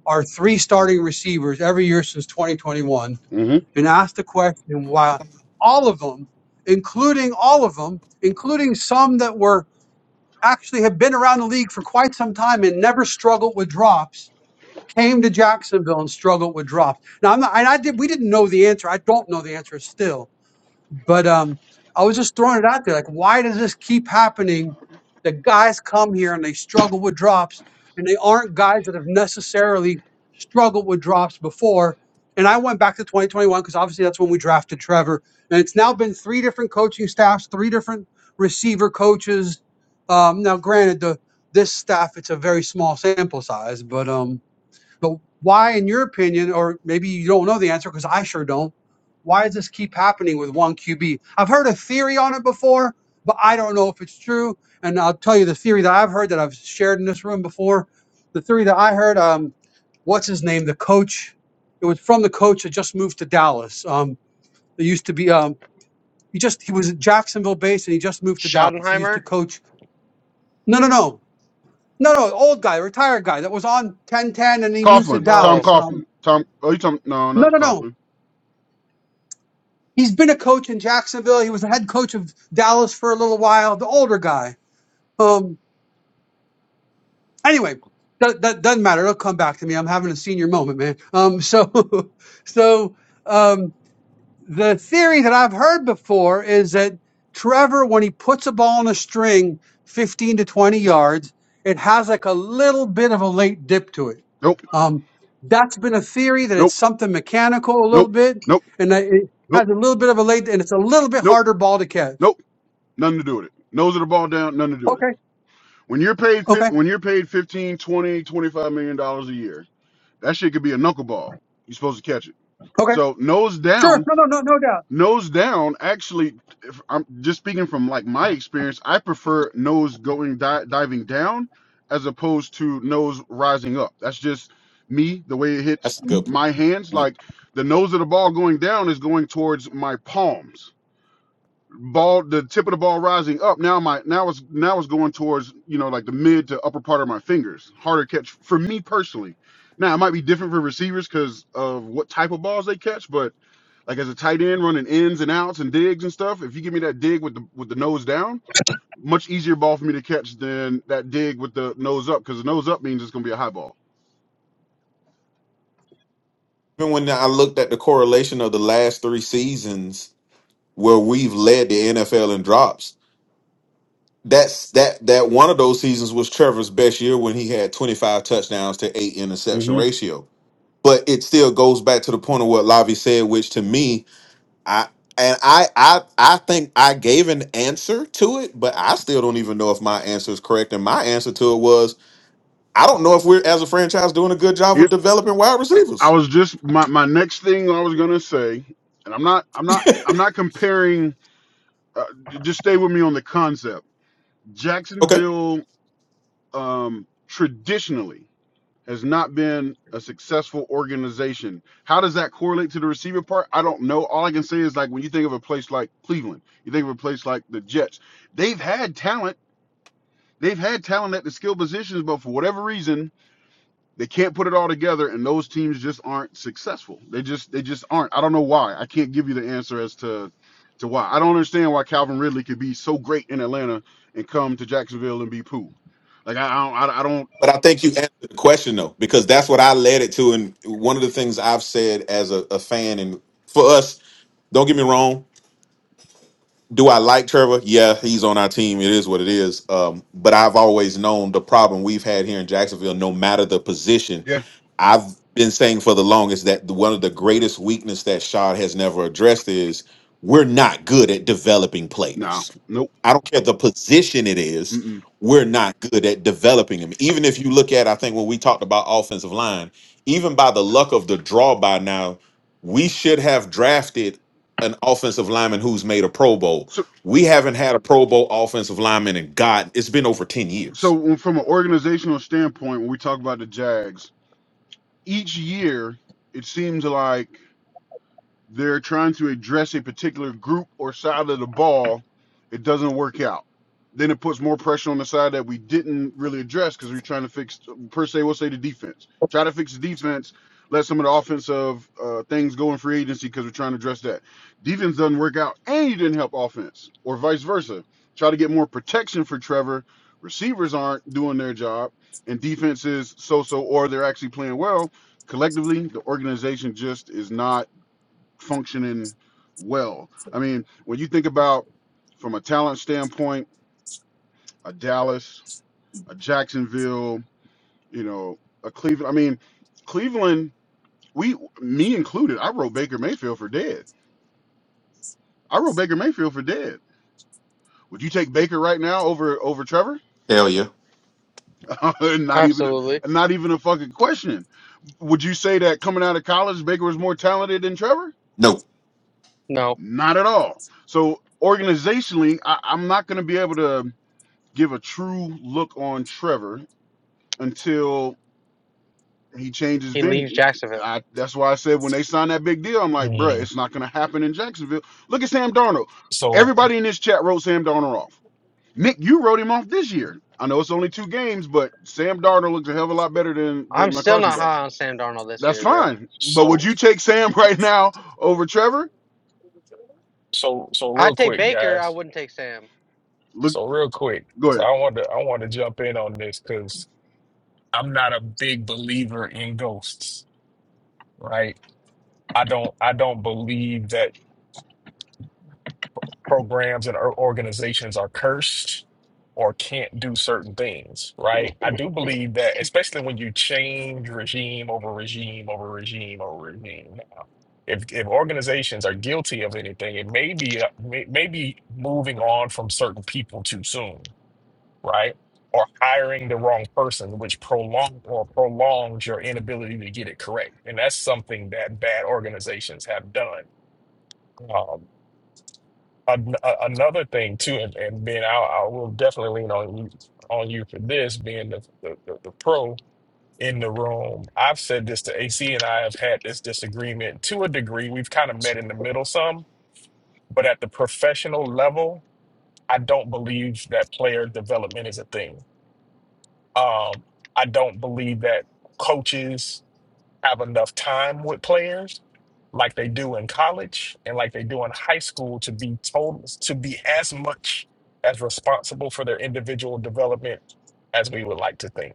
Speaker 4: our three starting receivers every year since 2021,
Speaker 8: hmm
Speaker 4: and asked the question why all of them, including all of them, including some that were actually have been around the league for quite some time and never struggled with drops came to Jacksonville and struggled with drops. Now, I'm not, and I did. We didn't know the answer. I don't know the answer still, but um, I was just throwing it out there. Like, why does this keep happening? The guys come here and they struggle with drops, and they aren't guys that have necessarily struggled with drops before. And I went back to 2021 because obviously that's when we drafted Trevor. And it's now been three different coaching staffs, three different receiver coaches. Um, now, granted, the this staff it's a very small sample size, but um, but why, in your opinion, or maybe you don't know the answer because I sure don't, why does this keep happening with one QB? I've heard a theory on it before, but I don't know if it's true. And I'll tell you the theory that I've heard that I've shared in this room before. The theory that I heard, um, what's his name? The coach. It was from the coach that just moved to Dallas. Um, it used to be, um, he just, he was Jacksonville based and he just moved to Dallas. He used to
Speaker 5: Schottenheimer?
Speaker 4: coach. No, no, no. No, no, old guy, retired guy that was on 1010 and he moved to
Speaker 8: Coughlin, Tom
Speaker 5: Oh,
Speaker 4: Dallas. Um,
Speaker 8: Coughlin, Tom. Oh, you talking? No,
Speaker 4: no,
Speaker 8: not
Speaker 4: no, no.
Speaker 8: Coughlin.
Speaker 4: He's been a coach in Jacksonville. He was the head coach of Dallas for a little while. The older guy. Um. Anyway, that, that doesn't matter. It'll come back to me. I'm having a senior moment, man. Um. So, so, um the theory that I've heard before is that Trevor, when he puts a ball on a string 15 to 20 yards, it has like a little bit of a late dip to it.
Speaker 8: Nope,
Speaker 4: Um, that's been a theory that it's
Speaker 8: Nope,
Speaker 4: something mechanical a little
Speaker 8: nope,
Speaker 4: bit,
Speaker 8: nope,
Speaker 4: and that it has
Speaker 8: nope,
Speaker 4: a little bit of a late, and it's a little bit
Speaker 8: nope,
Speaker 4: harder ball to catch.
Speaker 8: nope. Nothing to do with it. Nose of the ball down. Nothing to do with it.
Speaker 4: Okay,
Speaker 8: When you're paid
Speaker 4: okay,
Speaker 8: fif- when you're paid fifteen, twenty, twenty-five million dollars a year, that shit could be a knuckleball. You're supposed to catch it.
Speaker 4: okay,
Speaker 8: So nose
Speaker 4: sure.
Speaker 8: down,
Speaker 4: No, no, no, no doubt.
Speaker 8: nose down. Actually, if I'm just speaking from like my experience. I prefer nose going di- diving down as opposed to nose rising up. That's just me. The way it hits
Speaker 2: That's a
Speaker 8: m-
Speaker 2: good. point.
Speaker 8: my hands, like the nose of the ball going down is going towards my palms ball the tip of the ball rising up now my now it's now it's going towards you know like the mid to upper part of my fingers harder catch for me personally now it might be different for receivers because of what type of balls they catch but like as a tight end running ins and outs and digs and stuff if you give me that dig with the with the nose down much easier ball for me to catch than that dig with the nose up because the nose up means it's going to be a high ball
Speaker 2: Even when I looked at the correlation of the last three seasons where we've led the NFL in drops. That's that that one of those seasons was Trevor's best year when he had 25 touchdowns to eight interception
Speaker 8: hmm
Speaker 2: ratio. But it still goes back to the point of what Lavi said, which to me, I and I I I think I gave an answer to it, but I still don't even know if my answer is correct. And my answer to it was, I don't know if we're as a franchise doing a good job
Speaker 8: it,
Speaker 2: of developing wide
Speaker 8: i
Speaker 2: receivers.
Speaker 8: was just my, my next thing i was going to say and i'm not i'm not i'm not comparing uh, just stay with me on the concept.
Speaker 2: Okay?
Speaker 8: Jacksonville um, traditionally has not been a successful organization. How does that correlate to the receiver part? I don't know. All I can say is like when you think of a place like Cleveland, you think of a place like the Jets. They've had talent. They've had talent at the skill positions, but for whatever reason, they can't put it all together, and those teams just aren't successful. They just they just aren't. I don't know why. I can't give you the answer as to to why. I don't understand why Calvin Ridley could be so great in Atlanta and come to Jacksonville and be poo. Like I, I don't I, don't
Speaker 2: But I think you answered the question though, because that's what I led it to. And one of the things I've said as a, a fan, and for us, don't get me wrong, do I like Trevor? Yeah, he's on our team. It is what it is. Um, but I've always known the problem we've had here in Jacksonville, no matter the position.
Speaker 8: yeah
Speaker 2: I've been saying for the longest that the- one of the greatest weakness that Shad has never addressed is we're not good at developing
Speaker 8: no
Speaker 2: players
Speaker 8: nope.
Speaker 2: I don't care the position it is.
Speaker 8: Mm-mm.
Speaker 2: We're not good at developing him. Even if you look at, I think when we talked about offensive line, even by the luck of the draw by now, we should have drafted an offensive lineman who's made a Pro Bowl.
Speaker 8: So
Speaker 2: We haven't had a Pro Bowl offensive lineman in God, it's been over 10
Speaker 8: so
Speaker 2: years.
Speaker 8: from an organizational standpoint, when we talk about the Jags, each year it seems like. they're trying to address a particular group or side of the ball, it doesn't work out. Then it puts more pressure on the side that we didn't really address because we're trying to fix, per se, we'll say the defense. Try to fix the defense, let some of the offensive uh, things go in free agency because we're trying to address that. Defense doesn't work out and you didn't help offense, or vice versa. Try to get more protection for Trevor. Receivers aren't doing their job, and defense is so so, or they're actually playing well. Collectively, the organization just is not functioning well. I mean, when you think about from a talent standpoint, a Dallas, a Jacksonville, you know, a Cleveland. I mean, Cleveland, we, me included, I wrote Baker Mayfield for dead. I wrote Baker Mayfield for dead. Would you take Baker right now over over Trevor?
Speaker 2: Hell yeah.
Speaker 8: not even,
Speaker 5: absolutely.
Speaker 8: not even a fucking question. Would you say that coming out of college, Baker was more talented than Trevor?
Speaker 2: No.
Speaker 5: No,
Speaker 8: Not at all. So organizationally, I, I'm not going to be able to give a true look on Trevor until he changes
Speaker 5: he
Speaker 8: venue.
Speaker 5: leaves Jacksonville.
Speaker 8: I, that's why I said when they signed that big deal, I'm like, bruh,
Speaker 3: mm,
Speaker 8: it's not gonna happen in Jacksonville. Look at Sam Darnold.
Speaker 3: so
Speaker 8: Everybody in this chat wrote Sam Darnold off. Nick, you wrote him off this year. I know it's only two games, but Sam Darnold looks a hell of a lot better than,
Speaker 5: I'm
Speaker 8: than
Speaker 5: still
Speaker 8: McCarthy
Speaker 5: not
Speaker 8: does.
Speaker 5: high on Sam Darnold this
Speaker 8: That's
Speaker 5: year, bro.
Speaker 8: fine. But would
Speaker 3: so
Speaker 8: you take Sam right now over Trevor?
Speaker 3: so so real
Speaker 5: I'd take
Speaker 3: quick,
Speaker 5: Baker. I
Speaker 3: guys.
Speaker 5: wouldn't take Sam.
Speaker 8: Look,
Speaker 3: So real quick.
Speaker 8: go
Speaker 3: So
Speaker 8: ahead.
Speaker 3: I want to I want to jump in on this because I'm not a big believer in ghosts, right? I don't I don't believe that programs and or- organizations are cursed or can't do certain things, right? I do believe that, especially when you change regime over regime over regime over regime. Now, if if organizations are guilty of anything, it may be uh, may, may be moving on from certain people too soon, right? Or hiring the wrong person, which prolong or prolongs your inability to get it correct, and that's something that bad organizations have done. Um, an- a- another thing too, and, and Ben, I, I will definitely lean on you on you for this, being the, the, the, the pro in the room. I've said this to AC, and I have had this disagreement to a degree. We've kind of met in the middle some, but at the professional level, I don't believe that player development is a thing. Um, I don't believe that coaches have enough time with players like they do in college and like they do in high school to be told to be as much as responsible for their individual development as we would like to think.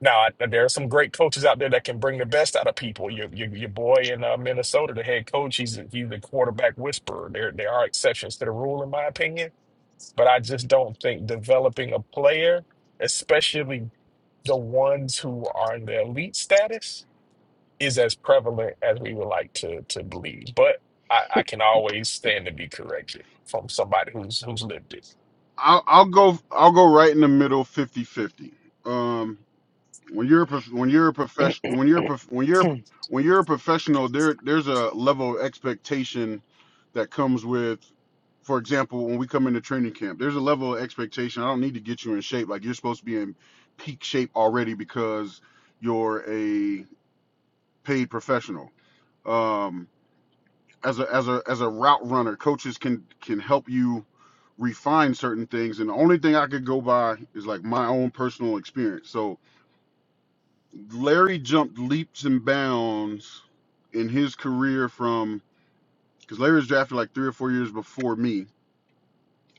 Speaker 3: Now, I, there are some great coaches out there that can bring the best out of people. Your your, your boy in uh, Minnesota, the head coach, he's a, he's a quarterback whisperer. There there are exceptions to the rule, in my opinion, but I just don't think developing a player, especially the ones who are in the elite status, is as prevalent as we would like to to believe. But I, I can always stand to be corrected from somebody who's who's lived it.
Speaker 8: I'll, I'll go. I'll go right in the middle, fifty-fifty. Um. when you're a prof- when you're a profession when you're a prof- when you're a- when you're a professional there there's a level of expectation that comes with for example when we come into training camp there's a level of expectation i don't need to get you in shape like you're supposed to be in peak shape already because you're a paid professional um as a as a as a route runner coaches can can help you refine certain things and the only thing i could go by is like my own personal experience so. Larry jumped leaps and bounds in his career from because Larry was drafted like three or four years before me.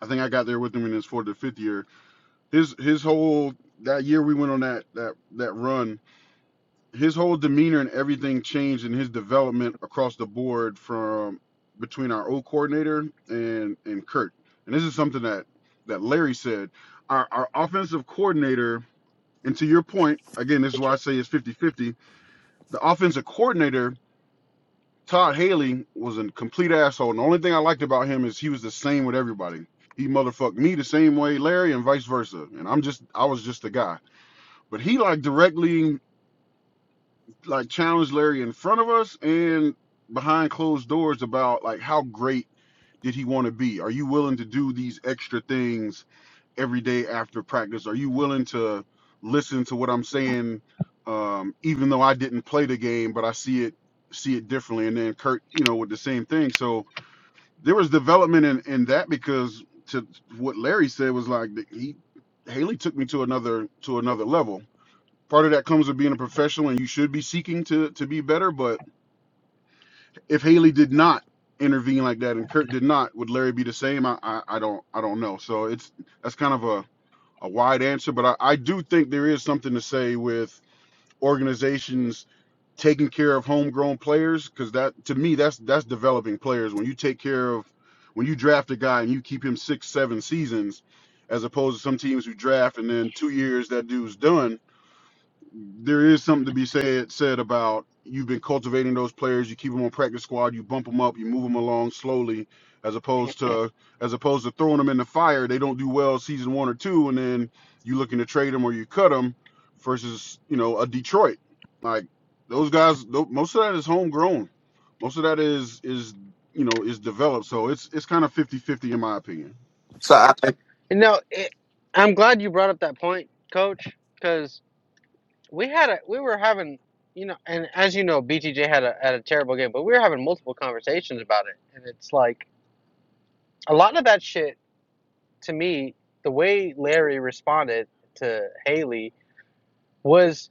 Speaker 8: I think I got there with him in his fourth or fifth year. His his whole that year we went on that that that run, his whole demeanor and everything changed in his development across the board from between our O coordinator and and Kurt. And this is something that that Larry said. Our our offensive coordinator, and to your point, again, this is why I say it's fifty fifty. The offensive coordinator Todd Haley was a complete asshole. And the only thing I liked about him is he was the same with everybody. He motherfucked me the same way, Larry, and vice versa. And I'm just, I was just a guy. But he like directly like challenged Larry in front of us and behind closed doors about like how great did he want to be? Are you willing to do these extra things every day after practice? Are you willing to listen to what I'm saying, um, even though I didn't play the game, but I see it see it differently? And then Kurt, you know, with the same thing. So there was development in, in that because to what Larry said was like he Haley took me to another to another level. Part of that comes with being a professional and you should be seeking to to be better. But if Haley did not intervene like that and Kurt did not, would Larry be the same? I I, I don't I don't know. So it's that's kind of a, a wide answer, but I, I do think there is something to say with organizations taking care of homegrown players because that to me that's that's developing players when you take care of when you draft a guy and you keep him six seven seasons as opposed to some teams who draft and then two years that dude's done there is something to be said said about you've been cultivating those players. You keep them on practice squad. You bump them up. You move them along slowly, as opposed to as opposed to throwing them in the fire. They don't do well season one or two, and then you looking to trade them or you cut them. Versus you know a Detroit, like those guys. tho- Most of that is homegrown. Most of that is is you know is developed. So it's it's kind of 50-50 in my opinion.
Speaker 2: So I,
Speaker 5: No, it, I'm glad you brought up that point, Coach, because we had a we were having you know, and as you know, BTJ had a had a terrible game, but we were having multiple conversations about it, and it's like a lot of that shit to me, the way Larry responded to Haley was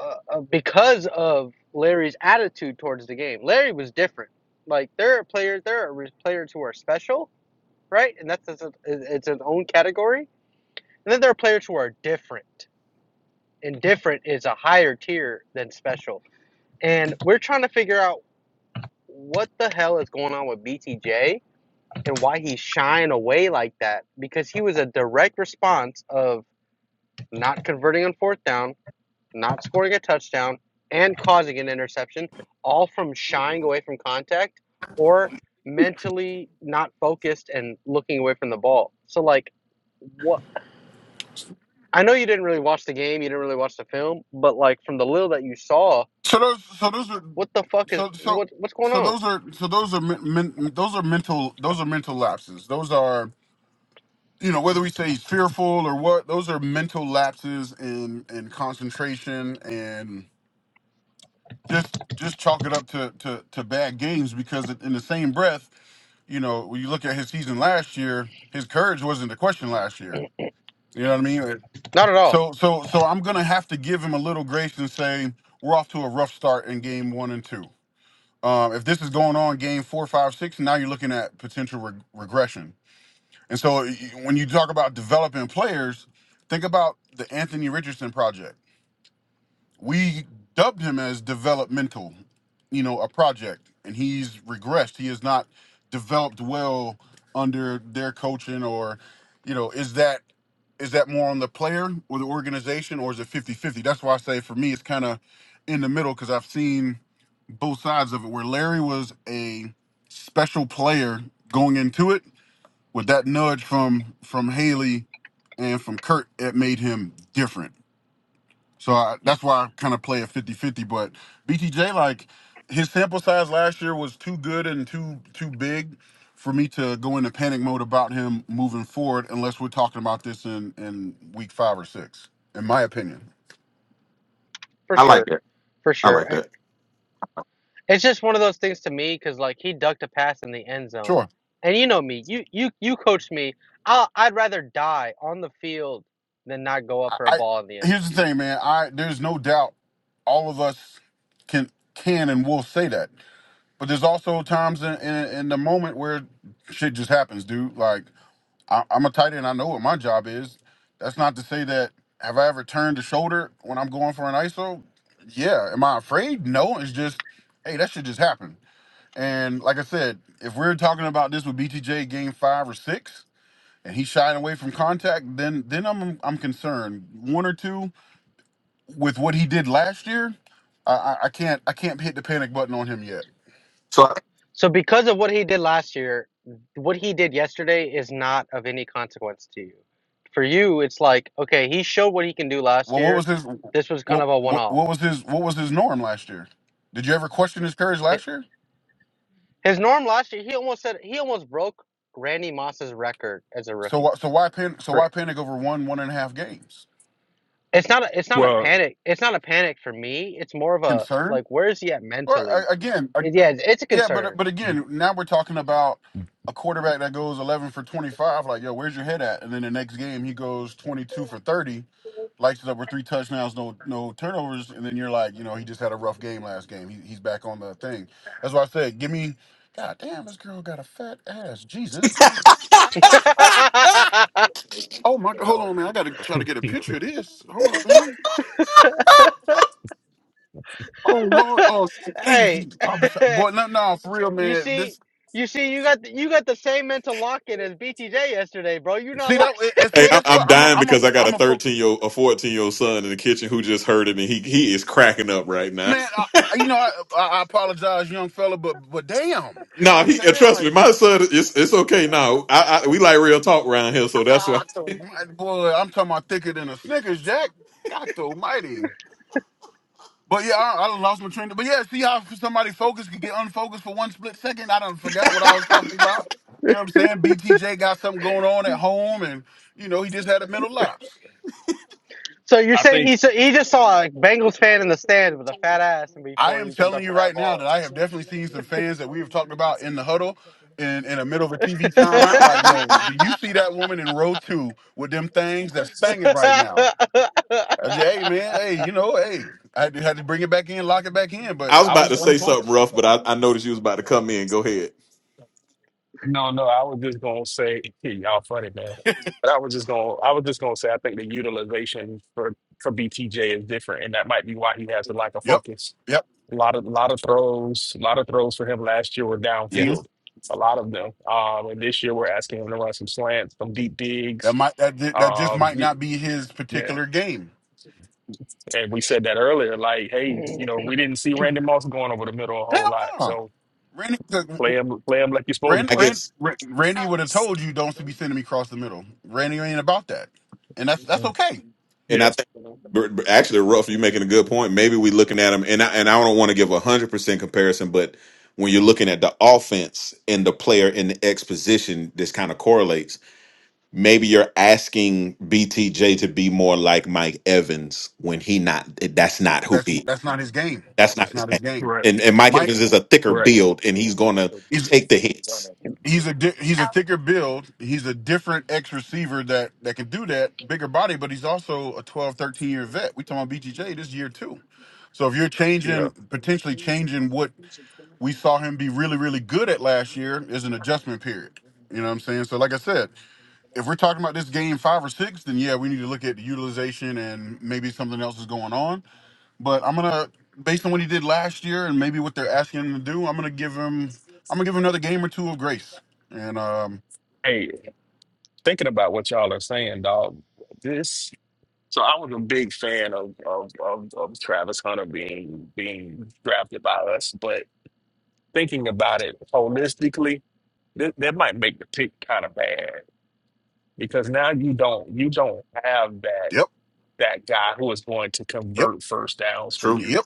Speaker 5: uh, uh, because of Larry's attitude towards the game. Larry was different. Like there are players, there are players who are special, right? And that's it's it's its own category. And then there are players who are different, and different is a higher tier than special. And we're trying to figure out what the hell is going on with BTJ and why he's shying away like that because he was a direct response of not converting on fourth down, not scoring a touchdown, and causing an interception, all from shying away from contact or mentally not focused and looking away from the ball. So like what I know you didn't really watch the game, you didn't really watch the film, but like from the little that you saw,
Speaker 8: So those, so those are,
Speaker 5: what the fuck is
Speaker 8: so so
Speaker 5: what what's going
Speaker 8: so
Speaker 5: on?
Speaker 8: those are, so those are, men, men, those are mental, those are mental lapses. Those are, you know, whether we say he's fearful or what, those are mental lapses in in concentration and just just chalk it up to to to bad games because in the same breath, you know, when you look at his season last year, his courage wasn't the question last year. You know what I mean?
Speaker 5: Not at all,
Speaker 8: So so so I'm gonna have to give him a little grace and say we're off to a rough start in game one and two Um, if this is going on game four, five, six, now you're looking at potential reg- regression. And so y- when you talk about developing players, think about the Anthony Richardson project. We dubbed him as developmental, you know, a project, and he's regressed. He has not developed well under their coaching or, you know, is that is that more on the player or the organization or is it fifty-fifty? That's why I say for me it's kind of in the middle because I've seen– both sides of it, where Larry was a special player going into it, with that nudge from from Haley and from Kurt, it made him different. So I, that's why I kind of play a fifty-fifty. But BTJ, like his sample size last year was too good and too too big for me to go into panic mode about him moving forward, unless we're talking about this in in week five or six, in my opinion.
Speaker 5: for
Speaker 2: I like
Speaker 5: sure, for
Speaker 2: I
Speaker 5: sure.
Speaker 2: like that.
Speaker 5: It's just one of those things to me because like he ducked a pass in the end zone,
Speaker 8: Sure.
Speaker 5: and you know me, you you you coached me. I I'd rather die on the field than not go up
Speaker 8: I,
Speaker 5: for a
Speaker 8: I
Speaker 5: ball in the end
Speaker 8: here's
Speaker 5: zone.
Speaker 8: the thing, man. I there's no doubt all of us can can and will say that. But there's also times in in, in the moment where shit just happens, dude. Like I, I'm a tight end. I know what my job is. That's not to say that have I ever turned the shoulder when I'm going for an ISO? Yeah. Am I afraid? No. It's just, hey, that shit just happened. And like I said, if we're talking about this with BTJ game five or six, and he's shying away from contact, then then I'm I'm concerned. One or two, with what he did last year, I, I, I can't I can't hit the panic button on him yet.
Speaker 2: So I,
Speaker 5: So because of what he did last year, what he did yesterday is not of any consequence to you. For you, it's like okay, he showed what he can do last
Speaker 8: Well, what
Speaker 5: year.
Speaker 8: was his
Speaker 5: This was kind
Speaker 8: what,
Speaker 5: of a one
Speaker 8: what
Speaker 5: off.
Speaker 8: what was his what was his norm last year? Did you ever question his courage last year?
Speaker 5: His norm last year, he almost said he almost broke Randy Moss's record as a
Speaker 8: So
Speaker 5: rookie
Speaker 8: wh- so why pan, so
Speaker 5: for
Speaker 8: why panic over one one and a half games?
Speaker 5: it's not a, it's not a
Speaker 3: Well,
Speaker 5: panic. It's not a panic for me. It's more of a
Speaker 8: Concern?
Speaker 5: like where is he at
Speaker 8: Well,
Speaker 5: mentally?
Speaker 8: a- again, a-
Speaker 5: It- yeah, it's, it's a
Speaker 8: yeah, but
Speaker 5: concern.
Speaker 8: but again, now we're talking about a quarterback that goes 11 for 25. Like, yo, where's your head at? And then the next game, he goes 22 for 30, lights it up with three touchdowns, no no turnovers. And then you're like, you know, he just had a rough game last game. He, he's back on the thing. That's why I said, give me. God damn, this girl got a fat ass. Jesus Christ. Oh my hold on, man. I gotta try to get a picture of this. Hold on, man. Oh Lord. Oh, thank
Speaker 5: hey,
Speaker 8: you. Boy, no, no, for real,
Speaker 5: you
Speaker 8: man. This
Speaker 5: see, you see, you got the, you got the same mental lock in as BTJ yesterday, bro. You're not
Speaker 8: See that,
Speaker 5: locked.
Speaker 8: and see,
Speaker 2: Hey, I-
Speaker 8: guess what?
Speaker 2: I'm
Speaker 8: I'm a,
Speaker 2: dying
Speaker 8: I'm a,
Speaker 2: because I got a
Speaker 8: I'm a fo-
Speaker 2: 13 year, a 14 year old son in the kitchen who just heard it, and he he is cracking up right now.
Speaker 8: man. I, I- you know, I, I I apologize, young fella, but, but damn, you know
Speaker 2: No,
Speaker 8: what I'm
Speaker 2: he uh,
Speaker 8: saying?
Speaker 2: trust
Speaker 8: Like,
Speaker 2: me, my son, it's it's okay now. I, I we like real talk around here, so that's why
Speaker 8: God Almighty, boy, I'm talking about thicker than a Snickers, Jack. God Almighty. But yeah, I, I lost my train. of- But yeah, see how somebody focused could get unfocused for one split second. I don't forgot what I was talking about. You know what I'm saying? BTJ got something going on at home, and you know he just had a mental lapse.
Speaker 5: So you're
Speaker 3: I
Speaker 5: saying he
Speaker 3: think
Speaker 5: s- he just saw a Bengals fan in the stand with a fat ass, and
Speaker 8: I
Speaker 5: before
Speaker 8: am
Speaker 5: he jumped
Speaker 8: telling
Speaker 5: up
Speaker 8: you
Speaker 5: for that
Speaker 8: right now
Speaker 5: ball.
Speaker 8: that I have definitely seen some fans that we have talked about in the huddle in, in the middle of a TV timeout. Like, yo, do you see that woman in row two with them things that's stanging right now? I just, hey, man, hey, you know, hey, I had to, had to bring it back in, lock it back in, but
Speaker 2: I was
Speaker 8: I
Speaker 2: about
Speaker 8: was
Speaker 2: to say something
Speaker 8: unfocused.
Speaker 2: rough, but I, I noticed you was about to come in. Go ahead.
Speaker 3: no, no. I was just gonna say y'all funny man. But I was just gonna I was just gonna say I think the utilization for for BTJ is different, and that might be why he has the lack of
Speaker 8: Yep,
Speaker 3: focus.
Speaker 8: yep.
Speaker 3: A lot of a lot of throws, a lot of throws for him last year were
Speaker 2: Yeah,
Speaker 8: hmm
Speaker 3: downfield. A lot of them. Um, and this year we're asking him to run some slants, some deep digs.
Speaker 8: That might that ju- that just
Speaker 3: Um,
Speaker 8: might
Speaker 3: y-
Speaker 8: not be his
Speaker 3: yeah.
Speaker 8: particular game.
Speaker 3: And we said that earlier, like, hey, you know, we didn't see Randy Moss going over the middle a whole
Speaker 8: Hell
Speaker 3: lot.
Speaker 8: no.
Speaker 3: So
Speaker 8: Randy, 'cause
Speaker 3: play him, play him like you're supposed to
Speaker 8: Ran,
Speaker 2: I
Speaker 3: play him.
Speaker 8: Ran,
Speaker 2: guess,
Speaker 8: Ran- Randy would have told you don't be sending me across the middle. Randy ain't about that, and that's that's
Speaker 3: Mm.
Speaker 8: okay.
Speaker 2: and I
Speaker 3: Yes,
Speaker 2: think but- but actually, rough, you're making a good point. Maybe we looking at him, and I and I don't want to give a hundred percent comparison, but when you're looking at the offense and the player in the X position, this kind of correlates maybe you're asking BTJ to be more like Mike Evans when he not that's not who
Speaker 8: That's
Speaker 2: he
Speaker 8: that's not his game.
Speaker 2: that's not
Speaker 8: That's
Speaker 2: his
Speaker 8: not
Speaker 2: game.
Speaker 8: his game.
Speaker 3: right,
Speaker 2: And and Mike
Speaker 8: Mike,
Speaker 2: Evans is a thicker
Speaker 3: right.
Speaker 2: build and he's gonna
Speaker 8: he's
Speaker 2: take the hits.
Speaker 8: he's a di- he's a thicker build. He's a different X receiver that that can do that, bigger body, but he's also a 12, 13 year vet. We talking about BTJ this year too. So if you're
Speaker 3: Yeah.
Speaker 8: changing potentially changing what we saw him be really really good at last year is an adjustment period. You know what I'm saying? So like I said, if we're talking about this game 5 or 6, then yeah, we need to look at the utilization and maybe something else is going on. But I'm gonna, based on what he did last year and maybe what they're asking him to do, I'm gonna give him, I'm gonna give him another game or two of grace. And um,
Speaker 3: Hey, thinking about what y'all are saying, dog. This. So I was a big fan of of of, of Travis Hunter being being drafted by us, but thinking about it holistically, th- that might make the pick kind of bad because now you don't you don't have that
Speaker 8: yep,
Speaker 3: that guy who is going to
Speaker 8: yep,
Speaker 3: convert first downs for
Speaker 2: True.
Speaker 3: you
Speaker 8: yep.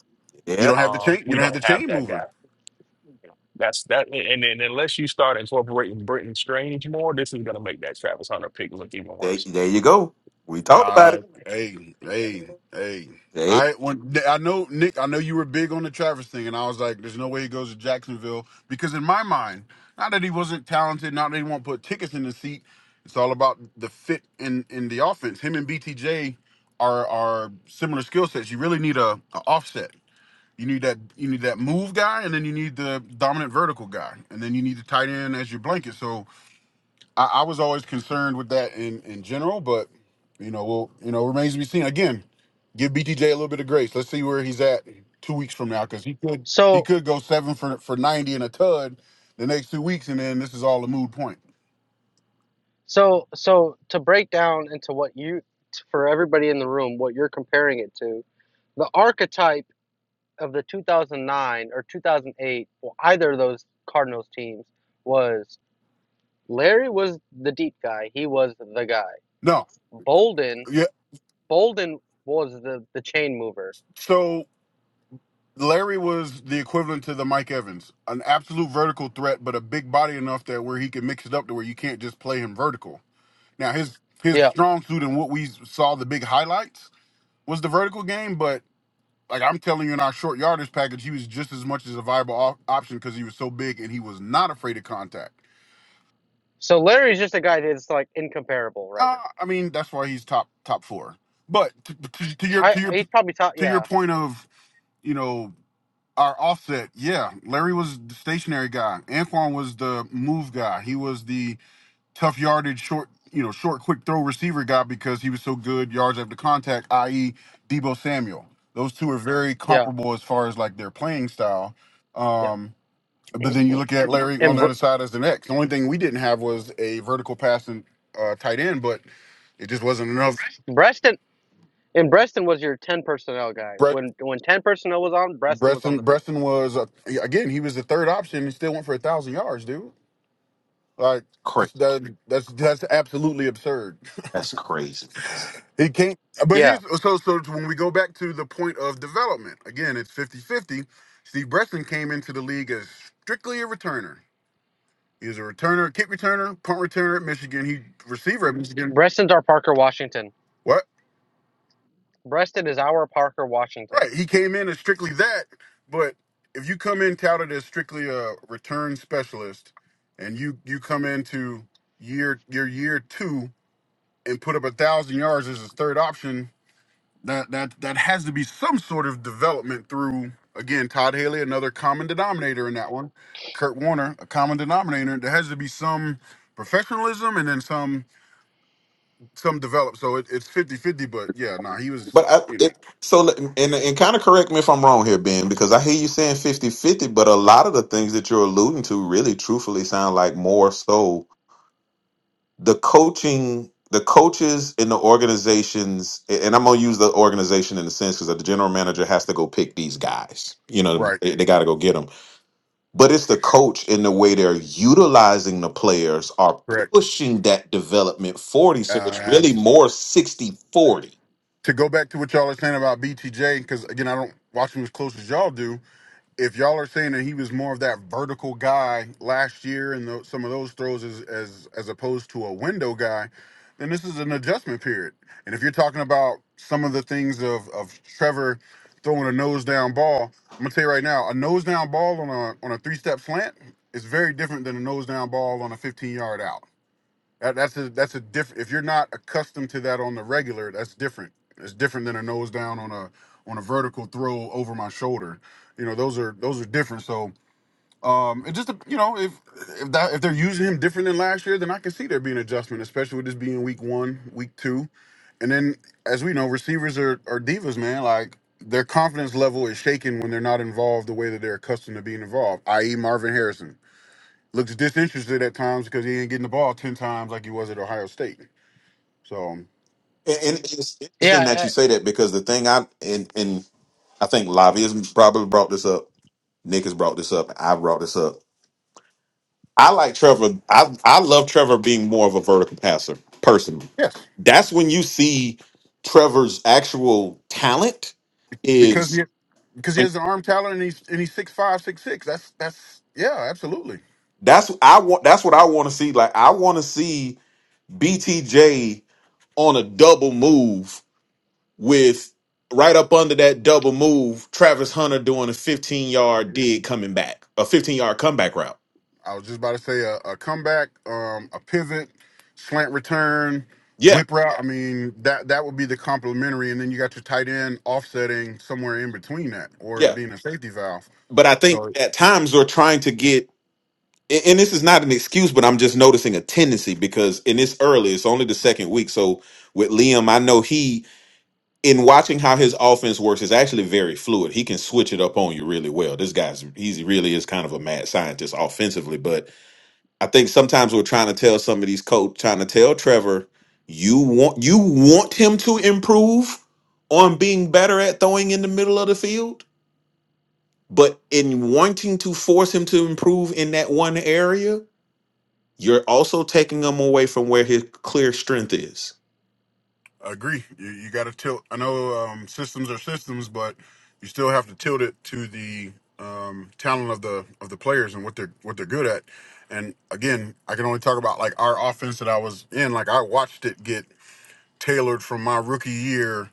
Speaker 8: You
Speaker 2: Yeah.
Speaker 8: don't have the chain,
Speaker 3: Um,
Speaker 8: you
Speaker 3: we
Speaker 8: don't have the
Speaker 3: don't have
Speaker 8: chain
Speaker 3: that guy.
Speaker 8: mover.
Speaker 3: That's that, and then unless you start incorporating Britton Strange more, this is gonna make that Travis Hunter pick look even
Speaker 2: There,
Speaker 3: worse.
Speaker 2: there you go. We talked about it.
Speaker 8: Uh, hey, hey, hey.
Speaker 2: Hey,
Speaker 8: I when I know Nick, I know you were big on the Travis thing, and I was like, "There's no way he goes to Jacksonville," because in my mind, not that he wasn't talented, not that he won't put tickets in the seat. It's all about the fit in in the offense. Him and BTJ are are similar skill sets. You really need a, a offset. You need that you need that move guy, and then you need the dominant vertical guy, and then you need the tight end as your blanket. So I, I was always concerned with that in in general, but you know, well, you know, remains to be seen. Again, give BTJ a little bit of grace. Let's see where he's at two weeks from now, because he could
Speaker 5: so
Speaker 8: he could go seven for for ninety and a tud the next two weeks, and then this is all a mood point.
Speaker 5: So, so to break down into what you, for everybody in the room, what you're comparing it to, the archetype of the 2009 or 2008, well, either of those Cardinals teams was Larry was the deep guy. He was the guy.
Speaker 8: No,
Speaker 5: Bolden,
Speaker 8: yeah.
Speaker 5: Bolden was the the chain mover.
Speaker 8: So Larry was the equivalent to the Mike Evans, an absolute vertical threat, but a big body enough that where he can mix it up to where you can't just play him vertical. Now his his
Speaker 5: Yeah.
Speaker 8: strong suit and what we saw the big highlights was the vertical game, but Like I'm telling you, in our short yardage package, he was just as much as a viable op- option because he was so big and he was not afraid of contact.
Speaker 5: So Larry's just a guy that's like incomparable right
Speaker 8: Uh,
Speaker 5: now.
Speaker 8: I mean, that's why he's top top four. But to, to, to your
Speaker 5: I
Speaker 8: to your
Speaker 5: he's probably top.
Speaker 8: to your
Speaker 5: Yeah.
Speaker 8: point of you know our offset, yeah, Larry was the stationary guy. Anquan was the move guy. He was the tough yardage short you know short quick throw receiver guy because he was so good yards after contact, i.e. Debo Samuel. Those two are very
Speaker 5: Yeah.
Speaker 8: comparable as far as like their playing style.
Speaker 5: Yeah.
Speaker 8: Um, But then you look at Larry
Speaker 5: And
Speaker 8: on the other
Speaker 5: Br-
Speaker 8: side as the next. The only thing we didn't have was a vertical passing uh, tight end, but it just wasn't enough.
Speaker 5: Breston And Breston was your 10 personnel guy.
Speaker 8: Brett
Speaker 5: When when 10 personnel was on, Breston was on
Speaker 8: Bresson,
Speaker 5: the field.
Speaker 8: Bresson was uh, yeah, again he was the third option. He still went for a thousand yards, dude. Like that's that, that's that's absolutely absurd.
Speaker 2: That's easy.
Speaker 8: He can't. But
Speaker 5: Yeah.
Speaker 8: here's so so when we go back to the point of development again, it's fifty-fifty. Steve Bresson came into the league as strictly a returner. He was a returner, kick returner, punt returner at Michigan. He receiver at Michigan.
Speaker 5: Breston's our Parker Washington.
Speaker 8: What?
Speaker 5: Breston is our Parker Washington.
Speaker 8: Right. He came in as strictly that, but if you come in touted as strictly a return specialist and you you come into year your year two and put up a thousand yards as his third option, that that that has to be some sort of development through again, Todd Haley, another common denominator in that one. Kurt Warner, a common denominator. There has to be some professionalism and then some some develop. So it, it's fifty fifty, but yeah, nah, he was
Speaker 2: but I,
Speaker 8: you know
Speaker 2: it, so let- and and kind of correct me if I'm wrong here, Ben, because I hear you saying fifty-fifty, but a lot of the things that you're alluding to really, truthfully, sound like more so. the coaching the coaches in the organizations a- and i'm going to use the organization in a sense because the general manager has to go pick these guys you know
Speaker 8: right,
Speaker 2: they, got to go get them but it's the coach in the way they're utilizing the players are
Speaker 8: correct.
Speaker 2: pushing that development 40 so it's
Speaker 8: Uh,
Speaker 2: really more sixty forty.
Speaker 8: to go back to what y'all are saying about BTJ, because again, I don't watch him as close as y'all do. If y'all are saying that he was more of that vertical guy last year and tho- some of those throws as, as as opposed to a window guy, then this is an adjustment period. And if you're talking about some of the things of of Trevor throwing a nose down ball, I'm gonna tell you right now, a nose down ball on a on a three step slant is very different than a nose down ball on a 15 yard out. That, that's a that's a different. If you're not accustomed to that on the regular, that's different. It's different than a nose down on a on a vertical throw over my shoulder. You know, those are those are different. So, um, it just you know, if if that if they're using him different than last year, then I can see there being adjustment, especially with this being week one, week two, and then as we know, receivers are are divas, man. Like their confidence level is shaken when they're not involved the way that they're accustomed to being involved. I.e., Marvin Harrison. Looks disinterested at times because he ain't getting the ball ten times like he was at Ohio State. So
Speaker 2: And, and it's interesting that
Speaker 5: Yeah. uh,
Speaker 2: you say that because the thing I and and I think Lavi has probably brought this up. Nick has brought this up. I brought this up. I like Trevor. I I love Trevor being more of a vertical passer personally.
Speaker 8: yes,
Speaker 2: That's when you see Trevor's actual talent
Speaker 8: because
Speaker 2: is.
Speaker 8: he, because he has the arm talent and he's and he's six five, six six. That's that's yeah, absolutely.
Speaker 2: That's I want. That's what I want to see. Like I want to see BTJ on a double move with right up under that double move, Travis Hunter doing a 15 yard dig coming back, a 15 yard comeback route.
Speaker 8: I was just about to say a, a comeback, um, a pivot, slant return,
Speaker 2: Yeah,
Speaker 8: whip route. I mean that that would be the complementary, and then you got your tight end offsetting somewhere in between that, or
Speaker 2: yeah.
Speaker 8: being a safety valve.
Speaker 2: But I think
Speaker 8: So.
Speaker 2: at times they are trying to get, a- and this is not an excuse, but I'm just noticing a tendency because, in this early, it's only the second week. So with Liam, I know he, in watching how his offense works, is actually very fluid. He can switch it up on you really well. This guy's, he really is kind of a mad scientist offensively, but I think sometimes we're trying to tell some of these coach, trying to tell Trevor, you want you want him to improve on being better at throwing in the middle of the field, but in wanting to force him to improve in that one area, you're also taking him away from where his clear strength is.
Speaker 8: I agree. You, you got to tilt. I know um, systems are systems, but you still have to tilt it to the um, talent of the of the players and what they're what they're good at. And again, I can only talk about like our offense that I was in. Like I watched it get tailored from my rookie year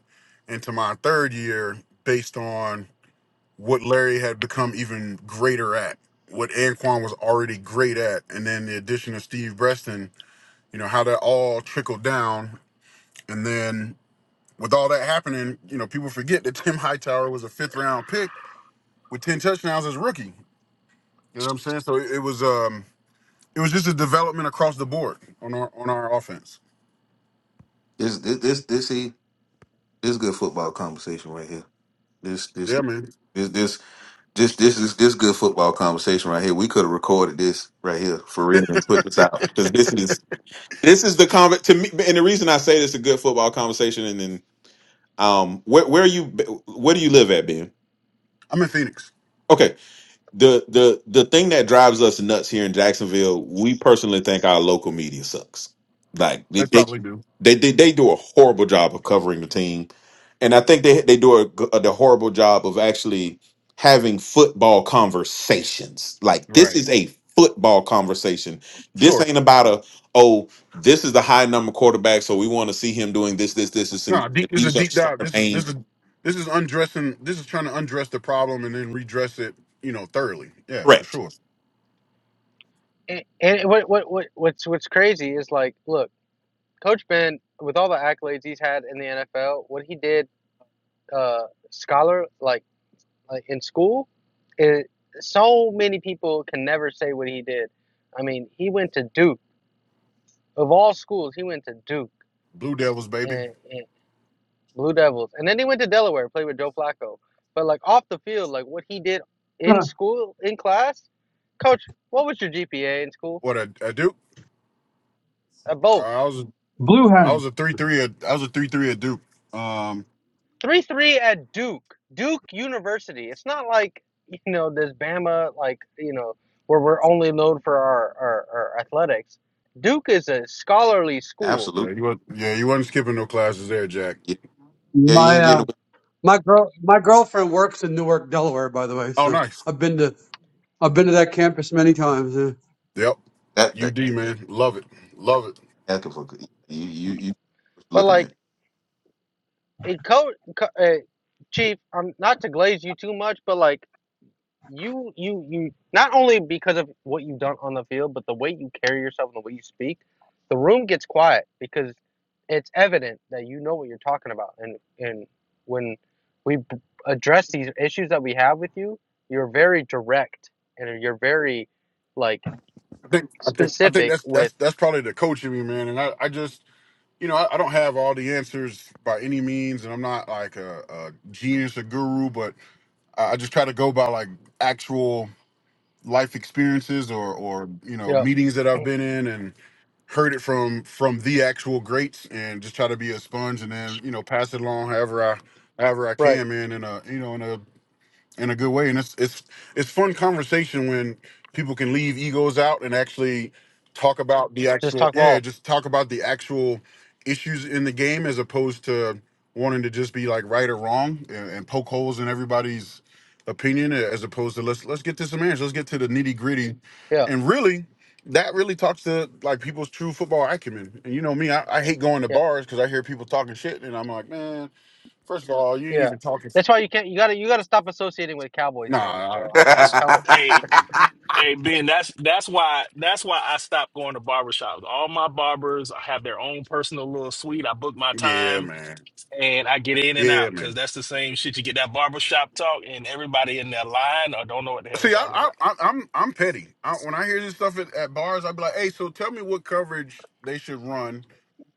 Speaker 8: into my third year based on what Larry had become even greater at, what Anquan was already great at, and then the addition of Steve Breston. You know how that all trickled down, and then with all that happening, you know, people forget that Tim Hightower was a fifth round pick with 10 touchdowns as a rookie. You know what I'm saying? So it, it was um it was just a development across the board on our on our offense.
Speaker 2: This this this this see this good football conversation right here. This this
Speaker 8: Yeah, man.
Speaker 2: this this this this is this good football conversation right here. We could have recorded this right here for real and put this out. Because this is This is the conver- to me, and the reason I say this is a good football conversation. And then, um, where where are you? Where do you live at, Ben?
Speaker 8: I'm in Phoenix.
Speaker 2: Okay, the the the thing that drives us nuts here in Jacksonville, we personally think our local media sucks. Like they
Speaker 8: They
Speaker 2: they
Speaker 8: probably do.
Speaker 2: they, they, they do a horrible job of covering the team, and I think they they do a, g- a- the horrible job of actually having football conversations. Like this
Speaker 8: Right.
Speaker 2: is a football conversation. This
Speaker 8: Sure.
Speaker 2: ain't about a oh this is the high number quarterback, so we want to see him doing this this this this and
Speaker 8: No, deep this is a
Speaker 2: these are
Speaker 8: deep
Speaker 2: star
Speaker 8: dive. This is
Speaker 2: name
Speaker 8: this is this is undressing this is trying to undress the problem and then redress it, you know, thoroughly. Yeah, for
Speaker 2: correct.
Speaker 8: sure.
Speaker 5: And, and what, what, what, what's, what's crazy is like, look, Coach Ben, with all the accolades he's had in the NFL, what he did uh, scholar, like, like in school, it, so many people can never say what he did. I mean, he went to Duke. Of all schools, he went to Duke.
Speaker 8: Blue Devils, baby.
Speaker 5: and. and Blue Devils. And then he went to Delaware, played with Joe Flacco. But like off the field, like what he did in
Speaker 4: Uh,
Speaker 5: school, in class, coach, what was your GPA in school?
Speaker 8: What a, a Duke?
Speaker 5: At
Speaker 8: Uh,
Speaker 5: both.
Speaker 8: I was
Speaker 4: Blue
Speaker 8: I was
Speaker 4: hen.
Speaker 8: a three three I was a three three at Duke. Um,
Speaker 5: 3 3 at Duke, Duke University. It's not like, you know, this Bama, like, you know, where we're only known for our, our, our athletics. Duke is a scholarly school.
Speaker 8: Yeah,
Speaker 2: Absolutely.
Speaker 8: you weren't, yeah, you weren't skipping no classes there, Jack.
Speaker 2: Yeah, yeah, you
Speaker 4: My
Speaker 2: ain't getting
Speaker 4: uh,
Speaker 2: away
Speaker 4: my girl, my girlfriend works in Newark, Delaware, by the way.
Speaker 8: Oh,
Speaker 4: So
Speaker 8: nice.
Speaker 4: I've been to I've been to that campus many times. uh.
Speaker 8: Yep.
Speaker 2: with that.
Speaker 8: UD man, love it, love it.
Speaker 2: asking for you. You you what
Speaker 5: But
Speaker 2: you looking
Speaker 5: like, it, coach, co- uh, Chief, I'm not to glaze you too much, but like, you you you not only because of what you've done on the field, but the way you carry yourself and the way you speak, the room gets quiet because it's evident that you know what you're talking about. And and when we b- address these issues that we have with you, you're very direct and you're very like
Speaker 8: I think I think I think
Speaker 5: specific
Speaker 8: that's
Speaker 5: with
Speaker 8: that's that's probably the coach in me, man. And I, I just you know I, I don't have all the answers by any means, and I'm not like a, a genius or guru, but I, I just try to go by like actual life experiences or or you know
Speaker 5: yeah
Speaker 8: meetings that I've been in and heard it from from the actual greats, and just try to be a sponge, and then you know pass it along however I however I
Speaker 5: right
Speaker 8: can, man, in a you know in a in a good way. And it's it's it's fun conversation when people can leave egos out and actually talk about the
Speaker 5: just
Speaker 8: actual
Speaker 5: talk
Speaker 8: yeah,
Speaker 5: ball
Speaker 8: just talk about the actual issues in the game as opposed to wanting to just be like right or wrong and, and poke holes in everybody's opinion as opposed to let's let's get to some answers, let's get to the nitty gritty.
Speaker 5: yeah
Speaker 8: And really that really talks to like people's true football acumen. And you know me, I, I hate going to
Speaker 5: yeah
Speaker 8: bars because I hear people talking shit and I'm like, man, first of all, you ain't
Speaker 5: yeah.
Speaker 8: even talking
Speaker 5: That's why you can't you gotta you gotta stop associating with Cowboys fans, bro.
Speaker 8: nah,
Speaker 5: I, I'm
Speaker 3: That's
Speaker 5: telling
Speaker 2: at?
Speaker 3: hey,
Speaker 8: I,
Speaker 3: hey Ben. That's that's why that's why I stopped going to barbershops. All my barbers have their own personal little suite. I book my
Speaker 8: Yeah,
Speaker 3: time
Speaker 8: man.
Speaker 3: and I get in and
Speaker 8: Yeah,
Speaker 3: out because
Speaker 8: man.
Speaker 3: that's the same shit. You get that barbershop talk, and everybody in their line or don't know what the hell they're
Speaker 8: See, I,
Speaker 3: talking about.
Speaker 8: I, I I'm I'm petty. I, when I hear this stuff at, at bars, I'd be like, "Hey, so tell me what coverage they should run: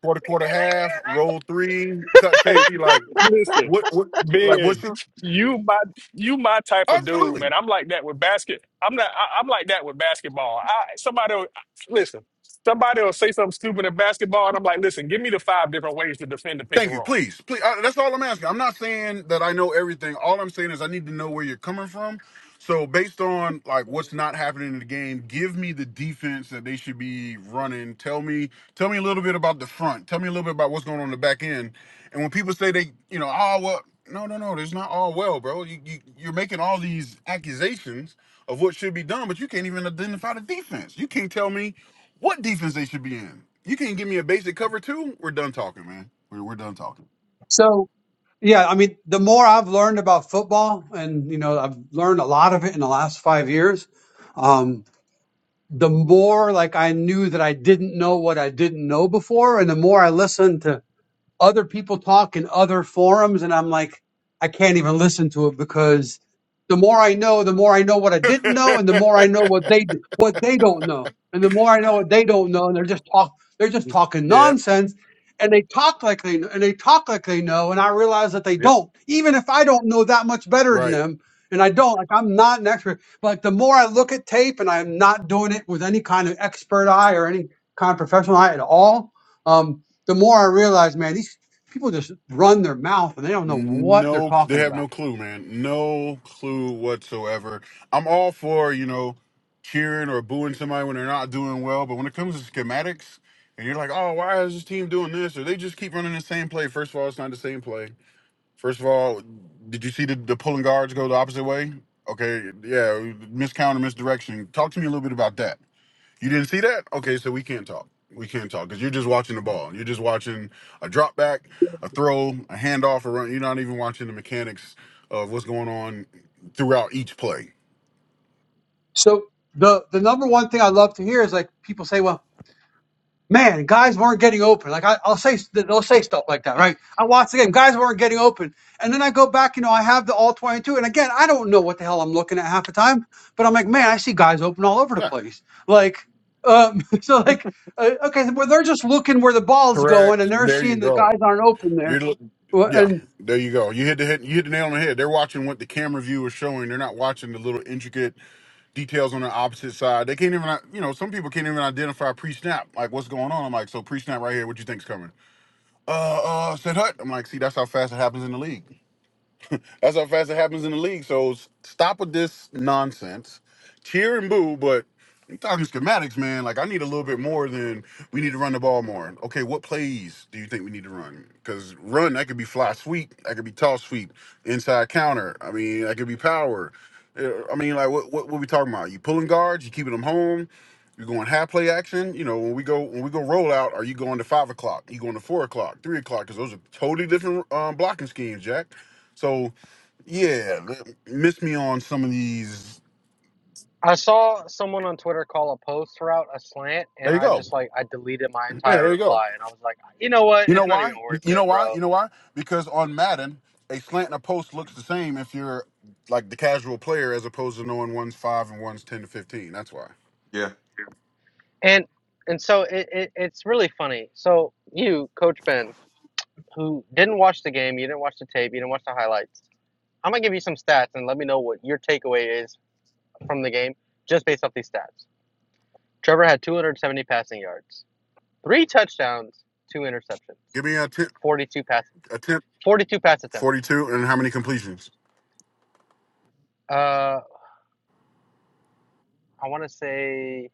Speaker 8: quarter, quarter, half, roll three, cut
Speaker 3: Hey,
Speaker 8: safety. Like,
Speaker 3: listen,
Speaker 8: what, what, like, what's
Speaker 3: Ben,
Speaker 8: your
Speaker 3: you my you my type of dude,
Speaker 8: absolutely?
Speaker 3: man. I'm like that with basket. I'm not. I, I'm like that with basketball. I somebody will- listen. Somebody will say something stupid in basketball, and I'm like, listen, give me the five different ways to defend the pick
Speaker 8: Thank
Speaker 3: and
Speaker 8: you.
Speaker 3: roll.
Speaker 8: Please, please. I, that's all I'm asking. I'm not saying that I know everything. All I'm saying is I need to know where you're coming from. So based on like what's not happening in the game, give me the defense that they should be running. Tell me, tell me a little bit about the front. Tell me a little bit about what's going on in the back end. And when people say they, you know, oh well, no, no, no, there's not all well, bro. You, you you're making all these accusations of what should be done, but you can't even identify the defense. You can't tell me what defense they should be in? You can't give me a basic cover two. We're done talking, man. We're, we're done talking.
Speaker 4: So Yeah, I mean, the more I've learned about football, and you know, I've learned a lot of it in the last five years. Um, the more like I knew that I didn't know what I didn't know before, and the more I listened to other people talk in other forums and I'm like, I can't even listen to it because the more I know, the more I know what I didn't know and the more I know what they what they don't know. And the more I know what they don't know and they're just talk they're just
Speaker 8: Just-
Speaker 4: talking
Speaker 8: yep.
Speaker 4: nonsense and they talk like they and they talk like they know and I realize that they
Speaker 8: Yep.
Speaker 4: don't. Even if I don't know that much better than
Speaker 8: Right.
Speaker 4: them and I don't like I'm not an expert. But like the more I look at tape and I'm not doing it with any kind of expert eye or any kind of professional eye at all, Um, the more I realize, man, these people just run their mouth and they don't know what they're
Speaker 8: No, they
Speaker 4: talking
Speaker 8: have no
Speaker 4: about.
Speaker 8: clue, man. No clue whatsoever. I'm all for you know cheering or booing somebody when they're not doing well, but when it comes to schematics, and you're like, oh, why is this team doing this? Or they just keep running the same play. First of all, it's not the same play. First of all, did you see the, the pulling guards go the opposite way? Okay, yeah, miscount or misdirection. Talk to me a little bit about that. You didn't see that? Okay, so we can't talk. We can't talk because you're just watching the ball. You're just watching a drop back, a throw, a handoff, a run. You're not even watching the mechanics of what's going on throughout each play.
Speaker 4: So the the number one thing I love to hear is like people say, well, man, guys weren't getting open. Like I, I'll say they'll say stuff like that, right? I watched the game, guys weren't getting open, and then I go back, you know, I have the all twenty two, and again, I don't know what the hell I'm looking at half the time, but I'm like, man, I see guys open all over the
Speaker 8: Yeah,
Speaker 4: place. Like, um, so like. Uh, okay, well, they're just looking where the ball's going, and
Speaker 8: correct.
Speaker 4: they're
Speaker 8: There you
Speaker 4: seeing the
Speaker 8: go.
Speaker 4: guys aren't open there,
Speaker 8: You're look-
Speaker 4: Well,
Speaker 8: yeah,
Speaker 4: and
Speaker 8: there you go. You hit the hit, you hit the nail on the head. They're watching what the camera view is showing. They're not watching the little intricate details on the opposite side. They can't even, uh, you know, some people can't even identify pre-snap. Like, what's going on? I'm like, so pre-snap right here. What you think's coming? Uh, uh, said Hut. I'm like, see, that's how fast it happens in the league. That's how fast it happens in the league. So s- stop with this nonsense. Cheer and boo, but I'm talking schematics, man. Like I need a little bit more than we need to run the ball more. Okay, what plays do you think we need to run? Because run that could be fly sweep, that could be toss sweep, inside counter. I mean, that could be power. Uh, I mean, like what what, what we talking about? You pulling guards, you keeping them home. You going half play action? You know when we go when we go roll out, are you going to five o'clock? You going to four o'clock, three o'clock? Because those are totally different um, blocking schemes, Jack. So yeah, th- miss me on some of these.
Speaker 5: I saw someone on Twitter call a post route a slant,
Speaker 8: There
Speaker 5: and
Speaker 8: you
Speaker 5: I
Speaker 8: go.
Speaker 5: just like I deleted my
Speaker 8: Yeah,
Speaker 5: entire
Speaker 8: there you go.
Speaker 5: reply, and I was like, you know what?
Speaker 8: You know
Speaker 5: It's not even
Speaker 8: why?
Speaker 5: worth
Speaker 8: You know
Speaker 5: it,
Speaker 8: why?
Speaker 5: bro.
Speaker 8: You know why? Because on Madden, a slant and a post looks the same if you're like the casual player as opposed to knowing one's five and one's ten to fifteen. That's why.
Speaker 2: Yeah,
Speaker 5: And and so it, it it's really funny. So you, Coach Ben, who didn't watch the game, you didn't watch the tape, you didn't watch the highlights. I'm gonna give you some stats and let me know what your takeaway is from the game just based off these stats. Trevor had 270 passing yards, three touchdowns, two interceptions,
Speaker 8: Give me a attempt,
Speaker 5: 42 pass,
Speaker 8: attempt
Speaker 5: 42 pass attempts.
Speaker 8: forty-two, and how many completions?
Speaker 5: Uh, I want to say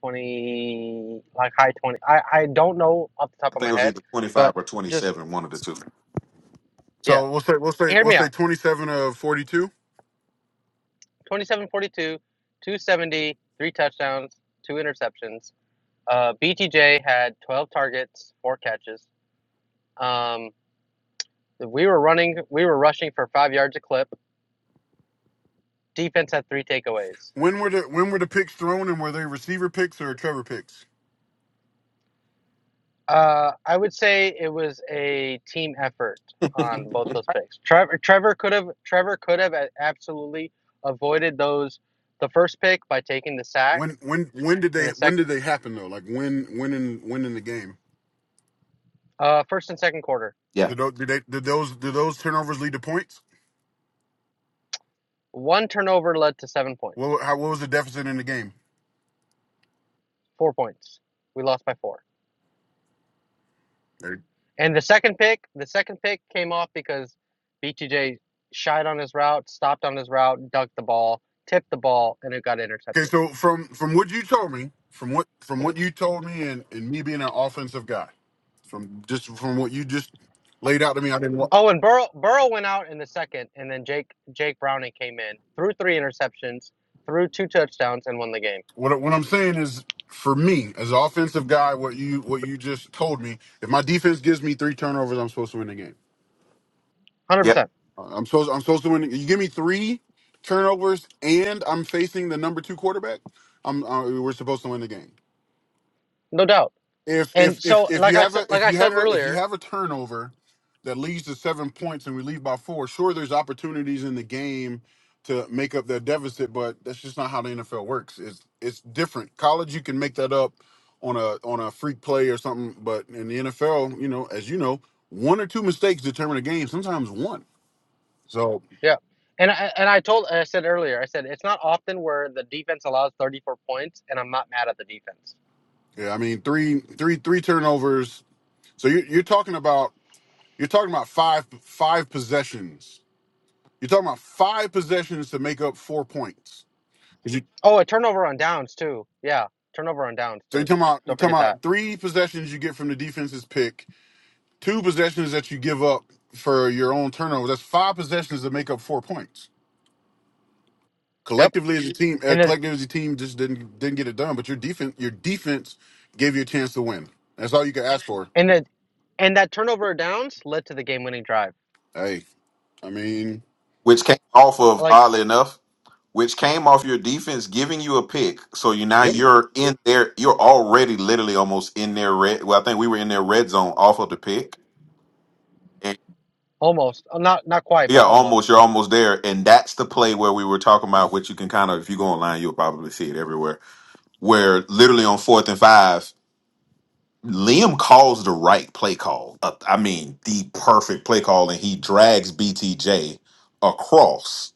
Speaker 5: 20 like high 20 i i don't know off the top
Speaker 2: I
Speaker 5: of
Speaker 2: think
Speaker 5: my
Speaker 2: it was
Speaker 5: head
Speaker 2: either twenty five
Speaker 5: but
Speaker 2: or twenty
Speaker 5: just
Speaker 2: seven, one of the two.
Speaker 5: yeah
Speaker 8: So we'll say we'll say
Speaker 5: hear
Speaker 8: we'll
Speaker 5: me
Speaker 8: say
Speaker 5: out
Speaker 8: twenty-seven of forty-two.
Speaker 5: Twenty-seven forty-two, two seventy, three touchdowns two interceptions uh btj had 12 targets four catches um we were running we were rushing for five yards a clip defense had three takeaways
Speaker 8: When were the when were the picks thrown, and were they receiver picks or Trevor picks?
Speaker 5: Uh, I would say it was a team effort on both those picks. Trevor Trevor could have Trevor could have absolutely avoided those the first pick by taking the sack
Speaker 8: When when when did
Speaker 5: in
Speaker 8: they
Speaker 5: the sec
Speaker 8: when did they happen though? Like when when in when in the game?
Speaker 5: uh, first and second quarter.
Speaker 2: yeah,
Speaker 8: Did those, did, they, did those did those turnovers lead to points?
Speaker 5: One turnover led to seven points,
Speaker 8: What how what was the deficit in the game?
Speaker 5: four points. We lost by four.
Speaker 8: There-
Speaker 5: And the second pick, the second pick came off because BTJ shied on his route, stopped on his route, ducked the ball, tipped the ball, and it got
Speaker 8: Okay,
Speaker 5: intercepted.
Speaker 8: so from from what you told me, from what from what you told me, and, and me being an offensive guy, from just from what you just laid out to me, I didn't. wa-
Speaker 5: Oh, and Burrow Burrow went out in the second, and then Jake Jake Browning came in, threw three interceptions, threw two touchdowns, and won the game.
Speaker 8: What what I'm saying is, for me as an offensive guy, what you what you just told me, if my defense gives me three turnovers, I'm supposed to win the game.
Speaker 5: one Hundred
Speaker 2: yeah.
Speaker 5: percent,
Speaker 8: Uh, I'm supposed I'm supposed to win. You give me three turnovers, and I'm facing the number two quarterback. I'm uh, we're supposed to win the game.
Speaker 5: no doubt.
Speaker 8: if if
Speaker 5: And
Speaker 8: if
Speaker 5: so,
Speaker 8: if
Speaker 5: like
Speaker 8: you
Speaker 5: I
Speaker 8: have
Speaker 5: said,
Speaker 8: a
Speaker 5: like
Speaker 8: if
Speaker 5: I
Speaker 8: you
Speaker 5: said
Speaker 8: have a if you
Speaker 5: earlier,
Speaker 8: have a turnover that leads to seven points and we leave by four, sure there's opportunities in the game to make up that deficit, but that's just not how the NFL works. It's it's different. College you can make that up on a on a freak play or something, but in the NFL, you know, as you know, one or two mistakes determine a game, sometimes one. So
Speaker 5: yeah. And I, and I told I said earlier, I said it's not often where the defense allows thirty four points, and I'm not mad at the defense.
Speaker 8: yeah, I mean three three three turnovers. So you you're talking about you're talking about five five possessions You're talking about five possessions to make up four points. 'Cause you-
Speaker 5: Oh, a turnover on downs too. Yeah, turnover on downs
Speaker 8: so you're
Speaker 5: too.
Speaker 8: talking about
Speaker 5: Don't
Speaker 8: you're talking
Speaker 5: forget that.
Speaker 8: about three possessions you get from the defense's pick, two possessions that you give up for your own turnover. That's five possessions to make up four points.
Speaker 5: Yep.
Speaker 8: Collectively as a team, uh,
Speaker 5: And then
Speaker 8: collectively as a team just didn't didn't get it done. But your defense, your defense gave you a chance to win. That's all you could ask for.
Speaker 5: and then and that turnover on downs led to the game winning drive.
Speaker 8: Hey, I mean,
Speaker 2: Which came off of
Speaker 5: Like
Speaker 2: oddly enough, which came off your defense giving you a pick. So you now
Speaker 8: yep.
Speaker 2: you're in there. You're already literally almost in their red. Well, I think we were in their red zone off of the pick. And
Speaker 5: almost, not not quite, but
Speaker 2: yeah,
Speaker 5: almost.
Speaker 2: almost. You're almost there, and that's the play where we were talking about, which you can kind of, if you go online, you'll probably see it everywhere. Where literally on fourth and five. Liam calls the right play call. Uh, I mean, the perfect play call, and he drags BTJ across,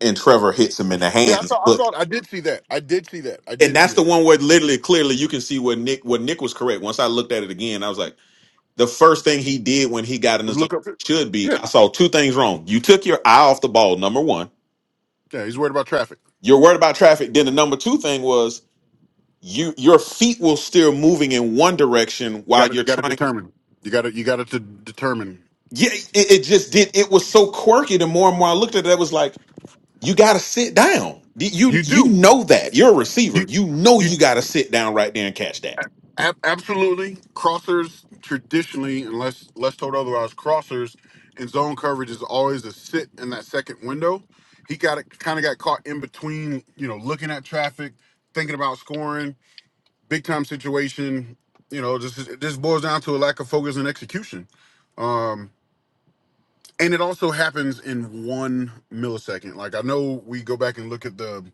Speaker 2: and Trevor hits him in the
Speaker 8: Yeah, I
Speaker 2: hands.
Speaker 8: saw, I
Speaker 2: But
Speaker 8: saw, I did see that. I did see that. I
Speaker 2: and
Speaker 8: did see
Speaker 2: that's the
Speaker 8: that.
Speaker 2: one where literally, clearly, you can see where Nick, where Nick was correct. Once I looked at it again, I was like, the first thing he did when he got in the zone
Speaker 8: Look up.
Speaker 2: should be.
Speaker 8: Yeah,
Speaker 2: I saw two things wrong. You took your eye off the ball. Number one,
Speaker 8: yeah. He's worried about traffic.
Speaker 2: you're worried about traffic. Then the number two thing was you, your feet will still moving in one direction
Speaker 8: Got
Speaker 2: while
Speaker 8: to
Speaker 2: you're
Speaker 8: got to
Speaker 2: trying
Speaker 8: determine. You got to you got to determine.
Speaker 2: yeah, it, it just did. It was so quirky. The more and more I looked at it, I was like, you got to sit down. You
Speaker 8: You
Speaker 2: you
Speaker 8: do.
Speaker 2: know that you're a receiver.
Speaker 8: You
Speaker 2: You know
Speaker 8: you
Speaker 2: you got to sit down right there and catch that.
Speaker 8: ab- absolutely crossers traditionally, unless unless told otherwise, crossers and zone coverage is always a sit in that second window. He got it kind of got caught in between, you know, looking at traffic, thinking about scoring, big time situation. You know, just this boils down to a lack of focus and execution. Um, and it also happens in one millisecond. Like I know we go back and look at the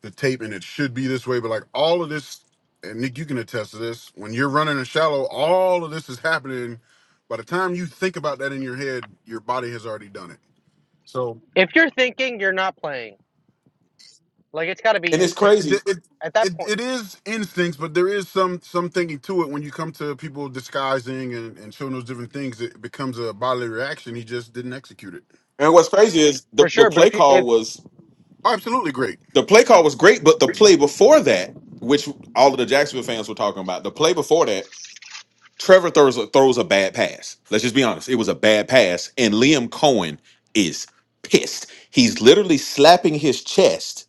Speaker 8: the tape, and it should be this way, but like all of this, and Nick, you can attest to this. When you're running a shallow, all of this is happening. By the time you think about that in your head, your body has already done it. So
Speaker 5: If you're thinking, you're not playing. Like it's got to be
Speaker 2: And it's
Speaker 8: it
Speaker 5: instinct
Speaker 2: crazy.
Speaker 8: it it,
Speaker 5: at that
Speaker 8: it,
Speaker 5: point
Speaker 8: it is instincts, but there is some some thinking to it. When you come to people disguising and, and showing those different things, it becomes a bodily reaction. He just didn't execute it.
Speaker 2: And what's crazy is the
Speaker 5: for
Speaker 2: the
Speaker 5: sure. But
Speaker 2: play
Speaker 5: if you
Speaker 2: call
Speaker 5: if
Speaker 2: was
Speaker 8: Oh, Absolutely great.
Speaker 2: the play call was great, but the play before that, which all of the Jacksonville fans were talking about, the play before that, Trevor throws a, throws a bad pass. Let's just be honest. It was a bad pass, and Liam Cohen is pissed. He's literally slapping his chest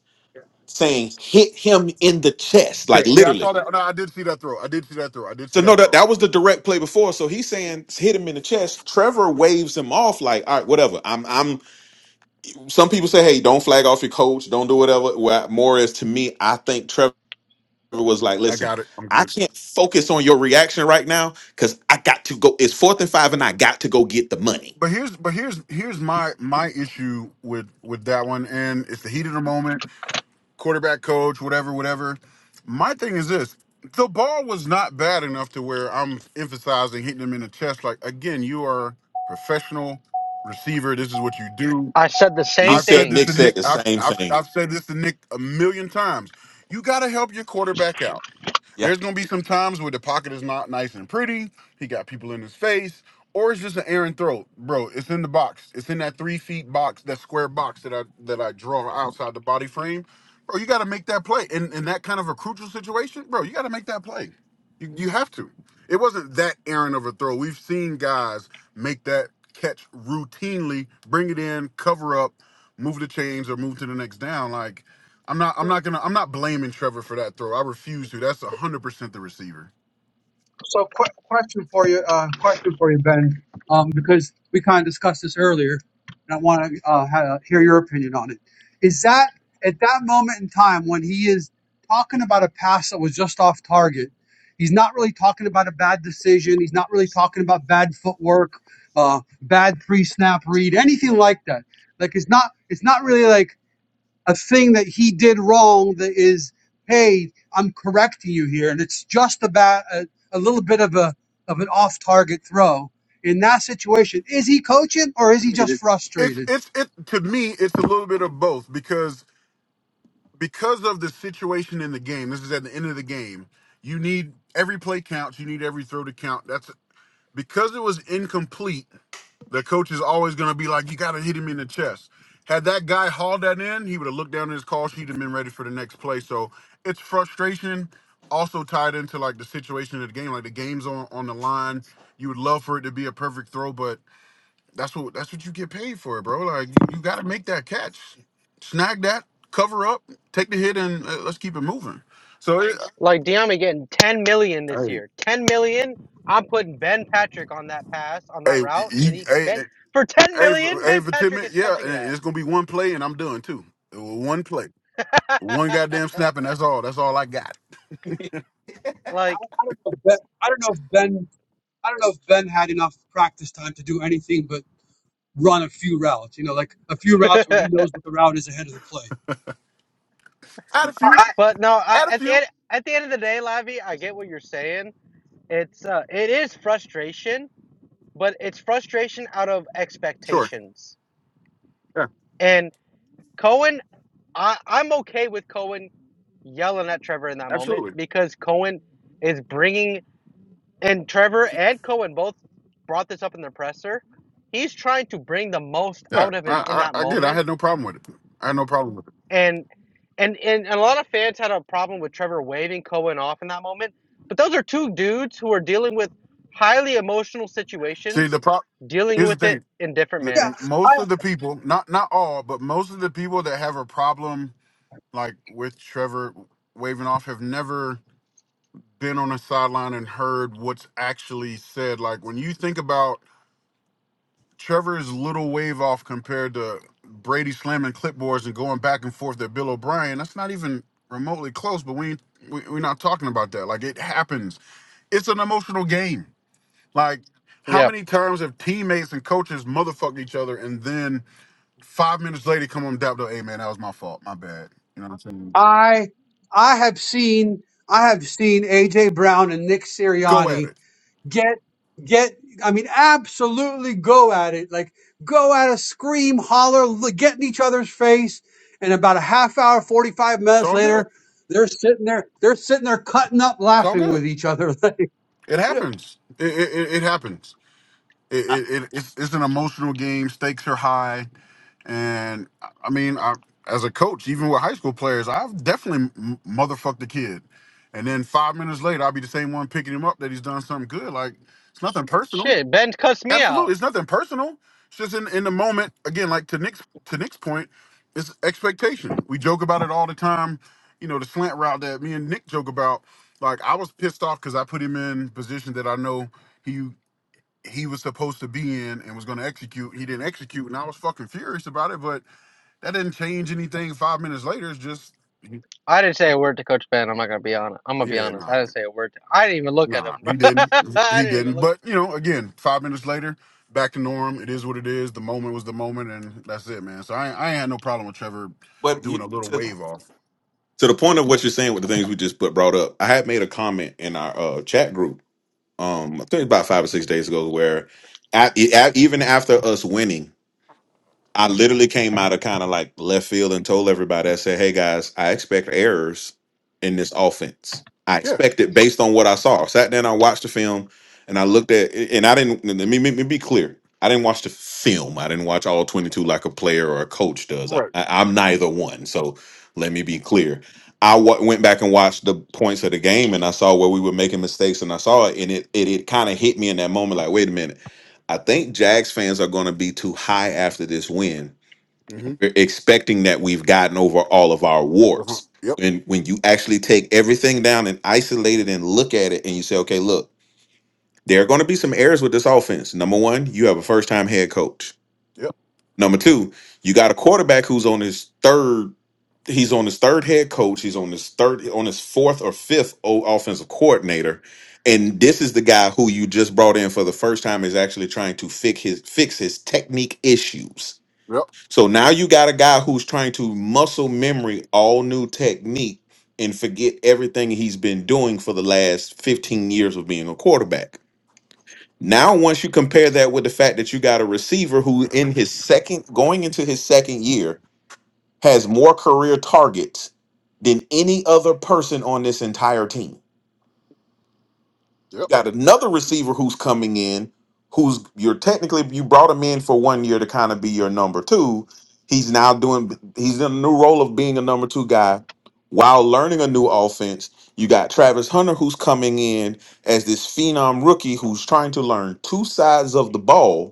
Speaker 2: saying hit him in the chest, like
Speaker 8: Yeah, I
Speaker 2: literally.
Speaker 8: saw that. Oh, No, I did see that throw. I did see that throw. I did see
Speaker 2: So no,
Speaker 8: that
Speaker 2: that
Speaker 8: throw.
Speaker 2: that was the direct play before. So he's saying hit him in the chest. Trevor waves him off like, all right, whatever. I'm I'm some people say, hey, don't flag off your coach, don't do whatever. Well, more is to me, I think Trevor was like,
Speaker 8: I
Speaker 2: listen,
Speaker 8: got it. I'm
Speaker 2: I
Speaker 8: good.
Speaker 2: can't focus on your reaction right now because I got to go. It's fourth and five, and I got to go get the money.
Speaker 8: But here's but here's here's my my issue with with that one, and it's the heat of the moment, quarterback coach, whatever, whatever. My thing is this: the ball was not bad enough to where I'm emphasizing hitting him in the chest. Like again, you are a professional receiver. This is what you do.
Speaker 5: I said the
Speaker 2: He
Speaker 5: same
Speaker 8: I've said
Speaker 2: said
Speaker 5: thing,
Speaker 8: this
Speaker 2: Nick
Speaker 8: to
Speaker 2: said
Speaker 8: Nick.
Speaker 2: the
Speaker 8: I've
Speaker 2: same
Speaker 8: I've,
Speaker 2: thing.
Speaker 8: I've said this to Nick a million times. You got to help your quarterback out.
Speaker 2: Yeah,
Speaker 8: There's gonna be some times where the pocket is not nice and pretty. He got people in his face, or it's just an errant throw, bro. It's in the box. It's in that three feet box, that square box that I that I draw outside the body frame. Bro, you got to make that play. In in that kind of a crucial situation, bro, you got to make that play. You, you have to. It wasn't that errant of a throw. We've seen guys make that catch routinely, bring it in, cover up, move the chains, or move to the next down. Like I'm not, I'm not gonna, I'm not blaming Trevor for that throw. I refuse to. That's 100 percent the receiver.
Speaker 4: So, qu- question for you, uh, question for you, Ben, um, because we kind of discussed this earlier, and I want to uh, ha- hear your opinion on it. Is that at that moment in time when he is talking about a pass that was just off target? He's not really talking about a bad decision. He's not really talking about bad footwork, uh, bad pre-snap read, anything like that. Like it's not, it's not really like a thing that he did wrong that is, hey, I'm correcting you here. And it's just about a, a little bit of a of an off target throw. In that situation, is he coaching or is he just
Speaker 2: I-
Speaker 8: It's,
Speaker 4: frustrated?
Speaker 8: it's, it to me, it's a little bit of both because because of the situation in the game. This is at the end of the game. You need every play counts. You need every throw to count. That's because it was incomplete The coach is always going to be like, you got to hit him in the chest. Had that guy hauled that in, he would have looked down at his call sheet and been ready for the next play. So it's frustration also tied into like the situation of the game. Like the game's on, on the line. You would love for it to be a perfect throw, but that's what that's what you get paid for, bro. Like you, you got to make that catch, snag that, cover up, take the hit, and uh, let's keep it moving. So, it,
Speaker 5: like Deami getting 10 million this year, 10 million, I'm putting Ben Patrick on that pass on
Speaker 8: uh, hey,
Speaker 5: that route,
Speaker 8: you,
Speaker 5: and he
Speaker 8: hey,
Speaker 5: Ben for 10
Speaker 8: hey, for,
Speaker 5: million,
Speaker 8: hey,
Speaker 5: Ben
Speaker 8: for ten
Speaker 5: Patrick is
Speaker 8: minutes, yeah,
Speaker 5: catching
Speaker 8: and
Speaker 5: that.
Speaker 8: it's gonna be one play, and I'm done too. One play. One goddamn snap, and that's all. That's all I got.
Speaker 4: I,
Speaker 5: like,
Speaker 4: I don't know. If Ben, I don't know if Ben. I don't know if Ben had enough practice time to do anything but run a few routes. You know, like a few routes where
Speaker 5: but
Speaker 4: he knows what the route is ahead of the play.
Speaker 8: Add a few.
Speaker 5: no, I
Speaker 8: Add a
Speaker 5: at the
Speaker 8: few.
Speaker 5: end at the end of the day, Lavi, I get what you're saying. It's uh, it is frustration, but it's frustration out of
Speaker 8: Sure.
Speaker 5: expectations.
Speaker 8: Yeah.
Speaker 5: and. Cohen, I, I'm okay with Cohen yelling at Trevor in that moment
Speaker 8: Absolutely.
Speaker 5: because Cohen is bringing, and Trevor and Cohen both brought this up in the presser. He's trying to bring the most
Speaker 8: Yeah.
Speaker 5: out of him in
Speaker 8: I
Speaker 5: that
Speaker 8: I, I get. It. I
Speaker 5: moment,
Speaker 8: had no problem with it. I had no problem with it.
Speaker 5: and and and, a lot of fans had a problem with Trevor waving Cohen off in that moment. But those are two dudes who are dealing with highly emotional
Speaker 8: See, the
Speaker 5: situations,
Speaker 8: pro.
Speaker 5: dealing
Speaker 8: Here's the
Speaker 5: with it
Speaker 8: thing.
Speaker 5: in different
Speaker 8: The,
Speaker 4: Yeah,
Speaker 5: manners.
Speaker 8: most of the people, not not all, but most of the people that have a problem like with Trevor waving off have never been on the sideline and heard what's actually said. Like when you think about Trevor's little wave off compared to Brady slamming clipboards and going back and forth at Bill O'Brien, that's not even remotely close, but we, ain't- we we're not talking about that. Like it happens. It's an emotional game. Like how
Speaker 5: Yep.
Speaker 8: many times have teammates and coaches motherfucked each other and then five minutes later come on and dap hey man, that was my fault. My bad. You know what I'm saying?
Speaker 4: I I have seen I have seen AJ Brown and Nick
Speaker 8: Go at
Speaker 4: Sirianni
Speaker 8: it.
Speaker 4: get get i mean absolutely go at it like go at it! scream holler li- get in each other's face and about a half hour 45
Speaker 8: It's
Speaker 4: minutes
Speaker 8: all good.
Speaker 4: later they're sitting there they're sitting there cutting up
Speaker 8: It's all
Speaker 4: laughing
Speaker 8: good.
Speaker 4: with each other Like,
Speaker 8: It
Speaker 4: yeah.
Speaker 8: happens. It it, it it happens. It, it, it it's, it's an emotional game. Stakes are high And I I mean, I as a coach, even with high school players, I've definitely m- motherfucked the kid. And then five minutes later, I'll be the same one picking him up that he's done something good. Like it's nothing personal.
Speaker 5: Shit, Ben cussed me out.
Speaker 8: Absolutely, it's nothing personal. It's just in, in the moment. Again, like to Nick's to Nick's point, it's expectation. We joke about it all the time. You know, the slant route that me and Nick joke about. Like I was pissed off because I put him in position that I know he he was supposed to be in and was going to execute. He didn't execute, and I was fucking furious about it. But that didn't change anything five minutes later. It's just, he-
Speaker 5: I didn't say a word to Coach Ben. I'm not gonna be honest. I'm gonna be
Speaker 8: yeah,
Speaker 5: honest. I
Speaker 8: nah,
Speaker 5: didn't say a word. To, I didn't even look at him.
Speaker 8: nah, he didn't.
Speaker 5: I
Speaker 8: He
Speaker 5: didn't even
Speaker 8: didn't.
Speaker 5: look.
Speaker 8: But, you know, again, five minutes later, back to norm. It is what it is. The moment was the moment, and that's it, man. So I, I ain't had no problem with Trevor
Speaker 2: but you,
Speaker 8: doing a little
Speaker 2: to
Speaker 8: wave off.
Speaker 2: to the point of what you're saying with the things we just put brought up, I had made a comment in our uh, chat group. Um, I think about five or six days ago, where at, e- at, even after us winning. I literally came out of kind of like left field and told everybody, I said, hey guys, I expect errors in this offense. I
Speaker 8: Yeah,
Speaker 2: expect it based on what I saw. I sat down, I watched the film, and I looked at and I didn't let me, let me be clear. I didn't watch the film. I didn't watch all 22 like a player or a coach does. I,
Speaker 8: right.
Speaker 2: I, am neither one. So let me be clear. I w- went back and watched the points of the game and I saw where we were making mistakes and I saw it and it it, it kind of hit me in that moment like, wait a minute I think Jags fans are going to be too high after this win.
Speaker 8: Mm-hmm.
Speaker 2: We're expecting that we've gotten over all of our
Speaker 8: Uh-huh.
Speaker 2: warts.
Speaker 8: Yep,
Speaker 2: And when you actually take everything down and isolate it and look at it and you say, okay, look, there are going to be some errors with this offense. Number one, you have a first time head coach.
Speaker 8: yep,
Speaker 2: Number two, you got a quarterback who's on his third. He's on his third head coach. He's on his third, on his fourth or fifth o- offensive coordinator, and this is the guy who you just brought in for the first time is actually trying to fix his fix his technique issues.
Speaker 8: yep,
Speaker 2: So now you got a guy who's trying to muscle memory all new technique and forget everything he's been doing for the last fifteen years of being a quarterback. Now, once you compare that with the fact that you got a receiver who, in his second, going into his second year, has more career targets than any other person on this entire team.
Speaker 8: yep.
Speaker 2: You got another receiver who's coming in, who's you're technically you brought him in for one year to kind of be your number two. He's now doing he's in a new role of being a number two guy while learning a new offense. You got Travis Hunter who's coming in as this phenom rookie who's trying to learn two sides of the ball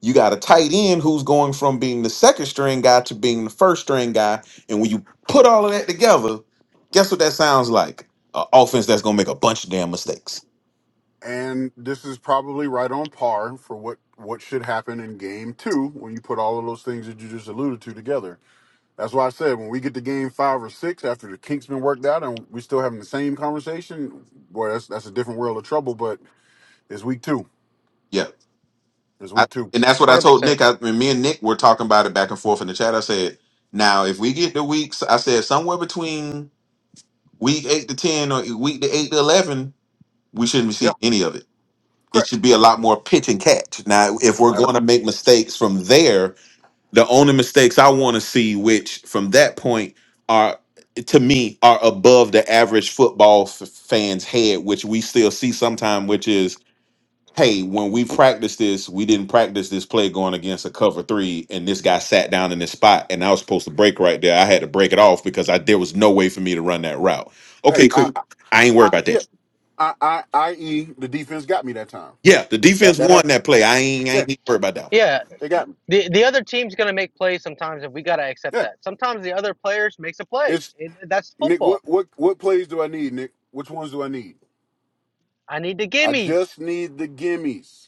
Speaker 2: You got a tight end who's going from being the second string guy to being the first string guy. And when you put all of that together, guess what that sounds like? An offense that's going to make a bunch of damn mistakes.
Speaker 8: And this is probably right on par for what, what should happen in game two when you put all of those things that you just alluded to together That's why I said when we get to game five or six after the kinks been worked out and we still having the same conversation, boy, that's that's a different world of trouble. But it's week two.
Speaker 2: Yeah.
Speaker 8: It's
Speaker 2: I,
Speaker 8: week two.
Speaker 2: and that's what I
Speaker 5: Hundred
Speaker 2: told
Speaker 5: percent.
Speaker 2: Nick. I, when me and Nick were talking about it back and forth in the chat, I said, now, if we get the weeks, I said somewhere between week 8 to 10 or week to 8 to 11, we shouldn't be
Speaker 8: Yeah,
Speaker 2: seeing any of it. It
Speaker 8: correct.
Speaker 2: should be a lot more pitch and catch. Now, if we're
Speaker 8: I,
Speaker 2: going to make mistakes from there, The only mistakes I want to see, which from that point are to me are above the average football f- fan's head, which we still see sometime, which is, hey, when we practice this, we didn't practice this play going against a cover three, and this guy sat down in this spot, and I was supposed to break right there. I had to break it off because I there was no way for me to run that route. Okay,
Speaker 8: hey,
Speaker 2: cool.
Speaker 8: I, I,
Speaker 2: I ain't worried
Speaker 8: I,
Speaker 2: about
Speaker 8: yeah,
Speaker 2: that.
Speaker 8: I, I, I, e the defense got me that time.
Speaker 2: Yeah, the
Speaker 8: That
Speaker 2: defense
Speaker 8: that
Speaker 2: won
Speaker 8: happened.
Speaker 2: that play. I ain't I ain't
Speaker 8: Yeah,
Speaker 2: even worried about that. one.
Speaker 5: Yeah.
Speaker 8: they got me.
Speaker 5: The the other team's gonna make plays sometimes, and we gotta accept
Speaker 8: Yeah,
Speaker 5: that. Sometimes the other players makes a play.
Speaker 8: it's
Speaker 5: It, that's
Speaker 8: Nick. What
Speaker 5: football.
Speaker 8: what what plays do I need, Nick? Which ones do I need?
Speaker 5: I need the
Speaker 8: I
Speaker 5: gimmies.
Speaker 8: just need the gimmies.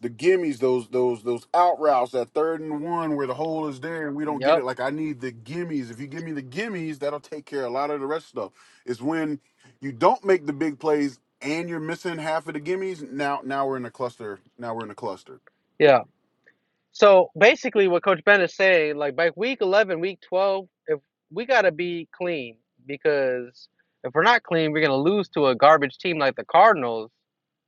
Speaker 8: the gimmies, those those those out routes, that third and one where the hole is there and we don't get
Speaker 5: Yep.
Speaker 8: it. Like I need the gimmies. If you give me the gimmies, that'll take care of a lot of the rest of stuff. It's when you don't make the big plays and you're missing half of the gimmies. Now now we're in a cluster. Now we're in a cluster.
Speaker 5: Yeah. So basically, what Coach Ben is saying, like by week 11, week 12, if we gotta be clean, because if we're not clean, we're gonna lose to a garbage team like the Cardinals.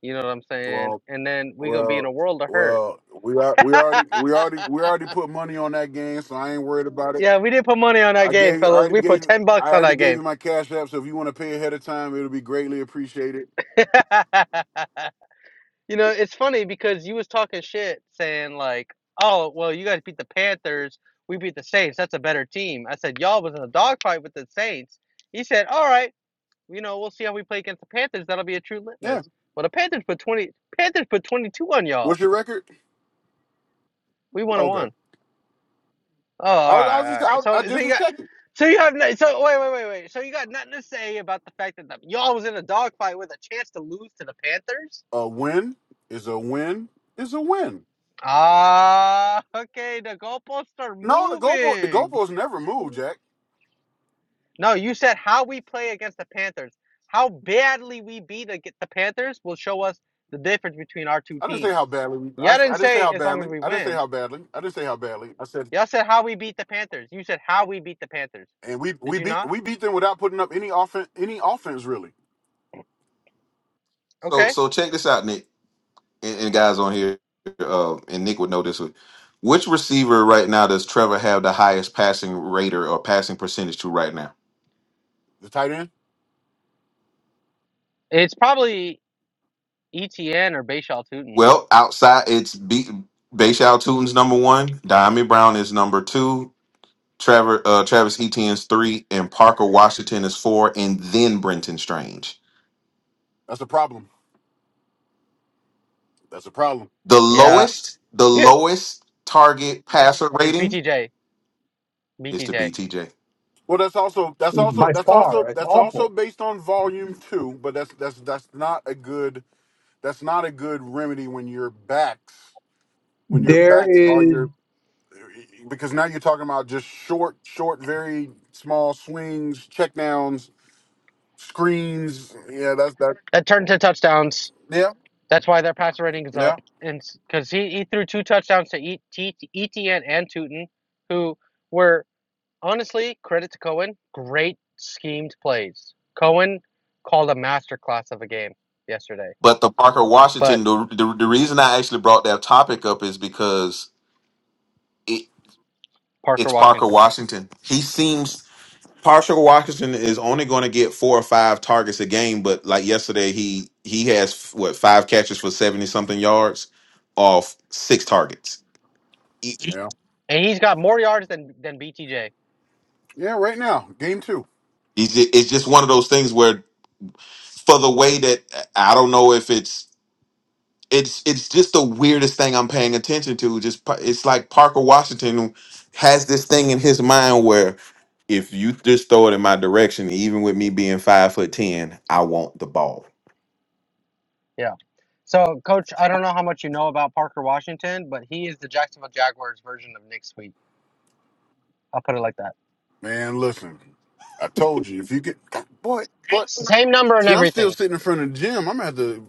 Speaker 5: You know what I'm saying?
Speaker 8: Well,
Speaker 5: And then we're gonna be in a
Speaker 8: well,
Speaker 5: world of hurt.
Speaker 8: well. We are we already we already we already put money on that game, so I ain't worried about it.
Speaker 5: Yeah, we didn't put money on that
Speaker 8: I
Speaker 5: game,
Speaker 8: gave you I
Speaker 5: fellas.
Speaker 8: already
Speaker 5: We
Speaker 8: gave
Speaker 5: put
Speaker 8: you
Speaker 5: ten
Speaker 8: I
Speaker 5: bucks on
Speaker 8: already
Speaker 5: that
Speaker 8: gave
Speaker 5: game.
Speaker 8: you my cash app, so if you want to pay ahead of time, it'll be greatly appreciated.
Speaker 5: You know, it's funny because you was talking shit saying like, "Oh, well, you guys beat the Panthers, we beat the Saints. That's a better team." I said, "Y'all was in a dogfight with the Saints." He said, "All right, you know, we'll see how we play against the Panthers. That'll be a true
Speaker 8: Yeah.
Speaker 5: litmus." Well, the Panthers put twenty. Panthers put twenty-two on y'all.
Speaker 8: What's your record?
Speaker 5: We won and one.
Speaker 8: Okay.
Speaker 5: Oh, all
Speaker 8: I was,
Speaker 5: right,
Speaker 8: I was just,
Speaker 5: all
Speaker 8: I,
Speaker 5: right.
Speaker 8: I
Speaker 5: So, so
Speaker 8: just
Speaker 5: you
Speaker 8: was
Speaker 5: got,
Speaker 8: checking.
Speaker 5: so you have, no, so wait, wait, wait, wait. So you got nothing to say about the fact that the, y'all was in a dogfight with a chance to lose to the Panthers?
Speaker 8: A win is a win is a win.
Speaker 5: Ah, okay. The goalposts are
Speaker 8: No, the goalpost, the
Speaker 5: moving.
Speaker 8: goalpost never moved, Jack.
Speaker 5: No, you said how we play against the Panthers. How badly we beat the, the Panthers will show us the difference between our two
Speaker 8: I didn't say
Speaker 5: teams.
Speaker 8: how badly. We, I,
Speaker 5: Y'all didn't
Speaker 8: I didn't say
Speaker 5: say
Speaker 8: how
Speaker 5: as long
Speaker 8: badly.
Speaker 5: as we
Speaker 8: I didn't say
Speaker 5: win.
Speaker 8: how badly. I didn't say how badly. I said,
Speaker 5: Y'all said how we beat the Panthers. You said how we beat the Panthers.
Speaker 8: and we
Speaker 5: Did
Speaker 8: we
Speaker 5: you
Speaker 8: beat
Speaker 5: not?
Speaker 8: we beat them without putting up any offense. Any offense really.
Speaker 2: So
Speaker 5: Okay.
Speaker 2: so check this out, Nick. and, and guys on here, uh, and Nick would know this one. Which receiver right now does Trevor have the highest passing rate or or passing percentage to right now?
Speaker 8: The tight end.
Speaker 5: It's probably ETN or Bayshaw Tutin.
Speaker 2: Well, outside it's B Bayshaw Tutin's number one, Diami Brown is number two, Trevor uh, Travis Etienne's three, and Parker Washington is four, and then Brenton Strange.
Speaker 8: That's a problem. That's a problem.
Speaker 2: The
Speaker 5: Yeah.
Speaker 2: lowest, the
Speaker 5: Here
Speaker 2: lowest target passer
Speaker 5: is
Speaker 2: rating
Speaker 5: BTJ.
Speaker 2: is to
Speaker 5: BTJ.
Speaker 2: BTJ.
Speaker 8: Well, that's also that's also
Speaker 4: by
Speaker 8: that's
Speaker 4: far
Speaker 8: also
Speaker 4: it's
Speaker 8: that's
Speaker 4: awful
Speaker 8: also based on volume too. But that's that's that's not a good that's not a good remedy when your backs when your
Speaker 4: there
Speaker 8: backs are
Speaker 4: is.
Speaker 8: your because now you're talking about just short, short, very small swings, checkdowns, screens. Yeah, that's that.
Speaker 5: That turned to touchdowns.
Speaker 8: Yeah,
Speaker 5: That's why their passer rating is up.
Speaker 8: yeah,
Speaker 5: And because he, he threw two touchdowns to E- T- ETN and Tootin, who were honestly, credit to Cohen, great schemed plays. Cohen called a masterclass of a game yesterday.
Speaker 2: But the Parker
Speaker 5: But
Speaker 2: Washington, the, the the reason I actually brought that topic up is because it
Speaker 5: Parker
Speaker 2: it's Parker
Speaker 5: Washington.
Speaker 2: Washington. He seems Parker Washington is only going to get four or five targets a game, but like yesterday, he he has what five catches for seventy something yards off six targets. He-
Speaker 8: yeah,
Speaker 5: And he's got more yards than, than BTJ.
Speaker 8: yeah. Right now, game two.
Speaker 2: He's ju- it's just one of those things where for the way that I don't know if it's. it's it's just the weirdest thing I'm paying attention to. Just pa- it's like Parker Washington has this thing in his mind where if you just throw it in my direction, even with me being five foot ten, I want the ball.
Speaker 5: Yeah. So, Coach, I don't know how much you know about Parker Washington, but he is the Jacksonville Jaguars version of Nick Sweet. I'll put it like that.
Speaker 8: Man, listen, I told you if you get God, boy, but
Speaker 5: Same number and
Speaker 8: see, I'm still
Speaker 5: everything.
Speaker 8: sitting in front of the gym. I'm gonna have to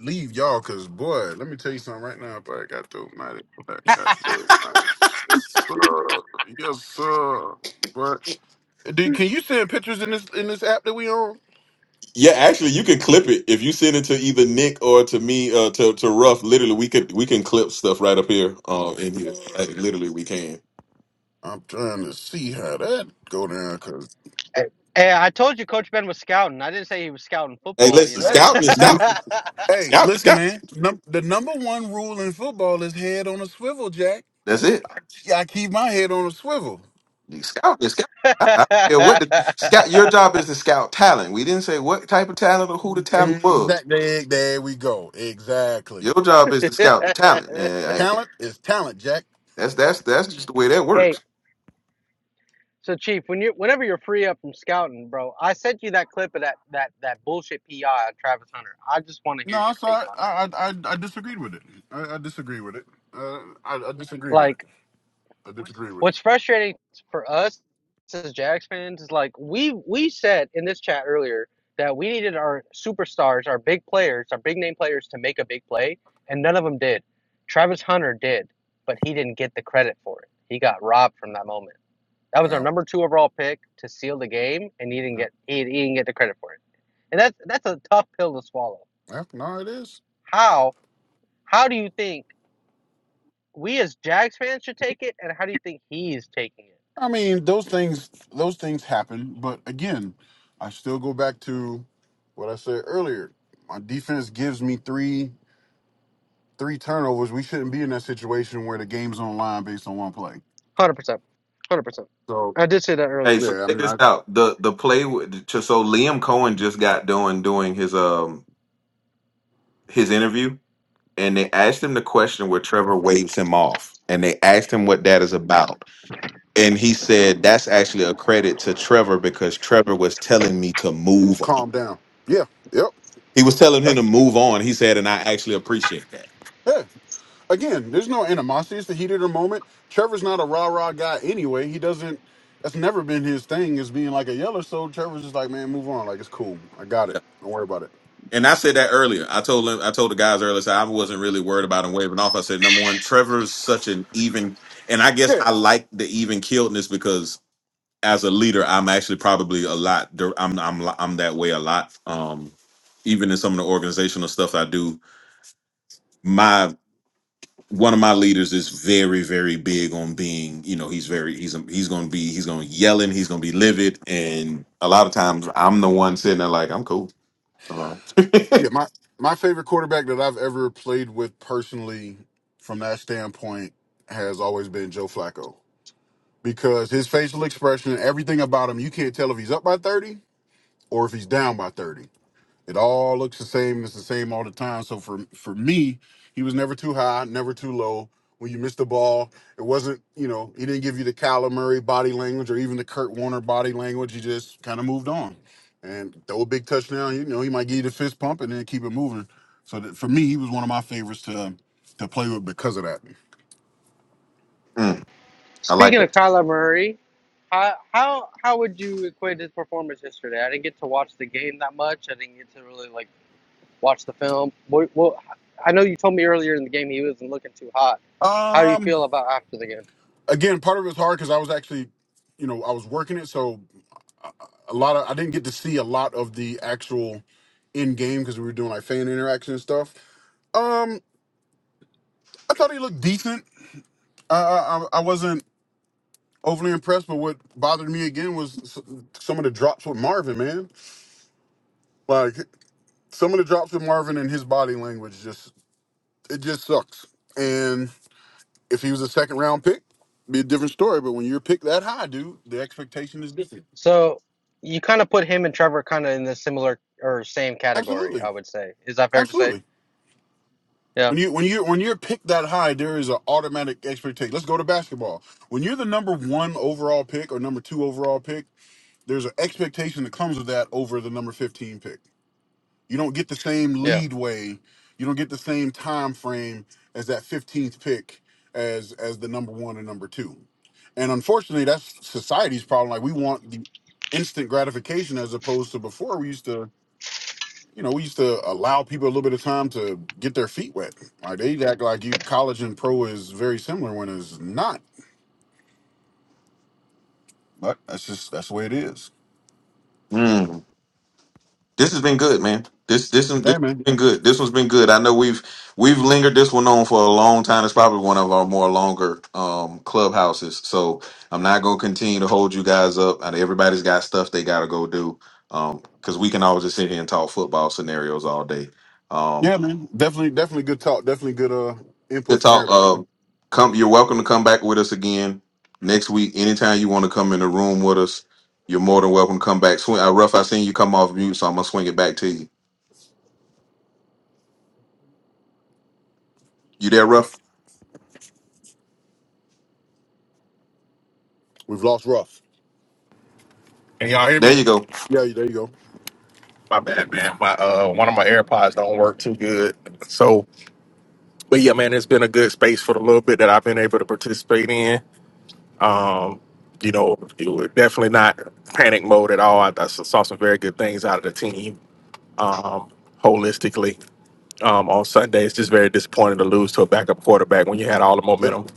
Speaker 8: leave y'all because boy, let me tell you something right now. If I got to, man, I got to, man. Yes, sir. Yes, sir. But dude, can you send pictures in this in this app that we on?
Speaker 2: Yeah, actually, you can clip it if you send it to either Nick or to me uh, to to Ruff. Literally, we could we can clip stuff right up here uh, in here. Like, literally, we can.
Speaker 8: I'm trying to see how that go down because
Speaker 5: Hey, I told you Coach Ben was scouting. I didn't say he was scouting
Speaker 2: Hey,
Speaker 5: football, you
Speaker 2: listen,
Speaker 5: know.
Speaker 8: hey,
Speaker 2: scouting is scouting,
Speaker 8: hey,
Speaker 2: scouting,
Speaker 8: listen,
Speaker 2: scouting.
Speaker 8: man. Num- the number one rule in football is head on a swivel, Jack.
Speaker 2: That's it.
Speaker 8: I, I keep my head on a swivel.
Speaker 2: The Scout is scout. I I don't care what the scout. Your job is to scout talent. We didn't say what type of talent or who the talent
Speaker 8: Exactly.
Speaker 2: was.
Speaker 8: There, there we go. Exactly.
Speaker 2: Your job is to scout the talent, and I-
Speaker 8: Talent is talent, Jack.
Speaker 2: that's that's that's just the way that
Speaker 5: hey,
Speaker 2: works.
Speaker 5: so Chief, when you whenever you're free up from scouting, bro, I sent you that clip of that that that bullshit PI on Travis Hunter. I just want to hear
Speaker 8: No, I'm
Speaker 5: your take
Speaker 8: sorry.
Speaker 5: on that.
Speaker 8: I I I, I disagreed with it. I, I disagree with it. Uh, I, I disagree with it.
Speaker 5: Like
Speaker 8: I disagree with it.
Speaker 5: what's frustrating for us as Jags fans is like we we said in this chat earlier that we needed our superstars, our big players, our big name players to make a big play, and none of them did. Travis Hunter did, but he didn't get the credit for it. He got robbed from that moment. That was our
Speaker 8: Now,
Speaker 5: number two overall pick to seal the game, and he didn't
Speaker 8: yeah.
Speaker 5: get he, he didn't get the credit for it. And that's that's a tough pill to swallow.
Speaker 8: Yeah, no, it is.
Speaker 5: How how do you think we as Jags fans should take it, and how do you think he's taking it?
Speaker 8: I mean, those things those things happen, but again, I still go back to what I said earlier. My defense gives me three three turnovers. We shouldn't be in that situation where the game's on the line based on one play.
Speaker 5: one Hundred percent, one hundred percent.
Speaker 8: So
Speaker 5: I did say that earlier
Speaker 2: Hey, so
Speaker 5: too.
Speaker 8: yeah, I
Speaker 2: check
Speaker 8: mean,
Speaker 2: this
Speaker 8: I
Speaker 2: out. The the play with- to- so so Liam Cohen just got done doing his um his interview, and they asked him the question where Trevor waves him off, and they asked him what that is about. and he said that's actually a credit to Trevor because Trevor was telling me to
Speaker 8: need to
Speaker 2: move.
Speaker 8: calm down. Yeah, yep.
Speaker 2: He was telling him to
Speaker 8: That's,
Speaker 2: move on. He said, and I actually appreciate that.
Speaker 8: yeah. Again, there's no animosity. It's the heat of the moment. Trevor's not a rah rah guy anyway. He doesn't. That's never been his thing. Is being like a yeller. So Trevor's just like, man, move on. Like it's cool. I got
Speaker 2: Yeah.
Speaker 8: it. Don't worry about it.
Speaker 2: And I said that earlier. I told him, I told the guys earlier, so I wasn't really worried about him waving off. I said, number one, Trevor's such an even, and I guess
Speaker 8: Yeah,
Speaker 2: I like the even killedness because as a leader, I'm actually probably a lot. dir- I'm I'm I'm that way a lot. Um, even in some of the organizational stuff I do, my. one of my leaders is very very big on being you know he's very he's he's gonna be he's gonna yelling he's gonna be livid and a lot of times i'm the one sitting there like i'm cool Uh,
Speaker 8: Yeah, my my favorite quarterback that I've ever played with personally, from that standpoint, has always been Joe Flacco because his facial expression, everything about him, you can't tell if he's up by thirty or if he's down by thirty. It all looks the same. It's the same all the time. So for for me, he was never too high, never too low. When you missed the ball, it wasn't you know he didn't give you the Kyler Murray body language or even the Kurt Warner body language. He just kind of moved on, and throw a big touchdown. You know he might give you the fist pump and then keep it moving. So that, for me, he was one of my favorites to to play with because of that.
Speaker 2: mm, i like
Speaker 5: Speaking of
Speaker 2: that
Speaker 5: Kyler Murray, how how how would you equate his performance yesterday? I didn't get to watch the game that much. I didn't get to really like watch the film. What, what, I know you told me earlier in the game he wasn't looking too hot. How do you
Speaker 8: Um,
Speaker 5: feel about after the game?
Speaker 8: again, part of it was hard because I was actually, you know, I was working it, so a lot of I didn't get to see a lot of the actual in game because we were doing like fan interaction and stuff. Um, I thought he looked decent. I I, I I wasn't overly impressed, but what bothered me again was s- some of the drops with Marvin, man. Like some of the drops with Marvin and his body language just it just sucks. And if he was a second round pick, be a different story. But when you're picked that high, dude, the expectation is different.
Speaker 5: So you kind of put him and Trevor kind of in the similar or same category.
Speaker 8: Absolutely,
Speaker 5: I would say. Is that fair to say?
Speaker 8: absolutely.
Speaker 5: Yeah,
Speaker 8: When you when you when you're picked that high, there is an automatic expectation. Let's go to basketball. When you're the number one overall pick or number two overall pick, there's an expectation that comes with that over the number fifteen pick. You don't get the same
Speaker 5: yeah.
Speaker 8: leadway. You don't get the same time frame as that fifteenth pick as as the number one and number two. And unfortunately, that's society's problem. Like we want the instant gratification as opposed to before we used to you know, we used to allow people a little bit of time to get their feet wet. Like they act like you college and pro is very similar when it's not. But that's just that's the way it is.
Speaker 2: Mm, this has been good man this this one- this has
Speaker 8: Hey man.
Speaker 2: been good this one's been good i know we've we've lingered this one on for a long time it's probably one of our more longer um clubhouses so i'm not gonna continue to hold you guys up and everybody's got stuff they gotta go do um because we can always just sit here and talk football scenarios all day Um,
Speaker 8: Yeah, man. Definitely definitely good talk. Definitely good uh
Speaker 2: Good
Speaker 8: input from
Speaker 2: talk.
Speaker 8: everybody, man.
Speaker 2: Um, come. You're welcome to come back with us again next week. Anytime you want to come in the room with us, you're more than welcome to come back. Swing. Uh, Ruff, I seen you come off mute, so I'm gonna swing it back to you. You there, Ruff?
Speaker 8: We've lost rough.
Speaker 3: Can y'all hear
Speaker 2: There
Speaker 3: me?
Speaker 2: you go.
Speaker 8: Yeah, there you go.
Speaker 3: My bad, man. My uh, one of my AirPods don't work too good. So, but yeah, man, it's been a good space for the little bit that I've been able to participate in. Um, you know, it was definitely not panic mode at all. I, I saw some very good things out of the team. um, holistically um, on Sunday. It's just very disappointing to lose to a backup quarterback when you had all the
Speaker 8: Yep.
Speaker 3: momentum.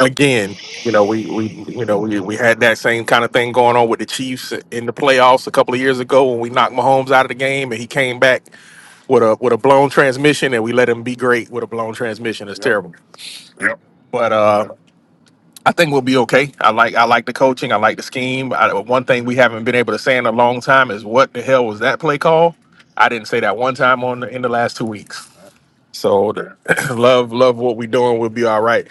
Speaker 3: Again, you know we we you know we, we had that same kind of thing going on with the Chiefs in the playoffs a couple of years ago when we knocked Mahomes out of the game and he came back with a with a blown transmission and we let him be great with a blown transmission. It's
Speaker 8: Yep.
Speaker 3: terrible,
Speaker 8: Yep.
Speaker 3: but uh, I think we'll be okay. I like I like the coaching. I like the scheme. I, one thing we haven't been able to say in a long time is what the hell was that play call? I didn't say that one time on the, in the last two weeks.
Speaker 8: Yeah.
Speaker 3: So the, love, love what we're doing. We'll be all right.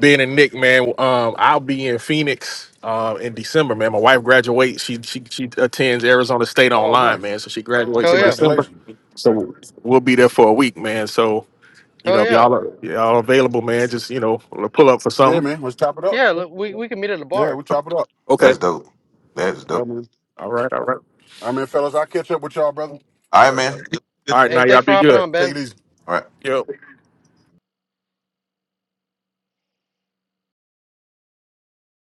Speaker 3: Being a Nick, man. Um, I'll be in Phoenix um in December, man. My wife graduates. She she she attends Arizona State
Speaker 8: Oh,
Speaker 3: online,
Speaker 8: nice.
Speaker 3: man. So she graduates
Speaker 5: Hell
Speaker 3: in
Speaker 5: yeah,
Speaker 3: December.
Speaker 8: Congratulations.
Speaker 3: So we'll be there for a week, man. So you
Speaker 5: hell
Speaker 3: know, if
Speaker 5: yeah,
Speaker 3: y'all are y'all available, man, just you know, pull up for
Speaker 8: Yeah,
Speaker 3: something.
Speaker 8: man. Let's chop it up.
Speaker 5: yeah. Look, we we can meet at a
Speaker 8: Yeah,
Speaker 5: bar.
Speaker 8: we'll chop it up.
Speaker 3: Okay.
Speaker 2: That's dope. That's dope.
Speaker 8: Yeah, man.
Speaker 3: All right. All right.
Speaker 8: I mean, fellas, I'll catch up with y'all, brother.
Speaker 2: All right, man. All
Speaker 3: All right.
Speaker 5: Hey,
Speaker 3: Now y'all
Speaker 5: thanks for
Speaker 3: be
Speaker 5: hopping
Speaker 3: good.
Speaker 5: on,
Speaker 8: Take
Speaker 5: Ben.
Speaker 8: it easy.
Speaker 2: right.
Speaker 3: Yep.